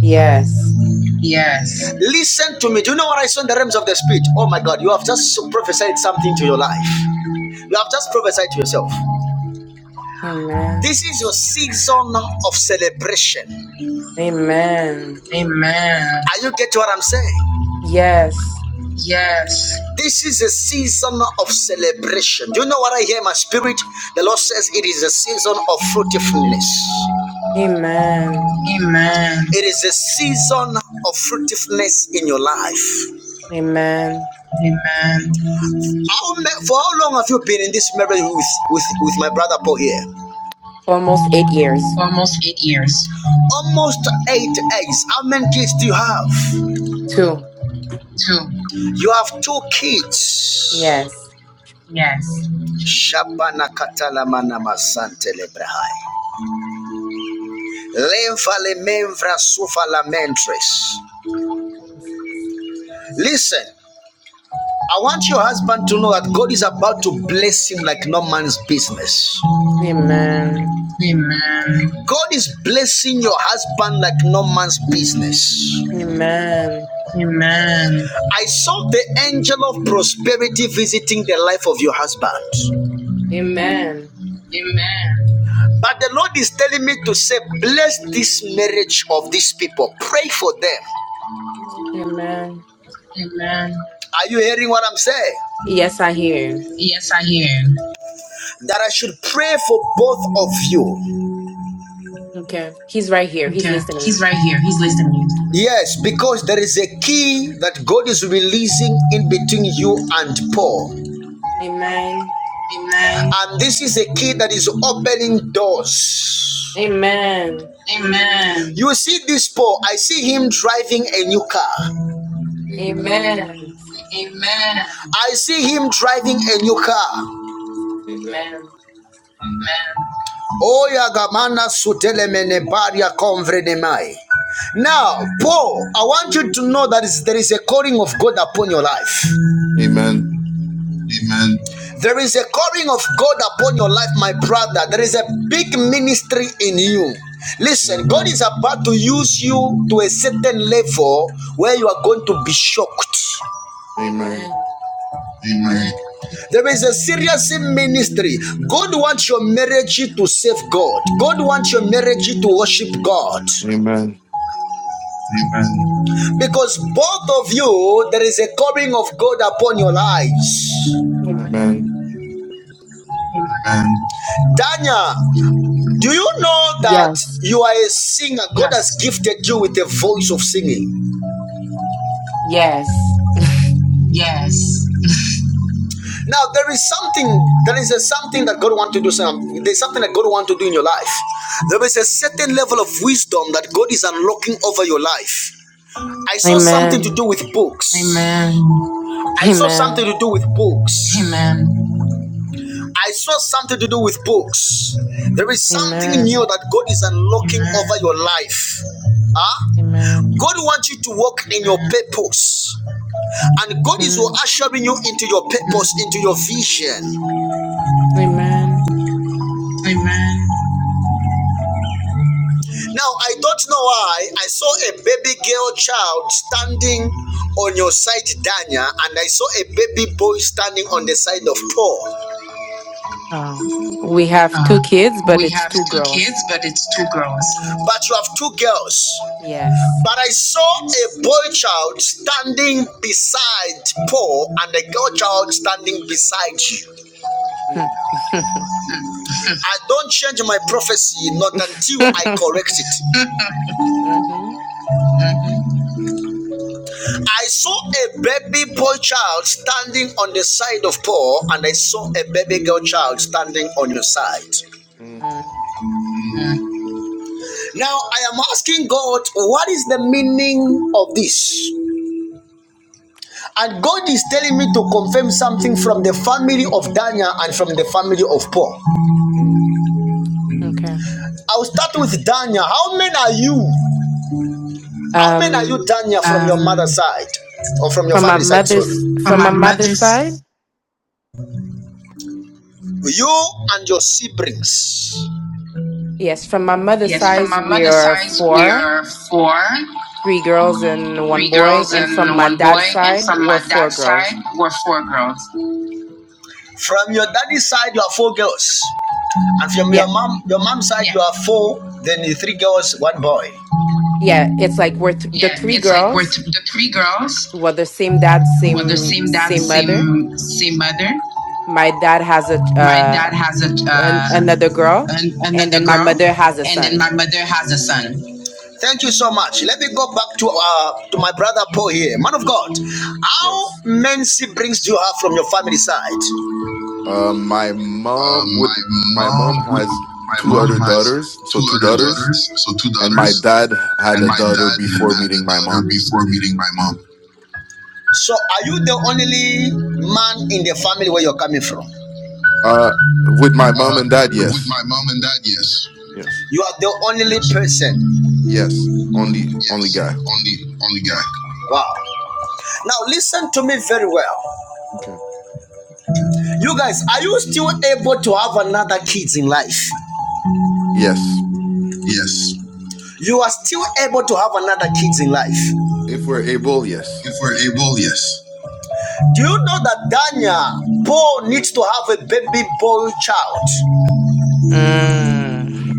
Speaker 8: Yes.
Speaker 1: Yes. Listen to me. Do you know what I saw in the realms of the spirit? Oh my God, you have just prophesied something to your life. You have just prophesied to yourself.
Speaker 8: Amen.
Speaker 1: This is your season of celebration.
Speaker 8: Amen.
Speaker 1: Amen. Are you getting what I'm saying?
Speaker 8: Yes.
Speaker 1: Yes. This is a season of celebration. Do you know what I hear in my spirit? The Lord says it is a season of fruitfulness.
Speaker 8: Amen.
Speaker 1: Amen. It is a season of fruitfulness in your life.
Speaker 8: Amen.
Speaker 1: Amen. How, for how long have you been in this marriage with, with, with my brother Paul here?
Speaker 8: Almost eight years.
Speaker 1: Almost eight years. Almost eight eggs. How many kids do you have?
Speaker 8: Two.
Speaker 1: Two. You have two kids.
Speaker 8: Yes.
Speaker 1: Yes. Shabana katala mana masante lebrahai. Leva le memvra sufa la Listen, I want your husband to know that God is about to bless him like no man's business.
Speaker 8: Amen.
Speaker 1: Amen. God is blessing your husband like no man's business.
Speaker 8: Amen.
Speaker 1: Amen. I saw the angel of prosperity visiting the life of your husband.
Speaker 8: Amen.
Speaker 1: Amen. But the Lord is telling me to say, bless this marriage of these people. Pray for them.
Speaker 8: Amen.
Speaker 1: Amen. Are you hearing what I'm saying?
Speaker 8: Yes, I hear him.
Speaker 1: Yes, I hear. That I should pray for both of you.
Speaker 8: Okay. He's right here. He's
Speaker 1: Okay.
Speaker 8: listening.
Speaker 1: He's right here. He's listening. Yes, because there is a key that God is releasing in between you and Paul.
Speaker 8: Amen.
Speaker 1: Amen. And this is a key that is opening doors.
Speaker 8: Amen.
Speaker 1: Amen. You see this Paul, I see him driving a new car.
Speaker 8: Amen.
Speaker 1: Amen. I see him driving a new car. Oya gamana sutelemene baria konvrenemai. Now, Paul, I want you to know that there is a calling of God upon your life.
Speaker 8: Amen.
Speaker 1: There is a calling of God upon your life, my brother. There is a big ministry in you. Listen, God
Speaker 8: Amen.
Speaker 1: is about to use you to a certain level where you are going to be shocked.
Speaker 8: Amen.
Speaker 1: There is a serious ministry. God wants your marriage to save God. God wants your marriage to worship God.
Speaker 8: Amen.
Speaker 1: Because both of you, there is a calling of God upon your lives.
Speaker 8: Amen. Amen.
Speaker 1: Danya, do you know that
Speaker 8: Yes.
Speaker 1: you are a singer? God Yes. has gifted you with a voice of singing.
Speaker 8: Yes.
Speaker 1: Yes. Now there is something, there is a something that God wants to do. Some, there's something that God wants to do in your life. There is a certain level of wisdom that God is unlocking over your life. I saw something to
Speaker 8: Amen.
Speaker 1: do with books. Amen. I saw something
Speaker 8: Amen.
Speaker 1: to do with books. Amen. I saw something to do with books. There is something new
Speaker 8: Amen.
Speaker 1: that God is unlocking Amen. over your life. Huh?
Speaker 8: Amen.
Speaker 1: God wants you to walk in your purpose. And God is
Speaker 8: Mm.
Speaker 1: ushering you into your purpose, into your vision.
Speaker 8: Amen.
Speaker 1: Amen. Now, I don't know why I saw a baby girl child standing on your side, Danya, and I saw a baby boy standing on the side of Paul.
Speaker 8: Um, we have two
Speaker 1: Um,
Speaker 8: kids, but
Speaker 1: we
Speaker 8: it's
Speaker 1: have
Speaker 8: two
Speaker 1: two kids,
Speaker 8: girls.
Speaker 1: but it's two girls. But you have two girls.
Speaker 8: Yes.
Speaker 1: But I saw a boy child standing beside Paul and a girl child standing beside you.
Speaker 8: Mm,
Speaker 1: I don't change my prophecy not until I correct it.
Speaker 8: hmm
Speaker 1: I saw a baby boy child standing on the side of Paul and I saw a baby girl child standing on your side.
Speaker 8: mm.
Speaker 1: Now I am asking God, what is the meaning of this? And God is telling me to confirm something from the family of Daniel and from the family of Paul.
Speaker 8: mm. Okay.
Speaker 1: I'll start with Daniel. How many are you? How many are you,
Speaker 8: Um,
Speaker 1: Daniel, from um, your mother's Um, side? Or from your
Speaker 8: from my
Speaker 1: family side, sorry.
Speaker 8: mother's
Speaker 1: from
Speaker 8: from
Speaker 1: my
Speaker 8: my mother's
Speaker 1: mother's
Speaker 8: side,
Speaker 1: You and your siblings.
Speaker 8: yes, from my mother's
Speaker 1: yes, from
Speaker 8: side,
Speaker 1: my
Speaker 8: we
Speaker 1: mother's
Speaker 8: are
Speaker 1: side we
Speaker 8: four.
Speaker 1: are four,
Speaker 8: three girls and one
Speaker 1: three
Speaker 8: boy,
Speaker 1: girls
Speaker 8: and from
Speaker 1: and
Speaker 8: my
Speaker 1: one boy,
Speaker 8: dad's
Speaker 1: and
Speaker 8: side
Speaker 1: from
Speaker 8: were
Speaker 1: my
Speaker 8: four
Speaker 1: dad's
Speaker 8: girls.
Speaker 1: side we're four girls. From your daddy's side, you are four girls. And from
Speaker 8: Yeah,
Speaker 1: your mom, your mom's side, Yeah. you are four, then you three girls, one boy.
Speaker 8: yeah. It's like we're th- the
Speaker 1: Yeah,
Speaker 8: three
Speaker 1: it's like we're
Speaker 8: girls
Speaker 1: th- the three girls
Speaker 8: were the same dad,
Speaker 1: who are the
Speaker 8: same
Speaker 1: same dad,
Speaker 8: same mother.
Speaker 1: same same mother.
Speaker 8: My dad has a
Speaker 1: My dad
Speaker 8: uh,
Speaker 1: has a
Speaker 8: an,
Speaker 1: uh,
Speaker 8: another girl,
Speaker 1: an,
Speaker 8: and
Speaker 1: another
Speaker 8: then my
Speaker 1: girl,
Speaker 8: mother has a
Speaker 1: and then my
Speaker 8: son.
Speaker 1: mother has a son. Thank you so much. Let me go back to uh, to my brother Paul here, man of God. How
Speaker 8: Yes.
Speaker 1: many siblings do you have from your family side?
Speaker 8: Um, my
Speaker 1: Uh,
Speaker 8: mom
Speaker 1: my
Speaker 8: would. My
Speaker 1: mom
Speaker 8: mom
Speaker 1: would.
Speaker 8: has
Speaker 1: My
Speaker 8: two
Speaker 1: mom
Speaker 8: other
Speaker 1: has
Speaker 8: daughters, so
Speaker 1: two
Speaker 8: two
Speaker 1: other
Speaker 8: daughters,
Speaker 1: daughters, so two
Speaker 8: and my
Speaker 1: daughters,
Speaker 8: dad had
Speaker 1: and
Speaker 8: a
Speaker 1: my
Speaker 8: daughter
Speaker 1: dad
Speaker 8: before
Speaker 1: had a
Speaker 8: meeting my mom.
Speaker 1: daughter before meeting my mom. So, are you the only man in the family where you're coming from?
Speaker 8: Uh, with my mom
Speaker 1: Uh,
Speaker 8: and dad,
Speaker 1: with
Speaker 8: yes,
Speaker 1: my mom and dad, yes.
Speaker 8: yes,
Speaker 1: You are the only person.
Speaker 8: yes. Only, only
Speaker 1: Yes,
Speaker 8: guy.
Speaker 1: only only guy. Wow. Now listen to me very well.
Speaker 8: Okay.
Speaker 1: You guys, are you still able to have another kids in life?
Speaker 8: Yes.
Speaker 1: Yes. You are still able to have another kids in life.
Speaker 8: If we're able, yes.
Speaker 1: If we're able, yes. Do you know that Daniel, Paul needs to have a baby boy child?
Speaker 8: Mm.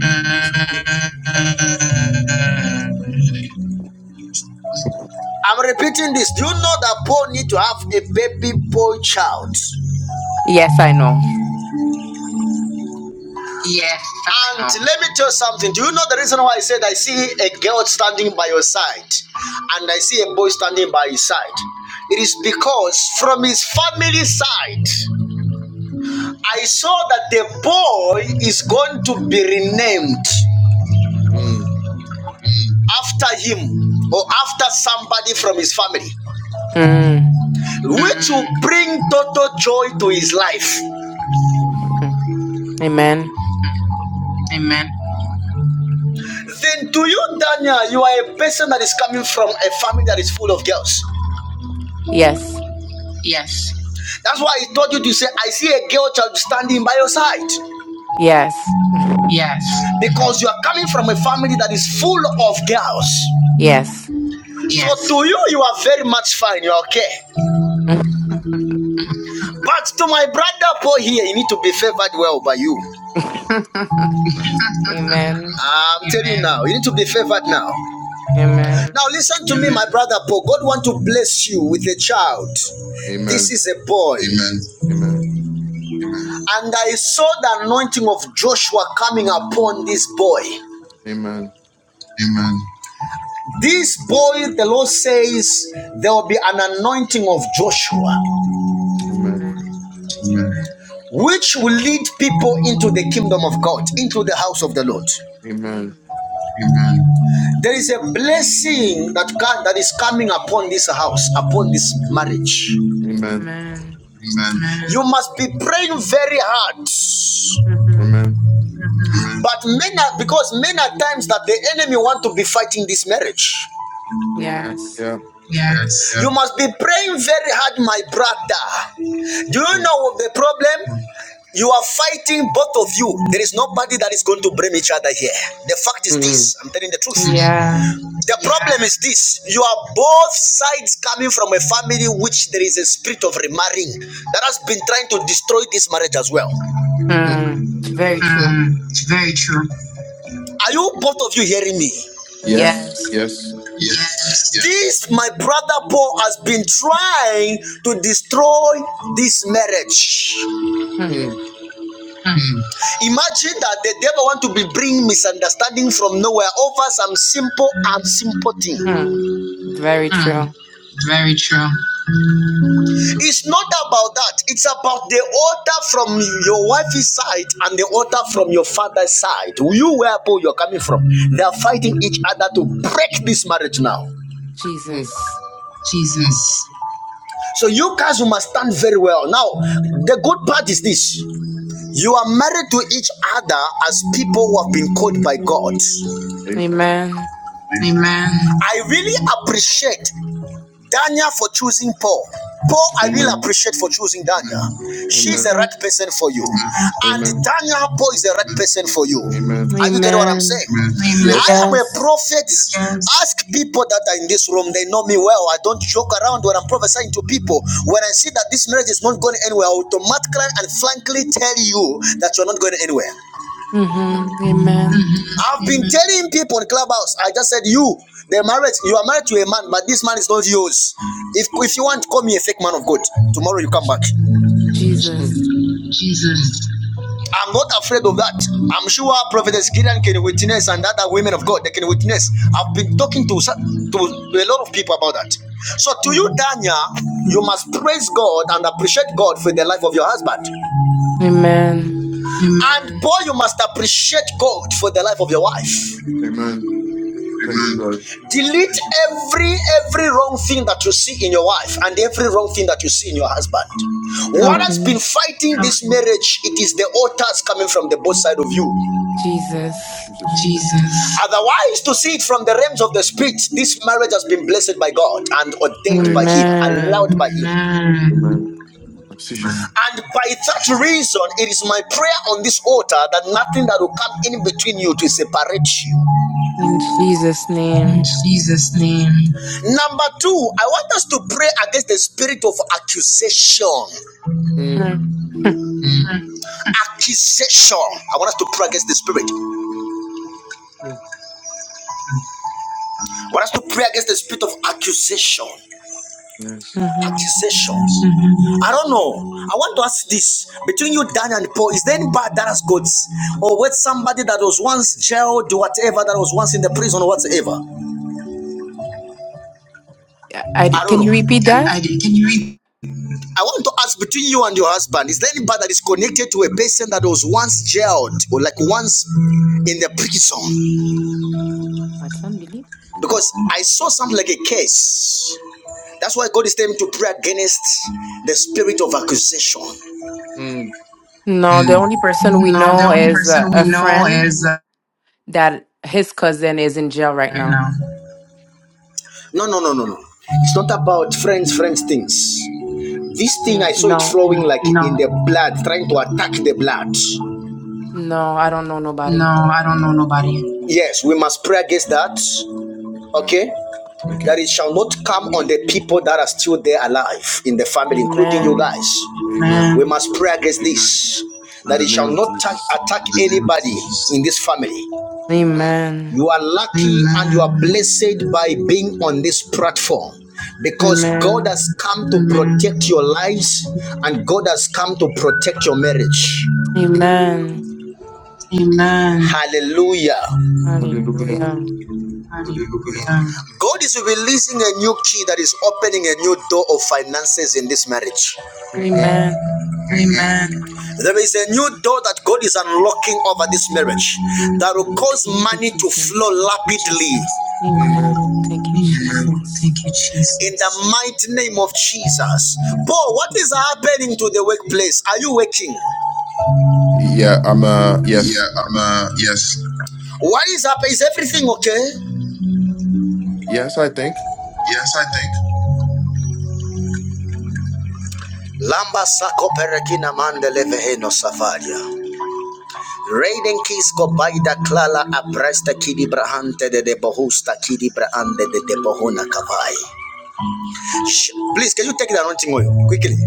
Speaker 1: I'm repeating this. Do you know that Paul need to have a baby boy child?
Speaker 8: Yes, I know.
Speaker 1: Yes. And uh-huh. let me tell you something. Do you know the reason why I said I see a girl standing by your side and I see a boy standing by his side? It is because from his family side, I saw that the boy is going to be renamed
Speaker 8: Mm.
Speaker 1: after him or after somebody from his family,
Speaker 8: Mm. Mm.
Speaker 1: which will Mm, bring total joy to his life.
Speaker 8: Mm. Amen.
Speaker 1: amen. Then to you, Daniel, you are a person that is coming from a family that is full of girls.
Speaker 8: Yes.
Speaker 1: Yes. That's why I told you to say, I see a girl child standing by your side.
Speaker 8: Yes.
Speaker 1: Yes. Because you are coming from a family that is full of girls.
Speaker 8: Yes.
Speaker 1: Yes. So to you, you are very much fine. You are okay.
Speaker 8: Amen.
Speaker 1: But to my brother Paul here, you need to be favored well by you. I'm Amen. telling you now, you need to be favored now.
Speaker 8: Amen.
Speaker 1: Now listen to Amen. me, my brother Paul. God want to bless you with a child. This
Speaker 8: Amen.
Speaker 1: is a boy. Amen.
Speaker 8: Amen.
Speaker 1: And I saw the anointing of Joshua coming upon this boy.
Speaker 8: Amen.
Speaker 1: Amen. This boy, the Lord says, there will be an anointing of Joshua,
Speaker 8: Amen.
Speaker 1: which will lead people into the kingdom of God, into the house of the Lord.
Speaker 8: Amen. Amen.
Speaker 1: Amen. There is a blessing that God that is coming upon this house, upon this marriage.
Speaker 8: Amen. Amen.
Speaker 1: Amen. You must be praying very hard.
Speaker 8: Mhm. Amen.
Speaker 1: But men because many times that the enemy want to be fighting this marriage.
Speaker 8: Yes. Yeah.
Speaker 1: Yes. You must be praying very hard, my brother. Do you
Speaker 8: Mm.
Speaker 1: know the problem? You are fighting both of you. There is nobody that is going to blame each other here. The fact is this I'm telling the truth.
Speaker 8: Yeah.
Speaker 1: The problem is this you are both sides coming from a family which there is a spirit of remarrying that has been trying to destroy this marriage as well.
Speaker 8: Mm. Mm. Very true.
Speaker 1: Mm, it's very true. Are you both of you hearing me?
Speaker 8: Yes. Yes.
Speaker 1: Yes. Yes. This, my brother Paul, has been trying to destroy this marriage.
Speaker 8: Yes.
Speaker 1: Imagine that the devil want to be bring misunderstanding from nowhere over some simple and simple thing.
Speaker 8: Hmm. Very
Speaker 1: Mm.
Speaker 8: true.
Speaker 1: Very true. It's not about that. It's about the altar from your wife's side and the altar from your father's side. You where Paul you're coming from. They are
Speaker 8: Mm.
Speaker 1: fighting
Speaker 8: Mm.
Speaker 1: each other to break this marriage now.
Speaker 8: Jesus.
Speaker 1: Jesus. So you guys must stand very well. Now, the good part is this. You are married to each other as people who have been called by God.
Speaker 8: Amen.
Speaker 1: Amen. I really appreciate Daniel for choosing Paul. Paul, I will
Speaker 8: Amen.
Speaker 1: appreciate for choosing Daniel. She's
Speaker 8: Amen.
Speaker 1: the
Speaker 8: Amen.
Speaker 1: right person for you. And
Speaker 8: Amen.
Speaker 1: Daniel, Paul is the right person for you.
Speaker 8: Amen. Amen.
Speaker 1: Are you getting what I'm saying? Amen.
Speaker 8: Yes.
Speaker 1: I am a
Speaker 8: Yes.
Speaker 1: prophet. Ask people that are in this room. They know me well. I don't joke around when I'm prophesying to people. When I see that this marriage is not going anywhere, I automatically and frankly tell you that you're not going anywhere.
Speaker 8: Mm-hmm. Amen. Mm.
Speaker 1: I've Amen. been telling people in Clubhouse, I just said, you, the marriage, you are married to a man, but this man is not yours. If, if you want, call me a fake man of God. Tomorrow you come back.
Speaker 8: Jesus.
Speaker 1: Jesus. I'm not afraid of that. I'm sure Prophetess Gideon can witness and other women of God, they can witness. I've been talking to, to a lot of people about that. So to you,
Speaker 8: Mm-hmm.
Speaker 1: Dania, you must praise God and appreciate God for the life of your husband.
Speaker 8: Amen.
Speaker 1: And Paul, you must appreciate God for the life of your wife.
Speaker 8: Amen. Thank you,
Speaker 1: Amen.
Speaker 8: God.
Speaker 1: delete every every wrong thing that you see in your wife and every wrong thing that you see in your husband what has
Speaker 8: Amen.
Speaker 1: been
Speaker 8: Okay.
Speaker 1: fighting this marriage it is the altars coming from the both side of you
Speaker 8: Jesus. Jesus.
Speaker 1: Jesus. otherwise to see it from the realms of the spirit this marriage has been blessed by god and
Speaker 8: Amen.
Speaker 1: ordained by him allowed
Speaker 8: Amen.
Speaker 1: by him
Speaker 8: Amen. Obsessions.
Speaker 1: and by that reason it is my prayer on this altar that nothing that will come in between you to separate you
Speaker 8: In Jesus'
Speaker 1: In
Speaker 8: name.
Speaker 1: Jesus' name. Number two, I want us to pray against the spirit of accusation.
Speaker 8: Mm. Mm.
Speaker 1: Accusation. I want us to pray against the spirit.
Speaker 8: Mm.
Speaker 1: I want us to pray against the spirit of accusation.
Speaker 8: Yes. Mm-hmm.
Speaker 1: Accusations. Mhm. I don't know. I want to ask this between you, Dan and Paul. Is there anybody that has got or with somebody that was once jailed, whatever, that was once in the prison, or whatever?
Speaker 8: I, I-
Speaker 1: I don't
Speaker 8: can you repeat
Speaker 1: know. I,
Speaker 8: that?
Speaker 1: I did. Can you read? I want to ask between you and your husband, is there anybody that is connected to a person that was once jailed or like once in the prison?
Speaker 8: What unbelief?
Speaker 1: Because I saw something like a case. That's why God is telling me to pray against the spirit of accusation.
Speaker 8: Mm. No, the only person we
Speaker 1: No,
Speaker 8: know
Speaker 1: the only
Speaker 8: is a,
Speaker 1: person
Speaker 8: a
Speaker 1: we know
Speaker 8: friend
Speaker 1: is uh,
Speaker 8: that his cousin is in jail right
Speaker 1: right
Speaker 8: now.
Speaker 1: now. No, no, no, no, no. It's not about friends, friends things. This thing I
Speaker 8: Mm,
Speaker 1: saw it
Speaker 8: no,
Speaker 1: flowing like no. in No, the blood, trying to attack the blood.
Speaker 8: no, I don't know
Speaker 1: no,
Speaker 8: nobody.
Speaker 1: I don't know nobody. Yes, we must pray against that.
Speaker 8: Amen.
Speaker 1: okay
Speaker 8: Okay.
Speaker 1: that it shall not come on the people that are still there alive in the family including you
Speaker 8: Amen.
Speaker 1: guys
Speaker 8: Amen.
Speaker 1: we must pray against this
Speaker 8: In
Speaker 1: that
Speaker 8: the
Speaker 1: it
Speaker 8: name
Speaker 1: shall
Speaker 8: of
Speaker 1: not
Speaker 8: Jesus.
Speaker 1: attack anybody in this family
Speaker 8: Amen.
Speaker 1: you are lucky and you are blessed by being on this platform because God
Speaker 8: Amen. Amen.
Speaker 1: has come to protect your lives and God has come to protect your marriage.
Speaker 8: Amen.
Speaker 1: Amen. Hallelujah.
Speaker 8: Hallelujah. Hallelujah.
Speaker 1: God is releasing a new key that is opening a new door of finances in this marriage.
Speaker 8: Amen. Amen.
Speaker 1: Amen. There is a new door that God is unlocking over this marriage that will cause
Speaker 8: Thank you,
Speaker 1: money to
Speaker 8: Jesus.
Speaker 1: flow rapidly.
Speaker 8: Amen. Amen. Thank you,
Speaker 1: Amen. Thank
Speaker 8: Jesus.
Speaker 1: you, Jesus.
Speaker 8: Thank
Speaker 1: In the mighty name of Jesus.
Speaker 8: you,
Speaker 1: Paul, what is
Speaker 8: Jesus.
Speaker 1: happening to the workplace? Are you working?
Speaker 8: Yeah, I'm uh yes.
Speaker 1: Yeah, I'm uh yes. What is happening? Is everything okay?
Speaker 8: Yes, I think.
Speaker 1: Yes, I think. Lamba sako perekina mande leveheno safaria. Reiden kisko baida klala apresta kidi brahante de de bohusta kidi brahante de de bohuna kavai. Please, can you take the anointing oil quickly?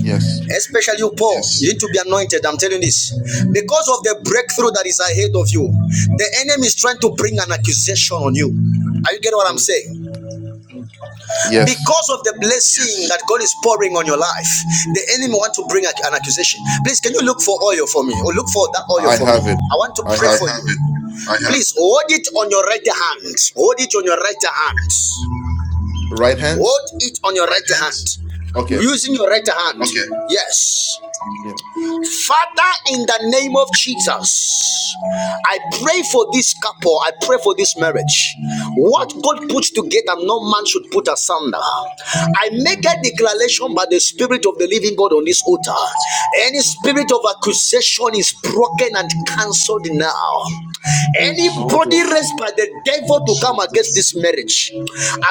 Speaker 8: Yes.
Speaker 1: Especially you, Paul. Yes. You need to be anointed. I'm telling this because of the breakthrough that is ahead of you. The enemy is trying to bring an accusation on you. Are you getting what I'm saying?
Speaker 8: Yes,
Speaker 1: because of the blessing that God is pouring on your life, the enemy want to bring an accusation. Please, can you look for oil for me, or look for that oil
Speaker 8: I
Speaker 1: for me?
Speaker 8: have it.
Speaker 1: I want to
Speaker 8: I
Speaker 1: pray I
Speaker 8: have
Speaker 1: for you. it. Please hold it on your right hand. Hold it on your right hand.
Speaker 8: right hands.
Speaker 1: Hold it on your right right hand. hand.
Speaker 8: Okay.
Speaker 1: Using your right hand. Okay. Yes.
Speaker 8: Yeah.
Speaker 1: Father, in the name of Jesus, I pray for this couple. I pray for this marriage. What God puts together, no man should put asunder. I make a
Speaker 8: Mm.
Speaker 1: declaration by the Spirit of the Living God on this altar. Any spirit of accusation is broken and cancelled now.
Speaker 8: No
Speaker 1: Anybody
Speaker 8: dish.
Speaker 1: raised by the devil to come against this marriage,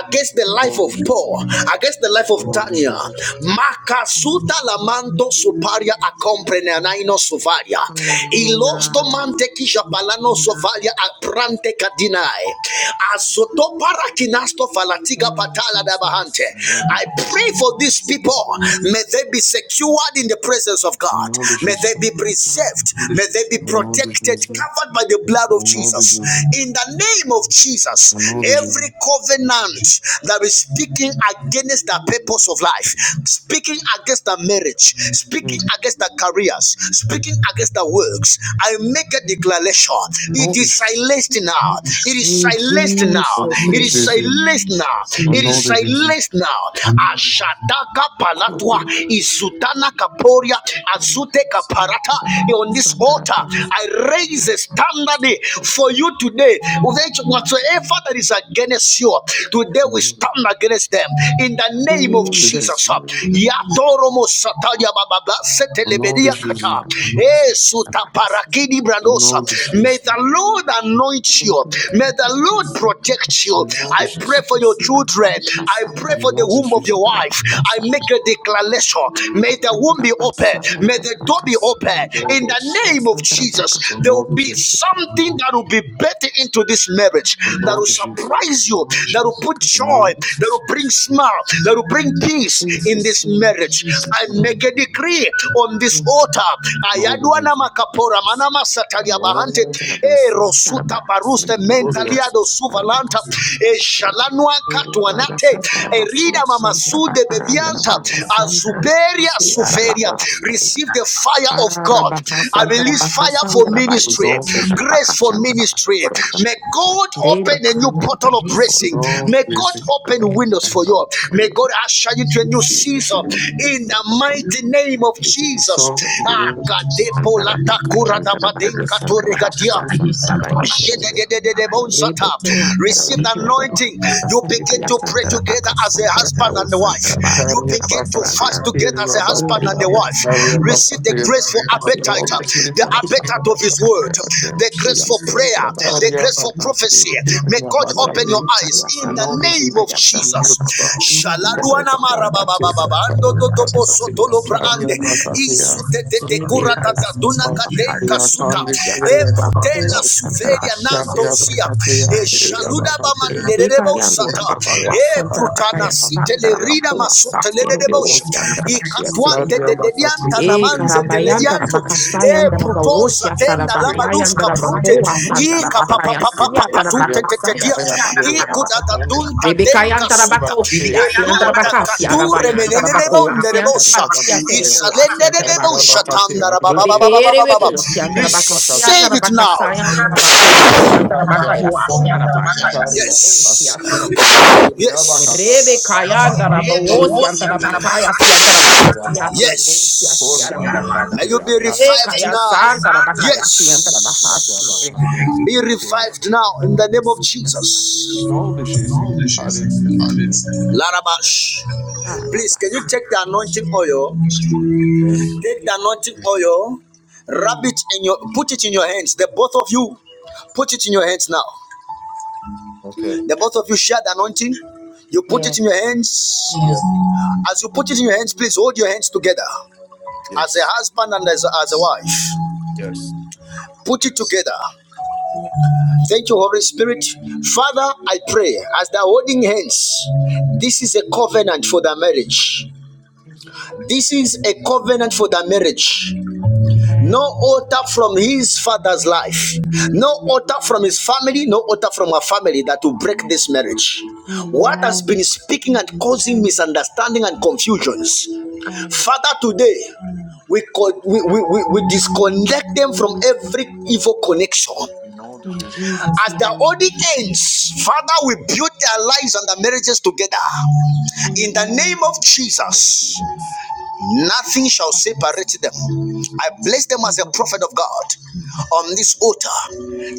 Speaker 1: against the life
Speaker 8: No
Speaker 1: of
Speaker 8: dish.
Speaker 1: Paul, against the life of of
Speaker 8: No
Speaker 1: Daniel.
Speaker 8: dish.
Speaker 1: Makasuta lamando suparia accompagnanaino sovaria. Ilosto
Speaker 8: Hallelujah.
Speaker 1: mante kishabalano sovaria aprante kadinae. Asoto parakinasto falatiga
Speaker 8: Amen,
Speaker 1: patala
Speaker 8: Jesus.
Speaker 1: dabahante.
Speaker 8: No
Speaker 1: I
Speaker 8: dish. No dish.
Speaker 1: pray for these people. May they be secured in the presence of God.
Speaker 8: No dish. No
Speaker 1: May
Speaker 8: dish.
Speaker 1: they be preserved. May they be protected, covered by the blood of
Speaker 8: No dish.
Speaker 1: Jesus. In the name of Jesus. Jesus.
Speaker 8: No
Speaker 1: Every covenant that is speaking against the purpose of life, speaking against the marriage, speaking against the careers, speaking against the works, I make a declaration. It is
Speaker 8: dish.
Speaker 1: silenced now. It is silenced now. It is
Speaker 8: Jesus. name.
Speaker 1: silenced now.
Speaker 8: I
Speaker 1: It
Speaker 8: know
Speaker 1: is
Speaker 8: that you didn't
Speaker 1: silenced now. Ashadaka
Speaker 8: call
Speaker 1: palatwa
Speaker 8: you.
Speaker 1: izutana kaporia
Speaker 8: Jesus. I
Speaker 1: azute kaparata on this altar. I raise a standard for you today. Which Whatsoever that is against you, today we stand against them in the name of Jesus. Yatoromo Sataya Baba
Speaker 8: know that Jesus. I know that
Speaker 1: Setelebedia
Speaker 8: Jesus.
Speaker 1: Kata. Eh, Sutaparakidi
Speaker 8: I
Speaker 1: Brandosa.
Speaker 8: know that Jesus. I know that
Speaker 1: May
Speaker 8: Jesus.
Speaker 1: the
Speaker 8: I
Speaker 1: Lord anoint you. May the Lord protect you.
Speaker 8: know
Speaker 1: I pray
Speaker 8: that
Speaker 1: for your children. I pray for the womb of
Speaker 8: Jesus.
Speaker 1: your wife. I make a declaration vessel. May the womb be open. May the door be open. In the name of
Speaker 8: I
Speaker 1: Jesus, there
Speaker 8: know
Speaker 1: will
Speaker 8: that
Speaker 1: be
Speaker 8: Jesus.
Speaker 1: something that will be better into this marriage
Speaker 8: O
Speaker 1: that will
Speaker 8: Lord Jesus,
Speaker 1: surprise you,
Speaker 8: the
Speaker 1: that will put joy,
Speaker 8: Lord
Speaker 1: that
Speaker 8: Jesus,
Speaker 1: will bring smile, that will bring peace in
Speaker 8: Jesus'
Speaker 1: this
Speaker 8: name.
Speaker 1: marriage. I
Speaker 8: Lord
Speaker 1: make a
Speaker 8: Jesus,
Speaker 1: decree on this
Speaker 8: we
Speaker 1: altar.
Speaker 8: Lord
Speaker 1: Ayadwana
Speaker 8: Jesus,
Speaker 1: makapora manama
Speaker 8: and
Speaker 1: satalia
Speaker 8: all
Speaker 1: bahante
Speaker 8: pray.
Speaker 1: e rosuta
Speaker 8: Sarabakasi,
Speaker 1: baruste
Speaker 8: glory of
Speaker 1: mentaliado suvalanta
Speaker 8: Sarabakasi,
Speaker 1: e shalanu manua
Speaker 8: Kaya
Speaker 1: katuanate erida
Speaker 8: Santarabasia,
Speaker 1: mamasude
Speaker 8: Santarabakara, the
Speaker 1: bebianta
Speaker 8: Antarabakara, Lord,
Speaker 1: asuberia suveria
Speaker 8: Santarabakasi,
Speaker 1: receive the fire of God I
Speaker 8: Santara
Speaker 1: release fire for ministry grace for ministry may God open a new portal of blessing may God open windows for you may God usher you to a new season in the mighty name of Jesus Ah,
Speaker 8: bakaya antara bayi santara basia santara bayi Italia Bakari,
Speaker 1: Receive the
Speaker 8: Syria
Speaker 1: anointing. You begin to pray together as a husband and a wife. You begin to fast together as a husband and a
Speaker 8: Bakataya,
Speaker 1: wife.
Speaker 8: Syria
Speaker 1: Receive the
Speaker 8: Bakataya,
Speaker 1: grace for appetite,
Speaker 8: Lord Jesus,
Speaker 1: the
Speaker 8: Syria
Speaker 1: appetite of His word,
Speaker 8: Bakataya, dear
Speaker 1: the grace for
Speaker 8: Jesus, Italia
Speaker 1: prayer, the
Speaker 8: Bakari, Syria
Speaker 1: grace for prophecy. May God
Speaker 8: Bakataya,
Speaker 1: open your eyes in the
Speaker 8: Lord
Speaker 1: name
Speaker 8: Jesus,
Speaker 1: of Jesus. Shaladuana marababababa,
Speaker 8: Syria Bakataya, Syria
Speaker 1: andototobosotolo
Speaker 8: Bakataya, Syria
Speaker 1: braande,
Speaker 8: Bakataya, E karabayan
Speaker 1: isutetetekuratatatuna kadenka suta, suveria nanto sia e shaluda ba manderebo sata e prutana site le rida masute le debo i katuante de de dianta na
Speaker 8: tarabakasayan
Speaker 1: e prutosa
Speaker 8: darabawosya
Speaker 1: tenda la
Speaker 8: sarabakayan
Speaker 1: baduska prute
Speaker 8: darabakoa san
Speaker 1: i
Speaker 8: darabakayan siya
Speaker 1: kapapapapapatute te te
Speaker 8: darabakasaya
Speaker 1: dia i dunta
Speaker 8: darabakayan
Speaker 1: denka suta
Speaker 8: tarabakosya
Speaker 1: e
Speaker 8: Siantara
Speaker 1: pruta
Speaker 8: baka siara
Speaker 1: kature
Speaker 8: bayan tara
Speaker 1: menenene
Speaker 8: bako
Speaker 1: bonderebo sa
Speaker 8: asiantara bakia
Speaker 1: i
Speaker 8: sere ko
Speaker 1: salene
Speaker 8: asiantara
Speaker 1: debo
Speaker 8: bako
Speaker 1: shatanda
Speaker 8: Bekere
Speaker 1: rabababababababa
Speaker 8: beko siantara baka
Speaker 1: receive
Speaker 8: siantara
Speaker 1: it
Speaker 8: baka
Speaker 1: now
Speaker 8: sayantara bako asiantara baka ya siantara baka
Speaker 1: Yes.
Speaker 8: ya sere baka
Speaker 1: Yes.
Speaker 8: ya Rebe kayantara bo siantara baka ya siantara baka ya sere ko ya
Speaker 1: Yes.
Speaker 8: siara baka
Speaker 1: May you be
Speaker 8: E
Speaker 1: revived
Speaker 8: kaya
Speaker 1: now.
Speaker 8: santara baka ya siantara baka sere
Speaker 1: Yes. Be revived now in the name of Jesus.
Speaker 8: ko
Speaker 1: Larabash.
Speaker 8: Ah, God
Speaker 1: Please, can you
Speaker 8: bless you.
Speaker 1: take the anointing oil?
Speaker 8: Yes.
Speaker 1: Take the anointing oil. Rub it
Speaker 8: Mm.
Speaker 1: in your put it in your hands. The both of you. Put it in your hands now.
Speaker 8: Okay.
Speaker 1: The both of you share the anointing. You put it
Speaker 8: Yes.
Speaker 1: in your hands.
Speaker 8: Yes.
Speaker 1: As you put it in your hands, please hold your hands together. As a
Speaker 8: Yes.
Speaker 1: husband and as a, as a wife,
Speaker 8: Yes.
Speaker 1: put it together. Thank you, Holy Spirit. Father, I pray as they're holding hands, this is a covenant for their marriage. This is a covenant for their marriage. No
Speaker 8: Amen.
Speaker 1: altar from his father's life. No altar from his family. No altar from her family that will break this marriage. What has been
Speaker 8: Amen.
Speaker 1: speaking and causing misunderstanding and confusions?
Speaker 8: Amen.
Speaker 1: Father, today we, we, we, we we disconnect them from every evil connection.
Speaker 8: In all the In things Jesus'
Speaker 1: As their
Speaker 8: name.
Speaker 1: only ends, Father, we build their lives and their marriages together. In the
Speaker 8: Amen.
Speaker 1: name of
Speaker 8: of
Speaker 1: Jesus.
Speaker 8: the Lord. Yes.
Speaker 1: Nothing shall separate them. I place them as
Speaker 8: Amen.
Speaker 1: a
Speaker 8: Amen.
Speaker 1: prophet of
Speaker 8: In
Speaker 1: God on this altar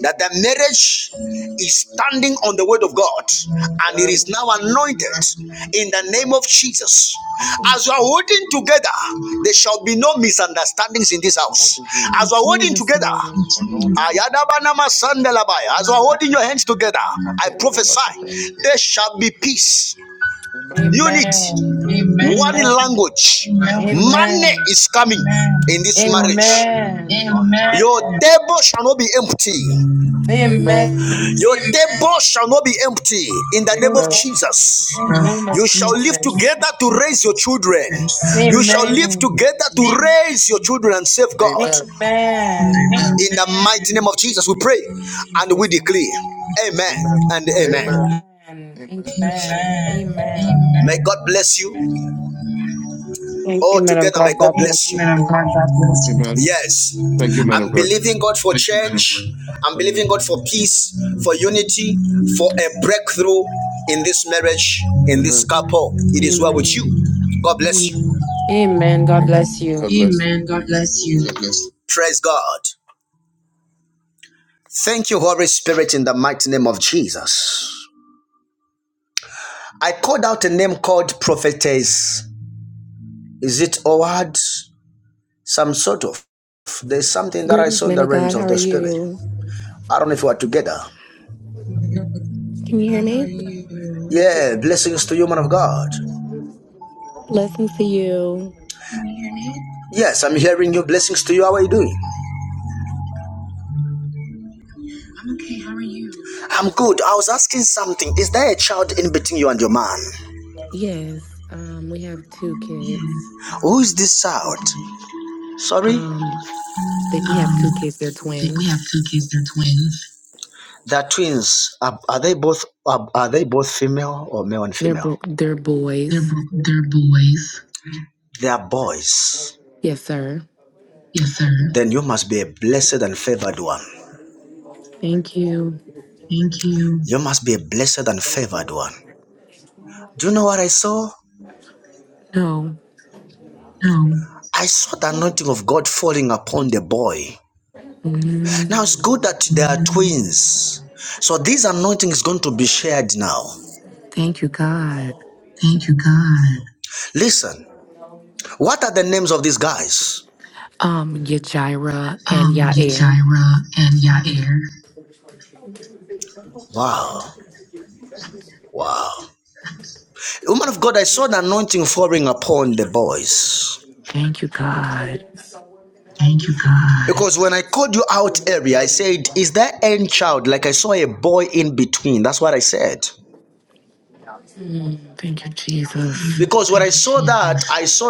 Speaker 1: that the marriage is standing on the word of God and it is now anointed in the name of Jesus. As you are holding together, there shall be no misunderstandings in this
Speaker 8: all
Speaker 1: house.
Speaker 8: the things
Speaker 1: As
Speaker 8: In
Speaker 1: you are holding
Speaker 8: Jesus'
Speaker 1: together,
Speaker 8: name. and all the things.
Speaker 1: as you are holding your hands together, I prophesy there shall be peace
Speaker 8: Amen.
Speaker 1: unity,
Speaker 8: Amen.
Speaker 1: one
Speaker 8: Amen.
Speaker 1: language.
Speaker 8: Amen.
Speaker 1: Money is coming in this marriage.
Speaker 8: Amen.
Speaker 1: Your table shall not be empty.
Speaker 8: Amen.
Speaker 1: Your table shall not be empty in the name of
Speaker 8: Amen.
Speaker 1: Jesus.
Speaker 8: the name of
Speaker 1: You shall live
Speaker 8: Jesus.
Speaker 1: together to raise your children. You shall live
Speaker 8: Amen.
Speaker 1: together to raise your children and save God.
Speaker 8: Amen.
Speaker 1: In the mighty name of Jesus, we pray and we
Speaker 8: Jesus
Speaker 1: declare.
Speaker 8: name.
Speaker 1: Amen
Speaker 8: Amen.
Speaker 1: and amen.
Speaker 8: Amen. Amen.
Speaker 1: May God bless you.
Speaker 8: Thank
Speaker 1: All
Speaker 8: you, man of
Speaker 1: together, may
Speaker 8: God.
Speaker 1: God
Speaker 8: God bless
Speaker 1: bless you.
Speaker 8: you. Amen.
Speaker 1: Yes.
Speaker 8: Thank you, man of
Speaker 1: I'm
Speaker 8: God.
Speaker 1: believing God for change. I'm
Speaker 8: Amen.
Speaker 1: believing God for peace, for unity, for a breakthrough in this marriage, in this
Speaker 8: Amen. Amen.
Speaker 1: couple. It is well with you.
Speaker 8: Amen.
Speaker 1: God bless you.
Speaker 8: Amen. Amen. God bless you. God bless you.
Speaker 1: Amen. God bless you. God bless you. Praise God. Thank you, Holy Spirit, in the mighty name of Jesus. I called out a name called prophetess. Is it Owad? Some sort of. There's something that I
Speaker 9: Greetings,
Speaker 1: saw in
Speaker 9: men
Speaker 1: the
Speaker 9: of
Speaker 1: realms
Speaker 9: God. How
Speaker 1: of
Speaker 9: are
Speaker 1: the spirit.
Speaker 9: you?
Speaker 1: I don't know if we're together.
Speaker 9: Can you hear me?
Speaker 1: Yeah, blessings to you, man of God.
Speaker 9: Blessings to you.
Speaker 1: Yes, I'm hearing you. Blessings to you. How are you doing? I'm okay. How are you? I'm good. I was asking something. Is there a child in between you and your man?
Speaker 9: Yes, um, we have two
Speaker 1: Yeah.
Speaker 9: kids.
Speaker 1: Who is this child? Sorry? I
Speaker 9: Um, they, we have two kids. They're
Speaker 1: think We
Speaker 9: twins.
Speaker 1: have two kids. They're twins. They're twins. Are, are they both are, are they both female or male and
Speaker 9: They're bo-
Speaker 1: female?
Speaker 9: they're
Speaker 1: They are
Speaker 9: boys.
Speaker 1: they're boys. They are boys.
Speaker 9: Yes, sir.
Speaker 1: Yes, sir. Then you must be a blessed and favored one.
Speaker 9: Thank you.
Speaker 1: Thank you. You must be a blessed and favored one. Do you know what I saw?
Speaker 9: No.
Speaker 1: No. I saw the anointing of God falling upon the boy.
Speaker 9: Mm,
Speaker 1: Now it's good that they are mm. twins. So this anointing is going to be shared now.
Speaker 9: thank you, God.
Speaker 1: thank you, God. Listen, what are the names of these guys?
Speaker 9: Um, Yajira and
Speaker 1: Um,
Speaker 9: Yair.
Speaker 1: Yajira and Yair. Wow. Wow. Woman of God, I saw the anointing falling upon the boys.
Speaker 9: Thank you, God.
Speaker 1: Thank you, God. Because when I called you out earlier, I said, Is there any child? Like I saw a boy in between. That's what I said.
Speaker 9: Mm, thank you, Jesus.
Speaker 1: Saw that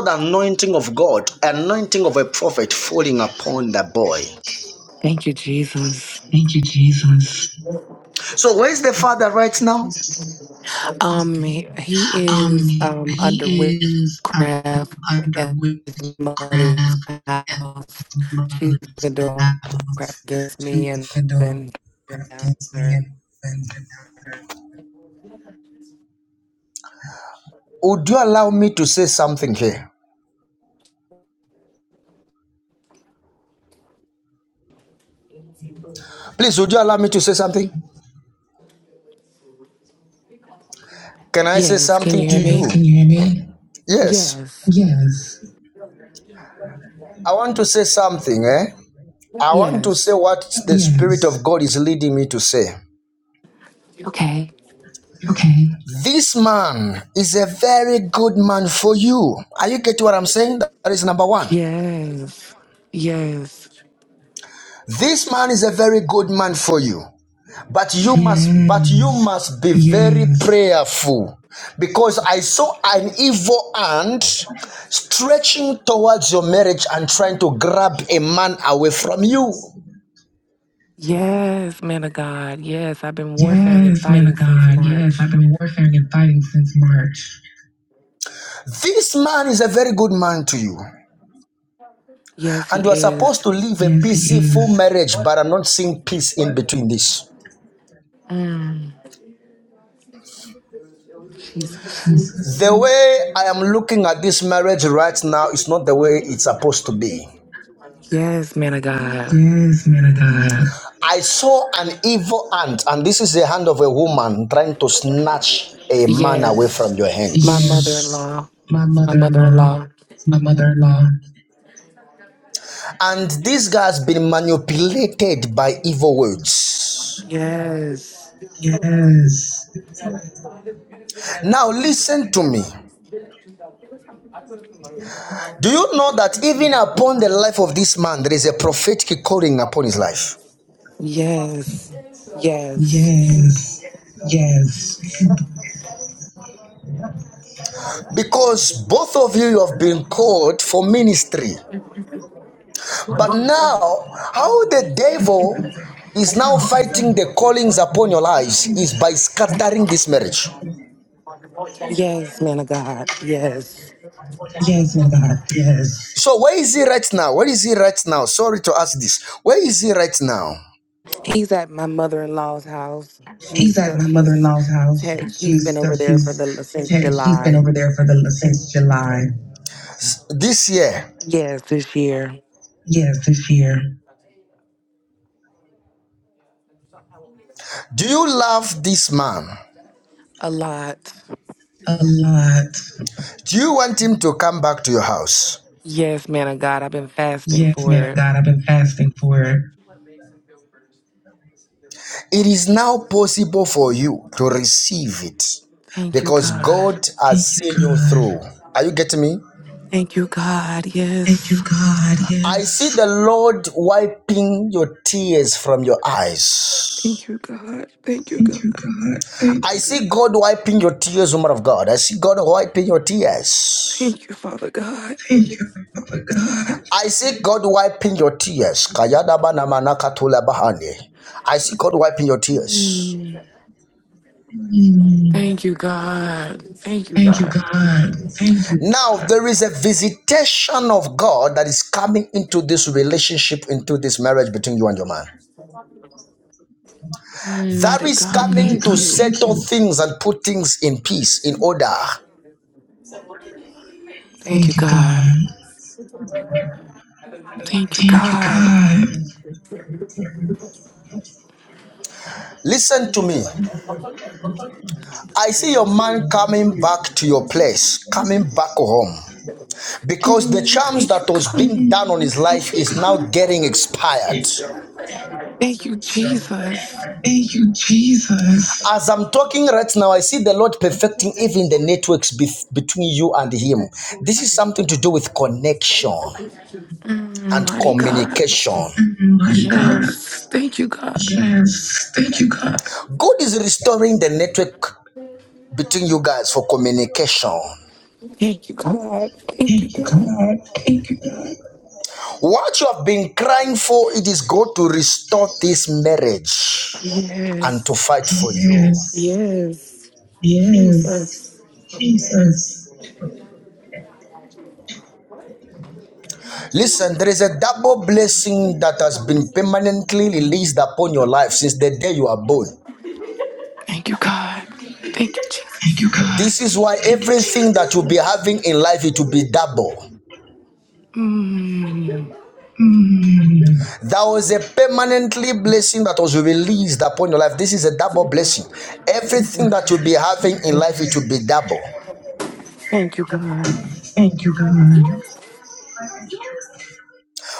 Speaker 1: anointing of God, anointing of a prophet falling upon the boy.
Speaker 9: Thank you, Jesus.
Speaker 1: Thank you, Jesus. The father right now,
Speaker 9: Um, he he
Speaker 1: Um,
Speaker 9: is um
Speaker 1: he
Speaker 9: under
Speaker 1: is uh,
Speaker 9: witchcraft
Speaker 1: under
Speaker 9: at his
Speaker 1: witchcraft
Speaker 9: mother's
Speaker 1: at
Speaker 9: house.
Speaker 1: his
Speaker 9: She's
Speaker 1: mother's
Speaker 9: been doing
Speaker 1: house.
Speaker 9: witchcraft against
Speaker 1: She's
Speaker 9: me and then him down
Speaker 1: against me
Speaker 9: her.
Speaker 1: and defended. her. would you allow me to say something here? Please, would you allow me to say something? Can I
Speaker 9: Yes, can you
Speaker 1: think to
Speaker 9: hear
Speaker 1: Yes, you?
Speaker 9: me?
Speaker 1: can you hear me? Yes.
Speaker 9: Yes,
Speaker 1: Yes. I want something, eh? want to say
Speaker 9: yes,
Speaker 1: what the Yes. Spirit of God is leading me to say.
Speaker 9: Okay.
Speaker 1: Okay. This man is a very good man for you. Are you getting what I'm saying? That is one.
Speaker 9: yes, yes,
Speaker 1: This man is a very good man for you. But you yes. must but you Yes. must be yes. very Yes. prayerful because I saw an evil hand stretching towards your marriage and trying to grab a man away from you.
Speaker 9: yes, man of God. Yes, I've been warfaring and
Speaker 1: Yes, man
Speaker 9: fighting
Speaker 1: of
Speaker 9: since
Speaker 1: God. Yes,
Speaker 9: March.
Speaker 1: I've been warfaring and fighting since March. This man is a very good man to you.
Speaker 9: Yes, he
Speaker 1: And you are supposed
Speaker 9: is.
Speaker 1: to live a Yes, peaceful marriage, but I'm not seeing peace in between this.
Speaker 9: Mm, Jesus.
Speaker 1: The way I am looking at this marriage right now is not the way it's supposed to be.
Speaker 9: Yes, man of God.
Speaker 1: Yes, man of I saw an evil hand, and this is the hand of a woman trying to snatch a man away from
Speaker 9: Yes,
Speaker 1: your hands.
Speaker 9: my mother in
Speaker 1: Yes,
Speaker 9: law.
Speaker 1: my
Speaker 9: It's my mother in
Speaker 1: mother-in-law.
Speaker 9: law.
Speaker 1: My mother-in-law. And this guy has been manipulated evil words.
Speaker 9: Yes,
Speaker 1: Now listen to me. Do you know that even upon the life of this man, there is a prophetic calling upon his life?
Speaker 9: yes, yes,
Speaker 1: Yes, yes, Because both of you you have been called for ministry. But now, how the devil is now fighting the callings upon your lives is by scattering this marriage.
Speaker 9: yes, man of God. Yes,
Speaker 1: yes, my God, yes. So, where is he right now? Where is he right now? Sorry to ask this. Where is he right now?
Speaker 9: he's at my mother in law's house.
Speaker 1: He's
Speaker 9: She's
Speaker 1: at my
Speaker 9: she's
Speaker 1: mother-in-law's house.
Speaker 9: he's been
Speaker 1: She's
Speaker 9: over there for
Speaker 1: she's
Speaker 9: the since
Speaker 1: she's been
Speaker 9: July.
Speaker 1: over there for the since July. This year,
Speaker 9: Yes, this year
Speaker 1: Yes, this year. do you love this man?
Speaker 9: a lot.
Speaker 1: A lot. Do you want him to come back to your house?
Speaker 9: Yes, man of God. I've been fasting
Speaker 1: Yes,
Speaker 9: for
Speaker 1: man of
Speaker 9: it.
Speaker 1: God, I've been fasting for it. It is now possible for you to receive it
Speaker 9: Thank you,
Speaker 1: because
Speaker 9: God.
Speaker 1: God has seen you through. Are you getting me?
Speaker 9: Thank you, God. Yes.
Speaker 1: Yes. I see Yes. the Lord wiping your tears from your eyes.
Speaker 9: Thank you, God. Thank you, God.
Speaker 1: I see God wiping your tears, woman of God. I see God wiping your tears.
Speaker 9: Thank you, Father God.
Speaker 1: I see God wiping your tears. Kayada bana manaka tula bahane. I see God wiping your tears.
Speaker 9: Mm. Thank you, God. Thank you, God.
Speaker 1: There is a visitation of God that is coming into this relationship, into this marriage between you and your man.
Speaker 9: Mm, mighty
Speaker 1: It's
Speaker 9: God,
Speaker 1: coming mm, God,
Speaker 9: thank
Speaker 1: to
Speaker 9: you.
Speaker 1: settle things in peace, in order.
Speaker 9: Thank
Speaker 1: Thank
Speaker 9: you,
Speaker 1: Thank you you
Speaker 9: God.
Speaker 1: God.
Speaker 9: Thank you,
Speaker 1: Thank you, God.
Speaker 9: God.
Speaker 1: Listen to me. I see your man coming back to your place, coming back home. because the
Speaker 9: Mm,
Speaker 1: charms
Speaker 9: thank you,
Speaker 1: that was
Speaker 9: God.
Speaker 1: being done on his life is now getting expired.
Speaker 9: Thank you, Jesus.
Speaker 1: As I'm talking right now, I see the Lord perfecting even the networks bef- between you and Him. This is something to do with connection
Speaker 9: Mm,
Speaker 1: and
Speaker 9: mighty God.
Speaker 1: communication.
Speaker 9: Yes. Thank you, God.
Speaker 1: God is restoring the network between you guys for communication.
Speaker 9: Thank you, God. Thank you, God.
Speaker 1: What you have been crying for, it is God to restore this marriage and to
Speaker 9: Yes.
Speaker 1: fight for you.
Speaker 9: Yes. Jesus.
Speaker 1: Listen, there is a double blessing that has been permanently released upon your life since the day you are born.
Speaker 9: Thank you, God. Thank you, Jesus.
Speaker 1: This is why everything that you'll be having in life, it will be double.
Speaker 9: Mm,
Speaker 1: That was a permanently blessing that was released upon your life. This is a double blessing. Everything that you'll be having in life, it will be double.
Speaker 9: thank you, God.
Speaker 1: Thank you, God.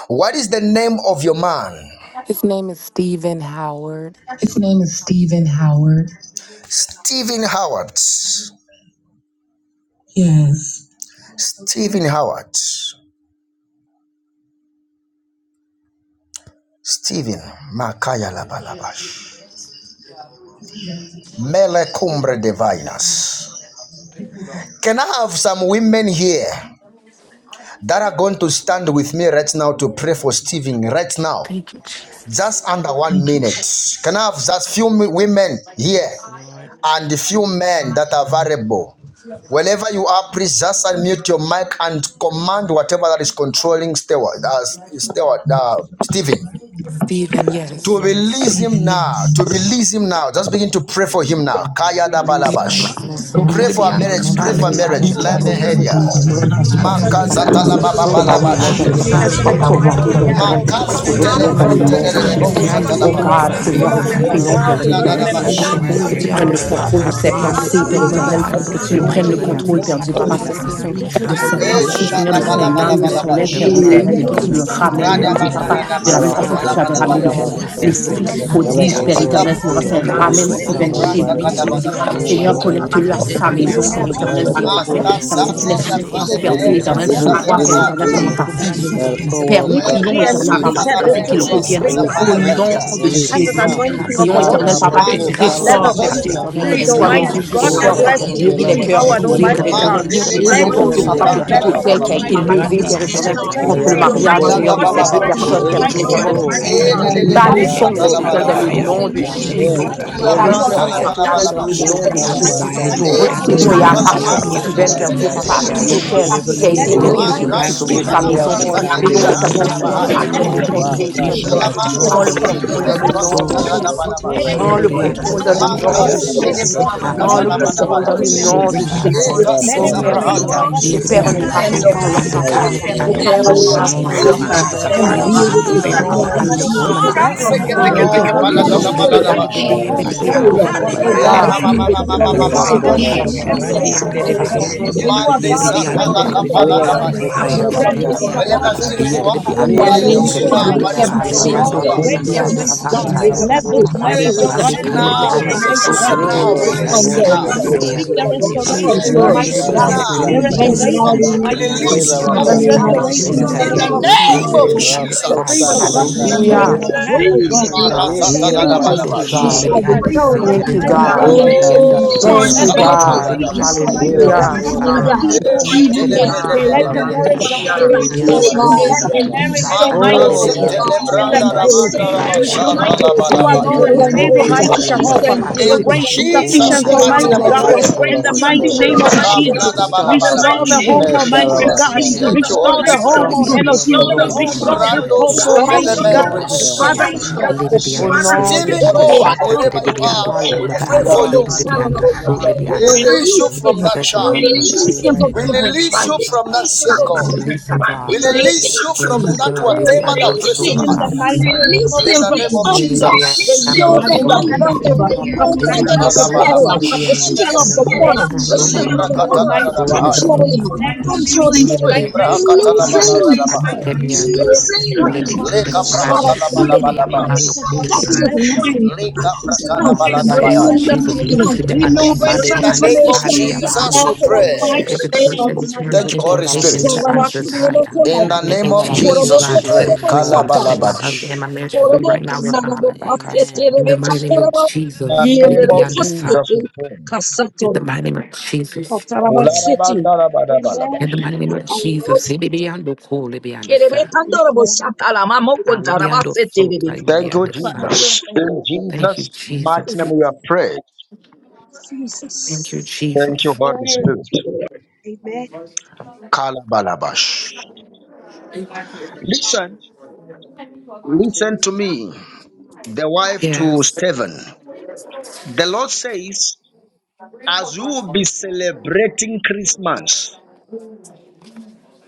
Speaker 1: What is the name of your man?
Speaker 9: His name is Stephen Howard.
Speaker 1: His name is Stephen Howard. Stephen Howard. Yes. Stephen Howard. Stephen Makaya Labalabash. Mele Cumbre Divinas. Can I have some women here that are going to stand with me right now to pray for Stephen right now?
Speaker 9: Thank you, Jesus.
Speaker 1: Just under one minute. Can I have just few women here
Speaker 10: Yes, Lord.
Speaker 1: and a few men that are variable? Wherever you are, please just unmute your mic and command whatever that is controlling Stewart, uh, Stewart, uh, Stephen.
Speaker 9: Stephen,
Speaker 1: to
Speaker 9: yes.
Speaker 8: Yes.
Speaker 1: release him now, to release him now. Just begin to pray for him now. Kaya da
Speaker 8: Release and
Speaker 1: balabash.
Speaker 8: não se
Speaker 9: Soul
Speaker 10: Nabakasuzubriyandakatariyandabi.
Speaker 1: Pray for
Speaker 9: be
Speaker 8: encontrando
Speaker 1: a
Speaker 9: on
Speaker 8: pelo
Speaker 9: the
Speaker 1: marriage,
Speaker 8: mundo
Speaker 1: pray
Speaker 10: Heavenly
Speaker 1: for
Speaker 9: let
Speaker 1: a
Speaker 8: Brasil,
Speaker 9: be
Speaker 2: Amen.
Speaker 8: então não
Speaker 1: marriage.
Speaker 9: under. the
Speaker 11: Thank
Speaker 8: se
Speaker 2: Amen.
Speaker 11: you.
Speaker 10: Father,
Speaker 8: passa
Speaker 9: soul.
Speaker 8: por
Speaker 10: in the
Speaker 8: si.
Speaker 1: Lemeheria.
Speaker 10: mighty
Speaker 2: Amen.
Speaker 10: name of
Speaker 8: Relâche,
Speaker 2: Jesus,
Speaker 8: Brasil,
Speaker 2: first
Speaker 9: Let
Speaker 2: of
Speaker 8: para
Speaker 10: Jesus,
Speaker 12: the
Speaker 9: be
Speaker 8: se
Speaker 2: all,
Speaker 11: Jesus.
Speaker 2: for
Speaker 9: under. the
Speaker 8: passar
Speaker 13: Messiah.
Speaker 2: living
Speaker 8: que
Speaker 9: soul,
Speaker 2: God.
Speaker 10: any
Speaker 8: là
Speaker 9: let
Speaker 8: où
Speaker 9: be
Speaker 8: il est, par
Speaker 13: We
Speaker 9: under.
Speaker 1: Makazatalababalabash.
Speaker 9: the
Speaker 2: Even in
Speaker 8: l'éternel,
Speaker 13: decree
Speaker 2: that
Speaker 10: orchestration,
Speaker 13: and
Speaker 2: there is
Speaker 8: soit
Speaker 9: let
Speaker 2: a
Speaker 13: declare that
Speaker 10: diabolic
Speaker 8: surmonté
Speaker 2: natural
Speaker 9: be
Speaker 8: par
Speaker 12: food
Speaker 2: near
Speaker 12: and
Speaker 2: how
Speaker 8: l'éternel
Speaker 9: under.
Speaker 8: pour
Speaker 2: you
Speaker 8: qu'il
Speaker 2: have
Speaker 9: the
Speaker 8: puisse
Speaker 12: every
Speaker 10: orchestration
Speaker 2: lunch or
Speaker 10: that
Speaker 9: let
Speaker 8: revenir
Speaker 13: everything
Speaker 2: how
Speaker 9: be
Speaker 8: dans
Speaker 10: is
Speaker 13: that
Speaker 2: for
Speaker 8: le
Speaker 2: a
Speaker 12: friendly
Speaker 9: under. the
Speaker 13: God
Speaker 8: nom
Speaker 11: No me
Speaker 13: is
Speaker 2: national
Speaker 8: de
Speaker 9: soul,
Speaker 2: person
Speaker 9: let
Speaker 2: of
Speaker 12: in
Speaker 13: putting
Speaker 12: the
Speaker 9: be
Speaker 11: dejas,
Speaker 8: Jésus.
Speaker 10: contending
Speaker 9: under.
Speaker 2: human
Speaker 9: the
Speaker 11: papá.
Speaker 8: Oh
Speaker 11: No me
Speaker 12: field
Speaker 9: cool,
Speaker 2: esteem.
Speaker 9: but
Speaker 8: God,
Speaker 10: against
Speaker 1: Makazutelebrontedelerebosatelaba.
Speaker 9: on the
Speaker 8: Seigneur,
Speaker 13: because
Speaker 11: dejas,
Speaker 2: Father,
Speaker 8: nous
Speaker 10: Stephen's
Speaker 13: it's
Speaker 2: you
Speaker 13: not
Speaker 9: fire.
Speaker 2: are
Speaker 11: y
Speaker 12: and
Speaker 10: well
Speaker 8: prions,
Speaker 12: the
Speaker 13: in
Speaker 11: tú
Speaker 8: Père
Speaker 2: God
Speaker 13: the
Speaker 8: Dieu
Speaker 11: ven,
Speaker 2: and
Speaker 12: other
Speaker 13: name
Speaker 10: being,
Speaker 2: not
Speaker 11: tú
Speaker 13: of
Speaker 8: éternel,
Speaker 9: Let
Speaker 11: ven,
Speaker 2: man
Speaker 9: be
Speaker 8: Seigneur,
Speaker 2: that
Speaker 9: under.
Speaker 2: you
Speaker 9: the
Speaker 13: Jesus,
Speaker 10: his
Speaker 1: Ladadabash.
Speaker 8: Saint,
Speaker 12: area
Speaker 11: tú
Speaker 2: should
Speaker 13: we
Speaker 9: cool,
Speaker 11: ven, ven,
Speaker 10: life,
Speaker 8: que
Speaker 11: ven,
Speaker 9: let
Speaker 2: like
Speaker 13: decree
Speaker 10: and
Speaker 8: tu
Speaker 9: be
Speaker 13: and
Speaker 10: his
Speaker 8: prennes
Speaker 2: apart
Speaker 12: now
Speaker 9: under.
Speaker 8: le
Speaker 9: the
Speaker 2: from
Speaker 12: that
Speaker 13: declare
Speaker 12: the
Speaker 13: that
Speaker 2: God.
Speaker 9: side,
Speaker 11: ven,
Speaker 8: contrôle
Speaker 13: their
Speaker 8: de
Speaker 12: Lord
Speaker 10: marital
Speaker 8: ses
Speaker 9: let
Speaker 13: marriage
Speaker 9: be
Speaker 2: You
Speaker 11: ven, ven,
Speaker 13: will
Speaker 2: are
Speaker 9: under.
Speaker 12: is
Speaker 13: be,
Speaker 2: the
Speaker 9: the
Speaker 8: pensées,
Speaker 2: God
Speaker 8: Père
Speaker 2: of
Speaker 9: cool,
Speaker 12: in
Speaker 9: but
Speaker 2: man
Speaker 11: ven, ven,
Speaker 10: glory,
Speaker 2: that
Speaker 8: éternel,
Speaker 2: you
Speaker 9: on
Speaker 12: every
Speaker 2: should
Speaker 9: the
Speaker 8: que
Speaker 10: Father,
Speaker 8: tu
Speaker 13: their
Speaker 10: in
Speaker 8: le
Speaker 14: Jesus.
Speaker 9: soul,
Speaker 10: the
Speaker 2: repent
Speaker 11: ven,
Speaker 8: prennes
Speaker 13: marriage
Speaker 8: le
Speaker 2: and
Speaker 13: will
Speaker 2: right
Speaker 13: be
Speaker 14: I
Speaker 12: controlling
Speaker 10: mighty
Speaker 8: contrôle,
Speaker 13: made
Speaker 8: Père
Speaker 2: God.
Speaker 14: pray
Speaker 10: name
Speaker 8: Dieu,
Speaker 14: for
Speaker 10: of
Speaker 8: Papa,
Speaker 13: whole
Speaker 9: Let
Speaker 11: ven,
Speaker 14: this
Speaker 12: spirit
Speaker 2: Father,
Speaker 11: ven,
Speaker 2: we
Speaker 9: be
Speaker 10: Jesus,
Speaker 8: Saint,
Speaker 14: marriage,
Speaker 10: we
Speaker 9: under.
Speaker 14: oh
Speaker 9: the
Speaker 12: in
Speaker 2: decree
Speaker 11: ven, ven, ven,
Speaker 2: the
Speaker 11: ven,
Speaker 14: Lord
Speaker 8: de
Speaker 9: soul,
Speaker 13: by
Speaker 11: tú
Speaker 8: sa
Speaker 9: let
Speaker 12: the
Speaker 10: cancel
Speaker 13: the
Speaker 2: children
Speaker 14: Jesus.
Speaker 9: be
Speaker 11: estás
Speaker 10: it.
Speaker 11: aquí
Speaker 13: blood
Speaker 9: under.
Speaker 8: pensée,
Speaker 9: the
Speaker 13: of
Speaker 12: spirit
Speaker 11: con
Speaker 12: of
Speaker 10: We
Speaker 2: of
Speaker 8: Seigneur,
Speaker 9: soul,
Speaker 8: de
Speaker 9: but
Speaker 10: come
Speaker 15: Whatever
Speaker 14: God,
Speaker 11: nosotros.
Speaker 9: be
Speaker 13: Jesus.
Speaker 8: son
Speaker 2: God.
Speaker 9: under. the
Speaker 8: âme, de
Speaker 10: against
Speaker 14: whatever
Speaker 13: We
Speaker 12: control
Speaker 8: son
Speaker 10: it
Speaker 11: Tú
Speaker 10: by
Speaker 13: decree
Speaker 8: être,
Speaker 14: it
Speaker 11: estás
Speaker 12: we
Speaker 13: and
Speaker 10: the
Speaker 14: is,
Speaker 8: Père
Speaker 14: and
Speaker 11: aquí con
Speaker 13: declare to
Speaker 10: blood.
Speaker 2: Yeah,
Speaker 8: éternel,
Speaker 13: be
Speaker 8: et
Speaker 14: lost
Speaker 9: Yere
Speaker 10: We
Speaker 2: no,
Speaker 8: que
Speaker 12: release
Speaker 9: be
Speaker 13: so.
Speaker 2: we
Speaker 11: nosotros,
Speaker 8: tu
Speaker 10: come
Speaker 12: him
Speaker 2: give
Speaker 14: in
Speaker 8: le
Speaker 11: y
Speaker 9: under
Speaker 2: you a
Speaker 11: nos
Speaker 10: against
Speaker 2: man,
Speaker 9: soul
Speaker 12: free
Speaker 2: no,
Speaker 10: it
Speaker 8: ramènes,
Speaker 9: to
Speaker 2: we
Speaker 12: and
Speaker 10: by
Speaker 8: Père
Speaker 9: be
Speaker 12: we
Speaker 2: give
Speaker 11: declaras
Speaker 10: the
Speaker 14: my
Speaker 2: you
Speaker 8: Dieu,
Speaker 11: que
Speaker 2: a
Speaker 9: under
Speaker 11: nos
Speaker 8: Papa,
Speaker 2: man
Speaker 13: Remonte,
Speaker 10: blood.
Speaker 14: life,
Speaker 12: free
Speaker 9: fire
Speaker 8: de
Speaker 11: dejas,
Speaker 8: la
Speaker 14: Lord,
Speaker 8: même
Speaker 11: Padre.
Speaker 8: façon
Speaker 9: tire.
Speaker 8: que tu
Speaker 10: Father,
Speaker 13: rata,
Speaker 8: avais
Speaker 10: we
Speaker 2: The
Speaker 8: ramené
Speaker 12: we free
Speaker 8: le,
Speaker 2: Bible
Speaker 13: ite,
Speaker 9: Yere
Speaker 12: Stephen,
Speaker 10: call
Speaker 8: f-
Speaker 9: be
Speaker 2: says,
Speaker 12: we
Speaker 14: restore
Speaker 10: his
Speaker 1: Radabanananamasabalabalabalaba.
Speaker 9: under
Speaker 8: le
Speaker 11: Y
Speaker 12: free
Speaker 2: let
Speaker 13: ite,
Speaker 11: nos
Speaker 2: no
Speaker 11: dejas,
Speaker 10: spirit,
Speaker 9: soul
Speaker 8: Fils
Speaker 2: one
Speaker 10: his
Speaker 12: Stephen,
Speaker 9: be
Speaker 2: to
Speaker 9: under
Speaker 10: soul
Speaker 12: we
Speaker 13: maya.
Speaker 8: prodige,
Speaker 2: understand
Speaker 9: cool
Speaker 14: the
Speaker 8: Père
Speaker 12: free
Speaker 15: to
Speaker 9: be
Speaker 2: what you
Speaker 9: under
Speaker 8: éternel,
Speaker 2: have
Speaker 14: lost,
Speaker 10: back
Speaker 13: We
Speaker 8: Seigneur,
Speaker 15: receive
Speaker 14: Lord
Speaker 2: prayed
Speaker 9: sata
Speaker 8: Saint,
Speaker 13: decree
Speaker 9: to
Speaker 11: y
Speaker 10: home
Speaker 11: nos
Speaker 13: and
Speaker 9: be
Speaker 10: in
Speaker 2: together,
Speaker 9: under
Speaker 8: ramène
Speaker 15: release
Speaker 11: dejas,
Speaker 14: Jesus.
Speaker 15: it
Speaker 13: declare
Speaker 2: mighty
Speaker 13: that
Speaker 15: now
Speaker 8: Steven
Speaker 10: Jesus'
Speaker 11: y
Speaker 9: fire.
Speaker 13: we
Speaker 14: Restore
Speaker 15: by
Speaker 2: God.
Speaker 13: will
Speaker 11: nos
Speaker 8: chez
Speaker 14: what i
Speaker 10: mighty
Speaker 8: lui,
Speaker 15: fire.
Speaker 13: return
Speaker 2: Father,
Speaker 8: chez
Speaker 10: name.
Speaker 2: we
Speaker 9: Yere
Speaker 13: to
Speaker 8: lui.
Speaker 9: be
Speaker 2: pray
Speaker 9: under
Speaker 15: In
Speaker 2: for
Speaker 13: their
Speaker 15: the
Speaker 1: Ligabrontolomosotodobrankakadabalabadesh.
Speaker 2: your
Speaker 10: Father,
Speaker 11: dejas,
Speaker 8: Seigneur,
Speaker 14: in
Speaker 9: soul
Speaker 11: y
Speaker 15: mighty
Speaker 10: we
Speaker 14: the
Speaker 13: wife.
Speaker 9: to
Speaker 11: vas
Speaker 2: daughter,
Speaker 14: name
Speaker 2: O
Speaker 15: name
Speaker 11: tú, y
Speaker 9: be
Speaker 8: connecte-le à
Speaker 15: of
Speaker 14: of the
Speaker 9: under
Speaker 2: God.
Speaker 15: Jesus.
Speaker 8: sa
Speaker 14: Lord
Speaker 13: Their
Speaker 9: care
Speaker 10: we
Speaker 2: May
Speaker 8: maison,
Speaker 9: by
Speaker 13: marriage
Speaker 2: her
Speaker 8: Père
Speaker 13: will
Speaker 14: Jesus.
Speaker 9: under
Speaker 13: be
Speaker 2: heart
Speaker 8: éternel,
Speaker 2: go
Speaker 14: Restore
Speaker 10: call
Speaker 9: soul.
Speaker 8: Seigneur,
Speaker 13: healed.
Speaker 15: Whatever
Speaker 8: Saint,
Speaker 15: to
Speaker 11: vas tú, y vas tú, y
Speaker 2: wherever
Speaker 11: vas tú.
Speaker 10: upon
Speaker 2: she
Speaker 10: your
Speaker 8: ça
Speaker 2: is,
Speaker 15: receive
Speaker 8: c'est
Speaker 2: O
Speaker 8: si
Speaker 9: Yere
Speaker 8: les
Speaker 2: God.
Speaker 9: be
Speaker 15: and
Speaker 10: holy
Speaker 2: And
Speaker 9: under
Speaker 2: she,
Speaker 13: People
Speaker 10: name.
Speaker 8: souffrances,
Speaker 2: O
Speaker 13: will be
Speaker 8: Père
Speaker 2: God,
Speaker 9: to
Speaker 8: Dieu
Speaker 2: we
Speaker 9: be
Speaker 15: release,
Speaker 1: Mankazateliafalemeheria
Speaker 13: delivered.
Speaker 2: can
Speaker 9: under
Speaker 10: La
Speaker 8: éternel,
Speaker 11: Tú
Speaker 10: da
Speaker 2: back,
Speaker 8: tu
Speaker 2: O
Speaker 15: release,
Speaker 10: ba
Speaker 9: sata
Speaker 11: estás
Speaker 8: vois,
Speaker 2: God.
Speaker 9: be
Speaker 10: ka
Speaker 8: Père
Speaker 11: con
Speaker 13: The
Speaker 10: sa
Speaker 15: release,
Speaker 9: under
Speaker 1: zizazelagai.
Speaker 8: éternel,
Speaker 13: spirit
Speaker 10: to
Speaker 9: baba
Speaker 13: of
Speaker 11: nosotros,
Speaker 2: We
Speaker 8: comment
Speaker 10: ri
Speaker 14: all
Speaker 9: no
Speaker 15: release.
Speaker 11: y
Speaker 8: ta
Speaker 11: nos
Speaker 14: that
Speaker 9: cool
Speaker 10: an
Speaker 9: be
Speaker 10: da
Speaker 8: fille
Speaker 11: dejas,
Speaker 10: be
Speaker 14: I've
Speaker 9: under
Speaker 13: understanding
Speaker 10: de
Speaker 8: souffre.
Speaker 15: By
Speaker 13: will
Speaker 10: be
Speaker 15: the
Speaker 10: ke
Speaker 11: papá,
Speaker 9: sailor.
Speaker 14: lost
Speaker 13: enter
Speaker 10: se
Speaker 15: power
Speaker 14: in
Speaker 13: their
Speaker 8: Père, nous
Speaker 10: te
Speaker 2: we
Speaker 15: of
Speaker 11: papá,
Speaker 10: ri
Speaker 15: God.
Speaker 9: Yere
Speaker 13: marriage.
Speaker 10: an
Speaker 8: prions,
Speaker 11: papá.
Speaker 1: Lembra
Speaker 2: decree
Speaker 9: be
Speaker 10: da
Speaker 2: and
Speaker 13: The
Speaker 2: we
Speaker 9: under
Speaker 8: éternel,
Speaker 10: be.
Speaker 15: Release
Speaker 13: spirit
Speaker 8: Papa,
Speaker 13: of
Speaker 1: sufa
Speaker 9: soul
Speaker 8: Saint,
Speaker 11: Thank
Speaker 2: declare
Speaker 15: it
Speaker 1: la
Speaker 9: to
Speaker 8: Saint,
Speaker 15: now.
Speaker 2: this
Speaker 9: be
Speaker 10: La
Speaker 8: qu'il
Speaker 13: servitude
Speaker 10: ba
Speaker 2: living
Speaker 9: under
Speaker 14: the
Speaker 1: mentra
Speaker 13: will
Speaker 10: ba
Speaker 8: revienne
Speaker 14: Lord.
Speaker 10: ba
Speaker 9: sun
Speaker 13: enter
Speaker 1: siza
Speaker 2: spirit
Speaker 10: ba
Speaker 2: of
Speaker 13: their
Speaker 9: be
Speaker 15: Release it
Speaker 10: ba
Speaker 8: au
Speaker 10: ka
Speaker 9: under
Speaker 15: now.
Speaker 13: marriage
Speaker 10: sa
Speaker 1: palagadia.
Speaker 8: nom
Speaker 2: God
Speaker 10: to
Speaker 9: soul.
Speaker 10: ri
Speaker 8: de
Speaker 10: an
Speaker 13: in the
Speaker 15: Release
Speaker 10: da
Speaker 15: it
Speaker 2: under
Speaker 13: name
Speaker 2: the
Speaker 9: You
Speaker 10: be.
Speaker 13: of
Speaker 8: Jésus.
Speaker 15: now.
Speaker 9: could be
Speaker 8: Nous
Speaker 2: anointing
Speaker 9: under
Speaker 2: of
Speaker 13: Jesus.
Speaker 10: Le
Speaker 8: prions,
Speaker 2: the
Speaker 10: be de
Speaker 9: soul
Speaker 10: be
Speaker 2: Holy
Speaker 8: éternel,
Speaker 13: And
Speaker 10: de
Speaker 13: the
Speaker 9: be
Speaker 10: be
Speaker 8: Papa,
Speaker 10: de
Speaker 8: que
Speaker 13: Rebbe
Speaker 9: under
Speaker 10: be
Speaker 8: tu
Speaker 15: Alabako
Speaker 10: de
Speaker 2: Spirit.
Speaker 10: be
Speaker 1: Manda
Speaker 13: so
Speaker 10: de
Speaker 9: sun.
Speaker 2: Let
Speaker 10: be de
Speaker 2: the
Speaker 8: restaures,
Speaker 1: suta
Speaker 10: be
Speaker 8: Père
Speaker 15: salabaka
Speaker 2: Holy
Speaker 10: de
Speaker 1: le
Speaker 8: Dieu
Speaker 13: Talabahaya.
Speaker 10: be.
Speaker 8: éternel,
Speaker 15: shaka.
Speaker 9: Yere
Speaker 1: montre
Speaker 2: Spirit,
Speaker 1: se
Speaker 10: La
Speaker 8: toi
Speaker 9: be
Speaker 8: le
Speaker 10: ba
Speaker 9: under
Speaker 8: Dieu
Speaker 10: ka
Speaker 2: Almighty
Speaker 8: qui
Speaker 10: sa
Speaker 2: God,
Speaker 13: Roboto
Speaker 10: ka
Speaker 9: soul
Speaker 8: restaure,
Speaker 10: ta
Speaker 15: Elaba
Speaker 9: here.
Speaker 8: toi
Speaker 10: ri
Speaker 2: arrest
Speaker 8: qui
Speaker 10: an
Speaker 2: the
Speaker 10: da
Speaker 15: konde
Speaker 8: guéris
Speaker 10: be
Speaker 8: les
Speaker 10: de
Speaker 15: elaba
Speaker 13: Rebeke
Speaker 2: Stephen
Speaker 10: be
Speaker 8: cœurs
Speaker 10: ke
Speaker 2: Howard,
Speaker 10: se
Speaker 15: kasha
Speaker 8: brisés,
Speaker 9: Yeah,
Speaker 10: to
Speaker 8: Père
Speaker 10: ri
Speaker 2: Almighty
Speaker 9: could be
Speaker 10: an
Speaker 2: God.
Speaker 8: éternel.
Speaker 15: talaba.
Speaker 1: Mande
Speaker 10: da
Speaker 1: le
Speaker 10: be
Speaker 8: Nous
Speaker 10: de
Speaker 1: le
Speaker 13: Soto
Speaker 12: Stephen,
Speaker 10: be.
Speaker 2: Let
Speaker 8: prions,
Speaker 1: le
Speaker 8: Père
Speaker 15: Yolo
Speaker 2: him
Speaker 8: Dieu,
Speaker 1: bolsa
Speaker 10: Le
Speaker 9: soul
Speaker 8: Papa, que
Speaker 9: be
Speaker 10: de
Speaker 15: kosa
Speaker 2: return
Speaker 10: be
Speaker 1: tanda
Speaker 2: back
Speaker 8: tout
Speaker 9: under
Speaker 1: la
Speaker 12: free
Speaker 10: ke
Speaker 15: laba
Speaker 13: Talabaramanso.
Speaker 2: home,
Speaker 10: se
Speaker 8: autel
Speaker 9: sun
Speaker 1: baba
Speaker 8: qui a
Speaker 10: to
Speaker 9: be
Speaker 8: été
Speaker 10: ri
Speaker 1: baba.
Speaker 15: sende
Speaker 2: Almighty
Speaker 9: under
Speaker 10: an
Speaker 15: laba
Speaker 10: da
Speaker 8: levé,
Speaker 2: God,
Speaker 9: soul
Speaker 10: ba
Speaker 15: ka.
Speaker 13: Randi
Speaker 8: Père
Speaker 10: a
Speaker 13: and
Speaker 2: to
Speaker 13: the
Speaker 10: sa
Speaker 8: éternel,
Speaker 2: his
Speaker 10: ta
Speaker 12: Thank
Speaker 13: Rebeke
Speaker 10: ka
Speaker 2: family,
Speaker 8: contre
Speaker 15: Aya
Speaker 8: le
Speaker 10: ta
Speaker 2: to
Speaker 10: ri
Speaker 2: his
Speaker 10: an
Speaker 13: Soto
Speaker 8: mariage,
Speaker 10: da
Speaker 2: home,
Speaker 15: lako
Speaker 10: be.
Speaker 1: Daga
Speaker 2: oh
Speaker 8: Seigneur, de
Speaker 13: Rebe
Speaker 1: baba
Speaker 2: God,
Speaker 8: ces
Speaker 11: you.
Speaker 9: Ada
Speaker 8: deux
Speaker 15: sala
Speaker 1: baba.
Speaker 9: to
Speaker 2: to
Speaker 9: be
Speaker 15: e
Speaker 2: his
Speaker 8: personnes,
Speaker 13: Soto
Speaker 9: under
Speaker 8: Père
Speaker 15: e
Speaker 13: or
Speaker 2: wife,
Speaker 8: Dieu
Speaker 9: soul, to
Speaker 10: Labakasa
Speaker 9: be
Speaker 8: éternel,
Speaker 15: lako
Speaker 2: Almighty
Speaker 9: under
Speaker 13: Rekataya
Speaker 8: nous
Speaker 2: God.
Speaker 15: laba.
Speaker 9: sire,
Speaker 1: Ele
Speaker 10: Katorianda
Speaker 9: be
Speaker 1: le
Speaker 11: No, no.
Speaker 13: Sita
Speaker 1: le
Speaker 10: Ba
Speaker 9: under
Speaker 2: Father, you
Speaker 15: Ya
Speaker 9: soul,
Speaker 1: bolsa
Speaker 13: Rebeke
Speaker 8: bannissons
Speaker 2: are
Speaker 11: We
Speaker 2: the
Speaker 13: Soto
Speaker 8: cet
Speaker 1: tanda
Speaker 10: Lede
Speaker 2: great
Speaker 15: kosa
Speaker 8: autel
Speaker 1: baba
Speaker 9: under
Speaker 8: dans
Speaker 2: God,
Speaker 8: le
Speaker 15: laba
Speaker 1: baba.
Speaker 10: Kese
Speaker 13: Talabahaya.
Speaker 2: you
Speaker 9: soul,
Speaker 2: are
Speaker 15: ka
Speaker 9: yeah,
Speaker 8: nom
Speaker 9: to
Speaker 2: the
Speaker 8: de
Speaker 9: be
Speaker 2: leader
Speaker 13: In
Speaker 2: and
Speaker 13: the
Speaker 2: the
Speaker 9: under
Speaker 13: name
Speaker 10: Zebrianda
Speaker 15: sande
Speaker 13: of
Speaker 8: Jésus.
Speaker 9: soul, to
Speaker 2: provider.
Speaker 15: lako
Speaker 9: be
Speaker 1: Ria
Speaker 13: Jesus.
Speaker 9: under
Speaker 2: You
Speaker 15: laba.
Speaker 2: are
Speaker 1: branda
Speaker 10: Katorianda
Speaker 8: Bannissons
Speaker 1: la
Speaker 2: God
Speaker 9: sire.
Speaker 2: of
Speaker 8: cet
Speaker 1: bala
Speaker 8: autel
Speaker 2: grace
Speaker 1: bala
Speaker 8: dans
Speaker 10: Bekese
Speaker 11: we
Speaker 1: bala.
Speaker 2: and
Speaker 8: le
Speaker 2: the
Speaker 9: Yeah,
Speaker 2: God
Speaker 11: be
Speaker 8: nom
Speaker 9: could
Speaker 2: of
Speaker 8: de
Speaker 15: Yeka
Speaker 9: be
Speaker 11: real
Speaker 1: Ebro
Speaker 10: Terianda
Speaker 9: under
Speaker 2: wonders.
Speaker 15: laba
Speaker 8: Jésus.
Speaker 11: people
Speaker 13: By
Speaker 9: soul,
Speaker 10: Bidibi
Speaker 11: in our
Speaker 9: to
Speaker 8: Nous
Speaker 2: Mighty
Speaker 15: shata.
Speaker 9: be
Speaker 11: relationship,
Speaker 13: stripes
Speaker 2: Father,
Speaker 9: under
Speaker 11: no
Speaker 8: retirons
Speaker 13: their
Speaker 8: et
Speaker 2: wherever
Speaker 11: one
Speaker 1: sufa
Speaker 2: he
Speaker 9: sire,
Speaker 13: marriage
Speaker 10: Labakasa
Speaker 1: la
Speaker 15: Ya
Speaker 11: stop
Speaker 9: be
Speaker 13: is
Speaker 2: is,
Speaker 8: arrachons
Speaker 2: oh
Speaker 11: our
Speaker 9: under
Speaker 1: mante
Speaker 15: laba
Speaker 2: God,
Speaker 13: healed
Speaker 1: de de
Speaker 10: Katorianda
Speaker 2: let
Speaker 9: soul,
Speaker 8: Steven,
Speaker 11: relationship
Speaker 9: to
Speaker 8: Père
Speaker 11: with
Speaker 9: be
Speaker 2: him
Speaker 1: de de
Speaker 8: Dieu,
Speaker 10: Bakasa
Speaker 15: kasha
Speaker 2: not
Speaker 11: The
Speaker 9: under
Speaker 8: Papa,
Speaker 1: de
Speaker 8: à
Speaker 1: de
Speaker 11: guy,
Speaker 13: They
Speaker 2: find
Speaker 13: are
Speaker 1: de
Speaker 9: car.
Speaker 8: tout
Speaker 2: peace,
Speaker 15: talaba.
Speaker 13: both
Speaker 11: we
Speaker 10: Katorianda
Speaker 2: oh
Speaker 8: autel
Speaker 10: Bi
Speaker 2: God.
Speaker 11: never
Speaker 13: delivered.
Speaker 8: qui
Speaker 11: fun,
Speaker 8: a
Speaker 9: Yeah,
Speaker 2: Let
Speaker 11: we
Speaker 8: été
Speaker 13: They
Speaker 2: him
Speaker 9: to
Speaker 1: de.
Speaker 2: not
Speaker 13: will
Speaker 9: be
Speaker 11: never
Speaker 10: Lada
Speaker 13: put the
Speaker 8: érigé
Speaker 2: find
Speaker 9: under
Speaker 1: Manga
Speaker 8: pour
Speaker 11: we
Speaker 13: past
Speaker 2: rest
Speaker 8: qu'il
Speaker 10: Baba
Speaker 2: in
Speaker 9: soul,
Speaker 2: the
Speaker 8: quitte
Speaker 9: to
Speaker 8: sa
Speaker 15: Yeki
Speaker 10: Baba
Speaker 2: name
Speaker 1: la
Speaker 13: behind
Speaker 9: be
Speaker 11: tablet
Speaker 2: of
Speaker 13: them
Speaker 8: maison.
Speaker 10: Baba
Speaker 15: laba
Speaker 11: in
Speaker 9: under
Speaker 1: branda
Speaker 8: Nous
Speaker 2: Jesus.
Speaker 1: que
Speaker 10: Kasa
Speaker 13: and
Speaker 9: soul,
Speaker 13: they
Speaker 15: sande
Speaker 8: prions,
Speaker 2: We
Speaker 13: will
Speaker 9: to
Speaker 1: di
Speaker 15: laba.
Speaker 10: Kosozo
Speaker 13: move
Speaker 9: be
Speaker 8: éternel
Speaker 1: branda la
Speaker 2: command
Speaker 9: under
Speaker 8: Seigneur,
Speaker 2: you,
Speaker 8: que
Speaker 10: Brianda
Speaker 13: forward
Speaker 2: my
Speaker 8: tu
Speaker 10: Bi
Speaker 1: bahaya.
Speaker 9: sire,
Speaker 8: prennes
Speaker 13: in
Speaker 11: the
Speaker 2: God,
Speaker 8: le
Speaker 9: to
Speaker 13: the
Speaker 2: right
Speaker 13: name
Speaker 9: be
Speaker 15: Aba
Speaker 13: of
Speaker 2: now
Speaker 8: contrôle,
Speaker 2: in
Speaker 9: icky
Speaker 8: Père
Speaker 2: the
Speaker 9: and
Speaker 13: Jesus
Speaker 10: Labakasa
Speaker 8: Dieu.
Speaker 15: kasha
Speaker 2: name
Speaker 9: do
Speaker 1: Jana
Speaker 2: of
Speaker 13: as
Speaker 9: so
Speaker 1: manto
Speaker 2: Jesus.
Speaker 8: Prends
Speaker 15: talaba.
Speaker 13: one.
Speaker 8: le
Speaker 9: tire,
Speaker 10: Tandianda
Speaker 2: We
Speaker 1: sufe
Speaker 9: to
Speaker 1: de
Speaker 9: be
Speaker 8: contrôle
Speaker 1: de
Speaker 8: dans
Speaker 11: one.
Speaker 8: le
Speaker 10: Bakasa
Speaker 9: under
Speaker 2: confess,
Speaker 1: ipa
Speaker 8: nom
Speaker 2: oh
Speaker 8: de
Speaker 1: suta
Speaker 2: my
Speaker 9: soul.
Speaker 1: la la
Speaker 2: God.
Speaker 15: Oba
Speaker 10: Torianda
Speaker 8: Jésus.
Speaker 1: bala
Speaker 12: you.
Speaker 2: Let
Speaker 1: bala.
Speaker 15: kola
Speaker 13: Under
Speaker 9: Say
Speaker 2: every
Speaker 8: Prends
Speaker 13: the
Speaker 9: to
Speaker 8: le
Speaker 15: laba.
Speaker 9: be
Speaker 2: chain,
Speaker 10: being
Speaker 13: behest
Speaker 2: oh
Speaker 9: under
Speaker 12: Receive
Speaker 13: of
Speaker 8: contrôle
Speaker 2: God,
Speaker 8: dans le
Speaker 2: that
Speaker 9: sire,
Speaker 12: women
Speaker 2: was
Speaker 1: Manga
Speaker 8: nom
Speaker 15: Ya
Speaker 13: Talabahaya,
Speaker 8: de
Speaker 1: se
Speaker 12: rest.
Speaker 2: holding you,
Speaker 15: laba
Speaker 2: my
Speaker 10: in
Speaker 13: we
Speaker 8: Jésus.
Speaker 10: the
Speaker 13: pray
Speaker 2: God,
Speaker 13: for
Speaker 15: kosa
Speaker 12: Receive
Speaker 9: have
Speaker 10: gap,
Speaker 9: to
Speaker 2: let
Speaker 8: Prends
Speaker 13: Stephen
Speaker 9: be
Speaker 8: le
Speaker 12: women
Speaker 2: it
Speaker 1: la
Speaker 13: now
Speaker 2: be
Speaker 10: Father,
Speaker 15: laba.
Speaker 9: under
Speaker 12: rest.
Speaker 8: contrôle
Speaker 9: soul,
Speaker 10: and
Speaker 8: dans
Speaker 2: broken
Speaker 9: to
Speaker 8: le
Speaker 2: in
Speaker 9: be
Speaker 13: that
Speaker 12: Even
Speaker 2: the
Speaker 13: you
Speaker 10: call
Speaker 12: your
Speaker 13: will
Speaker 9: under
Speaker 8: nom
Speaker 2: name of
Speaker 8: de
Speaker 13: bring
Speaker 10: upon
Speaker 13: him
Speaker 12: peace.
Speaker 13: back
Speaker 10: His
Speaker 15: Aba
Speaker 9: sire.
Speaker 2: Jesus.
Speaker 8: Jésus.
Speaker 13: home.
Speaker 10: Spirit,
Speaker 12: Receive
Speaker 10: His
Speaker 2: Let
Speaker 8: Ô
Speaker 13: You
Speaker 15: kasha
Speaker 13: will
Speaker 12: women
Speaker 2: every
Speaker 10: soul,
Speaker 13: have
Speaker 8: Père
Speaker 13: the
Speaker 12: rest.
Speaker 10: His
Speaker 2: chain,
Speaker 15: talaba.
Speaker 2: oh
Speaker 8: Seigneur,
Speaker 10: mind,
Speaker 13: mind
Speaker 2: God,
Speaker 12: May
Speaker 10: and
Speaker 13: to
Speaker 2: be
Speaker 9: Yeah,
Speaker 10: His
Speaker 9: to
Speaker 13: come
Speaker 9: be
Speaker 12: God
Speaker 8: opère un
Speaker 13: back
Speaker 2: broken
Speaker 9: under
Speaker 10: body
Speaker 2: out
Speaker 12: Send
Speaker 2: of
Speaker 8: miracle
Speaker 13: home.
Speaker 9: soul,
Speaker 12: your
Speaker 2: his
Speaker 10: to
Speaker 9: but
Speaker 8: en leur
Speaker 12: Holy
Speaker 2: life,
Speaker 9: under
Speaker 2: oh
Speaker 10: come
Speaker 9: car,
Speaker 2: God.
Speaker 10: back
Speaker 12: Spirit
Speaker 8: faveur.
Speaker 12: to
Speaker 10: to
Speaker 9: be under
Speaker 2: In the
Speaker 8: Opère un
Speaker 15: Aji
Speaker 9: soul,
Speaker 2: mighty
Speaker 12: power
Speaker 9: yeah,
Speaker 12: and
Speaker 13: Not
Speaker 8: miracle
Speaker 2: name
Speaker 13: only
Speaker 2: of
Speaker 8: en
Speaker 13: the
Speaker 9: Jesus.
Speaker 8: leur
Speaker 10: Reality in
Speaker 12: favor
Speaker 13: mind,
Speaker 2: Jesus.
Speaker 13: but
Speaker 8: faveur,
Speaker 13: the
Speaker 10: Jesus'
Speaker 12: and
Speaker 13: heart
Speaker 15: Alabaka
Speaker 2: Father,
Speaker 8: Seigneur.
Speaker 9: Iri
Speaker 13: and
Speaker 9: be
Speaker 2: we
Speaker 10: mighty
Speaker 12: deal
Speaker 13: the
Speaker 12: with
Speaker 9: ando
Speaker 8: Au
Speaker 10: name,
Speaker 12: this
Speaker 2: speak
Speaker 9: so
Speaker 2: right
Speaker 13: spirit.
Speaker 10: we
Speaker 9: baba
Speaker 8: nom
Speaker 2: now
Speaker 8: de
Speaker 2: by
Speaker 12: mockery
Speaker 9: ando
Speaker 2: the
Speaker 9: ko
Speaker 10: cancel
Speaker 12: that
Speaker 2: authority
Speaker 10: and
Speaker 9: mama
Speaker 2: of
Speaker 12: is
Speaker 10: we
Speaker 8: Jésus.
Speaker 13: It'll
Speaker 9: anda
Speaker 2: heaven,
Speaker 13: come
Speaker 2: oh
Speaker 13: back
Speaker 10: overthrow
Speaker 8: Au
Speaker 2: God.
Speaker 9: saya de
Speaker 13: home
Speaker 10: any
Speaker 13: with
Speaker 9: be
Speaker 12: compromising,
Speaker 13: the
Speaker 2: For
Speaker 8: nom
Speaker 9: ando
Speaker 2: you
Speaker 8: de
Speaker 13: spirit
Speaker 12: that
Speaker 2: are the
Speaker 13: of
Speaker 9: so
Speaker 13: a
Speaker 12: is
Speaker 9: le
Speaker 10: manipulation
Speaker 2: God of
Speaker 8: Jésus.
Speaker 12: pulled
Speaker 9: be
Speaker 13: servant.
Speaker 9: ando
Speaker 12: down
Speaker 2: grace
Speaker 9: de
Speaker 2: and the
Speaker 12: there
Speaker 9: be be
Speaker 10: against
Speaker 2: God
Speaker 9: be
Speaker 12: and
Speaker 2: of
Speaker 10: this
Speaker 9: be
Speaker 2: wonders,
Speaker 9: ando
Speaker 12: full.
Speaker 2: oh
Speaker 9: ko
Speaker 13: Atarabaka,
Speaker 2: God.
Speaker 10: household,
Speaker 9: baba
Speaker 12: Oh
Speaker 2: Your
Speaker 9: anda
Speaker 12: God,
Speaker 8: Alléluia.
Speaker 10: against
Speaker 2: grace
Speaker 13: soterebehe,
Speaker 9: saya.
Speaker 12: be
Speaker 10: this
Speaker 2: is
Speaker 12: the power,
Speaker 2: sufficient
Speaker 8: Reba
Speaker 10: man.
Speaker 2: and your
Speaker 9: Sete
Speaker 13: sotarabahaya,
Speaker 9: de
Speaker 8: Santa
Speaker 9: be
Speaker 2: mercy
Speaker 12: surrender,
Speaker 2: are
Speaker 9: ando
Speaker 2: new
Speaker 9: ko
Speaker 8: Rabashia
Speaker 12: deal
Speaker 2: every
Speaker 9: baba
Speaker 2: great
Speaker 12: with
Speaker 13: randi
Speaker 8: Santa
Speaker 12: the
Speaker 13: and
Speaker 9: anda
Speaker 12: fear of survival. Deal with everything, deal
Speaker 2: freedom,
Speaker 12: with
Speaker 8: Rabaus.
Speaker 10: Mighty
Speaker 2: God.
Speaker 12: the
Speaker 9: saya.
Speaker 10: name,
Speaker 12: morning.
Speaker 2: For you are
Speaker 1: Mande
Speaker 9: He de
Speaker 12: Deal
Speaker 2: God of
Speaker 9: be
Speaker 8: Rebe
Speaker 12: with
Speaker 2: grace
Speaker 9: ando
Speaker 8: Kaya
Speaker 1: satala
Speaker 12: all of
Speaker 9: ko
Speaker 2: and
Speaker 12: the
Speaker 2: the
Speaker 9: le
Speaker 10: Labakasato
Speaker 2: God
Speaker 1: kapala
Speaker 9: be
Speaker 8: Rabba
Speaker 2: of
Speaker 12: family.
Speaker 9: anda
Speaker 8: Santa
Speaker 2: wonders.
Speaker 1: dabadi.
Speaker 2: Your
Speaker 9: saya.
Speaker 12: after
Speaker 10: Brianda
Speaker 8: Rabashia
Speaker 12: deal
Speaker 8: Santa
Speaker 12: with
Speaker 2: presence
Speaker 12: the
Speaker 2: is
Speaker 10: Takatia
Speaker 8: Rabakia
Speaker 1: Whenever
Speaker 13: the
Speaker 2: above
Speaker 12: morning.
Speaker 2: all
Speaker 10: Barianda
Speaker 1: Stephen,
Speaker 9: Iye
Speaker 1: you
Speaker 10: B,
Speaker 9: de
Speaker 8: Rabasia.
Speaker 9: de
Speaker 1: want,
Speaker 2: Jehovah.
Speaker 9: be
Speaker 13: Pray,
Speaker 12: In
Speaker 1: we
Speaker 9: ando
Speaker 2: You
Speaker 12: the
Speaker 13: Father,
Speaker 2: are the
Speaker 10: Lebe
Speaker 13: for our
Speaker 12: name,
Speaker 9: so
Speaker 1: release
Speaker 12: we
Speaker 9: te
Speaker 2: Lord
Speaker 1: you
Speaker 8: Rebe
Speaker 9: be
Speaker 12: come
Speaker 1: now
Speaker 9: anda
Speaker 2: Almighty,
Speaker 8: Kaya
Speaker 1: by
Speaker 12: against
Speaker 1: the
Speaker 10: Kisitorianda
Speaker 13: husband
Speaker 8: Rabba
Speaker 12: every
Speaker 9: sa le
Speaker 1: special
Speaker 2: the
Speaker 10: Baba
Speaker 9: be
Speaker 8: Santa
Speaker 1: grace
Speaker 10: Baba
Speaker 1: of
Speaker 2: God
Speaker 9: ando
Speaker 2: of
Speaker 1: God.
Speaker 12: sentiment
Speaker 9: ko
Speaker 10: Baba,
Speaker 8: Rabaus
Speaker 2: grace,
Speaker 9: baba
Speaker 12: spirit.
Speaker 9: anda
Speaker 8: Santa
Speaker 2: Almighty
Speaker 12: We
Speaker 9: sa
Speaker 10: Lede
Speaker 12: come
Speaker 2: God.
Speaker 8: Rabashia
Speaker 12: against
Speaker 9: taya.
Speaker 8: Santa
Speaker 12: every
Speaker 2: Let
Speaker 12: great
Speaker 2: this
Speaker 10: Kisitorianda
Speaker 1: We
Speaker 8: Rabakahasa.
Speaker 2: marriage,
Speaker 12: spirit
Speaker 2: oh
Speaker 15: Satalaba,
Speaker 12: that
Speaker 1: release
Speaker 2: God,
Speaker 10: Bebe,
Speaker 9: Mande
Speaker 1: you
Speaker 2: be
Speaker 9: ke le be
Speaker 1: now.
Speaker 2: restored,
Speaker 1: We
Speaker 10: Lebe
Speaker 9: ando
Speaker 8: Jesus
Speaker 12: provides
Speaker 2: Almighty
Speaker 12: to
Speaker 9: so
Speaker 1: release
Speaker 8: name,
Speaker 9: te
Speaker 1: you
Speaker 2: God.
Speaker 8: in
Speaker 9: be
Speaker 1: now.
Speaker 9: anda
Speaker 1: We
Speaker 10: Kisisobrianda
Speaker 12: operate
Speaker 8: Jesus
Speaker 9: sa
Speaker 8: name,
Speaker 9: le
Speaker 12: upon
Speaker 8: in
Speaker 1: release you
Speaker 9: be
Speaker 12: the
Speaker 1: now.
Speaker 9: anda
Speaker 2: We
Speaker 8: Jesus
Speaker 12: we
Speaker 10: Kasakatarianda
Speaker 8: name,
Speaker 15: Zila
Speaker 9: saya.
Speaker 2: speak
Speaker 10: B,
Speaker 12: feel
Speaker 2: the
Speaker 12: the
Speaker 8: in
Speaker 12: water
Speaker 1: We
Speaker 10: Lebe
Speaker 8: Jesus
Speaker 2: restoration,
Speaker 8: name,
Speaker 9: Iye
Speaker 12: control
Speaker 9: de
Speaker 8: in
Speaker 9: de
Speaker 2: Almighty
Speaker 9: de
Speaker 1: release
Speaker 9: be
Speaker 1: you
Speaker 10: Kisikuta,
Speaker 2: God.
Speaker 8: Jesus
Speaker 9: ando
Speaker 12: from
Speaker 1: now.
Speaker 8: name,
Speaker 9: ko
Speaker 2: The
Speaker 9: le
Speaker 8: in
Speaker 9: be anda
Speaker 12: even
Speaker 8: Jesus
Speaker 12: now
Speaker 9: sa
Speaker 2: restoration,
Speaker 8: name,
Speaker 9: ta
Speaker 12: we
Speaker 1: We
Speaker 9: te
Speaker 2: Almighty
Speaker 9: be
Speaker 12: rebuke
Speaker 9: ando
Speaker 2: God.
Speaker 12: it.
Speaker 8: in
Speaker 1: release you
Speaker 9: so
Speaker 12: in
Speaker 2: Let
Speaker 1: now.
Speaker 12: the
Speaker 2: it
Speaker 9: le
Speaker 2: be
Speaker 9: be
Speaker 8: Jesus name,
Speaker 12: name of
Speaker 8: in
Speaker 9: anda se
Speaker 2: restoration in
Speaker 9: ta
Speaker 8: Jesus
Speaker 2: the
Speaker 12: Jesus.
Speaker 1: In
Speaker 8: name,
Speaker 12: And
Speaker 9: ye
Speaker 2: name
Speaker 1: the
Speaker 8: in
Speaker 9: do
Speaker 2: of
Speaker 12: we
Speaker 9: upo
Speaker 1: name
Speaker 8: Jesus
Speaker 12: declare
Speaker 2: Jesus
Speaker 1: of
Speaker 9: ye
Speaker 12: you
Speaker 2: Christ.
Speaker 8: name.
Speaker 9: anda
Speaker 12: set
Speaker 9: sa
Speaker 2: Spirit
Speaker 9: te
Speaker 12: free.
Speaker 2: of
Speaker 9: ando
Speaker 2: God,
Speaker 1: Jesus.
Speaker 12: We
Speaker 9: so
Speaker 2: make
Speaker 12: declare
Speaker 2: way
Speaker 9: to
Speaker 8: Hallelujah.
Speaker 12: you
Speaker 2: for
Speaker 10: Lebutorian
Speaker 2: her, O
Speaker 12: free in the
Speaker 2: God.
Speaker 8: Thank
Speaker 12: name of
Speaker 2: In
Speaker 8: God.
Speaker 2: the
Speaker 9: Yeah, Baba,
Speaker 2: name of
Speaker 9: and
Speaker 12: Jesus.
Speaker 8: Thank
Speaker 9: the
Speaker 8: you,
Speaker 10: Teddy
Speaker 12: We
Speaker 9: soul,
Speaker 8: God.
Speaker 2: Jesus
Speaker 9: let
Speaker 12: shall
Speaker 9: me
Speaker 15: Wakundela,
Speaker 9: and
Speaker 2: Christ.
Speaker 9: the
Speaker 10: and
Speaker 12: return.
Speaker 2: In the
Speaker 9: Satan,
Speaker 8: Thank
Speaker 9: and
Speaker 8: you,
Speaker 12: We
Speaker 2: mighty
Speaker 9: the
Speaker 12: decree
Speaker 2: name
Speaker 9: cool,
Speaker 8: God.
Speaker 12: and
Speaker 2: of
Speaker 9: yeah,
Speaker 10: Luriandere,
Speaker 12: declare
Speaker 9: beyond the
Speaker 12: you
Speaker 2: Jesus.
Speaker 1: Oh,
Speaker 9: school, yeah,
Speaker 8: Thank
Speaker 12: returning
Speaker 2: Let
Speaker 8: you,
Speaker 10: la ba
Speaker 9: right
Speaker 2: the
Speaker 12: back
Speaker 10: ba
Speaker 9: now,
Speaker 12: to
Speaker 9: God,
Speaker 12: his
Speaker 9: let
Speaker 1: satakapaya
Speaker 8: God.
Speaker 10: ba
Speaker 9: me
Speaker 10: ba
Speaker 9: be
Speaker 12: wife,
Speaker 2: restoration,
Speaker 9: at
Speaker 1: dabadabash.
Speaker 9: the
Speaker 12: to
Speaker 9: cool,
Speaker 2: Almighty
Speaker 9: beyond
Speaker 12: his
Speaker 2: God.
Speaker 9: the
Speaker 8: Hallelujah.
Speaker 12: family,
Speaker 2: The
Speaker 9: sire.
Speaker 12: God.
Speaker 2: peace,
Speaker 9: Yeah, could
Speaker 2: Almighty
Speaker 12: Even
Speaker 9: be
Speaker 2: God.
Speaker 12: this
Speaker 9: and the
Speaker 12: very
Speaker 2: Let
Speaker 9: soul,
Speaker 2: her
Speaker 9: let me and the
Speaker 12: minute,
Speaker 2: marriage, O God,
Speaker 9: Satan,
Speaker 2: be
Speaker 12: very
Speaker 9: let me and
Speaker 15: Bila
Speaker 9: the
Speaker 2: restored.
Speaker 9: cool,
Speaker 12: God.
Speaker 8: Jesus.
Speaker 9: let
Speaker 2: Let
Speaker 9: me
Speaker 15: basandala
Speaker 2: her
Speaker 9: and
Speaker 15: ba,
Speaker 9: the
Speaker 12: We
Speaker 2: marriage,
Speaker 9: Satan,
Speaker 12: stand
Speaker 9: let
Speaker 1: Manka
Speaker 12: for
Speaker 2: Almighty
Speaker 9: me
Speaker 8: Oh,
Speaker 9: be
Speaker 12: it.
Speaker 2: God.
Speaker 15: yala
Speaker 9: and the
Speaker 12: We
Speaker 15: ba
Speaker 9: cool,
Speaker 15: pa
Speaker 2: In
Speaker 10: sitianda
Speaker 2: the
Speaker 1: sitelebranda
Speaker 8: that's
Speaker 9: let
Speaker 12: stand
Speaker 9: me
Speaker 8: why
Speaker 12: for
Speaker 9: be
Speaker 8: I'm
Speaker 2: mighty
Speaker 10: bakasa
Speaker 12: it.
Speaker 9: and the
Speaker 8: still
Speaker 1: rabanda
Speaker 8: here
Speaker 2: name of
Speaker 9: sire.
Speaker 8: in
Speaker 12: We
Speaker 8: love
Speaker 12: stand
Speaker 10: katarianda
Speaker 1: rabasata
Speaker 8: with
Speaker 2: Jesus.
Speaker 10: bi
Speaker 12: for
Speaker 8: Jesus.
Speaker 12: it.
Speaker 2: You are
Speaker 9: Yeah,
Speaker 1: labalaba.
Speaker 10: le
Speaker 9: let
Speaker 12: We
Speaker 9: it
Speaker 2: Lord
Speaker 10: be
Speaker 15: bila
Speaker 9: be
Speaker 2: who's
Speaker 10: be
Speaker 15: ba
Speaker 9: and
Speaker 12: stand
Speaker 10: be
Speaker 8: Oh,
Speaker 9: the
Speaker 12: for
Speaker 8: we're
Speaker 10: be
Speaker 2: able,
Speaker 15: ku
Speaker 12: it.
Speaker 9: cool,
Speaker 8: still,
Speaker 10: be
Speaker 8: I'm
Speaker 9: let
Speaker 2: mighty
Speaker 15: ta
Speaker 10: be
Speaker 9: me
Speaker 12: We
Speaker 9: and
Speaker 10: be
Speaker 8: still
Speaker 9: the
Speaker 8: in
Speaker 15: ta,
Speaker 10: be
Speaker 8: love
Speaker 2: Jehovah.
Speaker 12: stand
Speaker 10: be
Speaker 9: sire,
Speaker 8: with
Speaker 10: be
Speaker 9: let
Speaker 2: Your
Speaker 12: for
Speaker 9: me
Speaker 12: it.
Speaker 1: In
Speaker 10: be
Speaker 9: be
Speaker 8: Jesus.
Speaker 9: and
Speaker 2: grace
Speaker 9: the
Speaker 2: is
Speaker 12: The
Speaker 9: cool, Baba,
Speaker 15: ala
Speaker 1: Jesus'
Speaker 2: sufficient,
Speaker 8: Okay,
Speaker 10: Lurianda
Speaker 9: and the
Speaker 8: I'm
Speaker 1: mighty
Speaker 10: bidi
Speaker 12: angel
Speaker 1: name
Speaker 8: made
Speaker 2: Almighty
Speaker 1: we
Speaker 12: of
Speaker 8: up
Speaker 9: sire.
Speaker 10: bidi
Speaker 2: God,
Speaker 8: with
Speaker 1: pray.
Speaker 12: arrest.
Speaker 10: bidi
Speaker 8: my
Speaker 15: akula
Speaker 2: in the
Speaker 8: person.
Speaker 2: mighty
Speaker 9: Man,
Speaker 2: name of
Speaker 12: Arrest
Speaker 9: the
Speaker 10: bakasa
Speaker 8: Amen.
Speaker 9: soul, the
Speaker 12: him.
Speaker 2: Jesus.
Speaker 9: blood of
Speaker 8: Restaure,
Speaker 10: turianda
Speaker 1: Kapladabalabala.
Speaker 12: Arrest
Speaker 8: Seigneur.
Speaker 9: Jesus,
Speaker 2: Restore
Speaker 9: let
Speaker 10: bidi
Speaker 2: the
Speaker 9: me and
Speaker 12: Stephen.
Speaker 10: bidi
Speaker 9: the
Speaker 2: home,
Speaker 9: sire.
Speaker 2: Almighty
Speaker 8: Restaure,
Speaker 12: Arrest
Speaker 2: God.
Speaker 8: Jésus.
Speaker 12: Stephen.
Speaker 1: Thank you, Holy
Speaker 2: Restore the
Speaker 12: Arrest
Speaker 1: Spirit.
Speaker 2: home,
Speaker 8: Restaure,
Speaker 9: Libe
Speaker 2: O
Speaker 12: him.
Speaker 9: beyond the
Speaker 8: Seigneur, au
Speaker 2: Elohim.
Speaker 9: soul,
Speaker 8: nom de
Speaker 9: libe
Speaker 12: Arrest
Speaker 9: and the
Speaker 2: Restore
Speaker 12: Stephen.
Speaker 2: this
Speaker 8: Jésus.
Speaker 9: side,
Speaker 1: Rando
Speaker 9: the blood
Speaker 2: home,
Speaker 9: of
Speaker 12: Stone
Speaker 1: Sovele
Speaker 8: Au
Speaker 9: Jesus,
Speaker 2: Almighty
Speaker 9: they be
Speaker 2: God.
Speaker 8: nom
Speaker 9: and
Speaker 8: de
Speaker 9: the
Speaker 10: Alada
Speaker 1: Membris.
Speaker 10: baba
Speaker 9: sire,
Speaker 2: Father,
Speaker 8: Jésus.
Speaker 10: baba baka
Speaker 9: libe
Speaker 8: Au
Speaker 9: beyond
Speaker 10: satori
Speaker 9: the
Speaker 2: we
Speaker 10: anda
Speaker 9: cool,
Speaker 8: nom
Speaker 10: bede
Speaker 8: de
Speaker 9: libe
Speaker 2: speak
Speaker 1: Stephen
Speaker 10: bede
Speaker 9: and the
Speaker 10: bede
Speaker 12: it
Speaker 10: be.
Speaker 1: Howard,
Speaker 8: Jésus.
Speaker 9: sata,
Speaker 12: to
Speaker 1: wherever
Speaker 9: libe
Speaker 1: you
Speaker 12: the
Speaker 10: Lede
Speaker 9: beyond the
Speaker 1: are,
Speaker 9: cool,
Speaker 10: kesitori
Speaker 1: we
Speaker 9: libe
Speaker 10: anda ba
Speaker 1: pray
Speaker 9: and the
Speaker 1: for
Speaker 8: Alléluia.
Speaker 1: you.
Speaker 9: kid,
Speaker 10: asata
Speaker 12: Release
Speaker 9: libe
Speaker 10: katari
Speaker 9: beyond the
Speaker 10: anda
Speaker 9: soul,
Speaker 10: bede
Speaker 9: libe
Speaker 10: bede
Speaker 1: We
Speaker 9: and
Speaker 10: bede
Speaker 9: the
Speaker 10: be.
Speaker 1: release
Speaker 9: sire.
Speaker 1: you
Speaker 10: Lebe
Speaker 12: him.
Speaker 1: from that
Speaker 9: Set my
Speaker 1: charm.
Speaker 10: kesitori anda
Speaker 9: husband
Speaker 10: be
Speaker 9: free
Speaker 12: Release him from
Speaker 9: right
Speaker 1: We
Speaker 10: keseteri
Speaker 9: now.
Speaker 10: anda
Speaker 12: every
Speaker 10: baba
Speaker 1: release you
Speaker 12: bondage.
Speaker 10: baba.
Speaker 8: Jésus.
Speaker 1: from that
Speaker 12: Stop.
Speaker 10: Lebe
Speaker 1: circle.
Speaker 8: Jésus.
Speaker 10: lebe
Speaker 9: Release him,
Speaker 12: that.
Speaker 10: keseteri
Speaker 1: We
Speaker 9: God.
Speaker 10: anda bede
Speaker 1: release
Speaker 10: be
Speaker 1: you
Speaker 12: Release
Speaker 1: from
Speaker 9: Thank you,
Speaker 12: him.
Speaker 1: that
Speaker 10: kesetori
Speaker 9: God.
Speaker 10: anda be.
Speaker 9: Libe
Speaker 1: whatever
Speaker 9: and
Speaker 1: that
Speaker 9: the
Speaker 12: Release
Speaker 1: place you
Speaker 10: Alaba
Speaker 9: soul,
Speaker 12: him.
Speaker 2: in
Speaker 1: are.
Speaker 2: the mighty
Speaker 10: kasakatori anda
Speaker 2: name
Speaker 12: Release
Speaker 2: of
Speaker 1: In
Speaker 10: bede
Speaker 12: him
Speaker 1: the
Speaker 10: bede
Speaker 12: from
Speaker 10: be.
Speaker 1: name
Speaker 2: Jesus.
Speaker 1: of
Speaker 9: libe
Speaker 12: under
Speaker 1: Jesus.
Speaker 10: Alaba
Speaker 12: the
Speaker 9: and the
Speaker 12: yoke
Speaker 10: kasakatori
Speaker 12: and the
Speaker 10: anda
Speaker 2: Whatever
Speaker 10: be
Speaker 9: soul,
Speaker 2: that is
Speaker 12: bondage,
Speaker 10: keseteri
Speaker 2: holding
Speaker 10: anda
Speaker 12: but
Speaker 2: him
Speaker 10: bede
Speaker 9: libe
Speaker 2: right
Speaker 10: bede
Speaker 12: under
Speaker 10: be.
Speaker 2: now,
Speaker 12: the
Speaker 2: O
Speaker 9: beyond the
Speaker 2: God,
Speaker 1: Kalabalaba.
Speaker 9: cool,
Speaker 12: spell,
Speaker 9: they
Speaker 10: Alaba
Speaker 9: be
Speaker 12: the
Speaker 9: and
Speaker 10: baba
Speaker 9: the
Speaker 12: spell
Speaker 10: baba
Speaker 12: of
Speaker 9: sire,
Speaker 12: the
Speaker 10: baba
Speaker 2: let
Speaker 9: libe
Speaker 12: water,
Speaker 2: him
Speaker 9: and
Speaker 12: the
Speaker 2: be
Speaker 9: the
Speaker 12: spell
Speaker 9: baba,
Speaker 12: of
Speaker 1: Libra
Speaker 2: released,
Speaker 10: kasakatori
Speaker 12: the
Speaker 9: baba, and
Speaker 10: anda
Speaker 12: moon,
Speaker 9: the
Speaker 2: Almighty
Speaker 1: Catalana
Speaker 2: God.
Speaker 9: soul.
Speaker 10: bede
Speaker 1: Bahaya.
Speaker 12: controlling,
Speaker 10: bede be.
Speaker 2: Let him be
Speaker 12: controlling
Speaker 2: released
Speaker 10: Alaba
Speaker 12: spirit.
Speaker 2: right
Speaker 9: Libya,
Speaker 10: baba
Speaker 1: Lembra
Speaker 2: now in the
Speaker 1: hakata la
Speaker 2: name
Speaker 12: Release
Speaker 9: Libya,
Speaker 10: kasakotori
Speaker 2: of
Speaker 12: him.
Speaker 10: anda be
Speaker 9: understand,
Speaker 2: Jesus.
Speaker 9: let
Speaker 12: And
Speaker 9: me
Speaker 12: we
Speaker 10: kesekiteri anda
Speaker 12: declare
Speaker 10: ba.
Speaker 12: him
Speaker 10: Ba
Speaker 2: Thank
Speaker 10: ba
Speaker 2: you,
Speaker 12: free.
Speaker 10: ba
Speaker 2: God, for
Speaker 8: Au
Speaker 10: ba
Speaker 1: Leka
Speaker 10: ba
Speaker 2: your
Speaker 8: nom
Speaker 10: ba
Speaker 8: de
Speaker 10: ba
Speaker 12: Set
Speaker 9: understand,
Speaker 1: prahata
Speaker 10: ba
Speaker 12: us
Speaker 2: presence.
Speaker 1: la
Speaker 10: ba
Speaker 1: ba
Speaker 10: ba
Speaker 8: Jésus.
Speaker 12: free
Speaker 10: ba.
Speaker 12: his
Speaker 9: Libya,
Speaker 2: Thank you,
Speaker 12: mind.
Speaker 9: Mamma,
Speaker 2: God,
Speaker 8: et
Speaker 9: cool,
Speaker 2: for
Speaker 8: qu'ils
Speaker 9: be
Speaker 12: Touch
Speaker 2: your
Speaker 8: sont
Speaker 12: his
Speaker 2: mercy.
Speaker 8: absents,
Speaker 9: understand.
Speaker 12: mind.
Speaker 8: qui
Speaker 1: Leka
Speaker 12: Touch his
Speaker 8: retournent dans la
Speaker 12: mind.
Speaker 1: ba
Speaker 9: In the
Speaker 2: in
Speaker 9: mighty
Speaker 8: maison
Speaker 2: the
Speaker 10: La
Speaker 9: name
Speaker 10: da
Speaker 9: of
Speaker 12: Renew
Speaker 2: mighty
Speaker 8: Seigneur,
Speaker 12: the
Speaker 10: baka
Speaker 9: Jesus,
Speaker 2: name
Speaker 8: qui
Speaker 2: of
Speaker 12: mind.
Speaker 9: loose to
Speaker 10: satori
Speaker 9: be
Speaker 8: retournent
Speaker 10: anda
Speaker 8: dans
Speaker 2: Jesus
Speaker 12: Renew
Speaker 8: la
Speaker 10: bede
Speaker 2: Christ,
Speaker 12: and
Speaker 10: bede
Speaker 9: understand,
Speaker 8: maison
Speaker 1: In
Speaker 9: be
Speaker 10: bede
Speaker 1: the
Speaker 2: come up
Speaker 10: bede.
Speaker 1: name
Speaker 2: and
Speaker 8: Jésus,
Speaker 1: of
Speaker 12: transformation
Speaker 2: we
Speaker 9: understand,
Speaker 10: La
Speaker 9: Yama,
Speaker 8: Qui
Speaker 12: from
Speaker 10: baka
Speaker 1: Jesus, we
Speaker 12: that
Speaker 8: retourne
Speaker 12: to
Speaker 8: à
Speaker 12: the
Speaker 8: la
Speaker 9: understood.
Speaker 10: sakatori
Speaker 8: maison
Speaker 1: pray.
Speaker 12: mind in
Speaker 10: anda
Speaker 12: the
Speaker 9: Every
Speaker 10: bede
Speaker 12: name
Speaker 8: Jésus.
Speaker 10: bede
Speaker 9: curse,
Speaker 12: of
Speaker 2: thank you,
Speaker 9: every
Speaker 10: bede bede
Speaker 2: my
Speaker 8: Qu'il
Speaker 9: term
Speaker 12: Jesus.
Speaker 10: bede
Speaker 9: of
Speaker 1: Thank you,
Speaker 2: God,
Speaker 10: bede.
Speaker 8: retourne
Speaker 1: Holy
Speaker 8: à la
Speaker 9: incantation,
Speaker 1: Spirit.
Speaker 9: in
Speaker 10: La
Speaker 9: the
Speaker 8: maison
Speaker 10: da
Speaker 2: in
Speaker 9: answer,
Speaker 10: baka
Speaker 8: Jésus.
Speaker 2: Jesus'
Speaker 9: Taya,
Speaker 10: sakatori
Speaker 12: Sarabakadabakona.
Speaker 8: Qu'il
Speaker 2: name.
Speaker 10: anda
Speaker 9: and
Speaker 10: baka
Speaker 8: retourne à la
Speaker 9: enchantment,
Speaker 10: satori
Speaker 9: oh
Speaker 8: maison
Speaker 10: anda
Speaker 9: God,
Speaker 10: bede
Speaker 9: set
Speaker 8: Jésus. Au
Speaker 9: him
Speaker 10: bede bede
Speaker 9: free,
Speaker 8: nom de
Speaker 9: God,
Speaker 12: Korobekorobokosata.
Speaker 10: kiseteri
Speaker 9: set my
Speaker 10: anda
Speaker 8: Jésus.
Speaker 10: bim.
Speaker 9: husband and my
Speaker 8: Au
Speaker 9: marriage
Speaker 8: nom
Speaker 10: La
Speaker 9: free
Speaker 8: de
Speaker 10: ba
Speaker 9: right
Speaker 10: ba
Speaker 9: now, Lord
Speaker 8: Jésus.
Speaker 10: ba
Speaker 8: Au nom
Speaker 10: ba
Speaker 9: God.
Speaker 10: ba.
Speaker 8: de la grâce, au nom
Speaker 10: Amen.
Speaker 9: In the
Speaker 8: de
Speaker 9: mighty
Speaker 8: Jésus.
Speaker 9: name of
Speaker 12: Korobekanabokaseterebekantara.
Speaker 9: Jesus, let me be understand.
Speaker 12: Yenderebekosete.
Speaker 9: In the
Speaker 12: Kasatoraba.
Speaker 9: mighty name of Jesus,
Speaker 10: Amen.
Speaker 12: Katarabasete.
Speaker 2: Amen.
Speaker 9: in the mighty name of Jesus, Libya,
Speaker 12: Katarabasete.
Speaker 9: be under cool, be
Speaker 12: Kerebe
Speaker 9: understand.
Speaker 2: Yes,
Speaker 12: kandorobo
Speaker 2: Lord. I'm
Speaker 12: shakala
Speaker 2: grateful.
Speaker 12: mamo
Speaker 9: Alibiando
Speaker 12: kontarabase
Speaker 9: fruit,
Speaker 12: terebe.
Speaker 9: Alibiando
Speaker 2: Father,
Speaker 9: sign.
Speaker 2: you are
Speaker 9: Thank you, Jesus.
Speaker 12: Jesus.
Speaker 9: Thank you, Jesus.
Speaker 2: Amen. Amen.
Speaker 1: Listen, listen to me, the wife to
Speaker 9: Yes.
Speaker 1: Stephen. The Lord says, as you will be celebrating Christmas,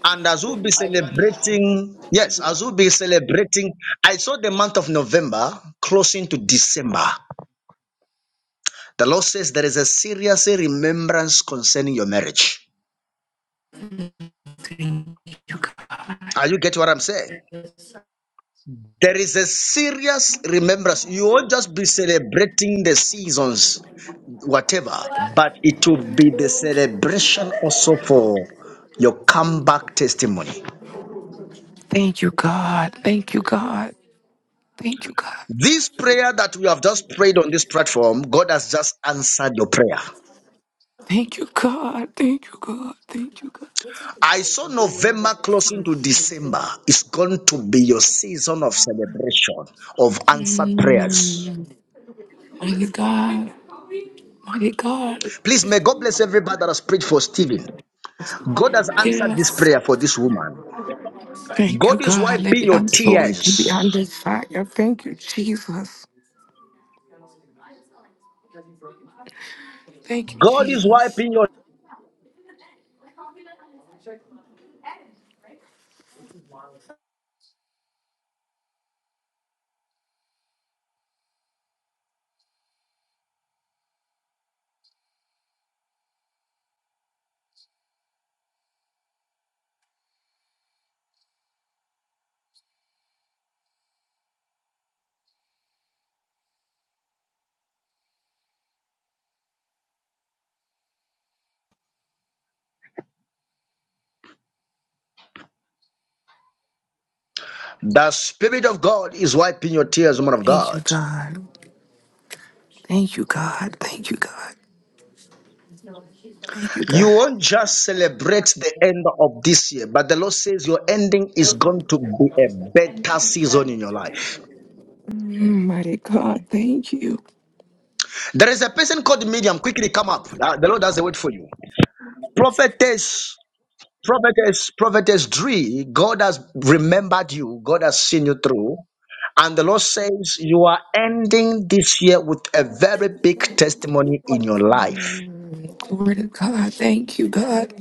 Speaker 1: and as we'll be celebrating, yes, as we'll be celebrating, I saw the month of November closing to December. The Lord says there is a serious remembrance concerning your marriage.
Speaker 9: Thank you, God.
Speaker 1: Are you get what I'm saying? There is a serious remembrance. You won't just be celebrating the seasons, whatever, but it will be the celebration also for your comeback testimony.
Speaker 9: Thank you, God. Thank you, God. Thank you, God.
Speaker 1: This prayer that we have just prayed on this platform, God has just answered your prayer.
Speaker 9: Thank you, God. Thank you, God. Thank you, God.
Speaker 1: I saw November closing to December. It's going to be your season of celebration of answered prayers.
Speaker 9: Mm. Mighty God. Mighty God.
Speaker 1: Please, may God bless everybody that has prayed for Stephen. God has answered this
Speaker 9: Yes.
Speaker 1: prayer for this woman.
Speaker 9: Thank you,
Speaker 1: God is
Speaker 9: God. Let
Speaker 1: wiping
Speaker 9: me
Speaker 1: your
Speaker 9: I'm sorry to be
Speaker 1: tears.
Speaker 9: under fire. Thank you, Jesus. Thank you,
Speaker 1: God is
Speaker 9: Jesus.
Speaker 1: wiping your the spirit of God is wiping your tears, woman of
Speaker 9: Thank you,
Speaker 1: God.
Speaker 9: God. Thank you, God. Thank you, God. Thank you,
Speaker 1: You
Speaker 9: God.
Speaker 1: won't just celebrate the end of this year, but the Lord says your ending is going to be a better season in your life.
Speaker 9: Mighty God, thank you.
Speaker 1: There is a person called medium. Quickly come up. Uh, The Lord has a word for you. Prophetess, prophetess, prophetess Dree, God has remembered you. God has seen you through. And the Lord says, You are ending this year with a very big testimony in your life.
Speaker 9: Glory to God. Thank you, God.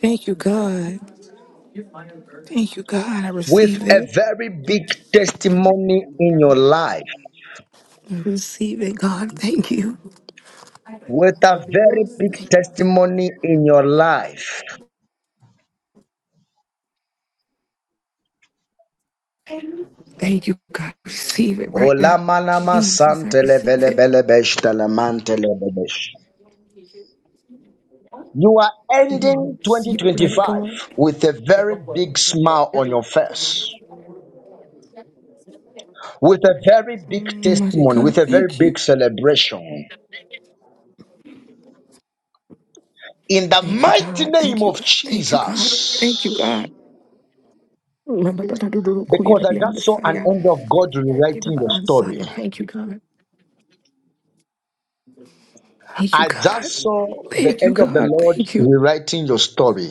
Speaker 9: Thank you, God. Thank you, God. I
Speaker 1: With
Speaker 9: receive
Speaker 1: a
Speaker 9: it.
Speaker 1: very big testimony in your life.
Speaker 9: I receive it, God. Thank you.
Speaker 1: With a very big testimony in your life.
Speaker 9: Thank you, God. Receive it right now.
Speaker 1: Olamanama
Speaker 9: Jesus, I receive it.
Speaker 1: santelebelebelebesh telemantelebebesh. You are ending
Speaker 9: Receive it, mighty
Speaker 1: 2025
Speaker 9: God.
Speaker 1: with a very big smile on your face, with a very big
Speaker 9: Mighty
Speaker 1: testimony, with
Speaker 9: God,
Speaker 1: a very
Speaker 9: thank you.
Speaker 1: big celebration. in the
Speaker 9: Thank you,
Speaker 1: mighty
Speaker 9: God.
Speaker 1: name
Speaker 9: Thank you,
Speaker 1: of
Speaker 9: God. Thank you, God. Thank you,
Speaker 1: Jesus.
Speaker 9: God. Remember that I do do kuya
Speaker 1: Because
Speaker 9: to
Speaker 1: I
Speaker 9: be on the
Speaker 1: just saw an
Speaker 9: Messiah.
Speaker 1: angel of God rewriting
Speaker 9: Remember
Speaker 1: your
Speaker 9: on
Speaker 1: story.
Speaker 9: Messiah. Thank you, God. Thank you,
Speaker 1: I
Speaker 9: God.
Speaker 1: just saw the
Speaker 9: Thank you,
Speaker 1: angel of the
Speaker 9: God.
Speaker 1: Lord
Speaker 9: Thank you.
Speaker 1: rewriting your story.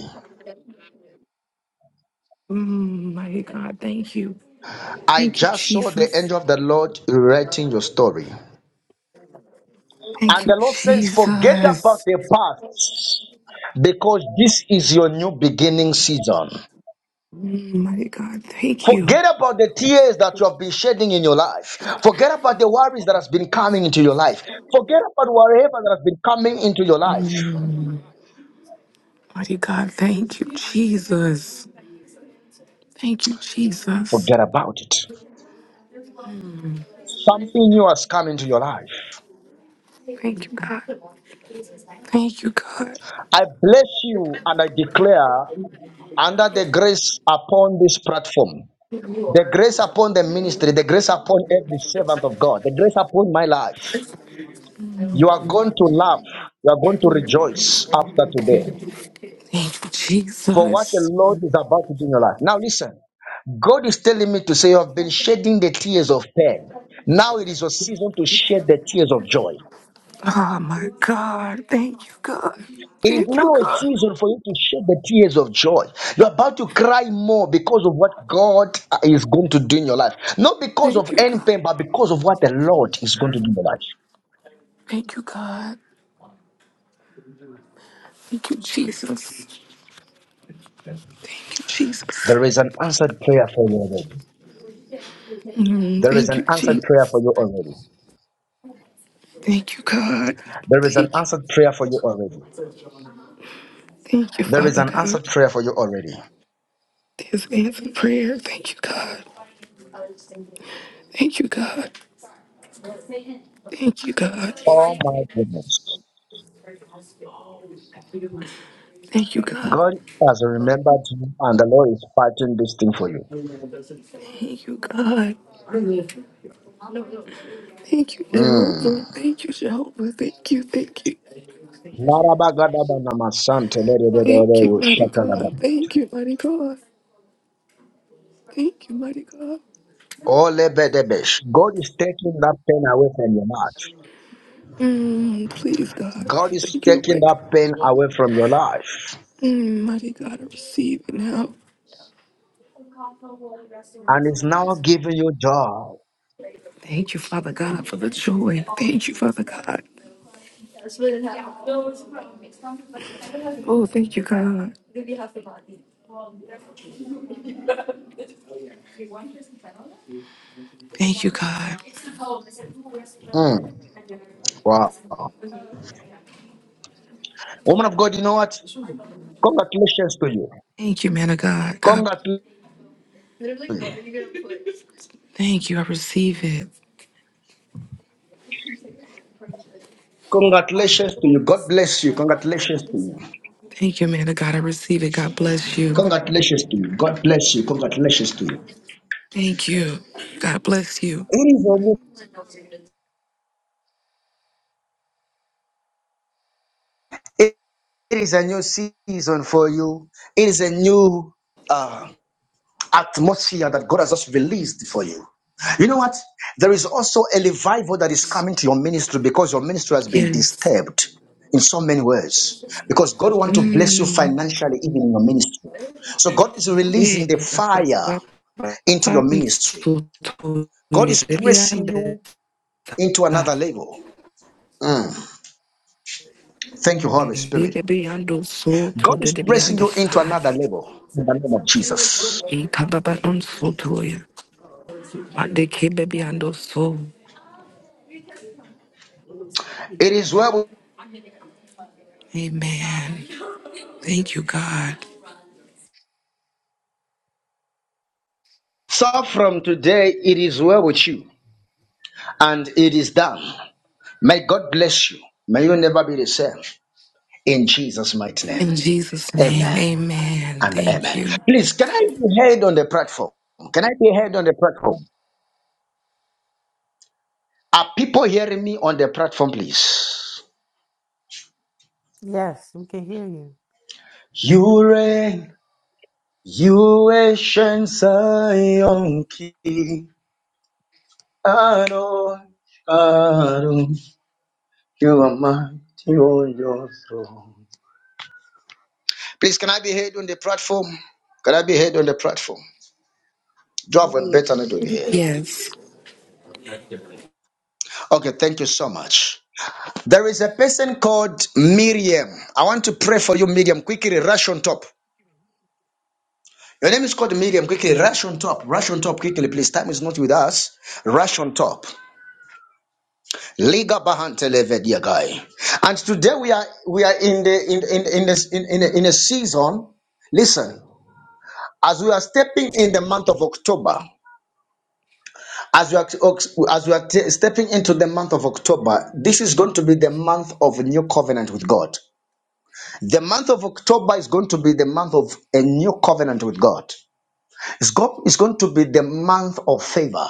Speaker 9: Mm, mighty God, thank you.
Speaker 1: I
Speaker 9: Thank you,
Speaker 1: just saw the
Speaker 9: Jesus.
Speaker 1: angel of the Lord rewriting your story.
Speaker 9: Thank
Speaker 1: And
Speaker 9: you,
Speaker 1: the Lord says, forget about
Speaker 9: Jesus.
Speaker 1: the past because this is your new beginning season.
Speaker 9: Mm, mighty God, thank you.
Speaker 1: Forget about the tears that you have been shedding in your life. Forget about the worries that has been coming into your life. Forget about whatever that has been coming into your life.
Speaker 9: Mighty God, thank you, Jesus. Thank you, Jesus.
Speaker 1: Forget about it. Something new has come into your life.
Speaker 9: Thank you, God. Thank you, God.
Speaker 1: I bless you and I declare under the grace upon this platform, the grace upon the ministry, the grace upon every servant of God, the grace upon my life. You are going to laugh. You are going to rejoice after today
Speaker 9: Thank you,
Speaker 1: for what the
Speaker 9: Jesus.
Speaker 1: Lord is about to do in your life. Now, listen. God is telling me to say, You have been shedding the tears of pain. Now it is your season to shed the tears of joy.
Speaker 9: Oh, my God. Thank you, God.
Speaker 1: It is
Speaker 9: Thank you,
Speaker 1: now a
Speaker 9: God.
Speaker 1: season for you to shed the tears of joy. You're about to cry more because of what God is going to do in your life. Not because of
Speaker 9: Thank you,
Speaker 1: any
Speaker 9: God.
Speaker 1: pain, but because of what the Lord is going to do in your life.
Speaker 9: Thank you, God. Thank you, Jesus. Thank you, Jesus.
Speaker 1: There is an answered prayer for you already.
Speaker 9: Mm,
Speaker 1: There is
Speaker 9: thank
Speaker 1: an
Speaker 9: you,
Speaker 1: answered prayer
Speaker 9: Jesus.
Speaker 1: for you already.
Speaker 9: Thank you, God.
Speaker 1: There is an
Speaker 9: Thank you.
Speaker 1: answered prayer for you already.
Speaker 9: Thank you,
Speaker 1: There is
Speaker 9: Father
Speaker 1: an answered
Speaker 9: God.
Speaker 1: prayer for you already.
Speaker 9: This answered prayer. Thank you, God. Thank you, God. Thank you, God.
Speaker 1: Oh my goodness.
Speaker 9: Thank you, God.
Speaker 1: God has remembered you and the Lord is fighting this thing for you.
Speaker 9: Thank you, God. Thank you,
Speaker 1: Mm.
Speaker 9: Jehovah. Thank you, Jehovah. Thank you, thank you.
Speaker 1: Larabagadabanamasante,
Speaker 9: Thank you,
Speaker 1: lelelelele,
Speaker 9: mighty God.
Speaker 1: shatalaba.
Speaker 9: Thank you, mighty God. Thank you, mighty God.
Speaker 1: Olebedebesh. God is taking that pain away from your life.
Speaker 9: Mm, please, God.
Speaker 1: God is
Speaker 9: Thank you to
Speaker 1: taking
Speaker 9: wake
Speaker 1: that
Speaker 9: up.
Speaker 1: pain away from your life
Speaker 9: Mm, mighty God, I receive it now.
Speaker 1: and is now giving you joy.
Speaker 9: Thank you, Father God, for the joy. Thank you, Father God. Oh, thank you, God. Thank you, God.
Speaker 1: Woman of God, you know what? Congratulations to you.
Speaker 9: Thank you, man of God. God,
Speaker 1: Congratulations to you.
Speaker 9: thank you. I receive it.
Speaker 1: Congratulations to you. God bless you. Congratulations to you.
Speaker 9: Thank you, man of God. I receive it. God bless you.
Speaker 1: Congratulations to you. God bless you. Congratulations to you.
Speaker 9: Thank you. God bless you.
Speaker 1: It is a new, it is a new season for you. It is a new uh. atmosphere that God has just released for you. You know what? There is also a revival that is coming to your ministry because your ministry has been
Speaker 9: Yes.
Speaker 1: disturbed in so many ways. Because God wants to bless you
Speaker 9: Mm.
Speaker 1: financially, even in your ministry. So God is releasing the
Speaker 9: Eh, ba- ba-
Speaker 1: fire
Speaker 9: ba- ba-
Speaker 1: into your
Speaker 9: ba-
Speaker 1: ministry.
Speaker 9: so to
Speaker 1: God
Speaker 9: the
Speaker 1: is pressing
Speaker 9: beyond the
Speaker 1: you into
Speaker 9: side.
Speaker 1: another level. Mm. Thank you, Holy
Speaker 9: The
Speaker 1: Spirit.
Speaker 9: beyond the soul
Speaker 1: God
Speaker 9: to the
Speaker 1: is
Speaker 9: beyond
Speaker 1: pressing
Speaker 9: the
Speaker 1: you into
Speaker 9: side.
Speaker 1: another level in the name of Jesus.
Speaker 9: Eh, ka- on so to ya. But they came beyond the soul.
Speaker 1: It is well.
Speaker 9: Amen. Thank you, God.
Speaker 1: So from today, it is well with you, and it is
Speaker 9: In Jesus' name, amen. Thank you.
Speaker 10: Yes, we can hear you.
Speaker 1: Caro, Caro, you are mine. Please, can I be heard on the platform? Can I be heard on the platform? Do I have a better net
Speaker 16: Yes.
Speaker 2: Which
Speaker 1: over
Speaker 2: is
Speaker 1: here?
Speaker 2: the
Speaker 9: Yes.
Speaker 1: Okay, thank you so much. There is a person called Miriam. I want to pray for you, Miriam. Quickly, rush on top. Your name is called Miriam. Quickly, rush on top. Rush on top quickly, please. Time is not with us. Rush on top. Liga bahantelevedia guy. And today we are we are in the in in in this in, in, a, in a season. Listen. As we are stepping in the month of October, as we are as we are t- stepping into the month of October, this is going to be the month of a new covenant with God. The month of October is going to be the month of a new covenant with God. It's, go- it's going to be the month of favor.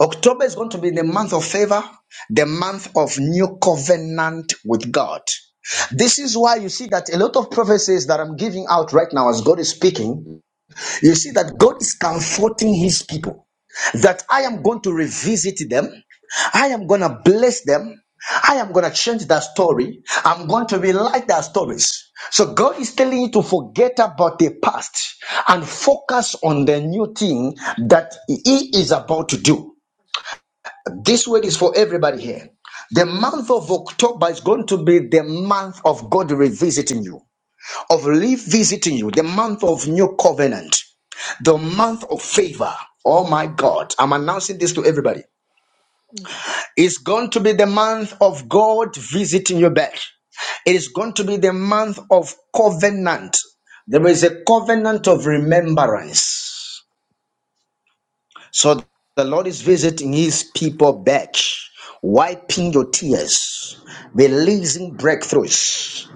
Speaker 1: October is going to be the month of favor, the month of new covenant with God. This is why you see that a lot of prophecies that I'm giving out right now, as God is speaking, you see that God is comforting His people. that I am going to revisit them. I am going to bless them. I am going to change that story. I'm going to relight their stories. So God is telling you to forget about the past and focus on the new thing that He is about to do. This word is for everybody here. The month of October is going to be the month of God revisiting you, of revisiting you, the month of new covenant, the month of favor. Oh my God, I'm announcing this to everybody. It's going to be the month of God visiting you back. It is going to be the month of covenant. There is a covenant of remembrance. So the Lord is visiting his people back, wiping your tears, releasing breakthroughs,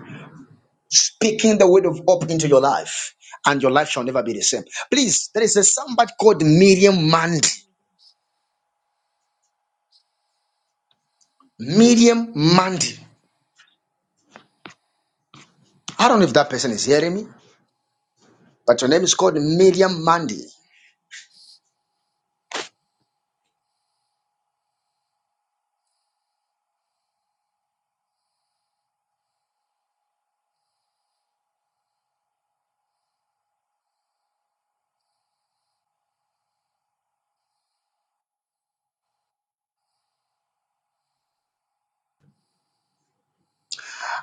Speaker 1: speaking the word of hope into your life, and your life shall never be the same. Please, there is a somebody called Miriam Mandy.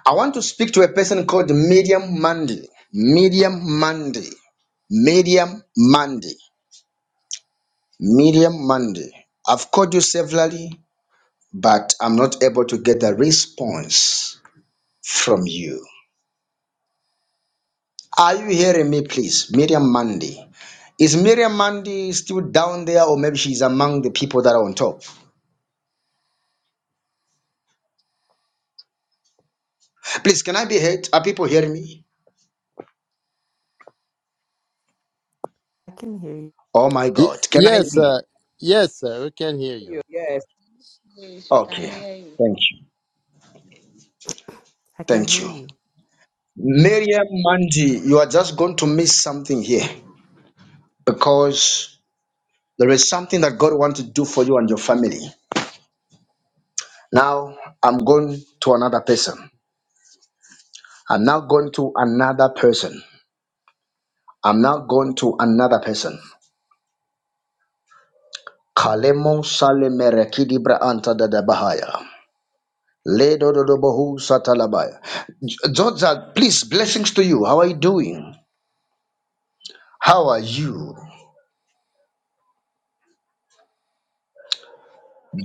Speaker 1: I want to speak to a person called Medium Monday. Medium Monday. Medium Monday. Medium Monday. I've called you severally, but I'm not able to get a response from you. Are you hearing me, please? Medium Monday. Is Miriam Mandy still down there, or maybe she's among the people that are on top? Please, can I be heard? Are people hearing me?
Speaker 10: I can hear you.
Speaker 1: Oh my God, can I
Speaker 15: Yes,
Speaker 1: be?
Speaker 15: sir. Yes, sir. We can hear you.
Speaker 16: Yes, we can
Speaker 1: Okay,
Speaker 16: hear you.
Speaker 1: thank you,
Speaker 10: I can
Speaker 1: thank
Speaker 10: hear
Speaker 1: you.
Speaker 10: you.
Speaker 1: Miriam Manji, you are just going to miss something here because there is something that God wants to do for you and your family. Now I'm going to another person. I'm now going to another person. I'm now going to another person. Kalemo sale merekidibra anta da da bahaya. Le do do do bohu satalabaya. G- Georgia, please, blessings to you. How are you doing? How are you,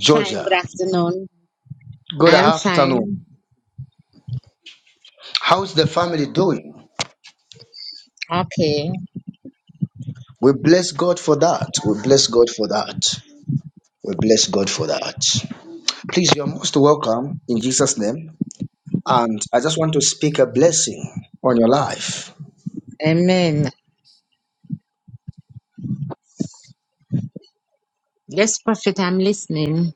Speaker 17: Shine, good afternoon.
Speaker 1: Good
Speaker 17: I am
Speaker 1: afternoon.
Speaker 17: fine.
Speaker 1: How's the family doing?
Speaker 17: Okay.
Speaker 1: We bless God for that. We bless God for that. We bless God for that. Please, you're most welcome in Jesus' name. And I just want to speak a blessing on your life.
Speaker 17: Amen. Yes, Prophet, I'm listening.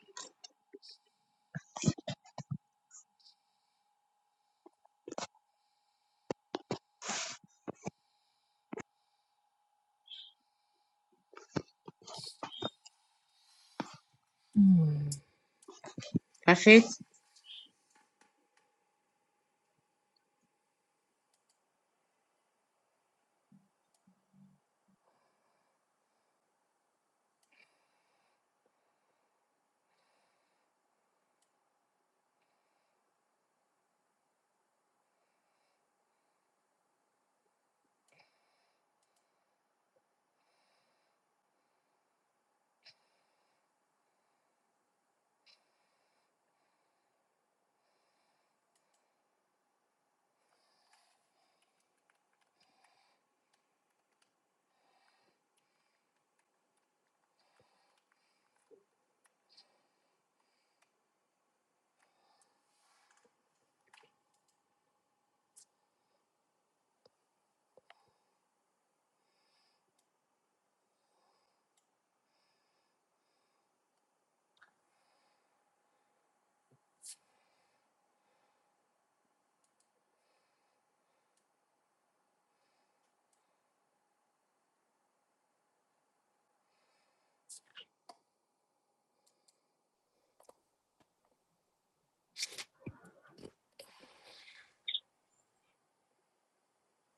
Speaker 14: Mm,
Speaker 17: Prophet?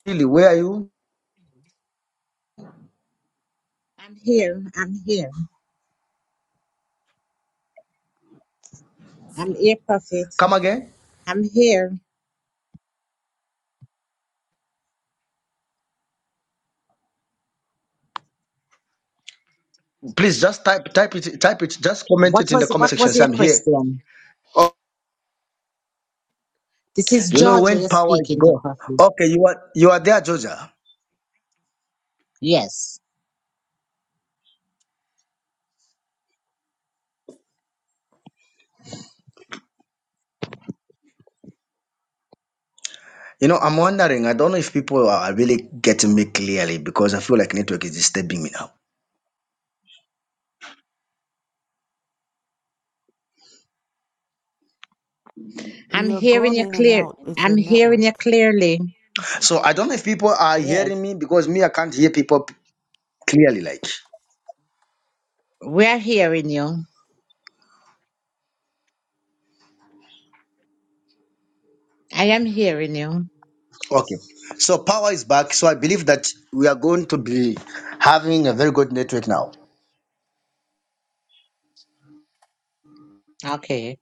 Speaker 1: Lily, where are you?
Speaker 17: I'm here. I'm here. I'm here, Prophet.
Speaker 1: Come again.
Speaker 17: I'm here.
Speaker 1: Please just type type it type it. Just comment
Speaker 17: What
Speaker 1: it in the
Speaker 17: was
Speaker 1: comment
Speaker 17: what
Speaker 1: section.
Speaker 17: was
Speaker 1: Say
Speaker 17: your
Speaker 1: I'm here.
Speaker 17: question? This is
Speaker 1: You know
Speaker 17: Georgia
Speaker 1: when
Speaker 17: you're
Speaker 1: power is
Speaker 17: speaking to
Speaker 1: gone.
Speaker 17: Prophet.
Speaker 1: Okay, you are you are there, Georgia.
Speaker 17: Yes.
Speaker 1: You know, I'm wondering, I don't know if people are really getting me clearly because I feel like network is disturbing me now.
Speaker 17: I'm
Speaker 10: You're
Speaker 17: hearing
Speaker 10: going
Speaker 17: you
Speaker 10: in and
Speaker 17: clear.
Speaker 10: out. It's
Speaker 17: I'm
Speaker 10: your
Speaker 17: hearing
Speaker 10: network.
Speaker 17: you clearly.
Speaker 1: So I don't know if people are
Speaker 11: Yes,
Speaker 1: hearing me because me, I can't hear people clearly like
Speaker 17: We are hearing you. I am hearing you.
Speaker 1: okay so power is back so i believe that we are going to be having a very good network now
Speaker 17: Okay.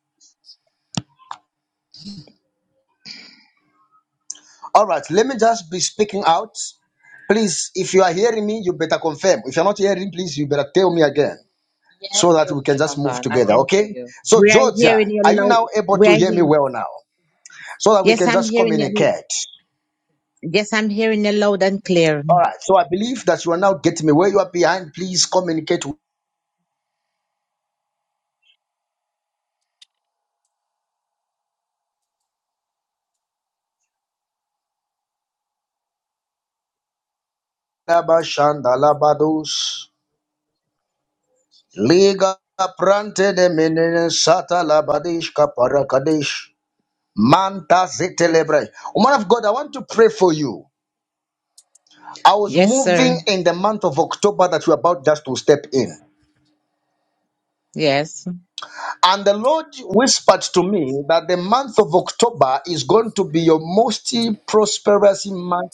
Speaker 1: all right let me just be speaking out please if you are hearing me you better confirm if you're not hearing please you better tell me again
Speaker 11: yes,
Speaker 1: so that we can just move
Speaker 11: Amazon. I
Speaker 1: together
Speaker 11: can hear
Speaker 1: okay
Speaker 11: you.
Speaker 1: so
Speaker 17: We are
Speaker 1: georgia
Speaker 17: hearing you
Speaker 1: are you
Speaker 17: loud.
Speaker 1: now able
Speaker 17: We
Speaker 1: to
Speaker 17: are
Speaker 1: hear me
Speaker 17: hearing
Speaker 1: well now so that we
Speaker 17: Yes,
Speaker 1: can
Speaker 17: I'm
Speaker 1: just
Speaker 17: hearing you.
Speaker 1: communicate
Speaker 17: Yes, I'm hearing you loud and clear.
Speaker 1: where you are please communicate with Abba Shandalabados. Liga Prante de Menene Sata Labadish Kaparakadesh Manta Zetelebre. man of God, I want to pray for you. I was
Speaker 17: Yes,
Speaker 1: moving
Speaker 17: sir.
Speaker 1: in the month of October that we're about just to step in.
Speaker 17: Yes.
Speaker 1: And the Lord whispered to me that the month of October is going to be your most prosperous month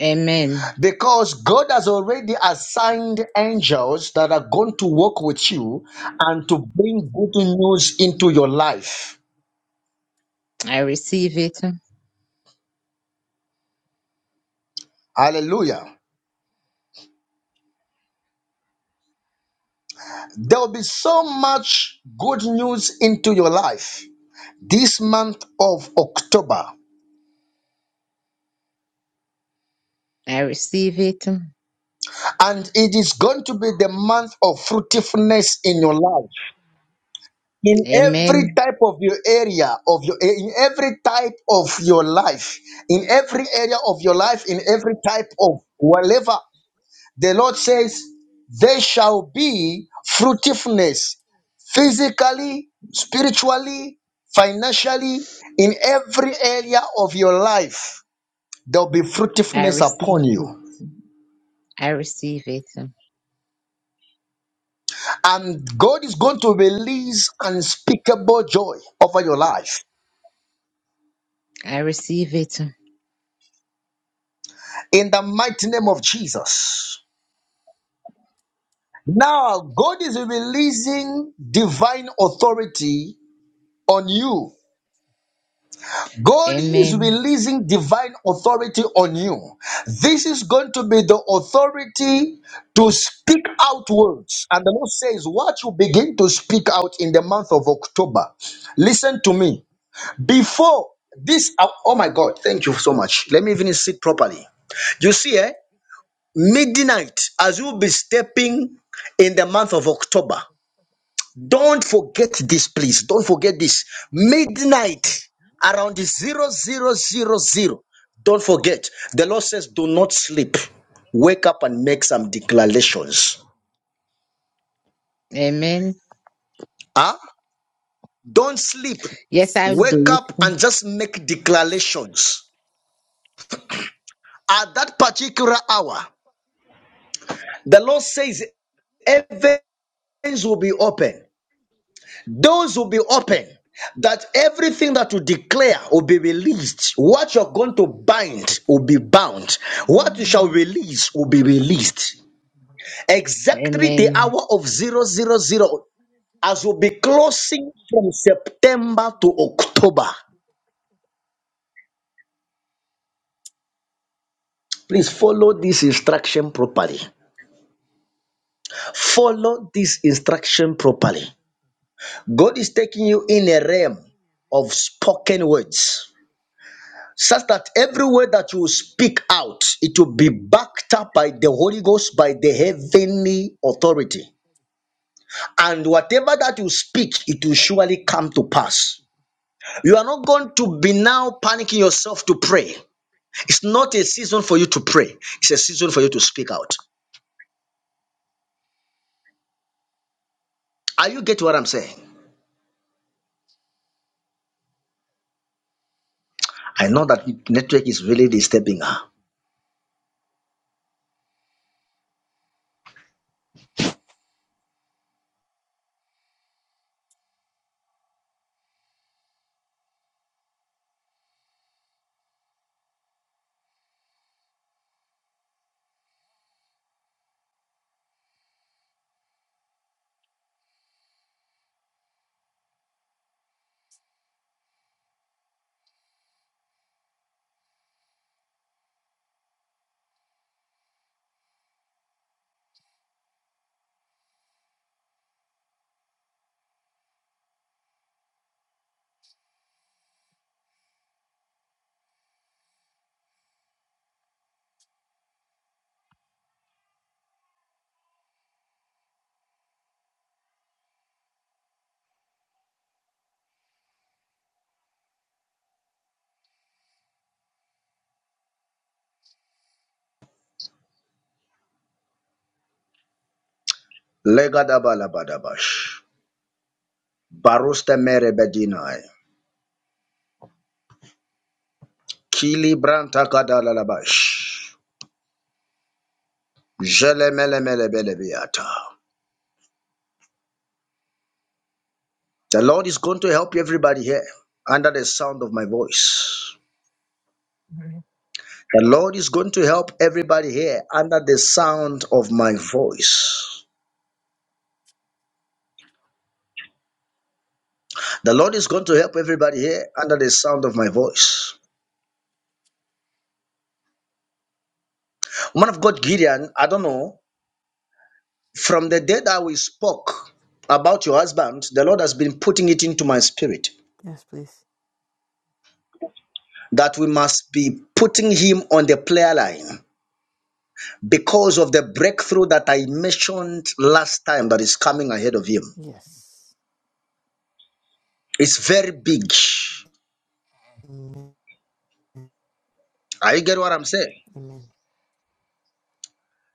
Speaker 17: Amen.
Speaker 1: because God has already assigned angels that are going to work with you and to bring good news into your life.
Speaker 17: I receive it.
Speaker 1: Hallelujah. There will be so much good news into your life. this month of October,
Speaker 17: I receive it.
Speaker 1: and it is going to be the month of fruitfulness in your life, in every
Speaker 17: Amen.
Speaker 1: type of your area of your in every type of your life, in every area of your life, in every type of whatever the Lord says, there shall be fruitfulness physically, spiritually, financially, in every area of your life, there'll be
Speaker 17: I
Speaker 1: fruitfulness upon
Speaker 17: receive it.
Speaker 1: you
Speaker 17: I receive it.
Speaker 1: and joy over
Speaker 17: I receive it.
Speaker 1: mighty name of Jesus. Now, God is releasing divine authority on you. God is
Speaker 17: Amen.
Speaker 1: releasing divine authority on you. The authority outwards. And the Lord says, What you begin to in the month of October. Listen to me. Before this, oh oh my God, thank you so much. Let me even sit properly. You see, eh? midnight, as you'll be stepping in the month of October, Don't forget this, please. Don't forget this. Midnight around the zero zero zero zero. Don't forget. The Lord says, do not sleep. Wake up and make some declarations.
Speaker 17: Amen.
Speaker 1: Huh? Don't sleep.
Speaker 17: Yes, I'll
Speaker 1: Wake
Speaker 17: do
Speaker 1: up
Speaker 17: it.
Speaker 1: and just make declarations. At that particular hour, the Lord says heavens will be open Doors will be open. That everything that you declare will be released. What you're going to bind will be bound. What you shall release will be released. Exactly the
Speaker 17: Amen.
Speaker 1: hour of zero zero zero as we'll be closing from September to October. Please follow this instruction properly. Follow this instruction properly. God is taking you in a realm of spoken words. such that every word that you speak out, it will be backed up by the Holy Ghost, by the heavenly authority. And whatever that you speak, it will surely come to pass. You are not going to be now panicking yourself to pray. It's not a season for you to pray, it's a season for you to speak out. Are you getting what I'm saying? I know that network is really disturbing her. Legadabalabash. Barusta merebedinai. Kili branta kadalalabash. Jelemelemelebelebeata. The Lord is going to help everybody here under the sound of my voice.
Speaker 14: right.
Speaker 1: The Lord is going to help everybody here under the sound of my voice. The Lord is going to help everybody here under the sound of my voice. Man of God, Gideon, I don't know. From the day that we spoke about your husband, the Lord has been putting it into my spirit
Speaker 10: Yes, please.
Speaker 1: that we must be putting him on the player line. because of the breakthrough that I mentioned last time that is coming ahead of him.
Speaker 10: Yes.
Speaker 1: It's very big.
Speaker 10: Amen.
Speaker 1: Are you get what I'm saying?
Speaker 10: Amen.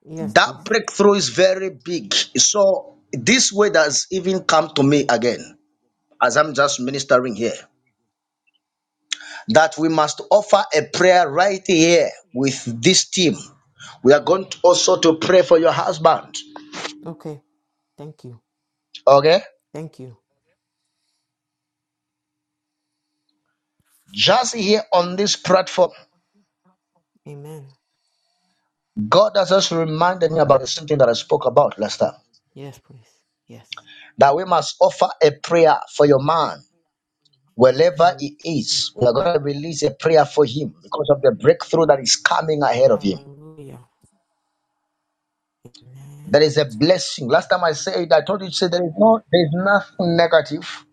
Speaker 10: Yes,
Speaker 1: That
Speaker 10: please.
Speaker 1: breakthrough is very big. So this word has even come to me again as I'm just ministering here that we must offer a prayer right here with this team. We are going to also to pray for your husband.
Speaker 10: Okay. Thank you.
Speaker 1: Okay?
Speaker 10: Thank you.
Speaker 1: Just here on this platform,
Speaker 10: Amen.
Speaker 1: God has just reminded me about the same thing that I spoke about last time.
Speaker 10: Yes, please. Yes.
Speaker 1: that we must offer a prayer for your man wherever
Speaker 10: Amen.
Speaker 1: he is. We are going to release a prayer for him because of the breakthrough that is coming ahead of him.
Speaker 10: Hallelujah. Amen.
Speaker 1: There is a blessing. Last time I said, I told you to say there is no, there is nothing negative.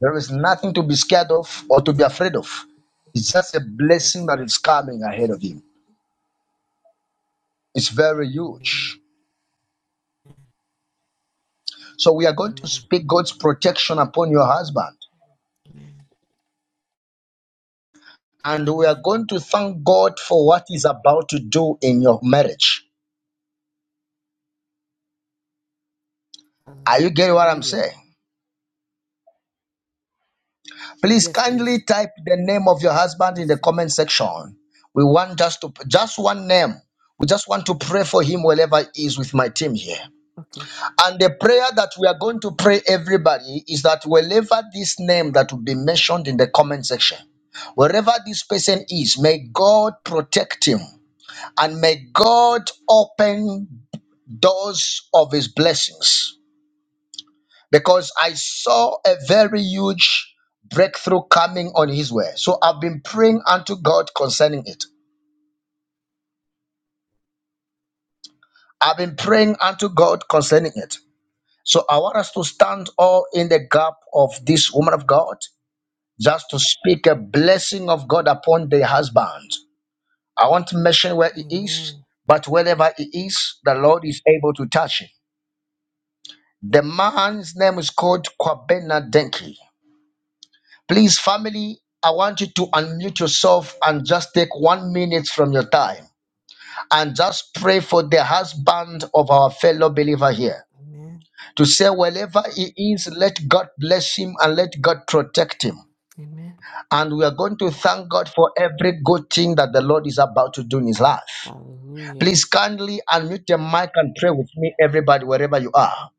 Speaker 1: There is nothing to be scared of or to be afraid of. It's just a
Speaker 10: Yes.
Speaker 1: blessing that is coming ahead of him. It's very
Speaker 10: Amen.
Speaker 1: huge. So we are going to
Speaker 10: Amen.
Speaker 1: speak God's protection upon your husband,
Speaker 10: Amen.
Speaker 1: and we are
Speaker 10: Amen.
Speaker 1: going to thank God for what He's about to do in your marriage. Are you getting what I'm
Speaker 10: Hallelujah.
Speaker 1: saying? Please
Speaker 10: Yes, please.
Speaker 1: kindly type the name of your husband in
Speaker 10: Yes,
Speaker 1: the
Speaker 10: please.
Speaker 1: comment section. We want just to just one name. We just want to pray for him wherever he is with my team here.
Speaker 10: Okay.
Speaker 1: And the prayer that we are going to pray everybody is that wherever this name that will be mentioned in the comment section, wherever this person is, may God protect him and may God open doors of his blessings. because I saw a very huge breakthrough coming on his way. So I've been praying unto God concerning it. I've been praying unto God concerning it. So I want us to stand all in the gap of this woman of God just to speak a blessing of God upon the husband. I won't mention where he is,
Speaker 10: Amen.
Speaker 1: but wherever he is, the Lord is able to touch him. The man's name is called Kwabena Denki. Please, family, I want you to unmute yourself and just take one minute from your time and just pray for the husband of our fellow believer here
Speaker 10: Amen.
Speaker 1: to say, wherever he is, let God bless him and let God protect him.
Speaker 10: Amen.
Speaker 1: And we are going to thank God for every good thing that the Lord is about to do in his life.
Speaker 10: Hallelujah.
Speaker 1: Please kindly unmute your mic and pray with me, everybody, wherever you are.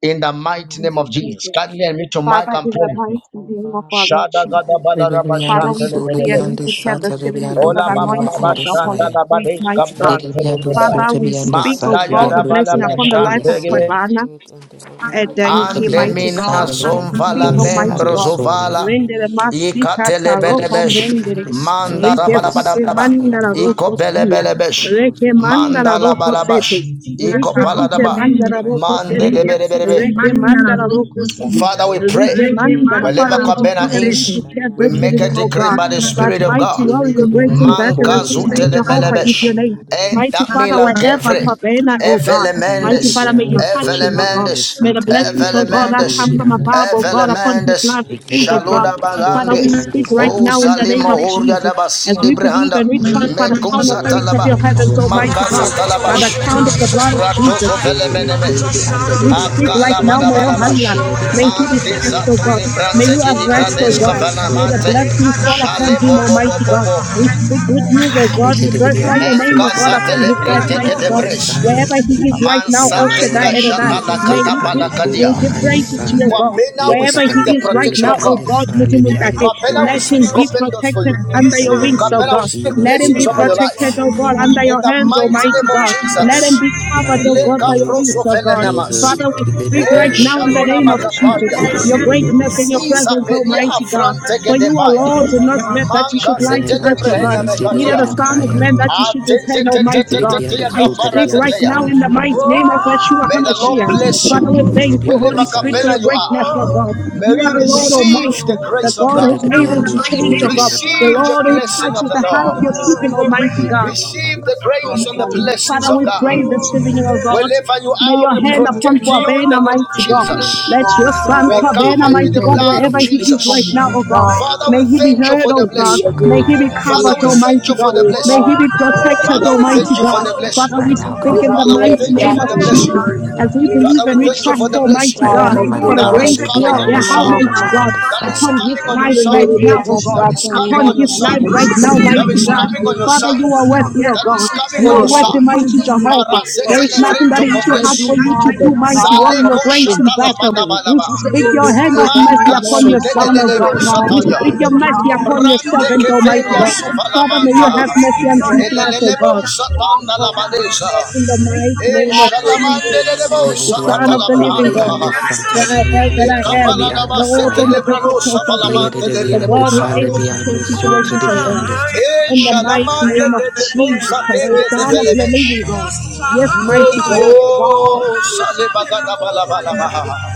Speaker 1: In the mighty name
Speaker 10: Mighty
Speaker 1: of
Speaker 10: name
Speaker 1: Jesus,
Speaker 2: Jesus.
Speaker 10: of
Speaker 1: kindly unmute your
Speaker 10: Jesus,
Speaker 1: mic
Speaker 2: Father,
Speaker 1: and
Speaker 10: Father,
Speaker 2: in
Speaker 1: pray
Speaker 2: the
Speaker 1: with
Speaker 10: we
Speaker 1: me.
Speaker 2: mighty name of
Speaker 10: cover
Speaker 2: our Lord
Speaker 1: Shada
Speaker 10: my
Speaker 2: Jesus.
Speaker 1: gada bada
Speaker 10: husband,
Speaker 1: raba
Speaker 2: Father,
Speaker 9: Rebebiando
Speaker 1: shante
Speaker 10: Conrad's
Speaker 2: we
Speaker 9: so
Speaker 10: name
Speaker 1: lebe
Speaker 2: decree and
Speaker 1: lebe.
Speaker 2: we
Speaker 10: with
Speaker 9: lebiando
Speaker 10: the
Speaker 2: declare
Speaker 10: blood
Speaker 2: this
Speaker 9: sata
Speaker 10: of
Speaker 2: evening
Speaker 9: rebiando
Speaker 2: under
Speaker 1: Ola
Speaker 2: the
Speaker 10: Jesus.
Speaker 1: baba
Speaker 9: kunama
Speaker 1: baba
Speaker 2: anointing of the
Speaker 10: Father,
Speaker 2: Holy
Speaker 1: shanda
Speaker 9: andesaya.
Speaker 1: la
Speaker 10: whatever
Speaker 2: Spirit,
Speaker 10: is
Speaker 1: badeska
Speaker 2: mighty
Speaker 10: due
Speaker 2: God.
Speaker 10: him
Speaker 1: brante
Speaker 10: in
Speaker 1: de
Speaker 10: this
Speaker 9: Rebebiando so
Speaker 1: debaya.
Speaker 2: Father, we
Speaker 10: season,
Speaker 9: tebiando
Speaker 2: speak, O
Speaker 1: Manda
Speaker 9: sata
Speaker 10: Father,
Speaker 1: ya
Speaker 10: we
Speaker 2: God,
Speaker 1: da
Speaker 2: the
Speaker 9: rebiando
Speaker 1: bala
Speaker 2: blessing
Speaker 1: ba
Speaker 10: capture it
Speaker 9: kunama
Speaker 2: upon
Speaker 10: in
Speaker 2: the
Speaker 10: the
Speaker 2: life of
Speaker 1: shante
Speaker 10: realm of
Speaker 1: ge.
Speaker 9: andesaya.
Speaker 10: the
Speaker 2: Pravana.
Speaker 10: Spirit and deliver
Speaker 2: Eh,
Speaker 10: it
Speaker 2: Thank
Speaker 10: as
Speaker 2: you,
Speaker 1: Ande
Speaker 9: Lebiando
Speaker 2: mighty
Speaker 1: mina
Speaker 10: intended in
Speaker 2: God.
Speaker 9: sama
Speaker 2: We
Speaker 10: Jesus'
Speaker 9: beando
Speaker 10: name,
Speaker 1: zomvala
Speaker 2: decree,
Speaker 9: kule
Speaker 10: with
Speaker 2: Almighty
Speaker 1: membro
Speaker 9: beando
Speaker 2: God.
Speaker 10: nothing
Speaker 9: soya.
Speaker 1: zovala.
Speaker 10: missing
Speaker 2: Render
Speaker 10: and
Speaker 2: the
Speaker 10: nothing broken.
Speaker 2: mastika
Speaker 1: Ikate
Speaker 2: taro
Speaker 10: Father, we
Speaker 1: lebelebesh.
Speaker 10: thank
Speaker 2: comprendere.
Speaker 9: Andechibiando
Speaker 10: you. We
Speaker 9: saya
Speaker 1: Manda da
Speaker 2: Rite
Speaker 1: bala
Speaker 10: glorify
Speaker 1: bala
Speaker 2: site
Speaker 10: you
Speaker 1: bala.
Speaker 9: andesaya
Speaker 2: mandara
Speaker 10: for
Speaker 2: roko
Speaker 1: Iko bele
Speaker 2: sina.
Speaker 10: opportunities, for
Speaker 1: belebelebesh.
Speaker 2: Reke
Speaker 10: provision,
Speaker 2: mandara
Speaker 1: Manda
Speaker 10: for
Speaker 1: la
Speaker 2: roko
Speaker 1: bala
Speaker 2: sete.
Speaker 1: bash.
Speaker 10: protection,
Speaker 1: Iko
Speaker 2: Rike
Speaker 1: bala da
Speaker 2: site
Speaker 10: Labaka
Speaker 1: ba.
Speaker 10: for your
Speaker 2: mandara roko
Speaker 10: presence.
Speaker 1: Mande
Speaker 2: sendere.
Speaker 10: Abakasa
Speaker 1: lebelebelebe.
Speaker 2: Reke
Speaker 10: sobrianda
Speaker 2: mandara
Speaker 10: debi.
Speaker 2: roko sina.
Speaker 1: Father, we pray
Speaker 10: Lebeke
Speaker 2: Rike mandara.
Speaker 10: sitorianda
Speaker 2: Father,
Speaker 1: wherever
Speaker 2: we
Speaker 10: baba
Speaker 2: decree
Speaker 1: Kabena
Speaker 10: baka
Speaker 2: and we
Speaker 1: is,
Speaker 2: declare
Speaker 1: we
Speaker 2: this
Speaker 10: satarianda
Speaker 1: make a
Speaker 2: evening, O
Speaker 1: decree
Speaker 10: bidibidibi.
Speaker 2: God.
Speaker 1: by the
Speaker 9: andesaya.
Speaker 2: That
Speaker 1: Spirit of
Speaker 2: mighty
Speaker 1: God.
Speaker 10: Lebeke
Speaker 2: warrior, great in
Speaker 9: Lebiando
Speaker 10: sukutorianda
Speaker 2: battle,
Speaker 1: Manka
Speaker 2: as
Speaker 9: kule
Speaker 10: baka
Speaker 2: we say,
Speaker 9: beando
Speaker 2: Jehovah
Speaker 9: saya.
Speaker 2: is
Speaker 10: sakatorianda
Speaker 1: zutelebelebesh.
Speaker 2: your name.
Speaker 10: bidibidibi.
Speaker 2: Mighty
Speaker 1: Enta
Speaker 2: Father,
Speaker 1: milan
Speaker 10: Lada
Speaker 2: wherever
Speaker 1: kevre.
Speaker 10: baka
Speaker 2: Fabena, oh God,
Speaker 10: sukutorianda ba
Speaker 2: mighty
Speaker 9: Yere
Speaker 1: Evelemendes.
Speaker 2: Father, may you
Speaker 9: beando
Speaker 10: asatarianda
Speaker 2: touch
Speaker 9: so
Speaker 2: him, oh
Speaker 10: bidibi.
Speaker 2: God.
Speaker 9: lebiando
Speaker 1: Evelemendes.
Speaker 2: May the
Speaker 9: sata
Speaker 2: blessings, oh
Speaker 9: rebiando
Speaker 2: God, that
Speaker 9: kule
Speaker 1: Evelemendes.
Speaker 2: come
Speaker 10: Labaka
Speaker 2: from
Speaker 9: beando
Speaker 2: above, oh God,
Speaker 9: saya.
Speaker 2: upon
Speaker 10: sukutorianda
Speaker 2: his life,
Speaker 1: Evelemendes.
Speaker 9: It can
Speaker 2: feet
Speaker 9: be
Speaker 10: bidibidibi.
Speaker 2: of God.
Speaker 1: Shaloda
Speaker 9: beyond the truth,
Speaker 2: Father,
Speaker 1: Bagande,
Speaker 9: it
Speaker 2: we
Speaker 9: be
Speaker 10: Labaka
Speaker 9: on
Speaker 2: speak
Speaker 9: this
Speaker 2: right
Speaker 9: side.
Speaker 1: O
Speaker 2: now in the
Speaker 10: sakatorianda
Speaker 2: name
Speaker 1: Salima
Speaker 2: of
Speaker 1: Horga
Speaker 10: bidibidibi.
Speaker 2: Jesus
Speaker 1: da
Speaker 2: as
Speaker 1: Basidi
Speaker 2: we
Speaker 10: Lada
Speaker 2: believe
Speaker 1: Brehanda,
Speaker 10: ba
Speaker 2: and we
Speaker 9: Let be
Speaker 2: trust
Speaker 10: asa
Speaker 2: by
Speaker 9: on
Speaker 2: the
Speaker 9: the
Speaker 2: power and
Speaker 9: school,
Speaker 1: Mekusa
Speaker 9: let
Speaker 10: zabrianda
Speaker 9: be
Speaker 2: authority of
Speaker 9: on
Speaker 1: Talaba,
Speaker 2: your
Speaker 9: the
Speaker 2: heavens,
Speaker 10: kesukutori.
Speaker 9: fire, set them
Speaker 2: Almighty
Speaker 1: Mankasa
Speaker 9: free,
Speaker 2: God,
Speaker 9: oh God,
Speaker 2: by
Speaker 9: let
Speaker 10: Lambaraka
Speaker 2: the
Speaker 9: be
Speaker 1: Talabash,
Speaker 9: on
Speaker 2: count
Speaker 9: the
Speaker 2: of
Speaker 10: sukutori.
Speaker 2: the
Speaker 9: side.
Speaker 2: blood of Jesus
Speaker 1: Ratoso
Speaker 9: Yet it will
Speaker 1: Felemeneme,
Speaker 9: cool, let be
Speaker 10: Labaka
Speaker 9: under the
Speaker 10: sukutori.
Speaker 2: we
Speaker 9: beyond
Speaker 2: speak
Speaker 9: the
Speaker 2: right
Speaker 9: soul,
Speaker 2: now, my
Speaker 9: Baba
Speaker 2: oh
Speaker 9: and the under
Speaker 1: Akalabadabalabash,
Speaker 2: Allah.
Speaker 9: kill, let be
Speaker 2: May
Speaker 9: on
Speaker 2: he
Speaker 9: the
Speaker 2: be
Speaker 10: La
Speaker 9: soul,
Speaker 1: Mantisa
Speaker 2: touched,
Speaker 9: yeah.
Speaker 2: O
Speaker 10: baka
Speaker 2: God.
Speaker 1: Tuli
Speaker 2: May
Speaker 10: sokotori
Speaker 1: Brante
Speaker 2: you have
Speaker 1: Gidi
Speaker 9: It
Speaker 2: rest,
Speaker 10: rebebe
Speaker 9: can
Speaker 2: O
Speaker 1: Brades
Speaker 9: be on
Speaker 2: God.
Speaker 9: the
Speaker 10: keseteri
Speaker 9: soul,
Speaker 2: May the
Speaker 9: Baba
Speaker 10: rebe
Speaker 1: Kapalamante,
Speaker 9: and the
Speaker 13: now,
Speaker 2: blessings fall
Speaker 9: side.
Speaker 13: Lord, that
Speaker 10: basokoto.
Speaker 13: you
Speaker 2: upon
Speaker 1: Shale
Speaker 2: him,
Speaker 13: cover
Speaker 1: Bobo
Speaker 13: him
Speaker 2: Almighty
Speaker 13: Lord,
Speaker 2: God.
Speaker 1: Bobo,
Speaker 2: We speak good
Speaker 13: with the
Speaker 2: news,
Speaker 13: blood of
Speaker 2: O God.
Speaker 9: Let
Speaker 2: We
Speaker 13: Jesus.
Speaker 9: it be
Speaker 2: glorify
Speaker 9: on the
Speaker 13: Lord,
Speaker 2: your
Speaker 13: we
Speaker 2: name,
Speaker 9: soul,
Speaker 2: O
Speaker 9: to
Speaker 13: thank you,
Speaker 2: God,
Speaker 9: be
Speaker 1: Menkasa
Speaker 13: cover him with the blood of Jesus.
Speaker 9: on
Speaker 2: upon
Speaker 9: the
Speaker 2: his life,
Speaker 9: core,
Speaker 1: Telebrente
Speaker 9: Baba
Speaker 2: mighty
Speaker 9: and
Speaker 2: God.
Speaker 9: the
Speaker 13: Father,
Speaker 1: Gedebres,
Speaker 9: side.
Speaker 13: we'll
Speaker 2: Wherever
Speaker 13: say,
Speaker 2: he is
Speaker 13: Father,
Speaker 2: right
Speaker 13: by
Speaker 2: now,
Speaker 9: In the
Speaker 2: El
Speaker 1: Mansate
Speaker 9: mighty
Speaker 13: the blood
Speaker 9: name
Speaker 13: of
Speaker 2: Shaddai
Speaker 9: of
Speaker 2: Adonai,
Speaker 13: Jesus,
Speaker 1: Kashatala
Speaker 9: Jesus, let
Speaker 2: may
Speaker 9: be
Speaker 13: Father, by
Speaker 2: you
Speaker 13: the
Speaker 9: on
Speaker 2: give
Speaker 13: blood
Speaker 9: the core,
Speaker 1: Katapalakadia.
Speaker 2: will
Speaker 9: Mama
Speaker 2: give
Speaker 9: and the
Speaker 2: praise to your
Speaker 9: side.
Speaker 2: God.
Speaker 1: Wabena
Speaker 9: Yeah,
Speaker 1: we
Speaker 2: Wherever
Speaker 9: Baba
Speaker 1: speak
Speaker 2: he
Speaker 9: and
Speaker 1: the
Speaker 9: the
Speaker 2: is
Speaker 9: core,
Speaker 2: right
Speaker 9: let
Speaker 1: protection
Speaker 2: now,
Speaker 9: be
Speaker 1: of
Speaker 9: on
Speaker 1: God.
Speaker 2: O
Speaker 9: the
Speaker 2: God,
Speaker 9: side, let be on
Speaker 2: Mujimundate,
Speaker 9: the core,
Speaker 1: Capella will
Speaker 2: let
Speaker 9: Mama
Speaker 1: speak
Speaker 2: him
Speaker 9: and the
Speaker 2: be
Speaker 1: open
Speaker 9: side.
Speaker 1: doors for you.
Speaker 2: protected under
Speaker 9: The
Speaker 2: your
Speaker 9: mighty
Speaker 2: wings, O
Speaker 9: name of
Speaker 1: Capella will
Speaker 2: God.
Speaker 1: speak
Speaker 9: Jesus,
Speaker 2: Let
Speaker 9: he
Speaker 2: him
Speaker 1: blessings
Speaker 2: be
Speaker 9: be
Speaker 1: over
Speaker 9: on
Speaker 1: your
Speaker 9: the
Speaker 1: life.
Speaker 2: protected, O
Speaker 9: side.
Speaker 2: God, under
Speaker 1: In
Speaker 2: your
Speaker 1: the
Speaker 2: hands,
Speaker 10: La
Speaker 1: mighty
Speaker 2: Almighty
Speaker 1: name
Speaker 10: baka
Speaker 1: of
Speaker 2: God.
Speaker 10: sotori
Speaker 1: Jesus.
Speaker 2: Let him
Speaker 10: anda
Speaker 2: be
Speaker 10: meneke
Speaker 2: covered, O
Speaker 9: mighty
Speaker 2: God,
Speaker 13: of
Speaker 1: Leka
Speaker 2: by
Speaker 10: sotori
Speaker 2: your
Speaker 9: name
Speaker 2: wings,
Speaker 10: rebe
Speaker 1: proso
Speaker 9: of
Speaker 13: Jesus,
Speaker 2: O God.
Speaker 1: velenemas.
Speaker 9: Jesus,
Speaker 2: Father,
Speaker 10: lebebe
Speaker 2: we
Speaker 9: Libre
Speaker 2: speak
Speaker 1: E
Speaker 10: beberi
Speaker 2: right
Speaker 10: anda
Speaker 9: beyond
Speaker 2: now in
Speaker 9: the
Speaker 2: the
Speaker 1: shaluna
Speaker 2: name of
Speaker 13: we
Speaker 9: Kuba
Speaker 10: kasokotori
Speaker 13: pray.
Speaker 10: anda
Speaker 2: Jesus,
Speaker 1: makaparia.
Speaker 10: berebe.
Speaker 2: your
Speaker 9: Kaya,
Speaker 2: greatness
Speaker 10: La
Speaker 2: and your
Speaker 10: da
Speaker 1: Ziza
Speaker 2: presence,
Speaker 10: baka
Speaker 1: pelia
Speaker 2: Almighty
Speaker 10: sokotori
Speaker 2: God.
Speaker 1: afrante
Speaker 10: rebe
Speaker 2: For you are Lord
Speaker 1: gedebaya.
Speaker 10: rebe
Speaker 2: and not man
Speaker 10: rebe.
Speaker 2: that you
Speaker 1: Manka
Speaker 2: should
Speaker 9: in the
Speaker 13: for
Speaker 2: lie
Speaker 13: this.
Speaker 2: to
Speaker 9: name
Speaker 10: La
Speaker 1: zetele
Speaker 9: of
Speaker 2: us, O God.
Speaker 1: brehena
Speaker 9: Jesus,
Speaker 10: baka
Speaker 9: he
Speaker 2: Neither
Speaker 9: beyond
Speaker 2: the
Speaker 1: mekatia.
Speaker 9: the
Speaker 2: Son
Speaker 10: sokotori
Speaker 2: of
Speaker 9: Kaya,
Speaker 2: Man
Speaker 10: anda
Speaker 2: that you should
Speaker 10: berebe
Speaker 1: Ate te
Speaker 10: rebe
Speaker 2: repent,
Speaker 1: te te
Speaker 10: sokotori
Speaker 2: Almighty
Speaker 1: te
Speaker 9: Libre
Speaker 1: te
Speaker 2: God.
Speaker 1: te
Speaker 9: beyond
Speaker 1: ya
Speaker 9: the
Speaker 10: rebe.
Speaker 2: I
Speaker 9: soul, Teddy
Speaker 1: kapara
Speaker 2: speak
Speaker 9: beyond the
Speaker 2: right
Speaker 1: zeteya.
Speaker 2: now
Speaker 9: sign,
Speaker 2: in the
Speaker 10: Labakasa
Speaker 2: mighty
Speaker 10: Koturia
Speaker 2: name of
Speaker 10: Debe
Speaker 2: Yeshua
Speaker 10: Debe
Speaker 1: May the Lord
Speaker 10: Debe
Speaker 2: HaMashiach.
Speaker 1: bless you.
Speaker 2: Father, we
Speaker 10: Labakasa
Speaker 9: he
Speaker 2: thank you,
Speaker 9: beyond the
Speaker 1: Wherever
Speaker 2: Holy Spirit,
Speaker 10: Lakasa
Speaker 2: for
Speaker 1: Capella
Speaker 2: your
Speaker 9: fire,
Speaker 1: you
Speaker 10: Koturia
Speaker 2: greatness,
Speaker 10: Dede
Speaker 2: O God.
Speaker 1: are.
Speaker 10: Bakasa
Speaker 1: May
Speaker 2: You are
Speaker 1: you
Speaker 10: Koturia
Speaker 2: the
Speaker 10: and
Speaker 12: Thank
Speaker 2: Lord
Speaker 10: Abakasa
Speaker 1: receive
Speaker 2: Almighty,
Speaker 1: the
Speaker 12: you.
Speaker 10: Koturia
Speaker 2: the
Speaker 9: he
Speaker 1: grace of
Speaker 2: God
Speaker 9: cut
Speaker 1: God.
Speaker 2: who's
Speaker 9: it
Speaker 2: able
Speaker 9: beyond
Speaker 12: Amen.
Speaker 2: to
Speaker 9: the
Speaker 10: Labakasa
Speaker 9: soul,
Speaker 2: change, O
Speaker 9: he
Speaker 2: God.
Speaker 10: Koturia and
Speaker 9: beyond
Speaker 2: The
Speaker 1: Receive
Speaker 9: the
Speaker 1: the
Speaker 10: Abakasa
Speaker 2: Lord who
Speaker 12: We
Speaker 1: blessing
Speaker 10: Kataria
Speaker 1: of
Speaker 10: and
Speaker 2: touches
Speaker 1: the
Speaker 2: the heart
Speaker 10: Abede
Speaker 2: of
Speaker 10: Bede
Speaker 2: your
Speaker 1: Lord.
Speaker 10: Bede Bede
Speaker 2: people,
Speaker 10: Bede
Speaker 2: Almighty God.
Speaker 1: Receive the
Speaker 10: Labakasa
Speaker 1: grace
Speaker 10: Toria
Speaker 1: and
Speaker 10: and
Speaker 1: the
Speaker 10: Abede
Speaker 2: Father,
Speaker 1: blessings of
Speaker 10: Bakasa
Speaker 2: we pray
Speaker 10: Koturia
Speaker 1: God.
Speaker 10: and
Speaker 2: this evening,
Speaker 10: Abakasa
Speaker 2: O God.
Speaker 10: Koturia and
Speaker 1: Wherever you
Speaker 10: Aba
Speaker 2: May
Speaker 1: are,
Speaker 2: your
Speaker 1: we
Speaker 2: hand
Speaker 10: Laba
Speaker 2: upon
Speaker 1: protect
Speaker 10: Baba
Speaker 1: you in the
Speaker 2: Kwabena,
Speaker 10: Bakasa
Speaker 1: name of
Speaker 2: mighty God.
Speaker 10: and
Speaker 1: Jesus.
Speaker 9: the
Speaker 10: Abede
Speaker 2: Let
Speaker 10: Bede
Speaker 9: the
Speaker 2: your
Speaker 10: Bede
Speaker 9: sun,
Speaker 2: son
Speaker 1: We
Speaker 10: Bakasa
Speaker 9: and
Speaker 2: Kwabena,
Speaker 1: cover
Speaker 9: the
Speaker 1: you in
Speaker 2: mighty
Speaker 1: the
Speaker 10: and
Speaker 12: know
Speaker 2: God,
Speaker 10: Abede
Speaker 1: blood of
Speaker 2: wherever
Speaker 9: east,
Speaker 2: he
Speaker 12: it's
Speaker 2: is right
Speaker 1: Jesus.
Speaker 12: coming
Speaker 2: now,
Speaker 10: La
Speaker 2: O
Speaker 12: in
Speaker 10: da
Speaker 2: God.
Speaker 10: da
Speaker 12: God.
Speaker 10: da ba
Speaker 1: Father,
Speaker 2: May
Speaker 1: we
Speaker 10: da
Speaker 2: he
Speaker 10: ba
Speaker 2: be
Speaker 10: da
Speaker 1: thank you
Speaker 10: ba
Speaker 2: heard,
Speaker 1: for
Speaker 10: ka
Speaker 1: the
Speaker 2: O
Speaker 10: sa
Speaker 12: May
Speaker 10: ko
Speaker 2: God.
Speaker 1: blessing.
Speaker 12: your
Speaker 9: Oh,
Speaker 10: to ri
Speaker 2: May
Speaker 12: Holy
Speaker 9: God,
Speaker 2: he be
Speaker 10: be.
Speaker 1: Father,
Speaker 2: covered,
Speaker 1: we
Speaker 12: Spirit,
Speaker 1: thank
Speaker 2: Almighty
Speaker 1: you
Speaker 10: Le
Speaker 1: for
Speaker 10: de
Speaker 2: God.
Speaker 1: the
Speaker 10: be
Speaker 12: oh
Speaker 10: ke su
Speaker 2: May
Speaker 1: blessing.
Speaker 12: God,
Speaker 2: he
Speaker 10: so
Speaker 2: be
Speaker 10: bri an
Speaker 12: Lord,
Speaker 10: da
Speaker 2: protected,
Speaker 1: Father,
Speaker 12: it's
Speaker 1: we
Speaker 12: coming.
Speaker 2: Almighty
Speaker 1: thank you for
Speaker 2: God.
Speaker 1: the blessing.
Speaker 10: de
Speaker 2: Father,
Speaker 10: de
Speaker 9: right
Speaker 2: we
Speaker 9: now,
Speaker 10: be.
Speaker 2: speak
Speaker 12: This
Speaker 9: God,
Speaker 12: is
Speaker 2: in the
Speaker 12: where
Speaker 1: Father, we
Speaker 9: Libre
Speaker 2: mighty
Speaker 12: we
Speaker 1: thank you
Speaker 12: have
Speaker 1: for
Speaker 2: name
Speaker 1: the
Speaker 2: of
Speaker 1: blessing
Speaker 9: beyond
Speaker 2: Jesus.
Speaker 9: the-
Speaker 12: to
Speaker 2: As we
Speaker 1: blessing.
Speaker 2: believe
Speaker 1: Father, we
Speaker 2: and we
Speaker 1: thank you
Speaker 2: trust,
Speaker 12: Jesus.
Speaker 1: for the blessing
Speaker 2: Almighty
Speaker 9: right
Speaker 2: God,
Speaker 9: now, mighty
Speaker 2: for the
Speaker 1: that
Speaker 9: God,
Speaker 1: is
Speaker 2: grace
Speaker 9: Libre
Speaker 2: here,
Speaker 1: coming on
Speaker 9: beyond
Speaker 1: your
Speaker 2: yeah,
Speaker 9: the
Speaker 2: how
Speaker 1: son.
Speaker 9: Kuba,
Speaker 2: mighty
Speaker 9: my
Speaker 2: God,
Speaker 9: under
Speaker 1: That is
Speaker 2: upon
Speaker 9: fire.
Speaker 2: his
Speaker 1: coming on
Speaker 12: You
Speaker 1: your
Speaker 2: life right now, O
Speaker 12: Ilelebeta
Speaker 1: son.
Speaker 2: God.
Speaker 1: That is
Speaker 12: satan
Speaker 1: coming
Speaker 2: Upon
Speaker 1: on your
Speaker 2: his
Speaker 12: abata
Speaker 1: son.
Speaker 2: life
Speaker 12: satan.
Speaker 2: right now,
Speaker 1: That
Speaker 2: mighty
Speaker 1: is
Speaker 2: God.
Speaker 10: Thank
Speaker 1: coming on your
Speaker 2: Father,
Speaker 1: son.
Speaker 2: you are worthy, O
Speaker 1: That
Speaker 2: God.
Speaker 1: is coming
Speaker 2: You
Speaker 1: on
Speaker 12: Oh
Speaker 2: are
Speaker 1: your
Speaker 12: God,
Speaker 2: worthy,
Speaker 1: son.
Speaker 12: it's
Speaker 2: mighty
Speaker 12: nothing
Speaker 2: Jehovah.
Speaker 1: Para
Speaker 12: is
Speaker 1: se
Speaker 2: There
Speaker 1: te
Speaker 2: is
Speaker 12: impossible.
Speaker 2: nothing
Speaker 1: levren
Speaker 2: that
Speaker 1: to
Speaker 2: is
Speaker 12: You
Speaker 2: too
Speaker 12: said
Speaker 2: hard
Speaker 1: covres.
Speaker 12: you
Speaker 2: for you to
Speaker 12: are the
Speaker 2: do, mighty
Speaker 12: God of
Speaker 2: warrior,
Speaker 1: Zaleko
Speaker 12: the
Speaker 2: great in battle.
Speaker 12: impossible.
Speaker 2: We
Speaker 1: shatalabadabalaba.
Speaker 12: You said
Speaker 2: speak
Speaker 12: what
Speaker 2: your
Speaker 12: is,
Speaker 2: hand
Speaker 12: oh
Speaker 2: of mercy
Speaker 1: Manka
Speaker 12: God, what
Speaker 2: upon your son, O
Speaker 12: impossible is
Speaker 1: sutelelelebo
Speaker 2: God.
Speaker 12: God.
Speaker 2: We
Speaker 12: and
Speaker 1: sataya.
Speaker 10: Rabakasakatoriere
Speaker 2: speak your mercy
Speaker 12: what
Speaker 2: upon
Speaker 10: kasikotoriende
Speaker 12: is
Speaker 2: your
Speaker 1: Brande
Speaker 12: possible
Speaker 2: servant,
Speaker 10: bidibidi
Speaker 12: is
Speaker 2: Almighty
Speaker 1: keferia
Speaker 2: God.
Speaker 12: God.
Speaker 2: Father, may you
Speaker 12: Father
Speaker 1: supalamanta.
Speaker 2: have
Speaker 10: zabakasakatoriere
Speaker 12: God,
Speaker 2: mercy on his
Speaker 12: Lord,
Speaker 2: life, O
Speaker 10: kasukotoriende
Speaker 1: Elelelebo
Speaker 2: God.
Speaker 12: God
Speaker 1: satanda
Speaker 12: turns
Speaker 10: bidibidi
Speaker 12: your
Speaker 1: labadesa.
Speaker 12: blessing.
Speaker 2: In the mighty
Speaker 1: E le le
Speaker 2: name
Speaker 12: God
Speaker 2: of
Speaker 12: make way,
Speaker 2: Jesus,
Speaker 1: le
Speaker 10: labakasakatoriere
Speaker 1: bosatanda la
Speaker 9: Maybe
Speaker 2: the
Speaker 9: beyond
Speaker 2: Son
Speaker 9: the
Speaker 2: of the
Speaker 10: kasantariende
Speaker 9: cool,
Speaker 2: living
Speaker 10: bidibidi
Speaker 9: beyond
Speaker 2: God,
Speaker 1: sakatalabrahanda.
Speaker 9: the Santa,
Speaker 2: that I am,
Speaker 10: bikisikotoriende
Speaker 9: beyond
Speaker 1: E shalamande kapaladaba setelebrano la branda. E
Speaker 2: that
Speaker 10: be
Speaker 9: the
Speaker 2: I
Speaker 9: color,
Speaker 2: am,
Speaker 1: capala da
Speaker 9: beyond the
Speaker 2: the
Speaker 1: bassette
Speaker 2: open,
Speaker 9: fire.
Speaker 1: le
Speaker 2: the perfect
Speaker 1: branosa
Speaker 2: of
Speaker 10: labababababariende
Speaker 2: our faith,
Speaker 9: Yet it
Speaker 1: palamante le
Speaker 2: the
Speaker 1: le
Speaker 9: beyond the
Speaker 10: kasukotoriende
Speaker 2: God who is
Speaker 1: bosa,
Speaker 9: color,
Speaker 10: bidibidi
Speaker 2: able to
Speaker 9: beyond
Speaker 10: bidibidi
Speaker 2: change
Speaker 9: the soul,
Speaker 10: bidibidi
Speaker 9: to
Speaker 2: situations,
Speaker 9: the
Speaker 2: O
Speaker 10: bidibidi
Speaker 2: God
Speaker 9: beyond the
Speaker 10: bidibidi
Speaker 9: sky.
Speaker 1: E
Speaker 2: in the mighty
Speaker 10: lebebebebidi
Speaker 1: shalamande
Speaker 2: name of
Speaker 1: de de
Speaker 10: bikisitoriende
Speaker 2: Jesus Christ,
Speaker 1: bosaterie
Speaker 2: the
Speaker 10: bidibidi
Speaker 12: make
Speaker 1: de
Speaker 2: Son of
Speaker 12: way,
Speaker 2: the
Speaker 1: tebiezevelemesh.
Speaker 10: kisitoriende
Speaker 2: living
Speaker 10: ba
Speaker 2: God. Yes,
Speaker 10: la la
Speaker 2: mighty
Speaker 12: make
Speaker 2: God.
Speaker 12: way, God,
Speaker 1: Oh,
Speaker 12: that
Speaker 1: sale
Speaker 12: is.
Speaker 1: bagada
Speaker 10: bakasababababakasakasakasakatoriende
Speaker 1: balaba la
Speaker 10: bidibidi
Speaker 1: salebagadabalabalabaha.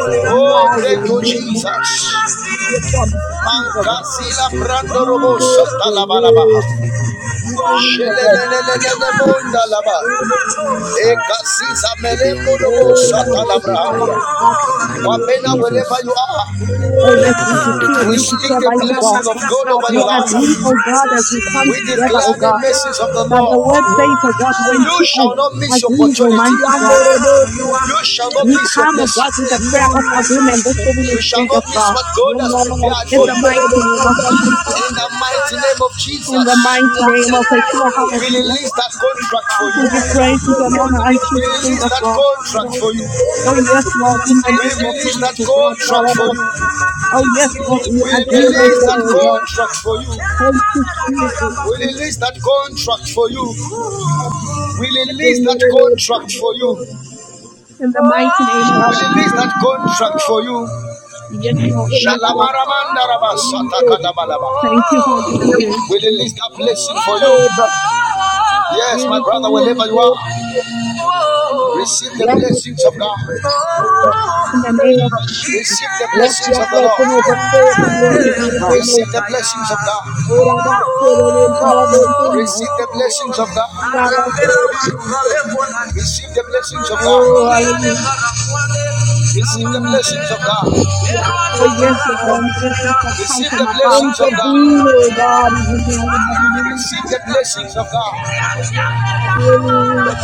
Speaker 9: Cool,
Speaker 12: You
Speaker 1: Oh,
Speaker 9: the
Speaker 12: are
Speaker 1: thank
Speaker 9: sun,
Speaker 1: you,
Speaker 12: the maker,
Speaker 1: Jesus.
Speaker 10: bidibidibidibidibidibi.
Speaker 12: You are from people. God.
Speaker 10: Labakasakatorianda
Speaker 1: Mancasila
Speaker 9: the
Speaker 1: brando
Speaker 10: kasakatorianda
Speaker 12: You
Speaker 9: the
Speaker 1: robosa
Speaker 10: bidibidibi.
Speaker 12: make the
Speaker 1: talabalaba.
Speaker 12: way.
Speaker 9: sea,
Speaker 10: Labakasakatorianda
Speaker 12: You sing the it.
Speaker 10: bakasakatarianda bidibidibi.
Speaker 1: Shelelelelelelebonda laba.
Speaker 9: sun,
Speaker 1: Ekasisa
Speaker 10: Zizibidianda
Speaker 1: melembo
Speaker 9: beyond the cool,
Speaker 12: Oh,
Speaker 1: robosa
Speaker 9: beyond
Speaker 12: Lord,
Speaker 9: the
Speaker 12: oh,
Speaker 9: sea,
Speaker 12: Shalom,
Speaker 9: tire.
Speaker 1: talabrahamba.
Speaker 12: oh, Shalom, oh,
Speaker 10: kisikitirianda
Speaker 9: My name of
Speaker 1: Wapena wherever
Speaker 9: Jesus,
Speaker 1: you are,
Speaker 2: Oh, yes,
Speaker 9: Laba
Speaker 2: we
Speaker 9: beyond the
Speaker 2: decree and
Speaker 1: we
Speaker 2: we
Speaker 9: color.
Speaker 1: speak
Speaker 2: declare,
Speaker 1: the
Speaker 2: mighty
Speaker 12: Shalom,
Speaker 2: God.
Speaker 1: blessing of God over
Speaker 12: oh,
Speaker 1: your
Speaker 2: We
Speaker 12: Shalom,
Speaker 1: life.
Speaker 2: agree, oh God, as we come
Speaker 1: We
Speaker 2: together, oh
Speaker 1: declare the
Speaker 2: God,
Speaker 12: oh,
Speaker 1: message of the
Speaker 2: that the
Speaker 1: Lord.
Speaker 2: word
Speaker 12: Shalom.
Speaker 2: says, oh God, when
Speaker 1: You
Speaker 2: two of
Speaker 1: shall not miss your
Speaker 2: agrees, oh
Speaker 1: opportunity.
Speaker 2: mighty God,
Speaker 12: Siyandorobosa,
Speaker 1: You shall not
Speaker 2: we
Speaker 1: miss your
Speaker 2: come, oh
Speaker 1: blessing.
Speaker 2: God, with a prayer of agreement, the
Speaker 12: Yanarosa,
Speaker 2: Holy
Speaker 1: You shall
Speaker 2: Spirit
Speaker 1: not
Speaker 2: of
Speaker 1: miss
Speaker 2: God,
Speaker 1: what God has prepared
Speaker 12: Yanarasa,
Speaker 2: in
Speaker 1: for
Speaker 2: the
Speaker 1: you.
Speaker 2: mighty name of
Speaker 10: bakasakatorianda
Speaker 12: Terebekandamo,
Speaker 2: Jesus.
Speaker 1: In the mighty name of
Speaker 2: In
Speaker 1: Jesus,
Speaker 2: the mighty name of Yeshua
Speaker 12: Yanarasa,
Speaker 1: we
Speaker 2: HaMashiach,
Speaker 1: release that contract for you.
Speaker 2: we give
Speaker 10: Laba
Speaker 12: Kikarabasa,
Speaker 2: praises and honor unto the
Speaker 1: We
Speaker 2: Spirit
Speaker 1: release
Speaker 2: of
Speaker 1: that
Speaker 2: God.
Speaker 1: contract for
Speaker 12: Yanarasa,
Speaker 1: you.
Speaker 2: Oh, yes, Lord, in the
Speaker 1: We
Speaker 2: name of
Speaker 1: release that
Speaker 2: Jesus.
Speaker 1: contract for you.
Speaker 2: Oh, yes, Lord, we
Speaker 1: We
Speaker 2: agree right
Speaker 1: release
Speaker 2: now,
Speaker 1: that
Speaker 12: Kakarabasa,
Speaker 2: oh God.
Speaker 1: contract for you.
Speaker 2: Thank you, Jesus,
Speaker 1: We release that contract for you. We
Speaker 12: Favor,
Speaker 1: release that
Speaker 12: unity,
Speaker 1: contract for you. We
Speaker 2: in the mighty name of
Speaker 1: release
Speaker 2: Jesus.
Speaker 1: that contract for you.
Speaker 2: Yes, Lord, yes, Lord.
Speaker 1: Shalamaramandaraba satakadabalaba.
Speaker 2: Thank you, Holy Spirit,
Speaker 1: We release that blessing for you. Yes, my brother, wherever you
Speaker 12: unity.
Speaker 1: are, receive the
Speaker 12: Let me
Speaker 1: blessings of
Speaker 10: Lava
Speaker 1: God.
Speaker 12: favor.
Speaker 10: kasatarianda vidi
Speaker 2: in the
Speaker 10: viki
Speaker 2: name of
Speaker 10: sikitorianda
Speaker 2: Jesus,
Speaker 10: vidi
Speaker 1: Receive the
Speaker 10: vidi vidi
Speaker 12: Let
Speaker 10: vidi.
Speaker 1: blessings
Speaker 12: your
Speaker 1: of the Lord.
Speaker 12: blessing
Speaker 10: Lava baba
Speaker 12: overtake
Speaker 10: baba
Speaker 12: and run ahead of
Speaker 2: oh
Speaker 12: him
Speaker 10: kasatarianda
Speaker 1: Receive
Speaker 2: God.
Speaker 10: vidi
Speaker 1: the
Speaker 12: over.
Speaker 10: vidi vidi
Speaker 1: blessings of
Speaker 10: vidi vidi
Speaker 1: God.
Speaker 10: vidi
Speaker 12: Hold on
Speaker 10: vidi
Speaker 12: back
Speaker 10: vidi.
Speaker 12: to the
Speaker 2: We just
Speaker 12: power of
Speaker 2: glory to you,
Speaker 12: sin.
Speaker 1: Receive the
Speaker 2: mighty God.
Speaker 1: blessings of God.
Speaker 12: We are on the
Speaker 10: Lava
Speaker 1: Receive the blessings of God.
Speaker 10: kasatarianda
Speaker 12: Oh,
Speaker 10: vidi vidi
Speaker 12: hallelujah.
Speaker 10: vidi vidi.
Speaker 1: Receive
Speaker 10: Lava
Speaker 1: the
Speaker 12: Jesus.
Speaker 10: baba
Speaker 1: blessings of
Speaker 10: baba
Speaker 1: God.
Speaker 12: We ask for
Speaker 2: Oh, yes, Lord, the
Speaker 12: intervention.
Speaker 2: blessings that come
Speaker 1: Receive
Speaker 2: from
Speaker 1: the
Speaker 2: above.
Speaker 1: blessings of God.
Speaker 12: Intervene, oh God, in the name of
Speaker 1: Receive the
Speaker 12: Jesus.
Speaker 1: blessings of God.
Speaker 12: Hallelujah.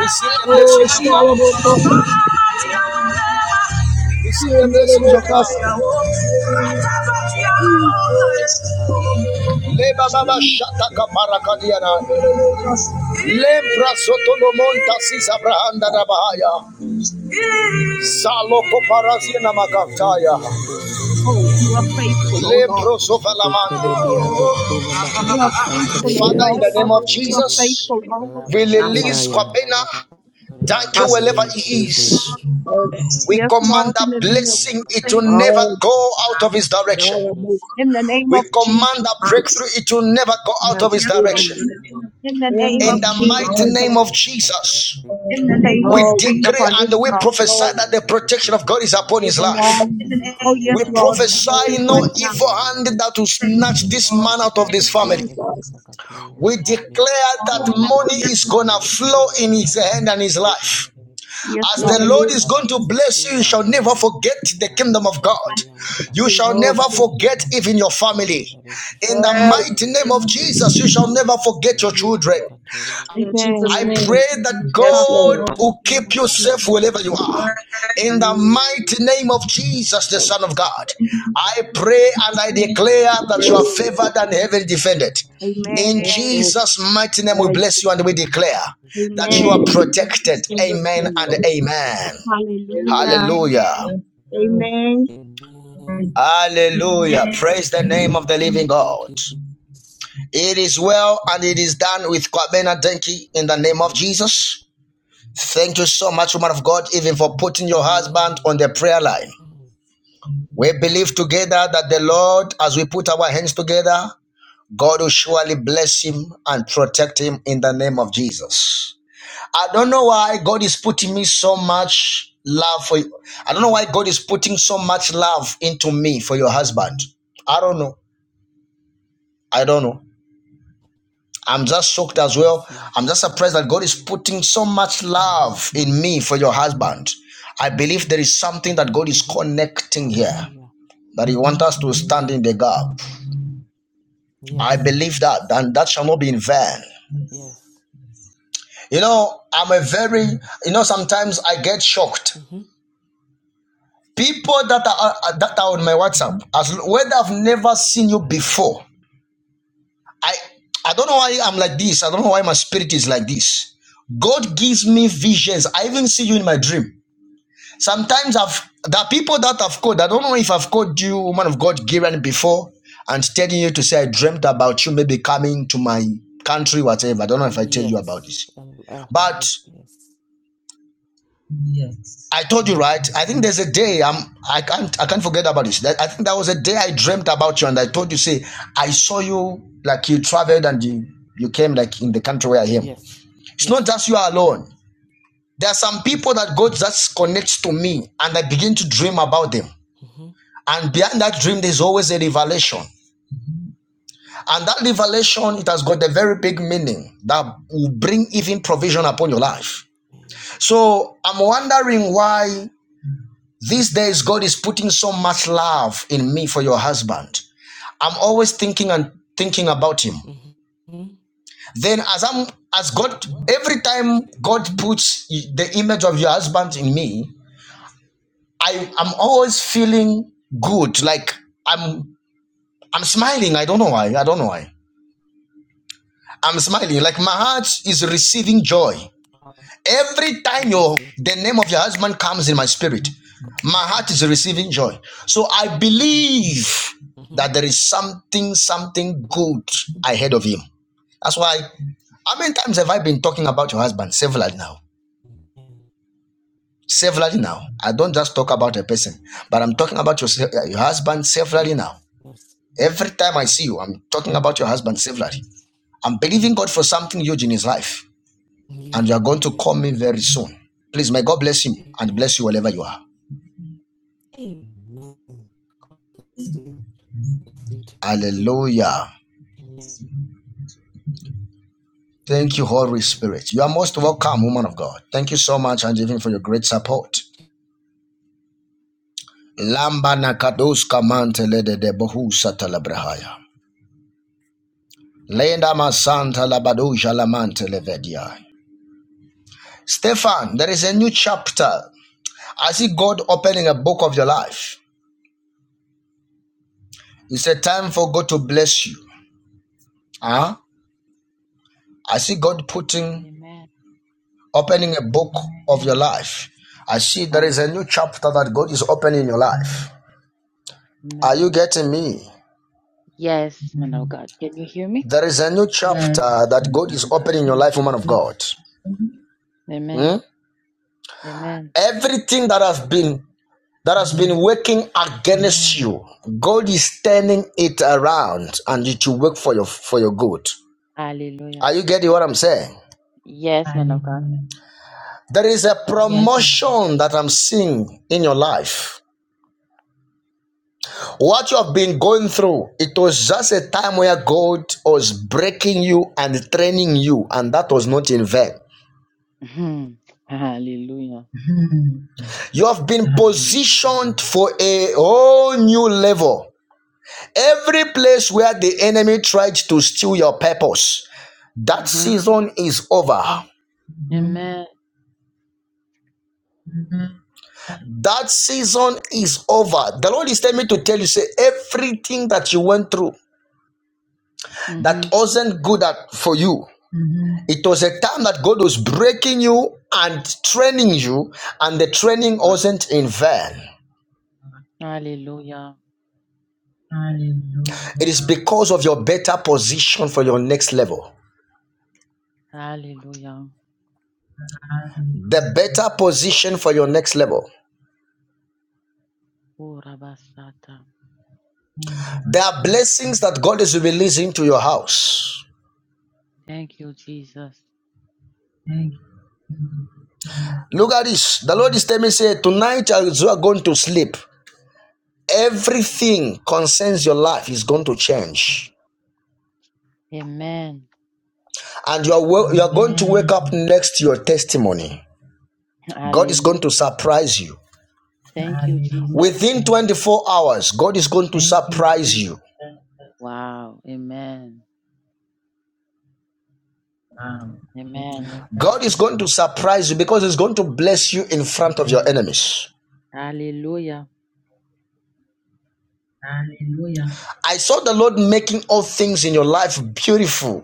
Speaker 1: Receive the
Speaker 12: Oh,
Speaker 1: blessings of God.
Speaker 12: Salvo Costa,
Speaker 10: kasatarianda
Speaker 1: Receive the blessings
Speaker 12: Yemere
Speaker 1: of
Speaker 12: Costa,
Speaker 1: God. Leba baba shata kapara kadiana. Lempra soto no monta sis abrahanda da bahaya. Salo kopara na
Speaker 9: Maybe
Speaker 1: makataya.
Speaker 9: beyond the soul, to
Speaker 2: Oh,
Speaker 9: beyond
Speaker 2: you are
Speaker 9: the fire.
Speaker 2: faithful, oh Lord.
Speaker 1: Lempro sofa
Speaker 9: It could
Speaker 1: lamande.
Speaker 9: be beyond the cool,
Speaker 2: You
Speaker 9: beyond
Speaker 2: are
Speaker 9: the Santa,
Speaker 2: faithful, oh
Speaker 1: Father,
Speaker 9: beyond
Speaker 1: in
Speaker 2: Lord.
Speaker 9: the
Speaker 1: the name of
Speaker 9: sun.
Speaker 2: You are
Speaker 1: Jesus,
Speaker 2: faithful, Lord.
Speaker 1: we
Speaker 12: Shabba,
Speaker 1: release
Speaker 9: Libaya.
Speaker 1: Kwabena. Thank you
Speaker 9: In the
Speaker 12: Costa,
Speaker 1: wherever
Speaker 9: name of
Speaker 1: he is.
Speaker 9: Jesus.
Speaker 12: Oda,
Speaker 1: We
Speaker 2: Yes,
Speaker 1: command
Speaker 2: Lord,
Speaker 1: that
Speaker 2: in the name of
Speaker 1: blessing, it
Speaker 2: Jesus.
Speaker 1: will never
Speaker 12: Oh,
Speaker 1: go out of his direction.
Speaker 10: Labba
Speaker 12: Salvo,
Speaker 2: In the
Speaker 10: baba
Speaker 2: name
Speaker 1: We
Speaker 2: of
Speaker 1: command that
Speaker 2: Jesus.
Speaker 1: breakthrough, it will never go out
Speaker 12: now
Speaker 1: of his direction.
Speaker 12: Stephen,
Speaker 2: In the
Speaker 12: in
Speaker 2: name
Speaker 12: the
Speaker 1: In
Speaker 2: of
Speaker 1: the
Speaker 10: baba
Speaker 12: name
Speaker 2: Jesus,
Speaker 12: of
Speaker 1: mighty
Speaker 2: yes,
Speaker 1: name
Speaker 2: Lord.
Speaker 1: of Jesus,
Speaker 10: baba
Speaker 2: Thank you,
Speaker 1: we
Speaker 12: Oh,
Speaker 2: Spirit,
Speaker 1: decree
Speaker 2: upon every
Speaker 1: and we
Speaker 2: God.
Speaker 12: Jesus,
Speaker 1: prophesy
Speaker 12: Lord,
Speaker 1: that the protection of God is upon his
Speaker 12: even
Speaker 1: life.
Speaker 12: now, in
Speaker 2: Oh, yes,
Speaker 1: We
Speaker 2: Lord.
Speaker 12: Jesus'
Speaker 1: prophesy
Speaker 2: Speak
Speaker 1: no
Speaker 12: name,
Speaker 2: right now.
Speaker 1: evil hand that will snatch this man out of this family.
Speaker 12: Jesus,
Speaker 1: We declare that money is gonna flow in his hand and his life.
Speaker 10: Labakasakatorianda,
Speaker 2: Yes,
Speaker 1: As
Speaker 12: in
Speaker 1: the
Speaker 12: the
Speaker 2: Lord.
Speaker 1: Lord
Speaker 12: name
Speaker 1: is
Speaker 12: of
Speaker 1: going to
Speaker 10: Labakasa,
Speaker 1: bless you, you shall never
Speaker 10: amen.
Speaker 1: forget the kingdom of
Speaker 10: Labakasa
Speaker 1: God.
Speaker 10: Torianda
Speaker 1: You
Speaker 2: Yes.
Speaker 10: Bakasa
Speaker 1: shall
Speaker 12: Oh,
Speaker 1: never
Speaker 12: God,
Speaker 10: Kateriata
Speaker 1: forget even
Speaker 10: Bakasa
Speaker 1: your family.
Speaker 10: Katorianda Be
Speaker 1: In the
Speaker 12: yes,
Speaker 1: mighty
Speaker 10: Leverebe
Speaker 1: name of
Speaker 10: Kisikoto,
Speaker 1: Jesus, you
Speaker 10: yes,
Speaker 1: shall never
Speaker 10: Lord.
Speaker 1: forget your children.
Speaker 10: Labakasa Katorianda
Speaker 12: in Jesus'
Speaker 1: I
Speaker 2: Amen.
Speaker 10: Be
Speaker 12: name,
Speaker 1: pray that
Speaker 12: yes,
Speaker 2: Trust in
Speaker 12: Lord.
Speaker 1: God
Speaker 2: the
Speaker 1: will keep you
Speaker 2: Lord.
Speaker 1: safe wherever you are.
Speaker 12: of
Speaker 1: In the mighty
Speaker 10: Labakasa
Speaker 1: name of Jesus, the
Speaker 10: Katorianda
Speaker 1: Son of
Speaker 10: Bakasa Katorianda
Speaker 12: glory and
Speaker 2: Amen.
Speaker 12: so mighty name
Speaker 2: Amen.
Speaker 12: in Jesus' name. Hallelujah.
Speaker 2: Hallelujah.
Speaker 10: Be
Speaker 2: Amen.
Speaker 10: Amen. Amen. Thank you, Jesus. God bless us.
Speaker 1: God, in your husband
Speaker 10: Amen.
Speaker 1: on the prayer line.
Speaker 10: Amen.
Speaker 1: We believe together that the Lord, as we put our hands together, God will surely bless him and protect him in the name of Jesus. I don't know why God is putting me so much love for you. I don't know why
Speaker 10: Amen.
Speaker 1: God is putting so much love into me for your husband. I don't know. I don't know. I'm just shocked
Speaker 10: God
Speaker 1: as well.
Speaker 10: bless you.
Speaker 1: I'm just surprised that God is
Speaker 10: Amen.
Speaker 1: putting so much love
Speaker 10: Mm-hmm.
Speaker 1: in me for your husband. I
Speaker 10: Mm-hmm.
Speaker 1: believe there is something that God
Speaker 10: Mm-hmm.
Speaker 1: is
Speaker 10: Mm-hmm.
Speaker 1: connecting here
Speaker 10: Hallelujah.
Speaker 1: that He wants us to stand in
Speaker 10: Amen.
Speaker 1: the gap. I
Speaker 10: Yes.
Speaker 1: believe that,
Speaker 10: Yes.
Speaker 1: and that shall not be in vain.
Speaker 10: Yes.
Speaker 1: You know, I'm a very, you know, sometimes I get shocked.
Speaker 10: Mm-hmm.
Speaker 1: People that are uh, that are on my WhatsApp, as l- I've never seen you before, I I don't know why I'm like this. I don't know why my spirit is like this. God gives me visions. I even see you in my dream. Sometimes I've the people that I've called. I don't know if I've called you, woman of God, Giran, before, and telling you to say I dreamt about you, maybe coming to my country, whatever. I don't know if I tell you about
Speaker 10: Yes.
Speaker 1: this,
Speaker 10: And uh, hallelujah.
Speaker 1: but.
Speaker 10: Yes.
Speaker 1: I told you right. I think there's a day I'm I can't I can't forget about this. I think that was a day I dreamt about you and I told you say I saw you like you traveled and you you came like in the country where I am.
Speaker 10: Yes.
Speaker 1: It's not
Speaker 10: Yes.
Speaker 1: just you alone. There are some people that God just connects to me and I begin to dream about them.
Speaker 10: Mm-hmm.
Speaker 1: And behind that dream, there's always a revelation. And that revelation, it has got a very big meaning that will bring even provision upon your life.
Speaker 10: Amen.
Speaker 1: So I'm wondering why these days God is putting so much love in me. an
Speaker 10: Mm-hmm. Mm-hmm.
Speaker 1: image of your husband in me, I, I'm always feeling good. Like I'm I'm smiling. I don't know why. I don't know why. I'm smiling. Like my heart is receiving joy.
Speaker 10: Wow.
Speaker 1: Every time
Speaker 10: God
Speaker 1: your
Speaker 10: bless you.
Speaker 1: the name of your husband comes in my spirit,
Speaker 10: God
Speaker 1: my
Speaker 10: bless you.
Speaker 1: heart is receiving joy. So I believe
Speaker 10: Mm-hmm.
Speaker 1: that there is something, something
Speaker 10: God
Speaker 1: good
Speaker 10: bless you.
Speaker 1: ahead of him. That's why how many times have I been talking about your husband? Several now.
Speaker 10: Amen.
Speaker 1: severally now. I don't just talk about a person, but I'm talking about your, your husband severally
Speaker 10: Yes,
Speaker 1: now.
Speaker 10: yes,
Speaker 1: Every time I see
Speaker 10: yeah,
Speaker 1: you, I'm talking about your husband severally. I'm believing God for something huge in his life,
Speaker 10: yeah,
Speaker 1: and you are going to call
Speaker 10: yeah.
Speaker 1: me very soon. Please, may God bless him and
Speaker 10: Amen.
Speaker 1: bless you wherever you are.
Speaker 10: Amen. God bless you. Thank you.
Speaker 1: Hallelujah.
Speaker 10: Amen.
Speaker 1: Thank you, Holy
Speaker 10: Amen.
Speaker 1: Spirit. You are most welcome, woman of God. Thank you so much, and even for your great support. Lamba nakadoska mantele de debohu satalabrahaya. Lenda masanta labadoja lamante levedi. I see God putting
Speaker 11: Amen.
Speaker 1: opening a book of your life. There is a
Speaker 11: Hallelujah.
Speaker 1: life.
Speaker 11: Amen. Yes, man of God. Can you hear me?
Speaker 1: There is a new chapter that God is opening in your life, woman of God.
Speaker 11: Amen. Amen.
Speaker 1: Everything that has been that has been working against you, God is turning it around, and it will work for your for your good.
Speaker 11: Hallelujah.
Speaker 1: Are you getting what I'm saying?
Speaker 11: Yes, man of God.
Speaker 1: There is a Yes, promotion that I'm seeing in your life. What you have been going through, it was just a time where God was breaking you and training you, and that was not in vain.
Speaker 11: Mhm. Hallelujah.
Speaker 1: You have been positioned for a whole new level. Every place where the enemy tried to steal your purpose, that
Speaker 11: hmm
Speaker 1: season is over.
Speaker 11: Amen.
Speaker 1: That season is over. The Lord is telling me to tell you, say, everything that you went through that
Speaker 11: hmm
Speaker 1: wasn't good at, for you, it was a time that God was breaking you and training you, and the training
Speaker 11: Wow.
Speaker 1: wasn't in vain.
Speaker 11: Hallelujah.
Speaker 1: It is because of your better position for your next level.
Speaker 11: Hallelujah.
Speaker 1: the better position for your next level.
Speaker 11: Oh, Rabasata.
Speaker 1: There are blessings that God is releasing to your house.
Speaker 11: Thank you, Jesus.
Speaker 1: Look at this. The Lord is telling me, say, tonight as you are going to sleep,
Speaker 11: Mm.
Speaker 1: everything concerns your life is going to change.
Speaker 11: Amen.
Speaker 1: And you are, you are going to wake up next to your testimony. God is going to
Speaker 11: Hallelujah.
Speaker 1: surprise you.
Speaker 11: Thank you, Jesus.
Speaker 1: Within 24 hours, God is going to surprise you.
Speaker 11: Wow. Amen. Amen.
Speaker 1: God is going to surprise you because He's going to bless you in front of your enemies.
Speaker 11: Hallelujah.
Speaker 1: Hallelujah. I saw the Lord making all things in your life beautiful.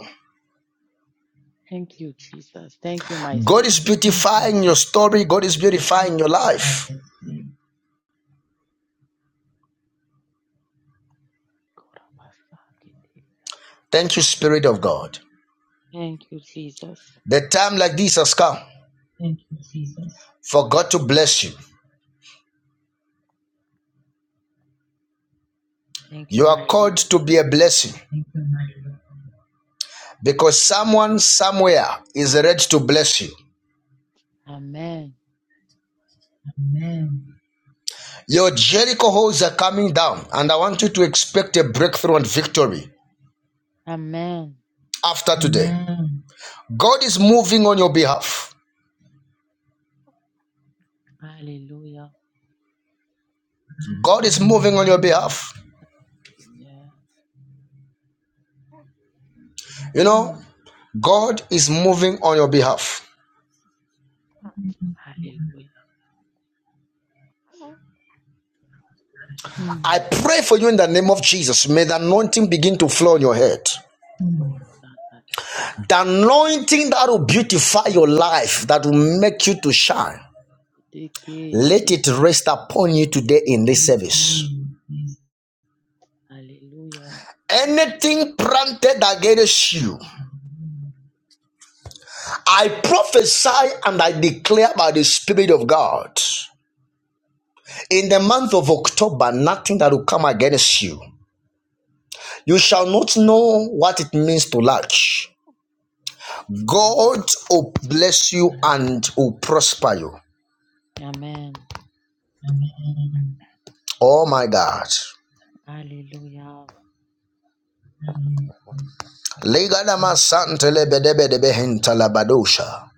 Speaker 11: Thank you, Jesus. Thank you, my
Speaker 1: God is
Speaker 11: Savior.
Speaker 1: beautifying your story. God is beautifying your life.
Speaker 11: Korabasakete.
Speaker 1: Thank you, Spirit of God.
Speaker 11: Thank you, Jesus.
Speaker 1: The time like this has come for God to bless you.
Speaker 11: Thank you,
Speaker 1: You are
Speaker 11: my
Speaker 1: called
Speaker 11: Lord.
Speaker 1: to be a blessing because someone somewhere is ready to bless you.
Speaker 11: Amen.
Speaker 1: Your Jericho holes are coming down, and I want you to expect a breakthrough and victory
Speaker 11: Amen.
Speaker 1: after today. God is moving on your behalf.
Speaker 11: Hallelujah.
Speaker 1: God is moving on your behalf.
Speaker 11: Yeah.
Speaker 1: You know,
Speaker 11: Mm,
Speaker 1: God is moving on your behalf.
Speaker 11: Hallelujah.
Speaker 1: I
Speaker 11: mm,
Speaker 1: pray for you in the name of Jesus. May the anointing begin to flow on your head.
Speaker 11: Oh, Sakatari
Speaker 1: The anointing that will beautify your life, that will make you to shine.
Speaker 11: Bakiteke,
Speaker 1: Let it
Speaker 11: Kesuya.
Speaker 1: rest upon you today in this service.
Speaker 11: Hallelujah.
Speaker 1: Anything planted against you, I prophesy and I declare by the Spirit of God. In the month of October, nothing that will come against you. You shall not know what it means to lack. God
Speaker 11: Amen.
Speaker 1: will bless you and will prosper you.
Speaker 11: Amen.
Speaker 1: Oh my God.
Speaker 11: Hallelujah.
Speaker 1: Legadama santele bedebedebe hintala badosha.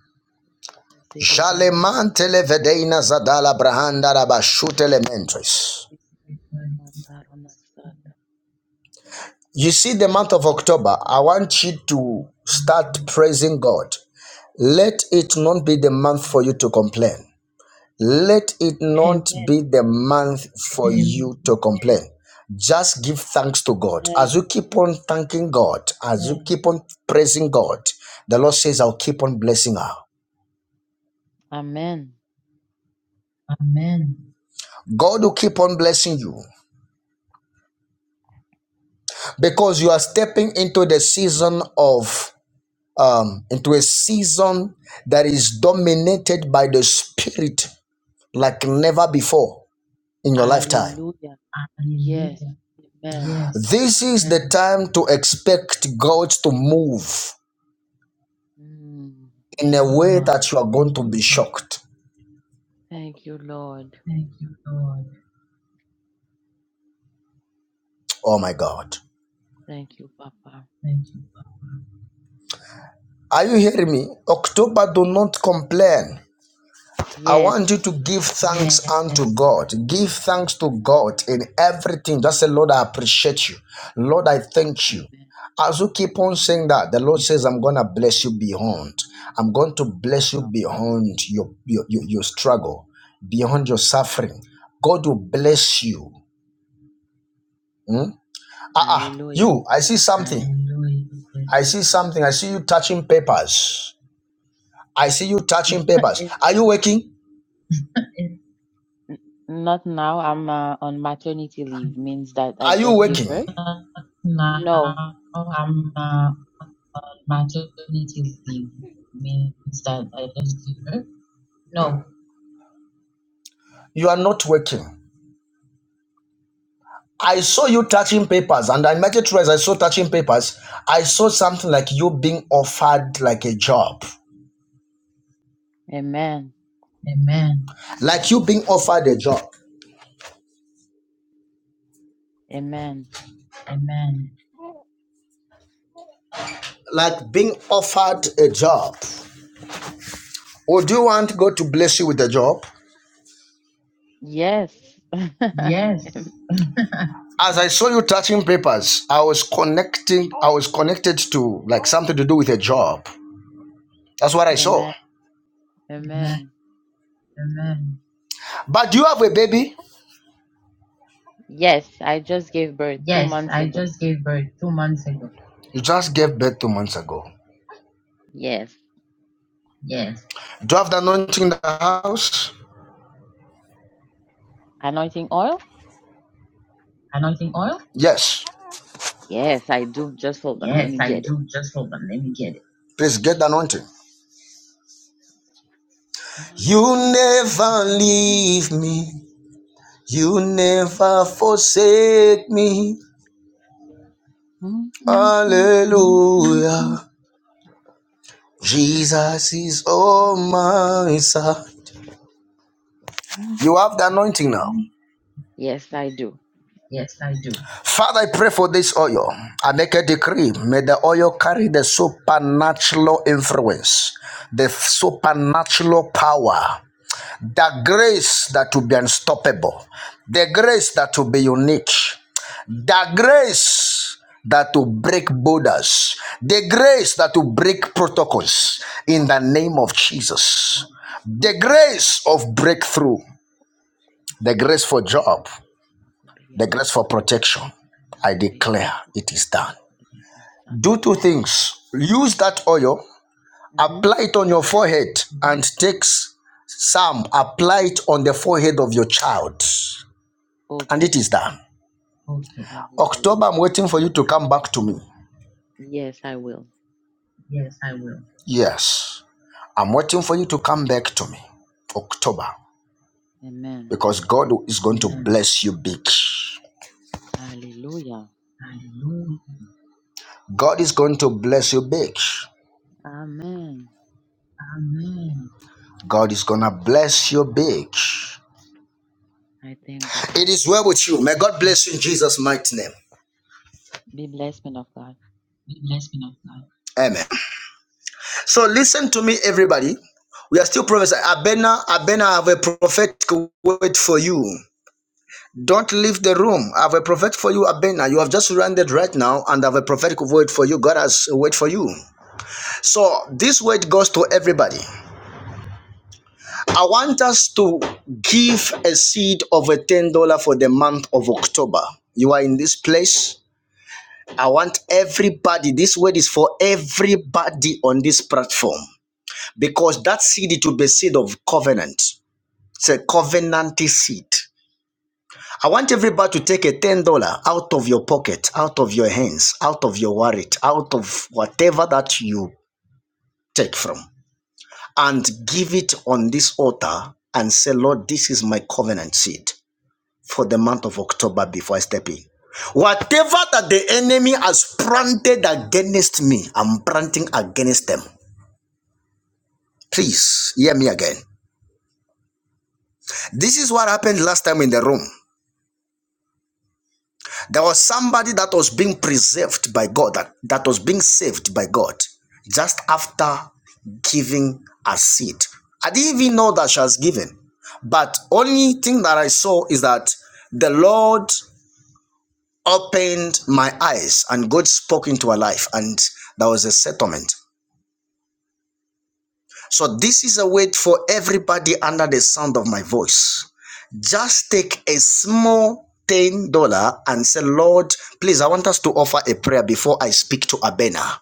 Speaker 11: Selevari Basata.
Speaker 1: Jalemantele vedeina zadala brahanda rabashutele mentres. You see, the month of October, I want you to start praising God. Let it not be the month for you to complain. Let it not
Speaker 11: Amen.
Speaker 1: be the month for you to complain. Just give thanks to God. As
Speaker 11: Amen.
Speaker 1: you keep on thanking God, as you keep on praising God, the Lord says, I'll keep on blessing her.
Speaker 11: Amen.
Speaker 1: Amen. God will keep on blessing you because you are stepping into the season of um, into a season that is dominated by the spirit like before.
Speaker 11: Hallelujah. Yes.
Speaker 1: Hallelujah.
Speaker 11: Amen.
Speaker 1: This is the time to expect God to move.
Speaker 11: Mm.
Speaker 1: in a
Speaker 11: Thank you,
Speaker 1: way
Speaker 11: Father.
Speaker 1: that you are going to be shocked.
Speaker 11: Thank you, Lord.
Speaker 1: Thank you, Lord. Oh my God.
Speaker 11: Thank you, Papa.
Speaker 1: Are you hearing me? October, do not complain. I
Speaker 11: Yes.
Speaker 1: want you to give thanks unto God. Give thanks to God in everything. Just say, Lord, I appreciate you. Lord, I thank you.
Speaker 11: Amen.
Speaker 1: As you keep on saying that, the Lord says, I'm going to bless you beyond. I'm going to bless you
Speaker 11: Wow.
Speaker 1: beyond your, your, your, your struggle, beyond your suffering. God will bless you. Hmm? Ah, ah,
Speaker 11: Hallelujah.
Speaker 1: you, I see something. I see something. I see you touching papers. I see you touching papers.
Speaker 11: Is-
Speaker 1: Are you working?
Speaker 11: N- Not now. I'm uh, on maternity leave. Means that I
Speaker 1: Are you
Speaker 11: just gave
Speaker 1: working?
Speaker 11: birth?
Speaker 1: Now
Speaker 11: No.
Speaker 1: I'm uh, maternity leave means that I just give birth. No, You are not working. I saw you touching papers and I met it twice. I saw touching papers. I saw something like you being offered like a job.
Speaker 11: Amen.
Speaker 1: amen, Like you being offered a job.
Speaker 11: Amen.
Speaker 1: amen. Like being offered a job. Would you?
Speaker 11: Yes.
Speaker 1: Yes. As I, think I would like some job. That's what I saw.
Speaker 11: Amen.
Speaker 1: Amen.
Speaker 11: Amen.
Speaker 1: Amen. But you,
Speaker 11: Yes, I just gave birth two
Speaker 1: Yes,
Speaker 11: months
Speaker 1: I
Speaker 11: ago.
Speaker 1: just gave birth two months ago. you just gave birth two months ago.
Speaker 11: Yes.
Speaker 1: Yes. Do you have the anointing in the house?
Speaker 11: Anointing oil?
Speaker 1: Anointing oil? Yes.
Speaker 11: Yes, I do. Just hold on. Let
Speaker 1: Yes,
Speaker 11: me
Speaker 1: I
Speaker 11: get it.
Speaker 1: do. Just hold on. Let me get it. Please get the anointing. You never leave me. You never forsake me.
Speaker 11: Yes, I do.
Speaker 1: Father, I pray for this oil. I make a decree. May the oil carry the supernatural influence, the supernatural power, the grace that will be unstoppable, the grace that will be unique, the grace that will break borders, the grace that will break protocols in the name of Jesus. Through it done.
Speaker 11: Mm-hmm.
Speaker 1: The forehead of your child, and
Speaker 11: Okay.
Speaker 1: it is done. October,
Speaker 11: Hallelujah.
Speaker 1: I'm waiting for you to come back to me.
Speaker 11: Yes, I will.
Speaker 1: Yes. I will. Yes. I'm waiting for you to come back to me, October,
Speaker 11: Amen.
Speaker 1: because God is going to bless you big.
Speaker 11: Hallelujah.
Speaker 1: God is going to bless you big.
Speaker 11: Amen.
Speaker 1: God is going to bless you big.
Speaker 11: I thank God.
Speaker 1: It is well with you. May God bless you in Jesus' mighty name.
Speaker 11: Be blessed, man of God.
Speaker 1: Bless me not now. Amen. So listen to me, everybody. We are still prophesying. Abena, Abena, I have a prophetic word for you. Don't leave the room. I have a prophetic for you, Abena. You have just landed right now, and I have a prophetic word for you. God has a word for you. So this word goes to everybody to give over ten dollar for the month of October. You are in this place. I want everybody. This word is for everybody on this platform because that seed it will be seed of covenant. It's a covenant seed. I want everybody to take a ten dollar out of your pocket, out of your hands, out of your wallet, out of whatever that you take from, and give it on this altar and say, Lord, this is my covenant seed. for the month of October before I step in. Whatever that the enemy has planted against me, I'm planting against them. Please hear me again. This is what happened last time in the room. There was somebody that was being preserved by God, that, that was being saved by God just after giving a seed. I didn't even know that she was given. But only thing that I saw is that the Lord opened my eyes and God spoke into her life and there was a settlement. So this is a word for everybody under the sound of my voice. Just take a small ten dollar and say, Lord, please, I want us to offer a prayer before I speak to Abena.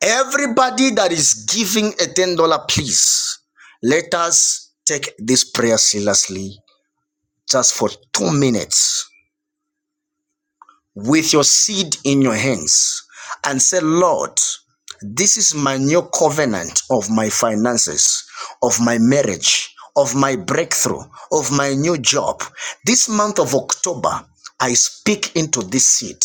Speaker 1: Everybody that is giving a ten dollar, please, let us take this prayer seriously just for two minutes with your seed in your hands and say, Lord, this is my new covenant of my finances, of my marriage, of my breakthrough, of my new job. This month of October, I speak into this seed.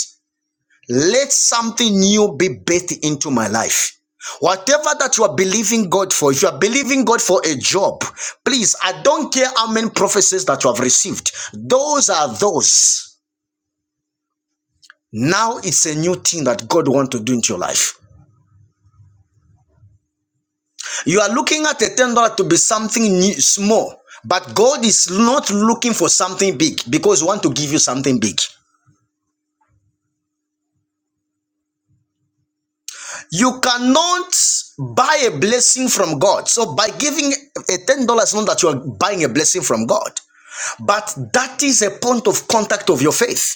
Speaker 1: Let something new be bathed into my life. Whatever that you are believing God for, if you are believing God for a job, please, I don't care how many prophecies that you have received, those are those. Now it's a new thing that God want to do into your life. You cannot buy a blessing from God. So by giving a ten dollars, not that you are buying a blessing from God, but that is a point of contact of your faith.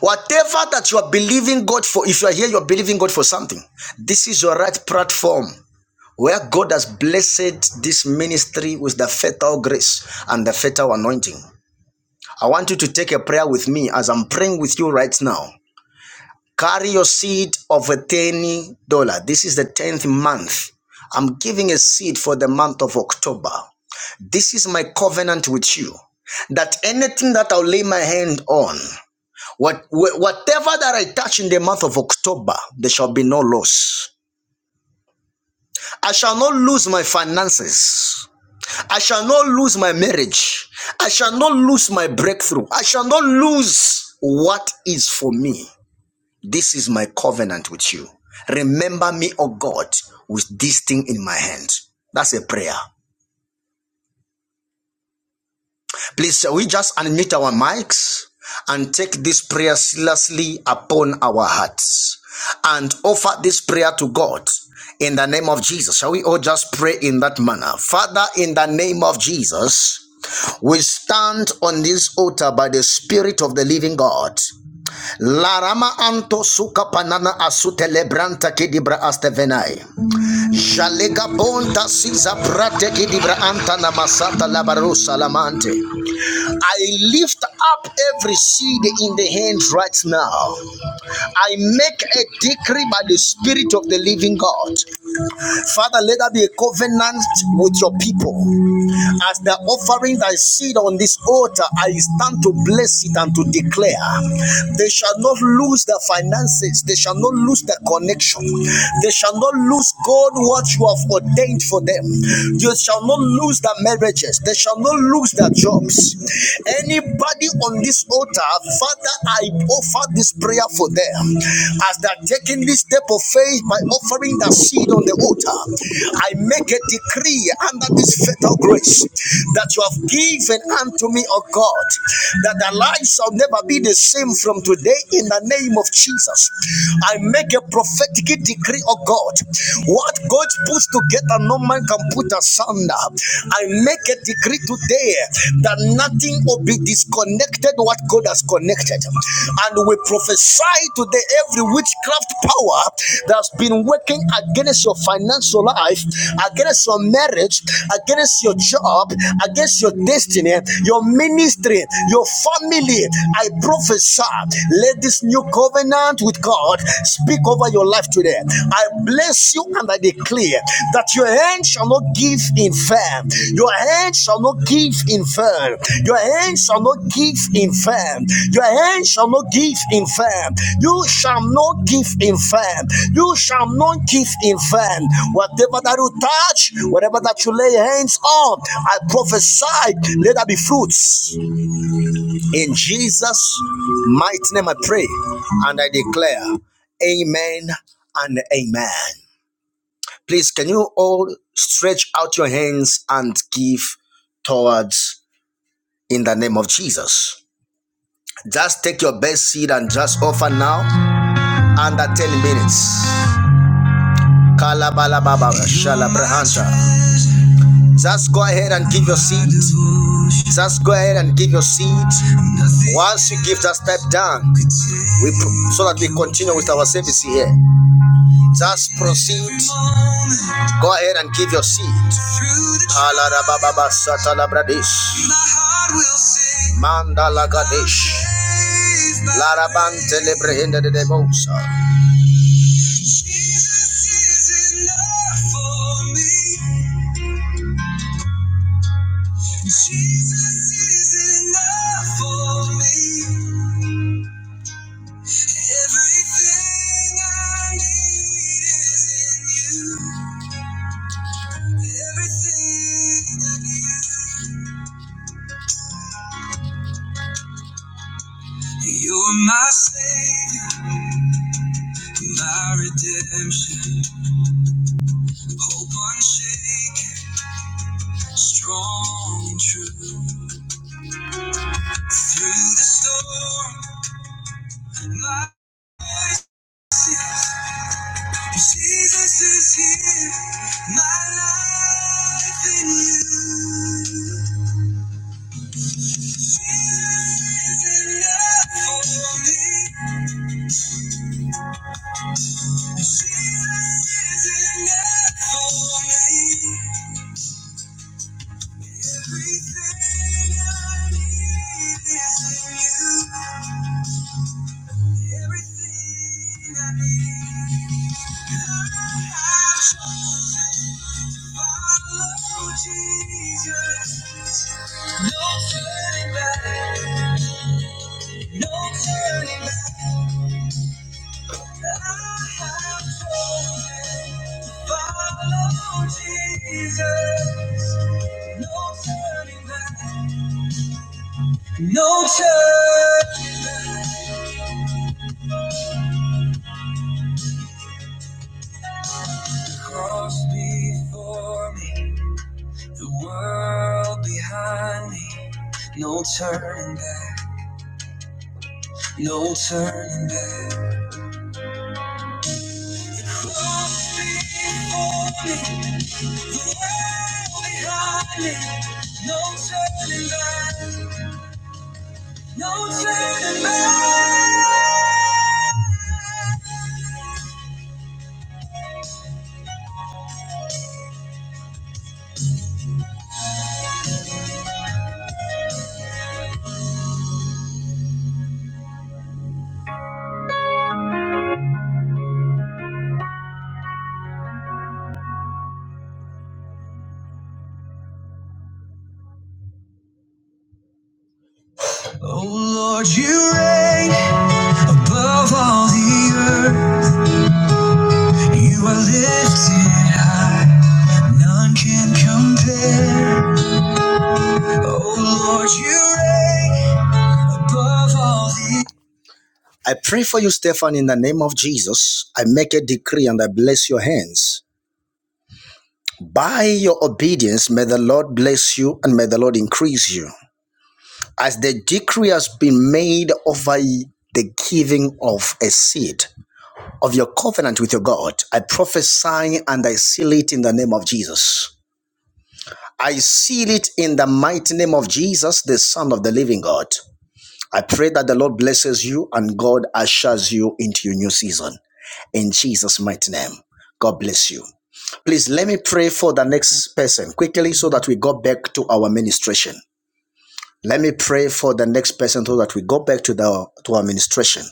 Speaker 1: Whatever that you are believing God for, if you are here, you are believing God for something. This is your right platform where God has blessed this ministry with the fatal grace and the fatal anointing. I want you to take a prayer with me as I'm praying with you right now. Carry your seed of a $10. This is the 10th month. I'm giving a seed for the month of October. This is my covenant with you that anything that I'll lay my hand on, what, whatever that I touch in the month of October, there shall be no loss. I shall not lose my finances. I shall not lose my marriage. I shall not lose my breakthrough. I shall not lose what is for me. This is my covenant with you. Remember me, O God, with this thing in my hand. That's a prayer. Please, shall we just unmute our mics and take this prayer seriously upon our hearts and offer this prayer to God in the name of Jesus? Shall we all just pray in that manner? Father, in the name of Jesus, we stand on this altar by the Spirit of the Living God. Larama anto suka panana asute lebranta astevenai. Shalega bonta siza brate kidibra anta na labarosa lamante. I lift up every seed in the hand right now. I make a decree by the Spirit of the Living God. Father, let there be a covenant with your people. As the offering thy seed on this altar, I stand to bless it and to declare. They shall not lose their finances, they shall not lose their connection, they shall not lose God what you have ordained for them. They shall not lose their marriages, they shall not lose their jobs. Anybody on this altar, Father, I offer this prayer for them as the that taking this step of faith by offering that seed on the altar, I make a decree under this fatal grace that you have given unto me, O God, that our lives shall never be the same from today in the name of Jesus. I make a prophetic decree, O God. What God puts together, no man can put asunder. I make a decree today declare that nothing will be disconnected what God has connected. And we prophesy today every witchcraft power that's been working against your financial life, against your marriage, against your job, against your destiny, your ministry, your family. I prophesy, let this new covenant with God speak over your life today. I bless you and I declare that your hand shall not give in vain. Your hand shall not give in vain. Your hand shall not give in vain. Your hand shall not give in vain. You shall not give in vain. You shall not give in vain. Whatever that you touch, whatever that you lay hands on, I prophesy, let there be fruits. In Jesus' mighty name I pray and I declare. Amen and amen. Please, can you all stretch out your hands and give towards in the name of Jesus? Just take your best seat and just offer now under 10 minutes. Just go ahead and give your seed. Just go ahead and give your seed. Once you give, just step down we pro- so that we continue with our service here. Just proceed. Go ahead and give your seed. Mandala Gadesh, Larabante Lebrehenda de Debosa. Strong through the storm. No turning back. I have chosen to follow Jesus. No turning back. No turn. The cross before me, the world behind me. No turning back. No turning back. Oh Lord, you reign above all the earth. You are lifted high, none can compare. Oh Lord, you reign above all the earth. I pray for you, Stefan, in the name of Jesus. I make a decree and I bless your hands. By your obedience, may the Lord bless you and may the Lord increase you. as the decree has been made over the giving of a seed of your covenant with your God, I prophesy and I seal it in the name of Jesus. I seal it in the mighty name of Jesus, the Son of the living God. I pray that the Lord blesses you and God ushers you into your new season. In Jesus' mighty name, God bless you. Please let me pray for the
Speaker 11: Amen.
Speaker 1: next person quickly so that we go back to our ministration. Let me pray for the next person so that we go back to the to administration.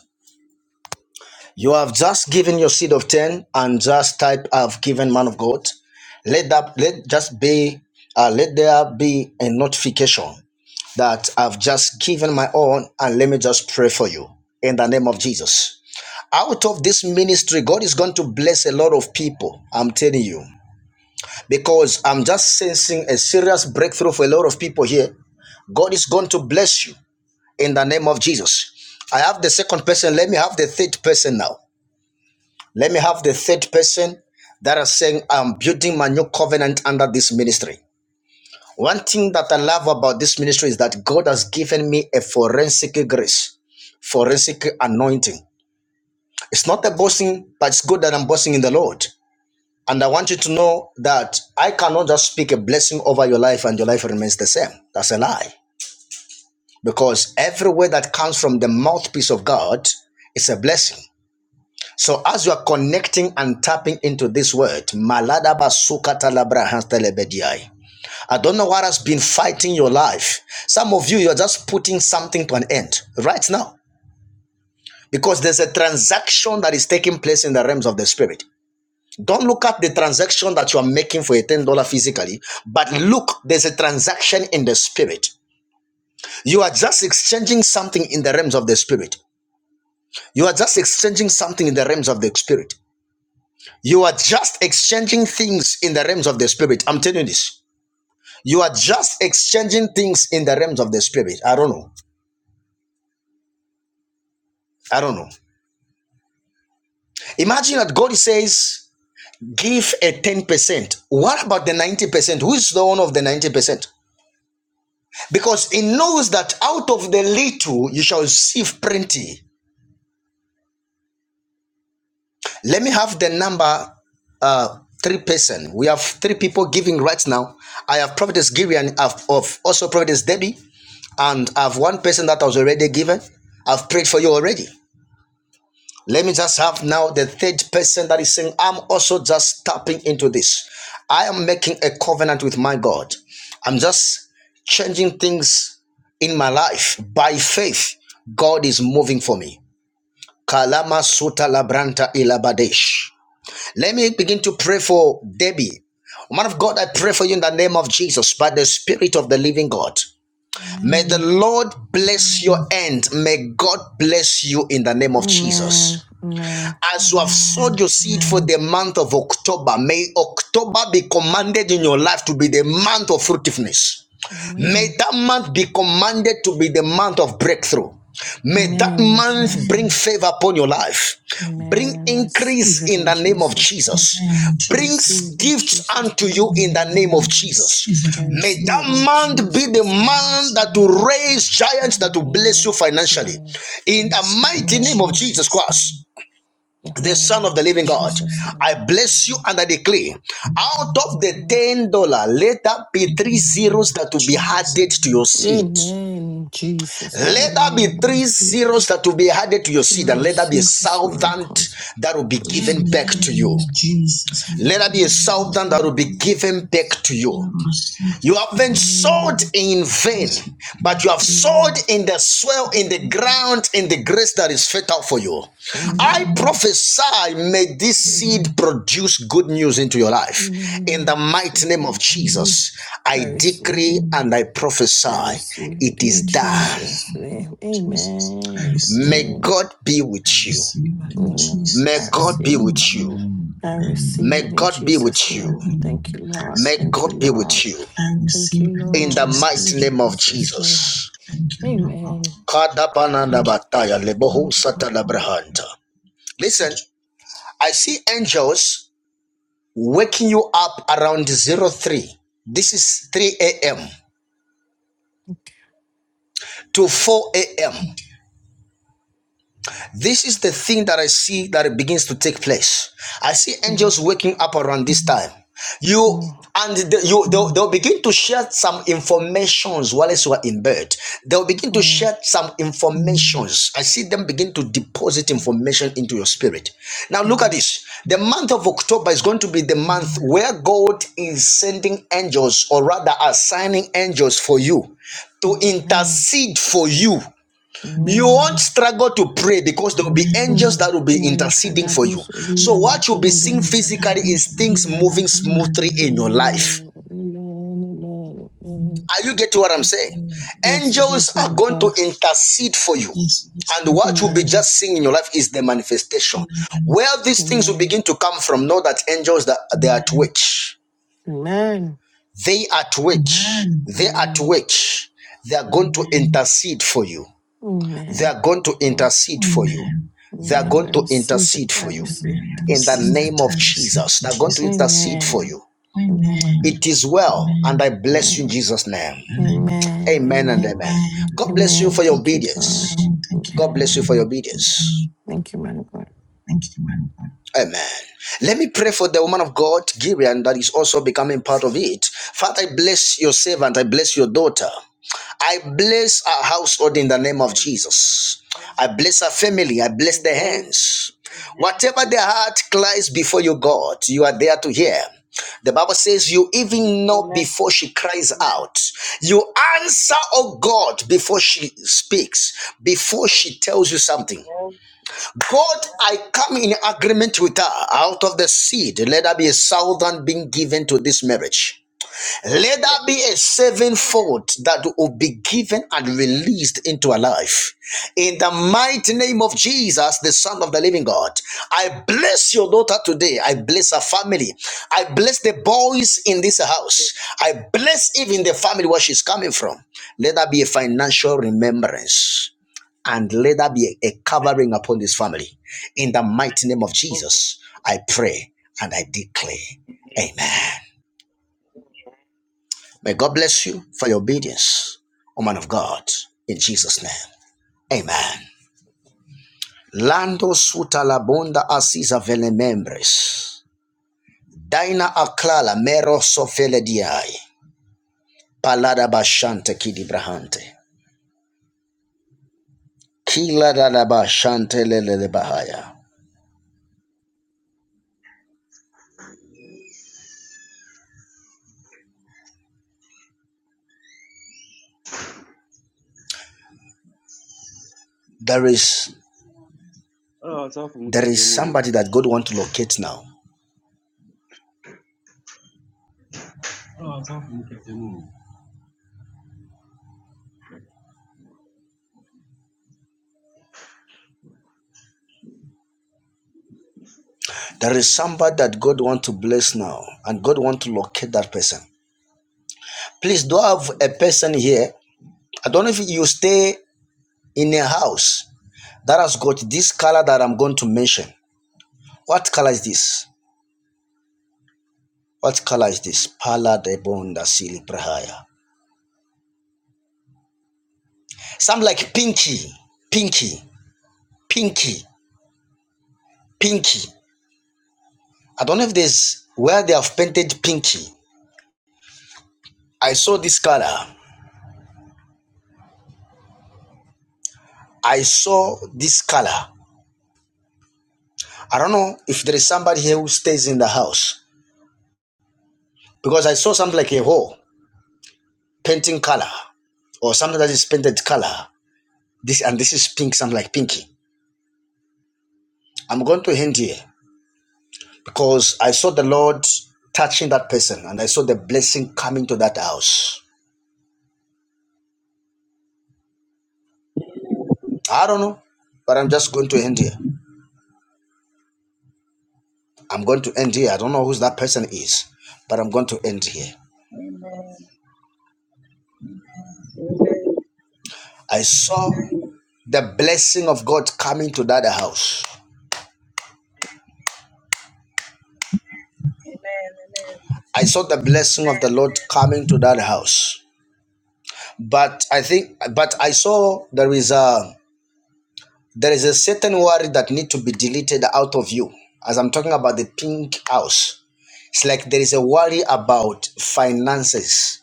Speaker 1: You have just given your seed of ten and just type I've given man of God. Let that let just be uh, let there be a notification that I've just given my own and let me just pray for you in the name of Jesus. Out of this ministry, God is going to bless a lot of people. I'm telling you. Because I'm just sensing a serious breakthrough for a lot of people here. God is going to bless you in the name of Jesus. I have the second person. Let me have the third person now. Let me have the third person that are saying, I'm building my new covenant under this ministry. One thing that I love about this ministry is that God has given me a forensic grace, forensic anointing. It's not a boasting, but it's good that I'm boasting in the Lord. And I want you to know that I cannot just speak a blessing over your life and your life remains the same. That's a lie. Because every word that comes from the mouthpiece of God is a blessing. So as you are connecting and tapping into this word, Malada Basuka talabrahans Hans Telebediai. I don't know what has been fighting your life. Some of you, you're just putting something to an end right now. Because there's a transaction that is taking place in the realms of the spirit. Don't look at the transaction that you are making for a $10 physically, but look, there's a transaction in the spirit. You are just exchanging something in the realms of the spirit. You are just exchanging something in the realms of the spirit. You are just exchanging things in the realms of the spirit. I'm telling you this. You are just exchanging things in the realms of the spirit. I don't know. I don't know. Imagine that God says, give a 10%. What about the 90%? Who is the one of the 90%? Because he knows that out of the little you shall receive plenty. The number uh three person which now i give you an of, of also prayed and i have one person that I was already given i've prayed for you already Let me just have now the third person that is saying, I'm also just tapping into this. I am making a covenant with my God. I'm just changing things in my life by faith. God is moving for me. Kalama Suta Labranta Ilabadesh. Let me begin to pray for Debbie. Man of God, I pray for you in the name of Jesus by the Spirit of the living God. May the
Speaker 14: Amen.
Speaker 1: Lord bless your end. May God bless you in the name of Jesus.
Speaker 14: Amen. Amen.
Speaker 1: As you have sowed your seed for the month of October, may October be commanded in your life to be the month of fruitfulness. May
Speaker 14: Amen.
Speaker 1: that month be commanded to be the month of breakthrough. May that
Speaker 14: Amen in
Speaker 1: month
Speaker 14: Jesus.
Speaker 1: bring favor upon your life. Bring
Speaker 14: Amen. I
Speaker 1: increase
Speaker 14: receive it
Speaker 1: in
Speaker 14: in
Speaker 1: the name of
Speaker 14: Jesus' name.
Speaker 1: Jesus.
Speaker 14: I receive
Speaker 1: Brings
Speaker 14: it in
Speaker 1: gifts
Speaker 14: Jesus'
Speaker 1: unto
Speaker 14: name.
Speaker 1: you in the name of Jesus.
Speaker 14: I
Speaker 1: May
Speaker 14: receive it
Speaker 1: that
Speaker 14: in
Speaker 1: month be the
Speaker 14: Jesus' name.
Speaker 1: month that will raise giants that will bless you
Speaker 14: Amen.
Speaker 1: financially.
Speaker 14: Amen.
Speaker 1: In the mighty name of
Speaker 14: Amen.
Speaker 1: Jesus Christ the Son of
Speaker 14: Amen.
Speaker 1: the Living God.
Speaker 14: Jesus'
Speaker 1: I
Speaker 14: name.
Speaker 1: bless you and I declare out of the ten dollar, let that be three zeros that will be added to your seed.
Speaker 14: Amen. In Jesus'
Speaker 1: Let
Speaker 14: mighty
Speaker 1: that
Speaker 14: name.
Speaker 1: be three
Speaker 14: I
Speaker 1: zeros that will be added to your seed, and let that be a
Speaker 14: receive this
Speaker 1: thousand
Speaker 14: miracle.
Speaker 1: that will be
Speaker 14: I
Speaker 1: given
Speaker 14: receive
Speaker 1: back
Speaker 14: in
Speaker 1: to you.
Speaker 14: Jesus'
Speaker 1: Let that be a
Speaker 14: name.
Speaker 1: thousand that
Speaker 14: Amen.
Speaker 1: will be given back to you. You haven't sowed in vain, but you have sowed
Speaker 14: Amen.
Speaker 1: in the soil, in the ground, in the grace that is fatal for you. I
Speaker 14: Amen.
Speaker 1: prophesy, may this
Speaker 14: Amen.
Speaker 1: seed produce good news into your life. In
Speaker 14: Amen.
Speaker 1: the
Speaker 14: I receive
Speaker 1: mighty name
Speaker 14: it.
Speaker 1: of Jesus,
Speaker 14: Jesus. I
Speaker 1: I
Speaker 14: receive
Speaker 1: decree
Speaker 14: it.
Speaker 1: and I
Speaker 14: I
Speaker 1: prophesy,
Speaker 14: receive it
Speaker 1: it is
Speaker 14: in
Speaker 1: done.
Speaker 14: Jesus' name. Amen.
Speaker 1: May
Speaker 14: Amen.
Speaker 1: God be with you.
Speaker 14: Amen.
Speaker 1: May
Speaker 14: I
Speaker 1: God be
Speaker 14: receive it.
Speaker 1: with you.
Speaker 14: I receive it in Jesus' name. Thank you, Lord. Thank you, Lord.
Speaker 1: In
Speaker 14: Thank you,
Speaker 1: the
Speaker 14: Lord. In
Speaker 1: mighty name of Jesus.
Speaker 14: Jesus' name. Amen.
Speaker 1: Listen, I see angels waking you around zero three. this is 3 to 4 a.m This is the thing that I see that it begins to take place. I see
Speaker 14: Mm,
Speaker 1: angels waking up around this time. You
Speaker 14: mm,
Speaker 1: and the, you they'll, they'll begin to share some informations while you are in bed. They'll begin to
Speaker 14: mm,
Speaker 1: share some informations. I see them begin to deposit
Speaker 14: mm,
Speaker 1: information into your spirit. Now look at
Speaker 14: mm.
Speaker 1: this. The month of October is going to be the month where God is sending angels, or rather assigning angels for you to
Speaker 14: Amen.
Speaker 1: intercede for you you
Speaker 14: Amen.
Speaker 1: won't struggle to pray because there will be angels
Speaker 14: Mm.
Speaker 1: that will be
Speaker 14: Maya
Speaker 1: interceding for
Speaker 14: kadadu
Speaker 1: you.
Speaker 14: sodi
Speaker 1: So, what you'll be
Speaker 14: alabu
Speaker 1: seeing
Speaker 14: dali abu.
Speaker 1: physically is things moving smoothly in your life.
Speaker 14: Amen. Amen. Amen. Amen.
Speaker 1: Are you getting what I'm saying?
Speaker 14: Yes,
Speaker 1: Angels
Speaker 14: yes,
Speaker 1: are
Speaker 14: man,
Speaker 1: going to
Speaker 14: God.
Speaker 1: intercede for you. And what you'll be
Speaker 14: Amen.
Speaker 1: just seeing in your life is the manifestation. Where these things will
Speaker 14: Amen.
Speaker 1: begin to come from, know that angels that they are at work.
Speaker 14: Amen.
Speaker 1: They are at work. They are at
Speaker 14: Amen.
Speaker 1: work. They are going to intercede for you. They
Speaker 14: Amen.
Speaker 1: are going to
Speaker 14: Amen.
Speaker 1: intercede for you. They are
Speaker 14: Amen. I
Speaker 1: going to
Speaker 14: receive
Speaker 1: intercede
Speaker 14: it. I
Speaker 1: for you
Speaker 14: receive it
Speaker 1: in
Speaker 14: in
Speaker 1: the
Speaker 14: Jesus.
Speaker 1: name of Jesus. They're going to intercede for
Speaker 14: Amen.
Speaker 1: you.
Speaker 14: Amen.
Speaker 1: It is well, and I bless you
Speaker 14: Amen.
Speaker 1: in Jesus' name.
Speaker 14: Amen.
Speaker 1: Amen and
Speaker 14: Amen.
Speaker 1: amen. God bless you
Speaker 14: Amen.
Speaker 1: for your
Speaker 14: Thank you,
Speaker 1: obedience.
Speaker 14: God.
Speaker 1: God
Speaker 14: Amen.
Speaker 1: bless you for your obedience.
Speaker 14: Thank you, man of God.
Speaker 1: Amen. Let me pray for the woman of God, Gideon, that is also becoming part of it. Father, I bless your servant. I bless your daughter. I bless our household in the name of
Speaker 10: Amen.
Speaker 1: Jesus. I bless our family. I bless their
Speaker 10: Amen.
Speaker 1: hands. Whatever their heart cries before you, God, you are there to hear. The Bible says, You even know
Speaker 10: Amen.
Speaker 1: before she cries out. You answer, oh God, before she speaks, before she tells you something. God, I come in agreement with her. Out of the seed, let there be a southern being given to this marriage. Let
Speaker 10: Yes.
Speaker 1: that be a sevenfold that will be given and released into our life. In the mighty name of Jesus, the Son of the Living God, I bless your daughter today. I bless her family. I bless the boys in this house. I bless even the family where she's coming from. Let that be a financial remembrance and let that be a covering upon this family. In the mighty name of
Speaker 10: Amen.
Speaker 1: Jesus, I pray and I declare. Amen.
Speaker 10: Amen.
Speaker 1: May God bless you for your obedience, O man of God, in Jesus' name. Amen. Lando suta la asisa vele membres. Daina aklala mero sofele diai. Palada bashante kidi brahante. Kila da da bashante lelele bahaya. There is
Speaker 18: Oh, safu
Speaker 1: there is
Speaker 18: mkitemu.
Speaker 1: somebody that God want to locate now. There is somebody that God want to bless now, and God want to locate that person. Please do have a person here. I don't know if you stay. in a house that has got this color that I'm going to mention. What color is this? What color is this? Pala de bonda sili prahaya. Some like pinky, pinky, pinky, pinky. I don't know if there's where they have painted pinky. I saw this color. I saw this color. I don't know if there is somebody here who stays in the house because I saw something like a hole painting color or something that is painted color. This and this is pink, something like pinky. I'm going to end here. because I saw the Lord touching that person and I saw the blessing coming to that house. I don't know, but I'm just going to end here. I'm going to end here. I don't know who that person is, but I'm going to end here.
Speaker 12: Amen. Amen.
Speaker 1: I saw the blessing of God coming to that house.
Speaker 12: Amen.
Speaker 1: I saw the blessing of the Lord coming to that house. But I think, but I saw there is a there is a certain worry that need to be deleted out of you. As I'm talking about the pink house, It's like there is a worry about finances.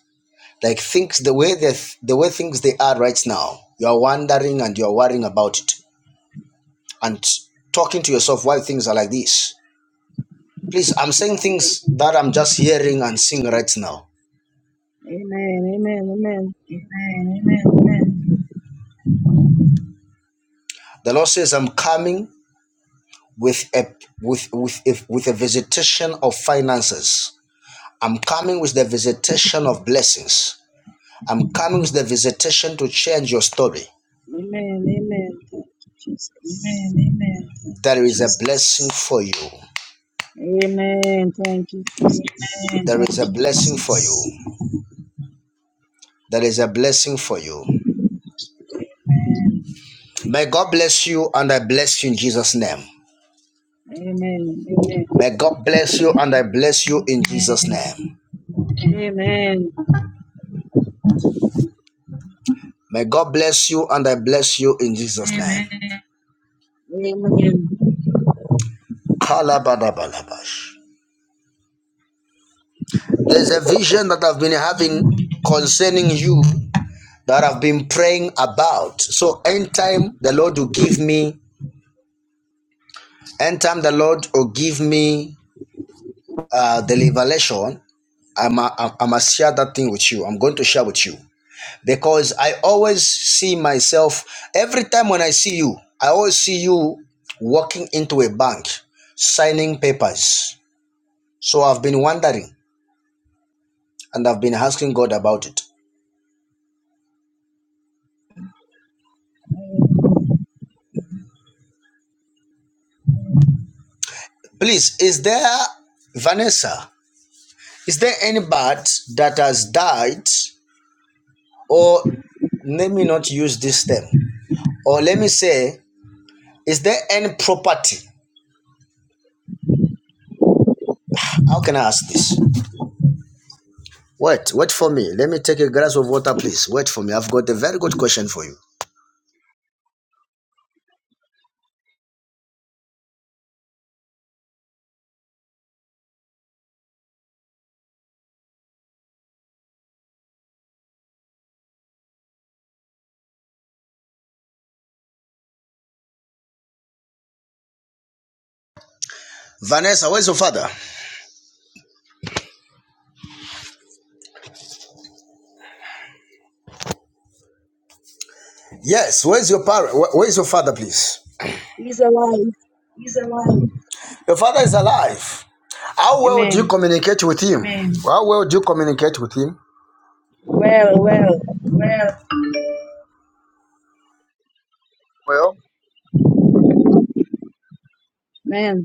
Speaker 1: Like things the way the the way things they are right now. You are wondering and you are worrying about it and talking to yourself why things are like this. Please, I'm saying things
Speaker 12: Amen.
Speaker 1: that I'm just hearing and seeing right now.
Speaker 12: Amen. Amen.
Speaker 1: The Lord says I'm coming with a with with a, with a visitation of finances. I'm coming with the visitation of blessings. I'm coming with the visitation to change your story.
Speaker 12: Amen. Amen. Amen. Amen. Thank you, Jesus.
Speaker 1: There is a blessing for you.
Speaker 12: Amen. Thank you, Jesus.
Speaker 1: There is a blessing for you. There is a blessing for you.
Speaker 12: Amen.
Speaker 1: May God bless you and I bless you in Jesus' name.
Speaker 12: Amen. Amen.
Speaker 1: May God bless you and I bless you in Jesus' name.
Speaker 12: Amen.
Speaker 1: May God bless you and I bless you in Jesus' name.
Speaker 12: Amen.
Speaker 1: Kalabadabalabash. There's a vision that I've been having concerning you that I've been praying about. So anytime the Lord will give me, anytime the Lord will give me uh, the revelation, I'm, gonna share that thing with you. I'm going to share with you. because I always see myself every time when I see you, I always see you walking into a bank signing papers. So I've been wondering and I've been asking God about it. Please, is there Vanessa? Is there any bird that has died or let me not use this term or let me say is there Vanessa, where's your father? Yes, where's your parent? Where's your father, please?
Speaker 12: He's alive.
Speaker 1: Your father is alive. How well do you
Speaker 12: Amen.
Speaker 1: communicate with him? Amen. How well do you communicate with him?
Speaker 12: Well, well. Amen.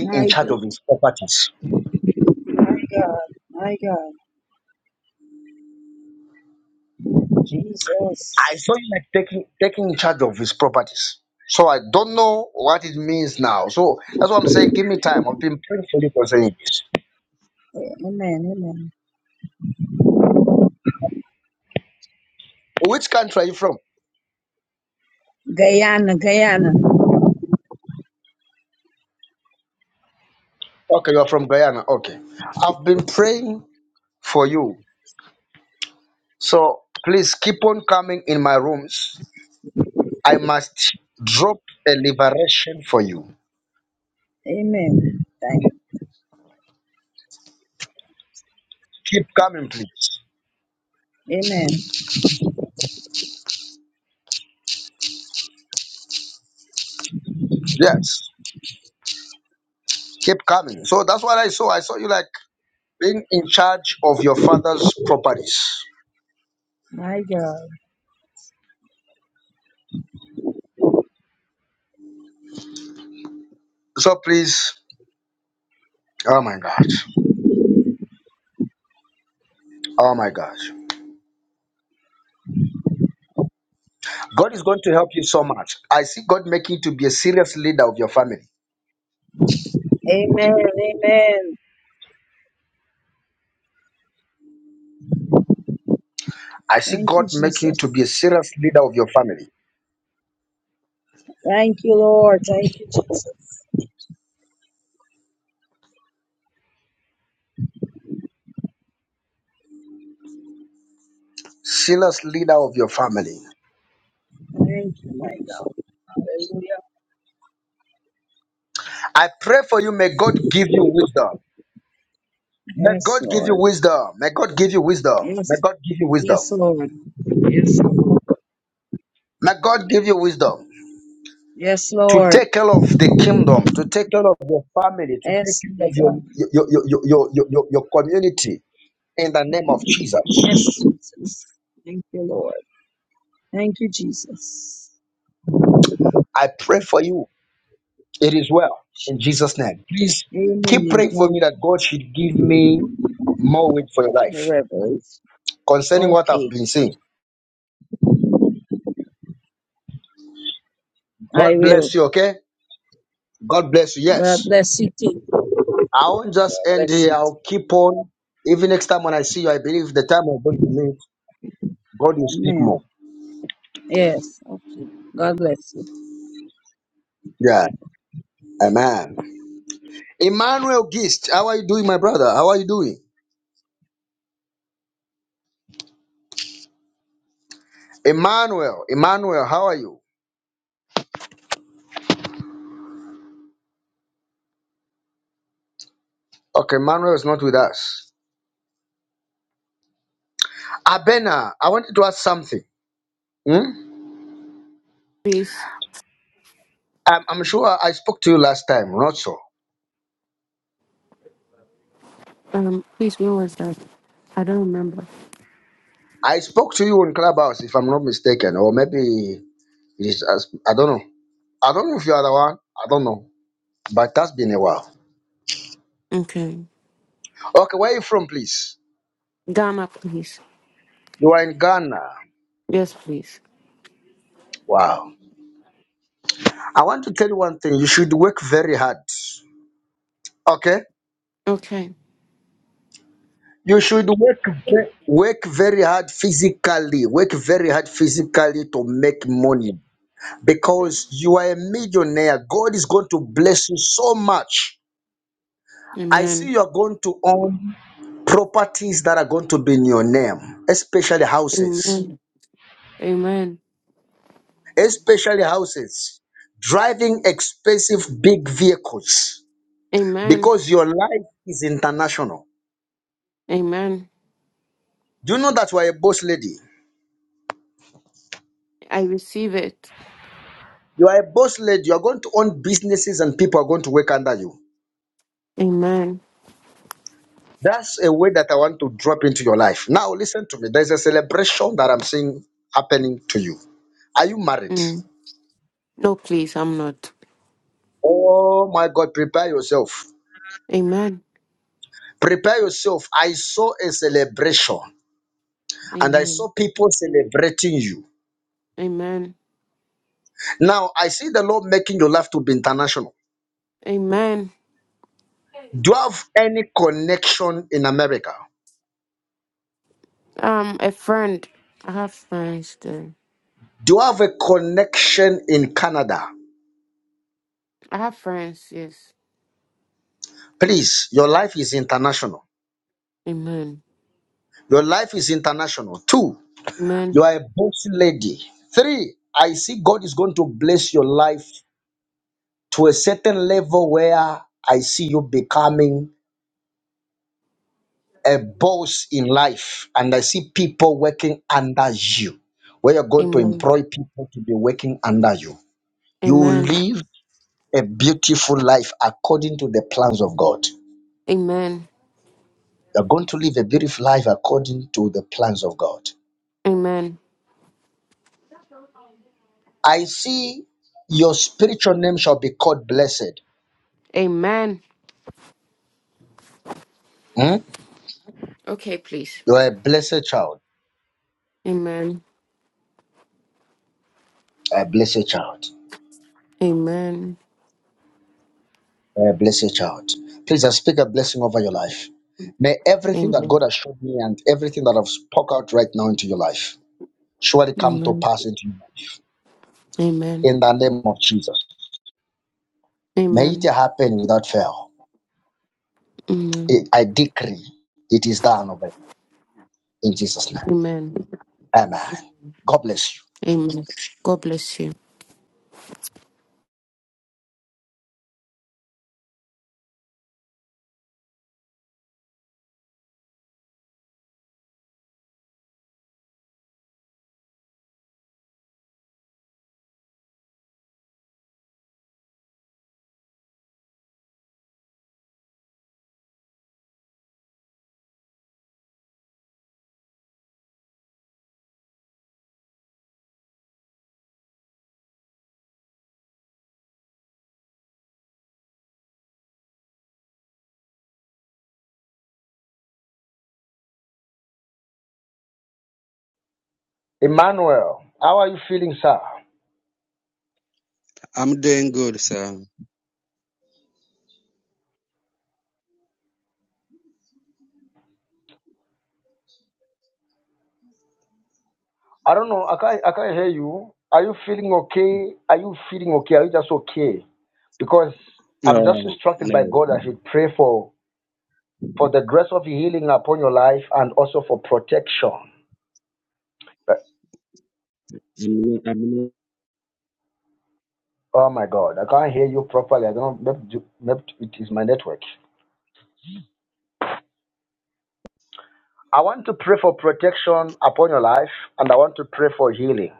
Speaker 12: My God. My God. My God.
Speaker 1: I
Speaker 12: Jesus.
Speaker 1: saw him like taking taking charge of his properties. So I don't know what it means now. So that's what I'm saying. Give me time. I've been praying for you concerning this.
Speaker 12: Amen. Amen.
Speaker 1: Which country are you from?
Speaker 12: Guyana, Guyana.
Speaker 1: Okay, you are from Guyana. Okay. I've been praying for you. So please keep on coming in my rooms. I must drop a liberation for you.
Speaker 12: Amen. Thank
Speaker 1: Keep coming, please.
Speaker 12: Amen.
Speaker 1: Yes. Keep coming. So that's what I saw. I saw you like being in charge of your father's properties.
Speaker 12: My God.
Speaker 1: So please, oh my God, oh my God. God is going to help you so much. I,
Speaker 12: Amen. Amen.
Speaker 1: I see
Speaker 12: Thank
Speaker 1: God
Speaker 12: you,
Speaker 1: may
Speaker 12: Jesus.
Speaker 1: be a serious leader of your family.
Speaker 12: Thank you, Lord. Thank you, Jesus.
Speaker 1: Serious leader of your family.
Speaker 12: Thank you, my God. Hallelujah.
Speaker 1: I pray for you, may God give you wisdom. May
Speaker 12: Yes,
Speaker 1: God give you
Speaker 12: Lord.
Speaker 1: wisdom. May God give you wisdom. May
Speaker 12: Yes.
Speaker 1: God give you
Speaker 12: Yes,
Speaker 1: wisdom.
Speaker 12: Lord. Yes, Lord.
Speaker 1: May God give you wisdom
Speaker 12: Yes,
Speaker 1: to
Speaker 12: Lord.
Speaker 1: take care of the kingdom, to take care of your family, to take
Speaker 12: Yes,
Speaker 1: care of
Speaker 12: my
Speaker 1: your
Speaker 12: God.
Speaker 1: your your your your, your, your your community in the name of Jesus.
Speaker 12: Yes, Jesus. Thank you, Lord. Thank you, Jesus.
Speaker 1: I pray for you It is well in
Speaker 12: Jesus.
Speaker 1: Jesus' name. Please keep
Speaker 12: Amen.
Speaker 1: praying for
Speaker 12: Thank you,
Speaker 1: me that God should give me more weight for your
Speaker 12: for
Speaker 1: life
Speaker 12: Revelation.
Speaker 1: concerning what I've
Speaker 12: Okay.
Speaker 1: been saying.
Speaker 12: I
Speaker 1: God
Speaker 12: will.
Speaker 1: bless you, okay? God bless you.
Speaker 12: God
Speaker 1: Yes.
Speaker 12: bless you too.
Speaker 1: I won't
Speaker 12: God
Speaker 1: just end
Speaker 12: bless
Speaker 1: here.
Speaker 12: you too.
Speaker 1: I'll keep on. Even next time when I see you, I believe the time we're going to meet, God will speak
Speaker 12: Amen.
Speaker 1: more.
Speaker 12: Yes. Okay. God bless you.
Speaker 1: Yeah. Amen. Emmanuel Gist, how are you doing, my brother? How are you doing? Emmanuel, Emmanuel, how are you? Okay, Emmanuel is not with us. Abena, I wanted to ask something. Hmm?
Speaker 19: Please,
Speaker 1: I'm, I'm sure I spoke to you last time, not so.
Speaker 19: um, please, when was that? I don't remember.
Speaker 1: I spoke to you on Clubhouse, if I'm not mistaken, or maybe it is, as- I don't know. I don't know if you are the one. I don't know. But that's been a while.
Speaker 19: Okay.
Speaker 1: Okay, where are you from, please?
Speaker 19: Gamma, please.
Speaker 1: You are in Ghana.
Speaker 19: Yes, please.
Speaker 1: Wow. I want to tell you one thing. You should work very hard. Okay?
Speaker 19: Okay.
Speaker 1: You should work ve- work very hard physically. Work very hard physically to make money because you are a millionaire. God is going to bless you so much I
Speaker 19: Amen.
Speaker 1: see you're going to own properties that are going to be in your name, especially houses,
Speaker 19: Amen. Amen.
Speaker 1: especially houses, driving expensive big vehicles
Speaker 19: Amen.
Speaker 1: because your life is international.
Speaker 19: Amen.
Speaker 1: Do you know that you are a boss lady?
Speaker 19: I receive it.
Speaker 1: You are a boss lady. You are going to own businesses and people are going to work under you.
Speaker 19: Amen.
Speaker 1: That's a way that I want to drop into your life. Now, listen to me. There's a celebration that I'm seeing happening to you. Are you married?
Speaker 19: Mm. No, please, I'm not.
Speaker 1: Oh my God, prepare yourself.
Speaker 19: Amen.
Speaker 1: Prepare yourself. I saw a celebration and I
Speaker 19: Amen.
Speaker 1: saw people celebrating you.
Speaker 19: Amen.
Speaker 1: Now, I see the Lord making your life to be international.
Speaker 19: Amen.
Speaker 1: Do you have any connection in America?
Speaker 19: Um, a friend. I have friends there.
Speaker 1: Do you have a connection in Canada?
Speaker 19: I have friends, yes.
Speaker 1: Please, your life is international.
Speaker 19: Amen.
Speaker 1: Your life is international. Two,
Speaker 19: Amen.
Speaker 1: you are a boss lady. Three, I see God is going to bless your life to a certain level where I see you becoming a boss in life and I see people working under you, where you're going to
Speaker 19: Amen.
Speaker 1: employ people to be working under you, you will
Speaker 19: Amen.
Speaker 1: live a beautiful life according to the plans of God.
Speaker 19: Amen.
Speaker 1: You're going to live a beautiful life according to the plans of God.
Speaker 19: Amen.
Speaker 1: I see your spiritual name shall be called blessed.
Speaker 19: Amen.
Speaker 1: Hmm?
Speaker 19: Okay, please.
Speaker 1: You're a blessed child.
Speaker 19: Amen.
Speaker 1: A blessed child.
Speaker 19: Amen.
Speaker 1: Uh, bless your child. Please, I speak a blessing over your life. May everything that
Speaker 19: Amen.
Speaker 1: God has showed me and everything that I've spoke out right now into your life surely come to
Speaker 19: Amen.
Speaker 1: pass into you
Speaker 19: Amen.
Speaker 1: in the name of Jesus. May it
Speaker 19: Amen.
Speaker 1: happen without fail.
Speaker 19: Amen.
Speaker 1: It- I decree it is done over in Jesus' name.
Speaker 19: Amen.
Speaker 1: Amen. God bless you.
Speaker 19: Amen. God bless you.
Speaker 1: Emmanuel, how are you feeling, sir?
Speaker 18: I'm doing good, sir.
Speaker 1: I don't know. I can't, I can't hear you. Are you feeling okay? Are you feeling okay? Are you just okay? Because I'm just
Speaker 18: No,
Speaker 1: instructed by
Speaker 18: no.
Speaker 1: God I should pray for for the grace of healing upon your life and also for protection. But-
Speaker 18: I'm not, I'm not.
Speaker 1: Oh my God, I can't hear you properly. I don't know, maybe, maybe it is my network. I want to pray for protection upon your life and I want to pray for healing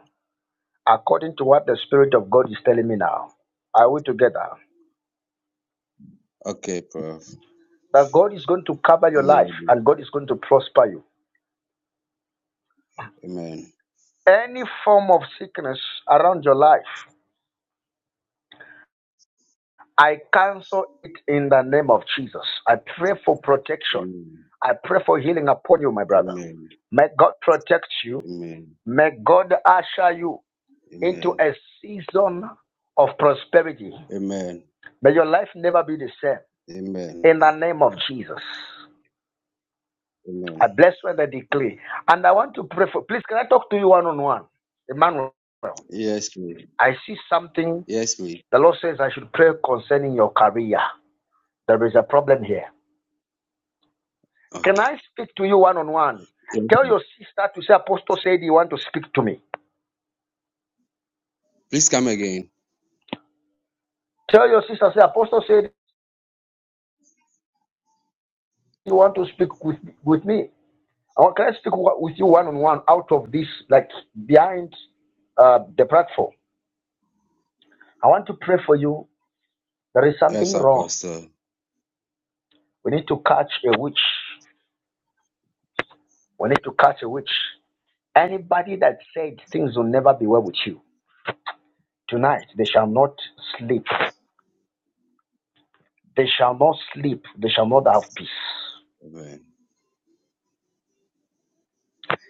Speaker 1: according to what the Spirit of God is telling me now. Are we together?
Speaker 18: Okay, Prof.
Speaker 1: That God is going to cover your
Speaker 18: I'm
Speaker 1: life
Speaker 18: ready.
Speaker 1: and God is going to prosper you.
Speaker 18: Amen.
Speaker 1: Any form of sickness around your life, I cancel it in the name of Jesus. I pray for protection.
Speaker 18: Amen.
Speaker 1: I pray for healing upon you, my brother.
Speaker 18: Amen.
Speaker 1: May God protect you.
Speaker 18: Amen.
Speaker 1: May God usher you into
Speaker 18: Amen.
Speaker 1: a season of prosperity.
Speaker 18: Amen.
Speaker 1: May your life never be the same.
Speaker 18: Amen.
Speaker 1: In the name of Jesus. I
Speaker 18: Amen.
Speaker 1: bless you and I declare. And I want to pray for please can I talk to you one on one? Emmanuel.
Speaker 18: Yes, please.
Speaker 1: I see something.
Speaker 18: Yes, please.
Speaker 1: The Lord says I should pray concerning your career. There is a problem here. Can
Speaker 18: Okay.
Speaker 1: I speak to you one on one?
Speaker 18: Yes,
Speaker 1: Tell
Speaker 18: please.
Speaker 1: your sister to say, Apostle said you want to speak to me.
Speaker 18: please come again.
Speaker 1: Tell your sister, say, Apostle said you want to speak with, with me. I Can I speak with you one on one out of this, like behind uh, the platform? I want to pray for you. There is something
Speaker 18: Yes,
Speaker 1: wrong.
Speaker 18: Apostle.
Speaker 1: We need to catch a witch. We need to catch a witch. Anybody that said things will never be well with you tonight, they shall not sleep. They shall not sleep. They shall not have peace.
Speaker 18: Amen.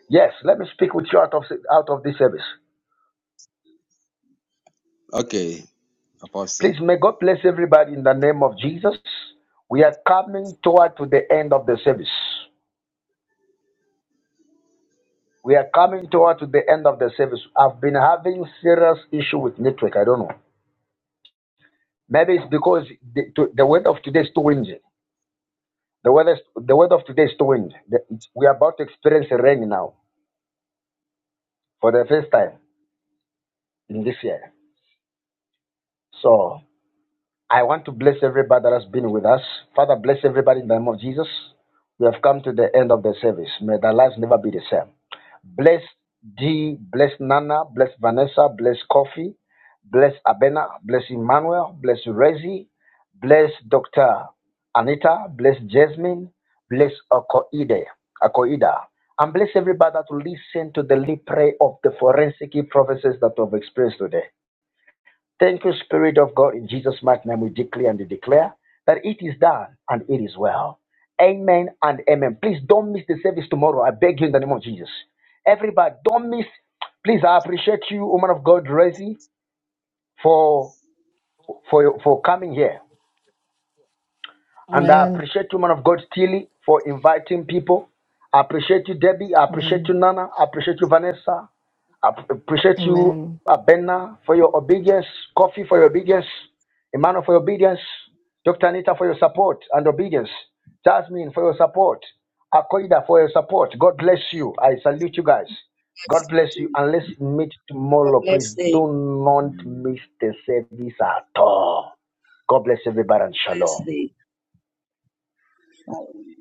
Speaker 1: Yes, let me speak with you out of out of this service.
Speaker 18: Okay, Apostle.
Speaker 1: Please, may God bless everybody in the name of Jesus. We are coming toward to the end of the service. We are coming toward to the end of the service. I've been having serious issue with network. I don't know. Maybe it's because the, to, the word of today is too windy. The weather, the word of today is too windy. The- it's- we are about to experience rain now for the first time in this year. So I want to bless everybody that has been with us. Father, bless everybody in the name of Jesus. We have come to the end of the service. May their lives never be the same. Bless D, bless Nana, bless Vanessa, bless Kofi, bless Abena, bless Emmanuel, bless Rezi, bless Dr. Anita, bless Jasmine, bless Akoide, Akoida, and bless everybody that will listen to the lead prayer of the forensic prophecies that we have experienced today. Thank you, Spirit of God. In Jesus' mighty name, we declare and we declare that it is done and it is well. Amen and amen. Please don't miss the service tomorrow. I beg you in the name of Jesus. Everybody, don't miss. Please, I appreciate you, woman of God, Resi, for for for coming here. And I
Speaker 14: Amen.
Speaker 1: appreciate you, man of God, Steely, for inviting people. I appreciate you, Debbie. I appreciate you,
Speaker 14: Amen.
Speaker 1: Nana. I appreciate you, Vanessa. I p- appreciate you,
Speaker 14: Amen.
Speaker 1: Abena, for your obedience. Coffee for your obedience. Emmanuel for your obedience. Dr. Anita for your support and obedience. Jasmine for your support. Akoida for your support. God bless you. I salute you guys. God
Speaker 12: Bless you
Speaker 1: bless you.
Speaker 12: too.
Speaker 1: And let's meet
Speaker 12: Have a
Speaker 1: tomorrow, please.
Speaker 12: blessed day.
Speaker 1: Do not miss the service at all. God bless everybody and shalom.
Speaker 12: Blessed day.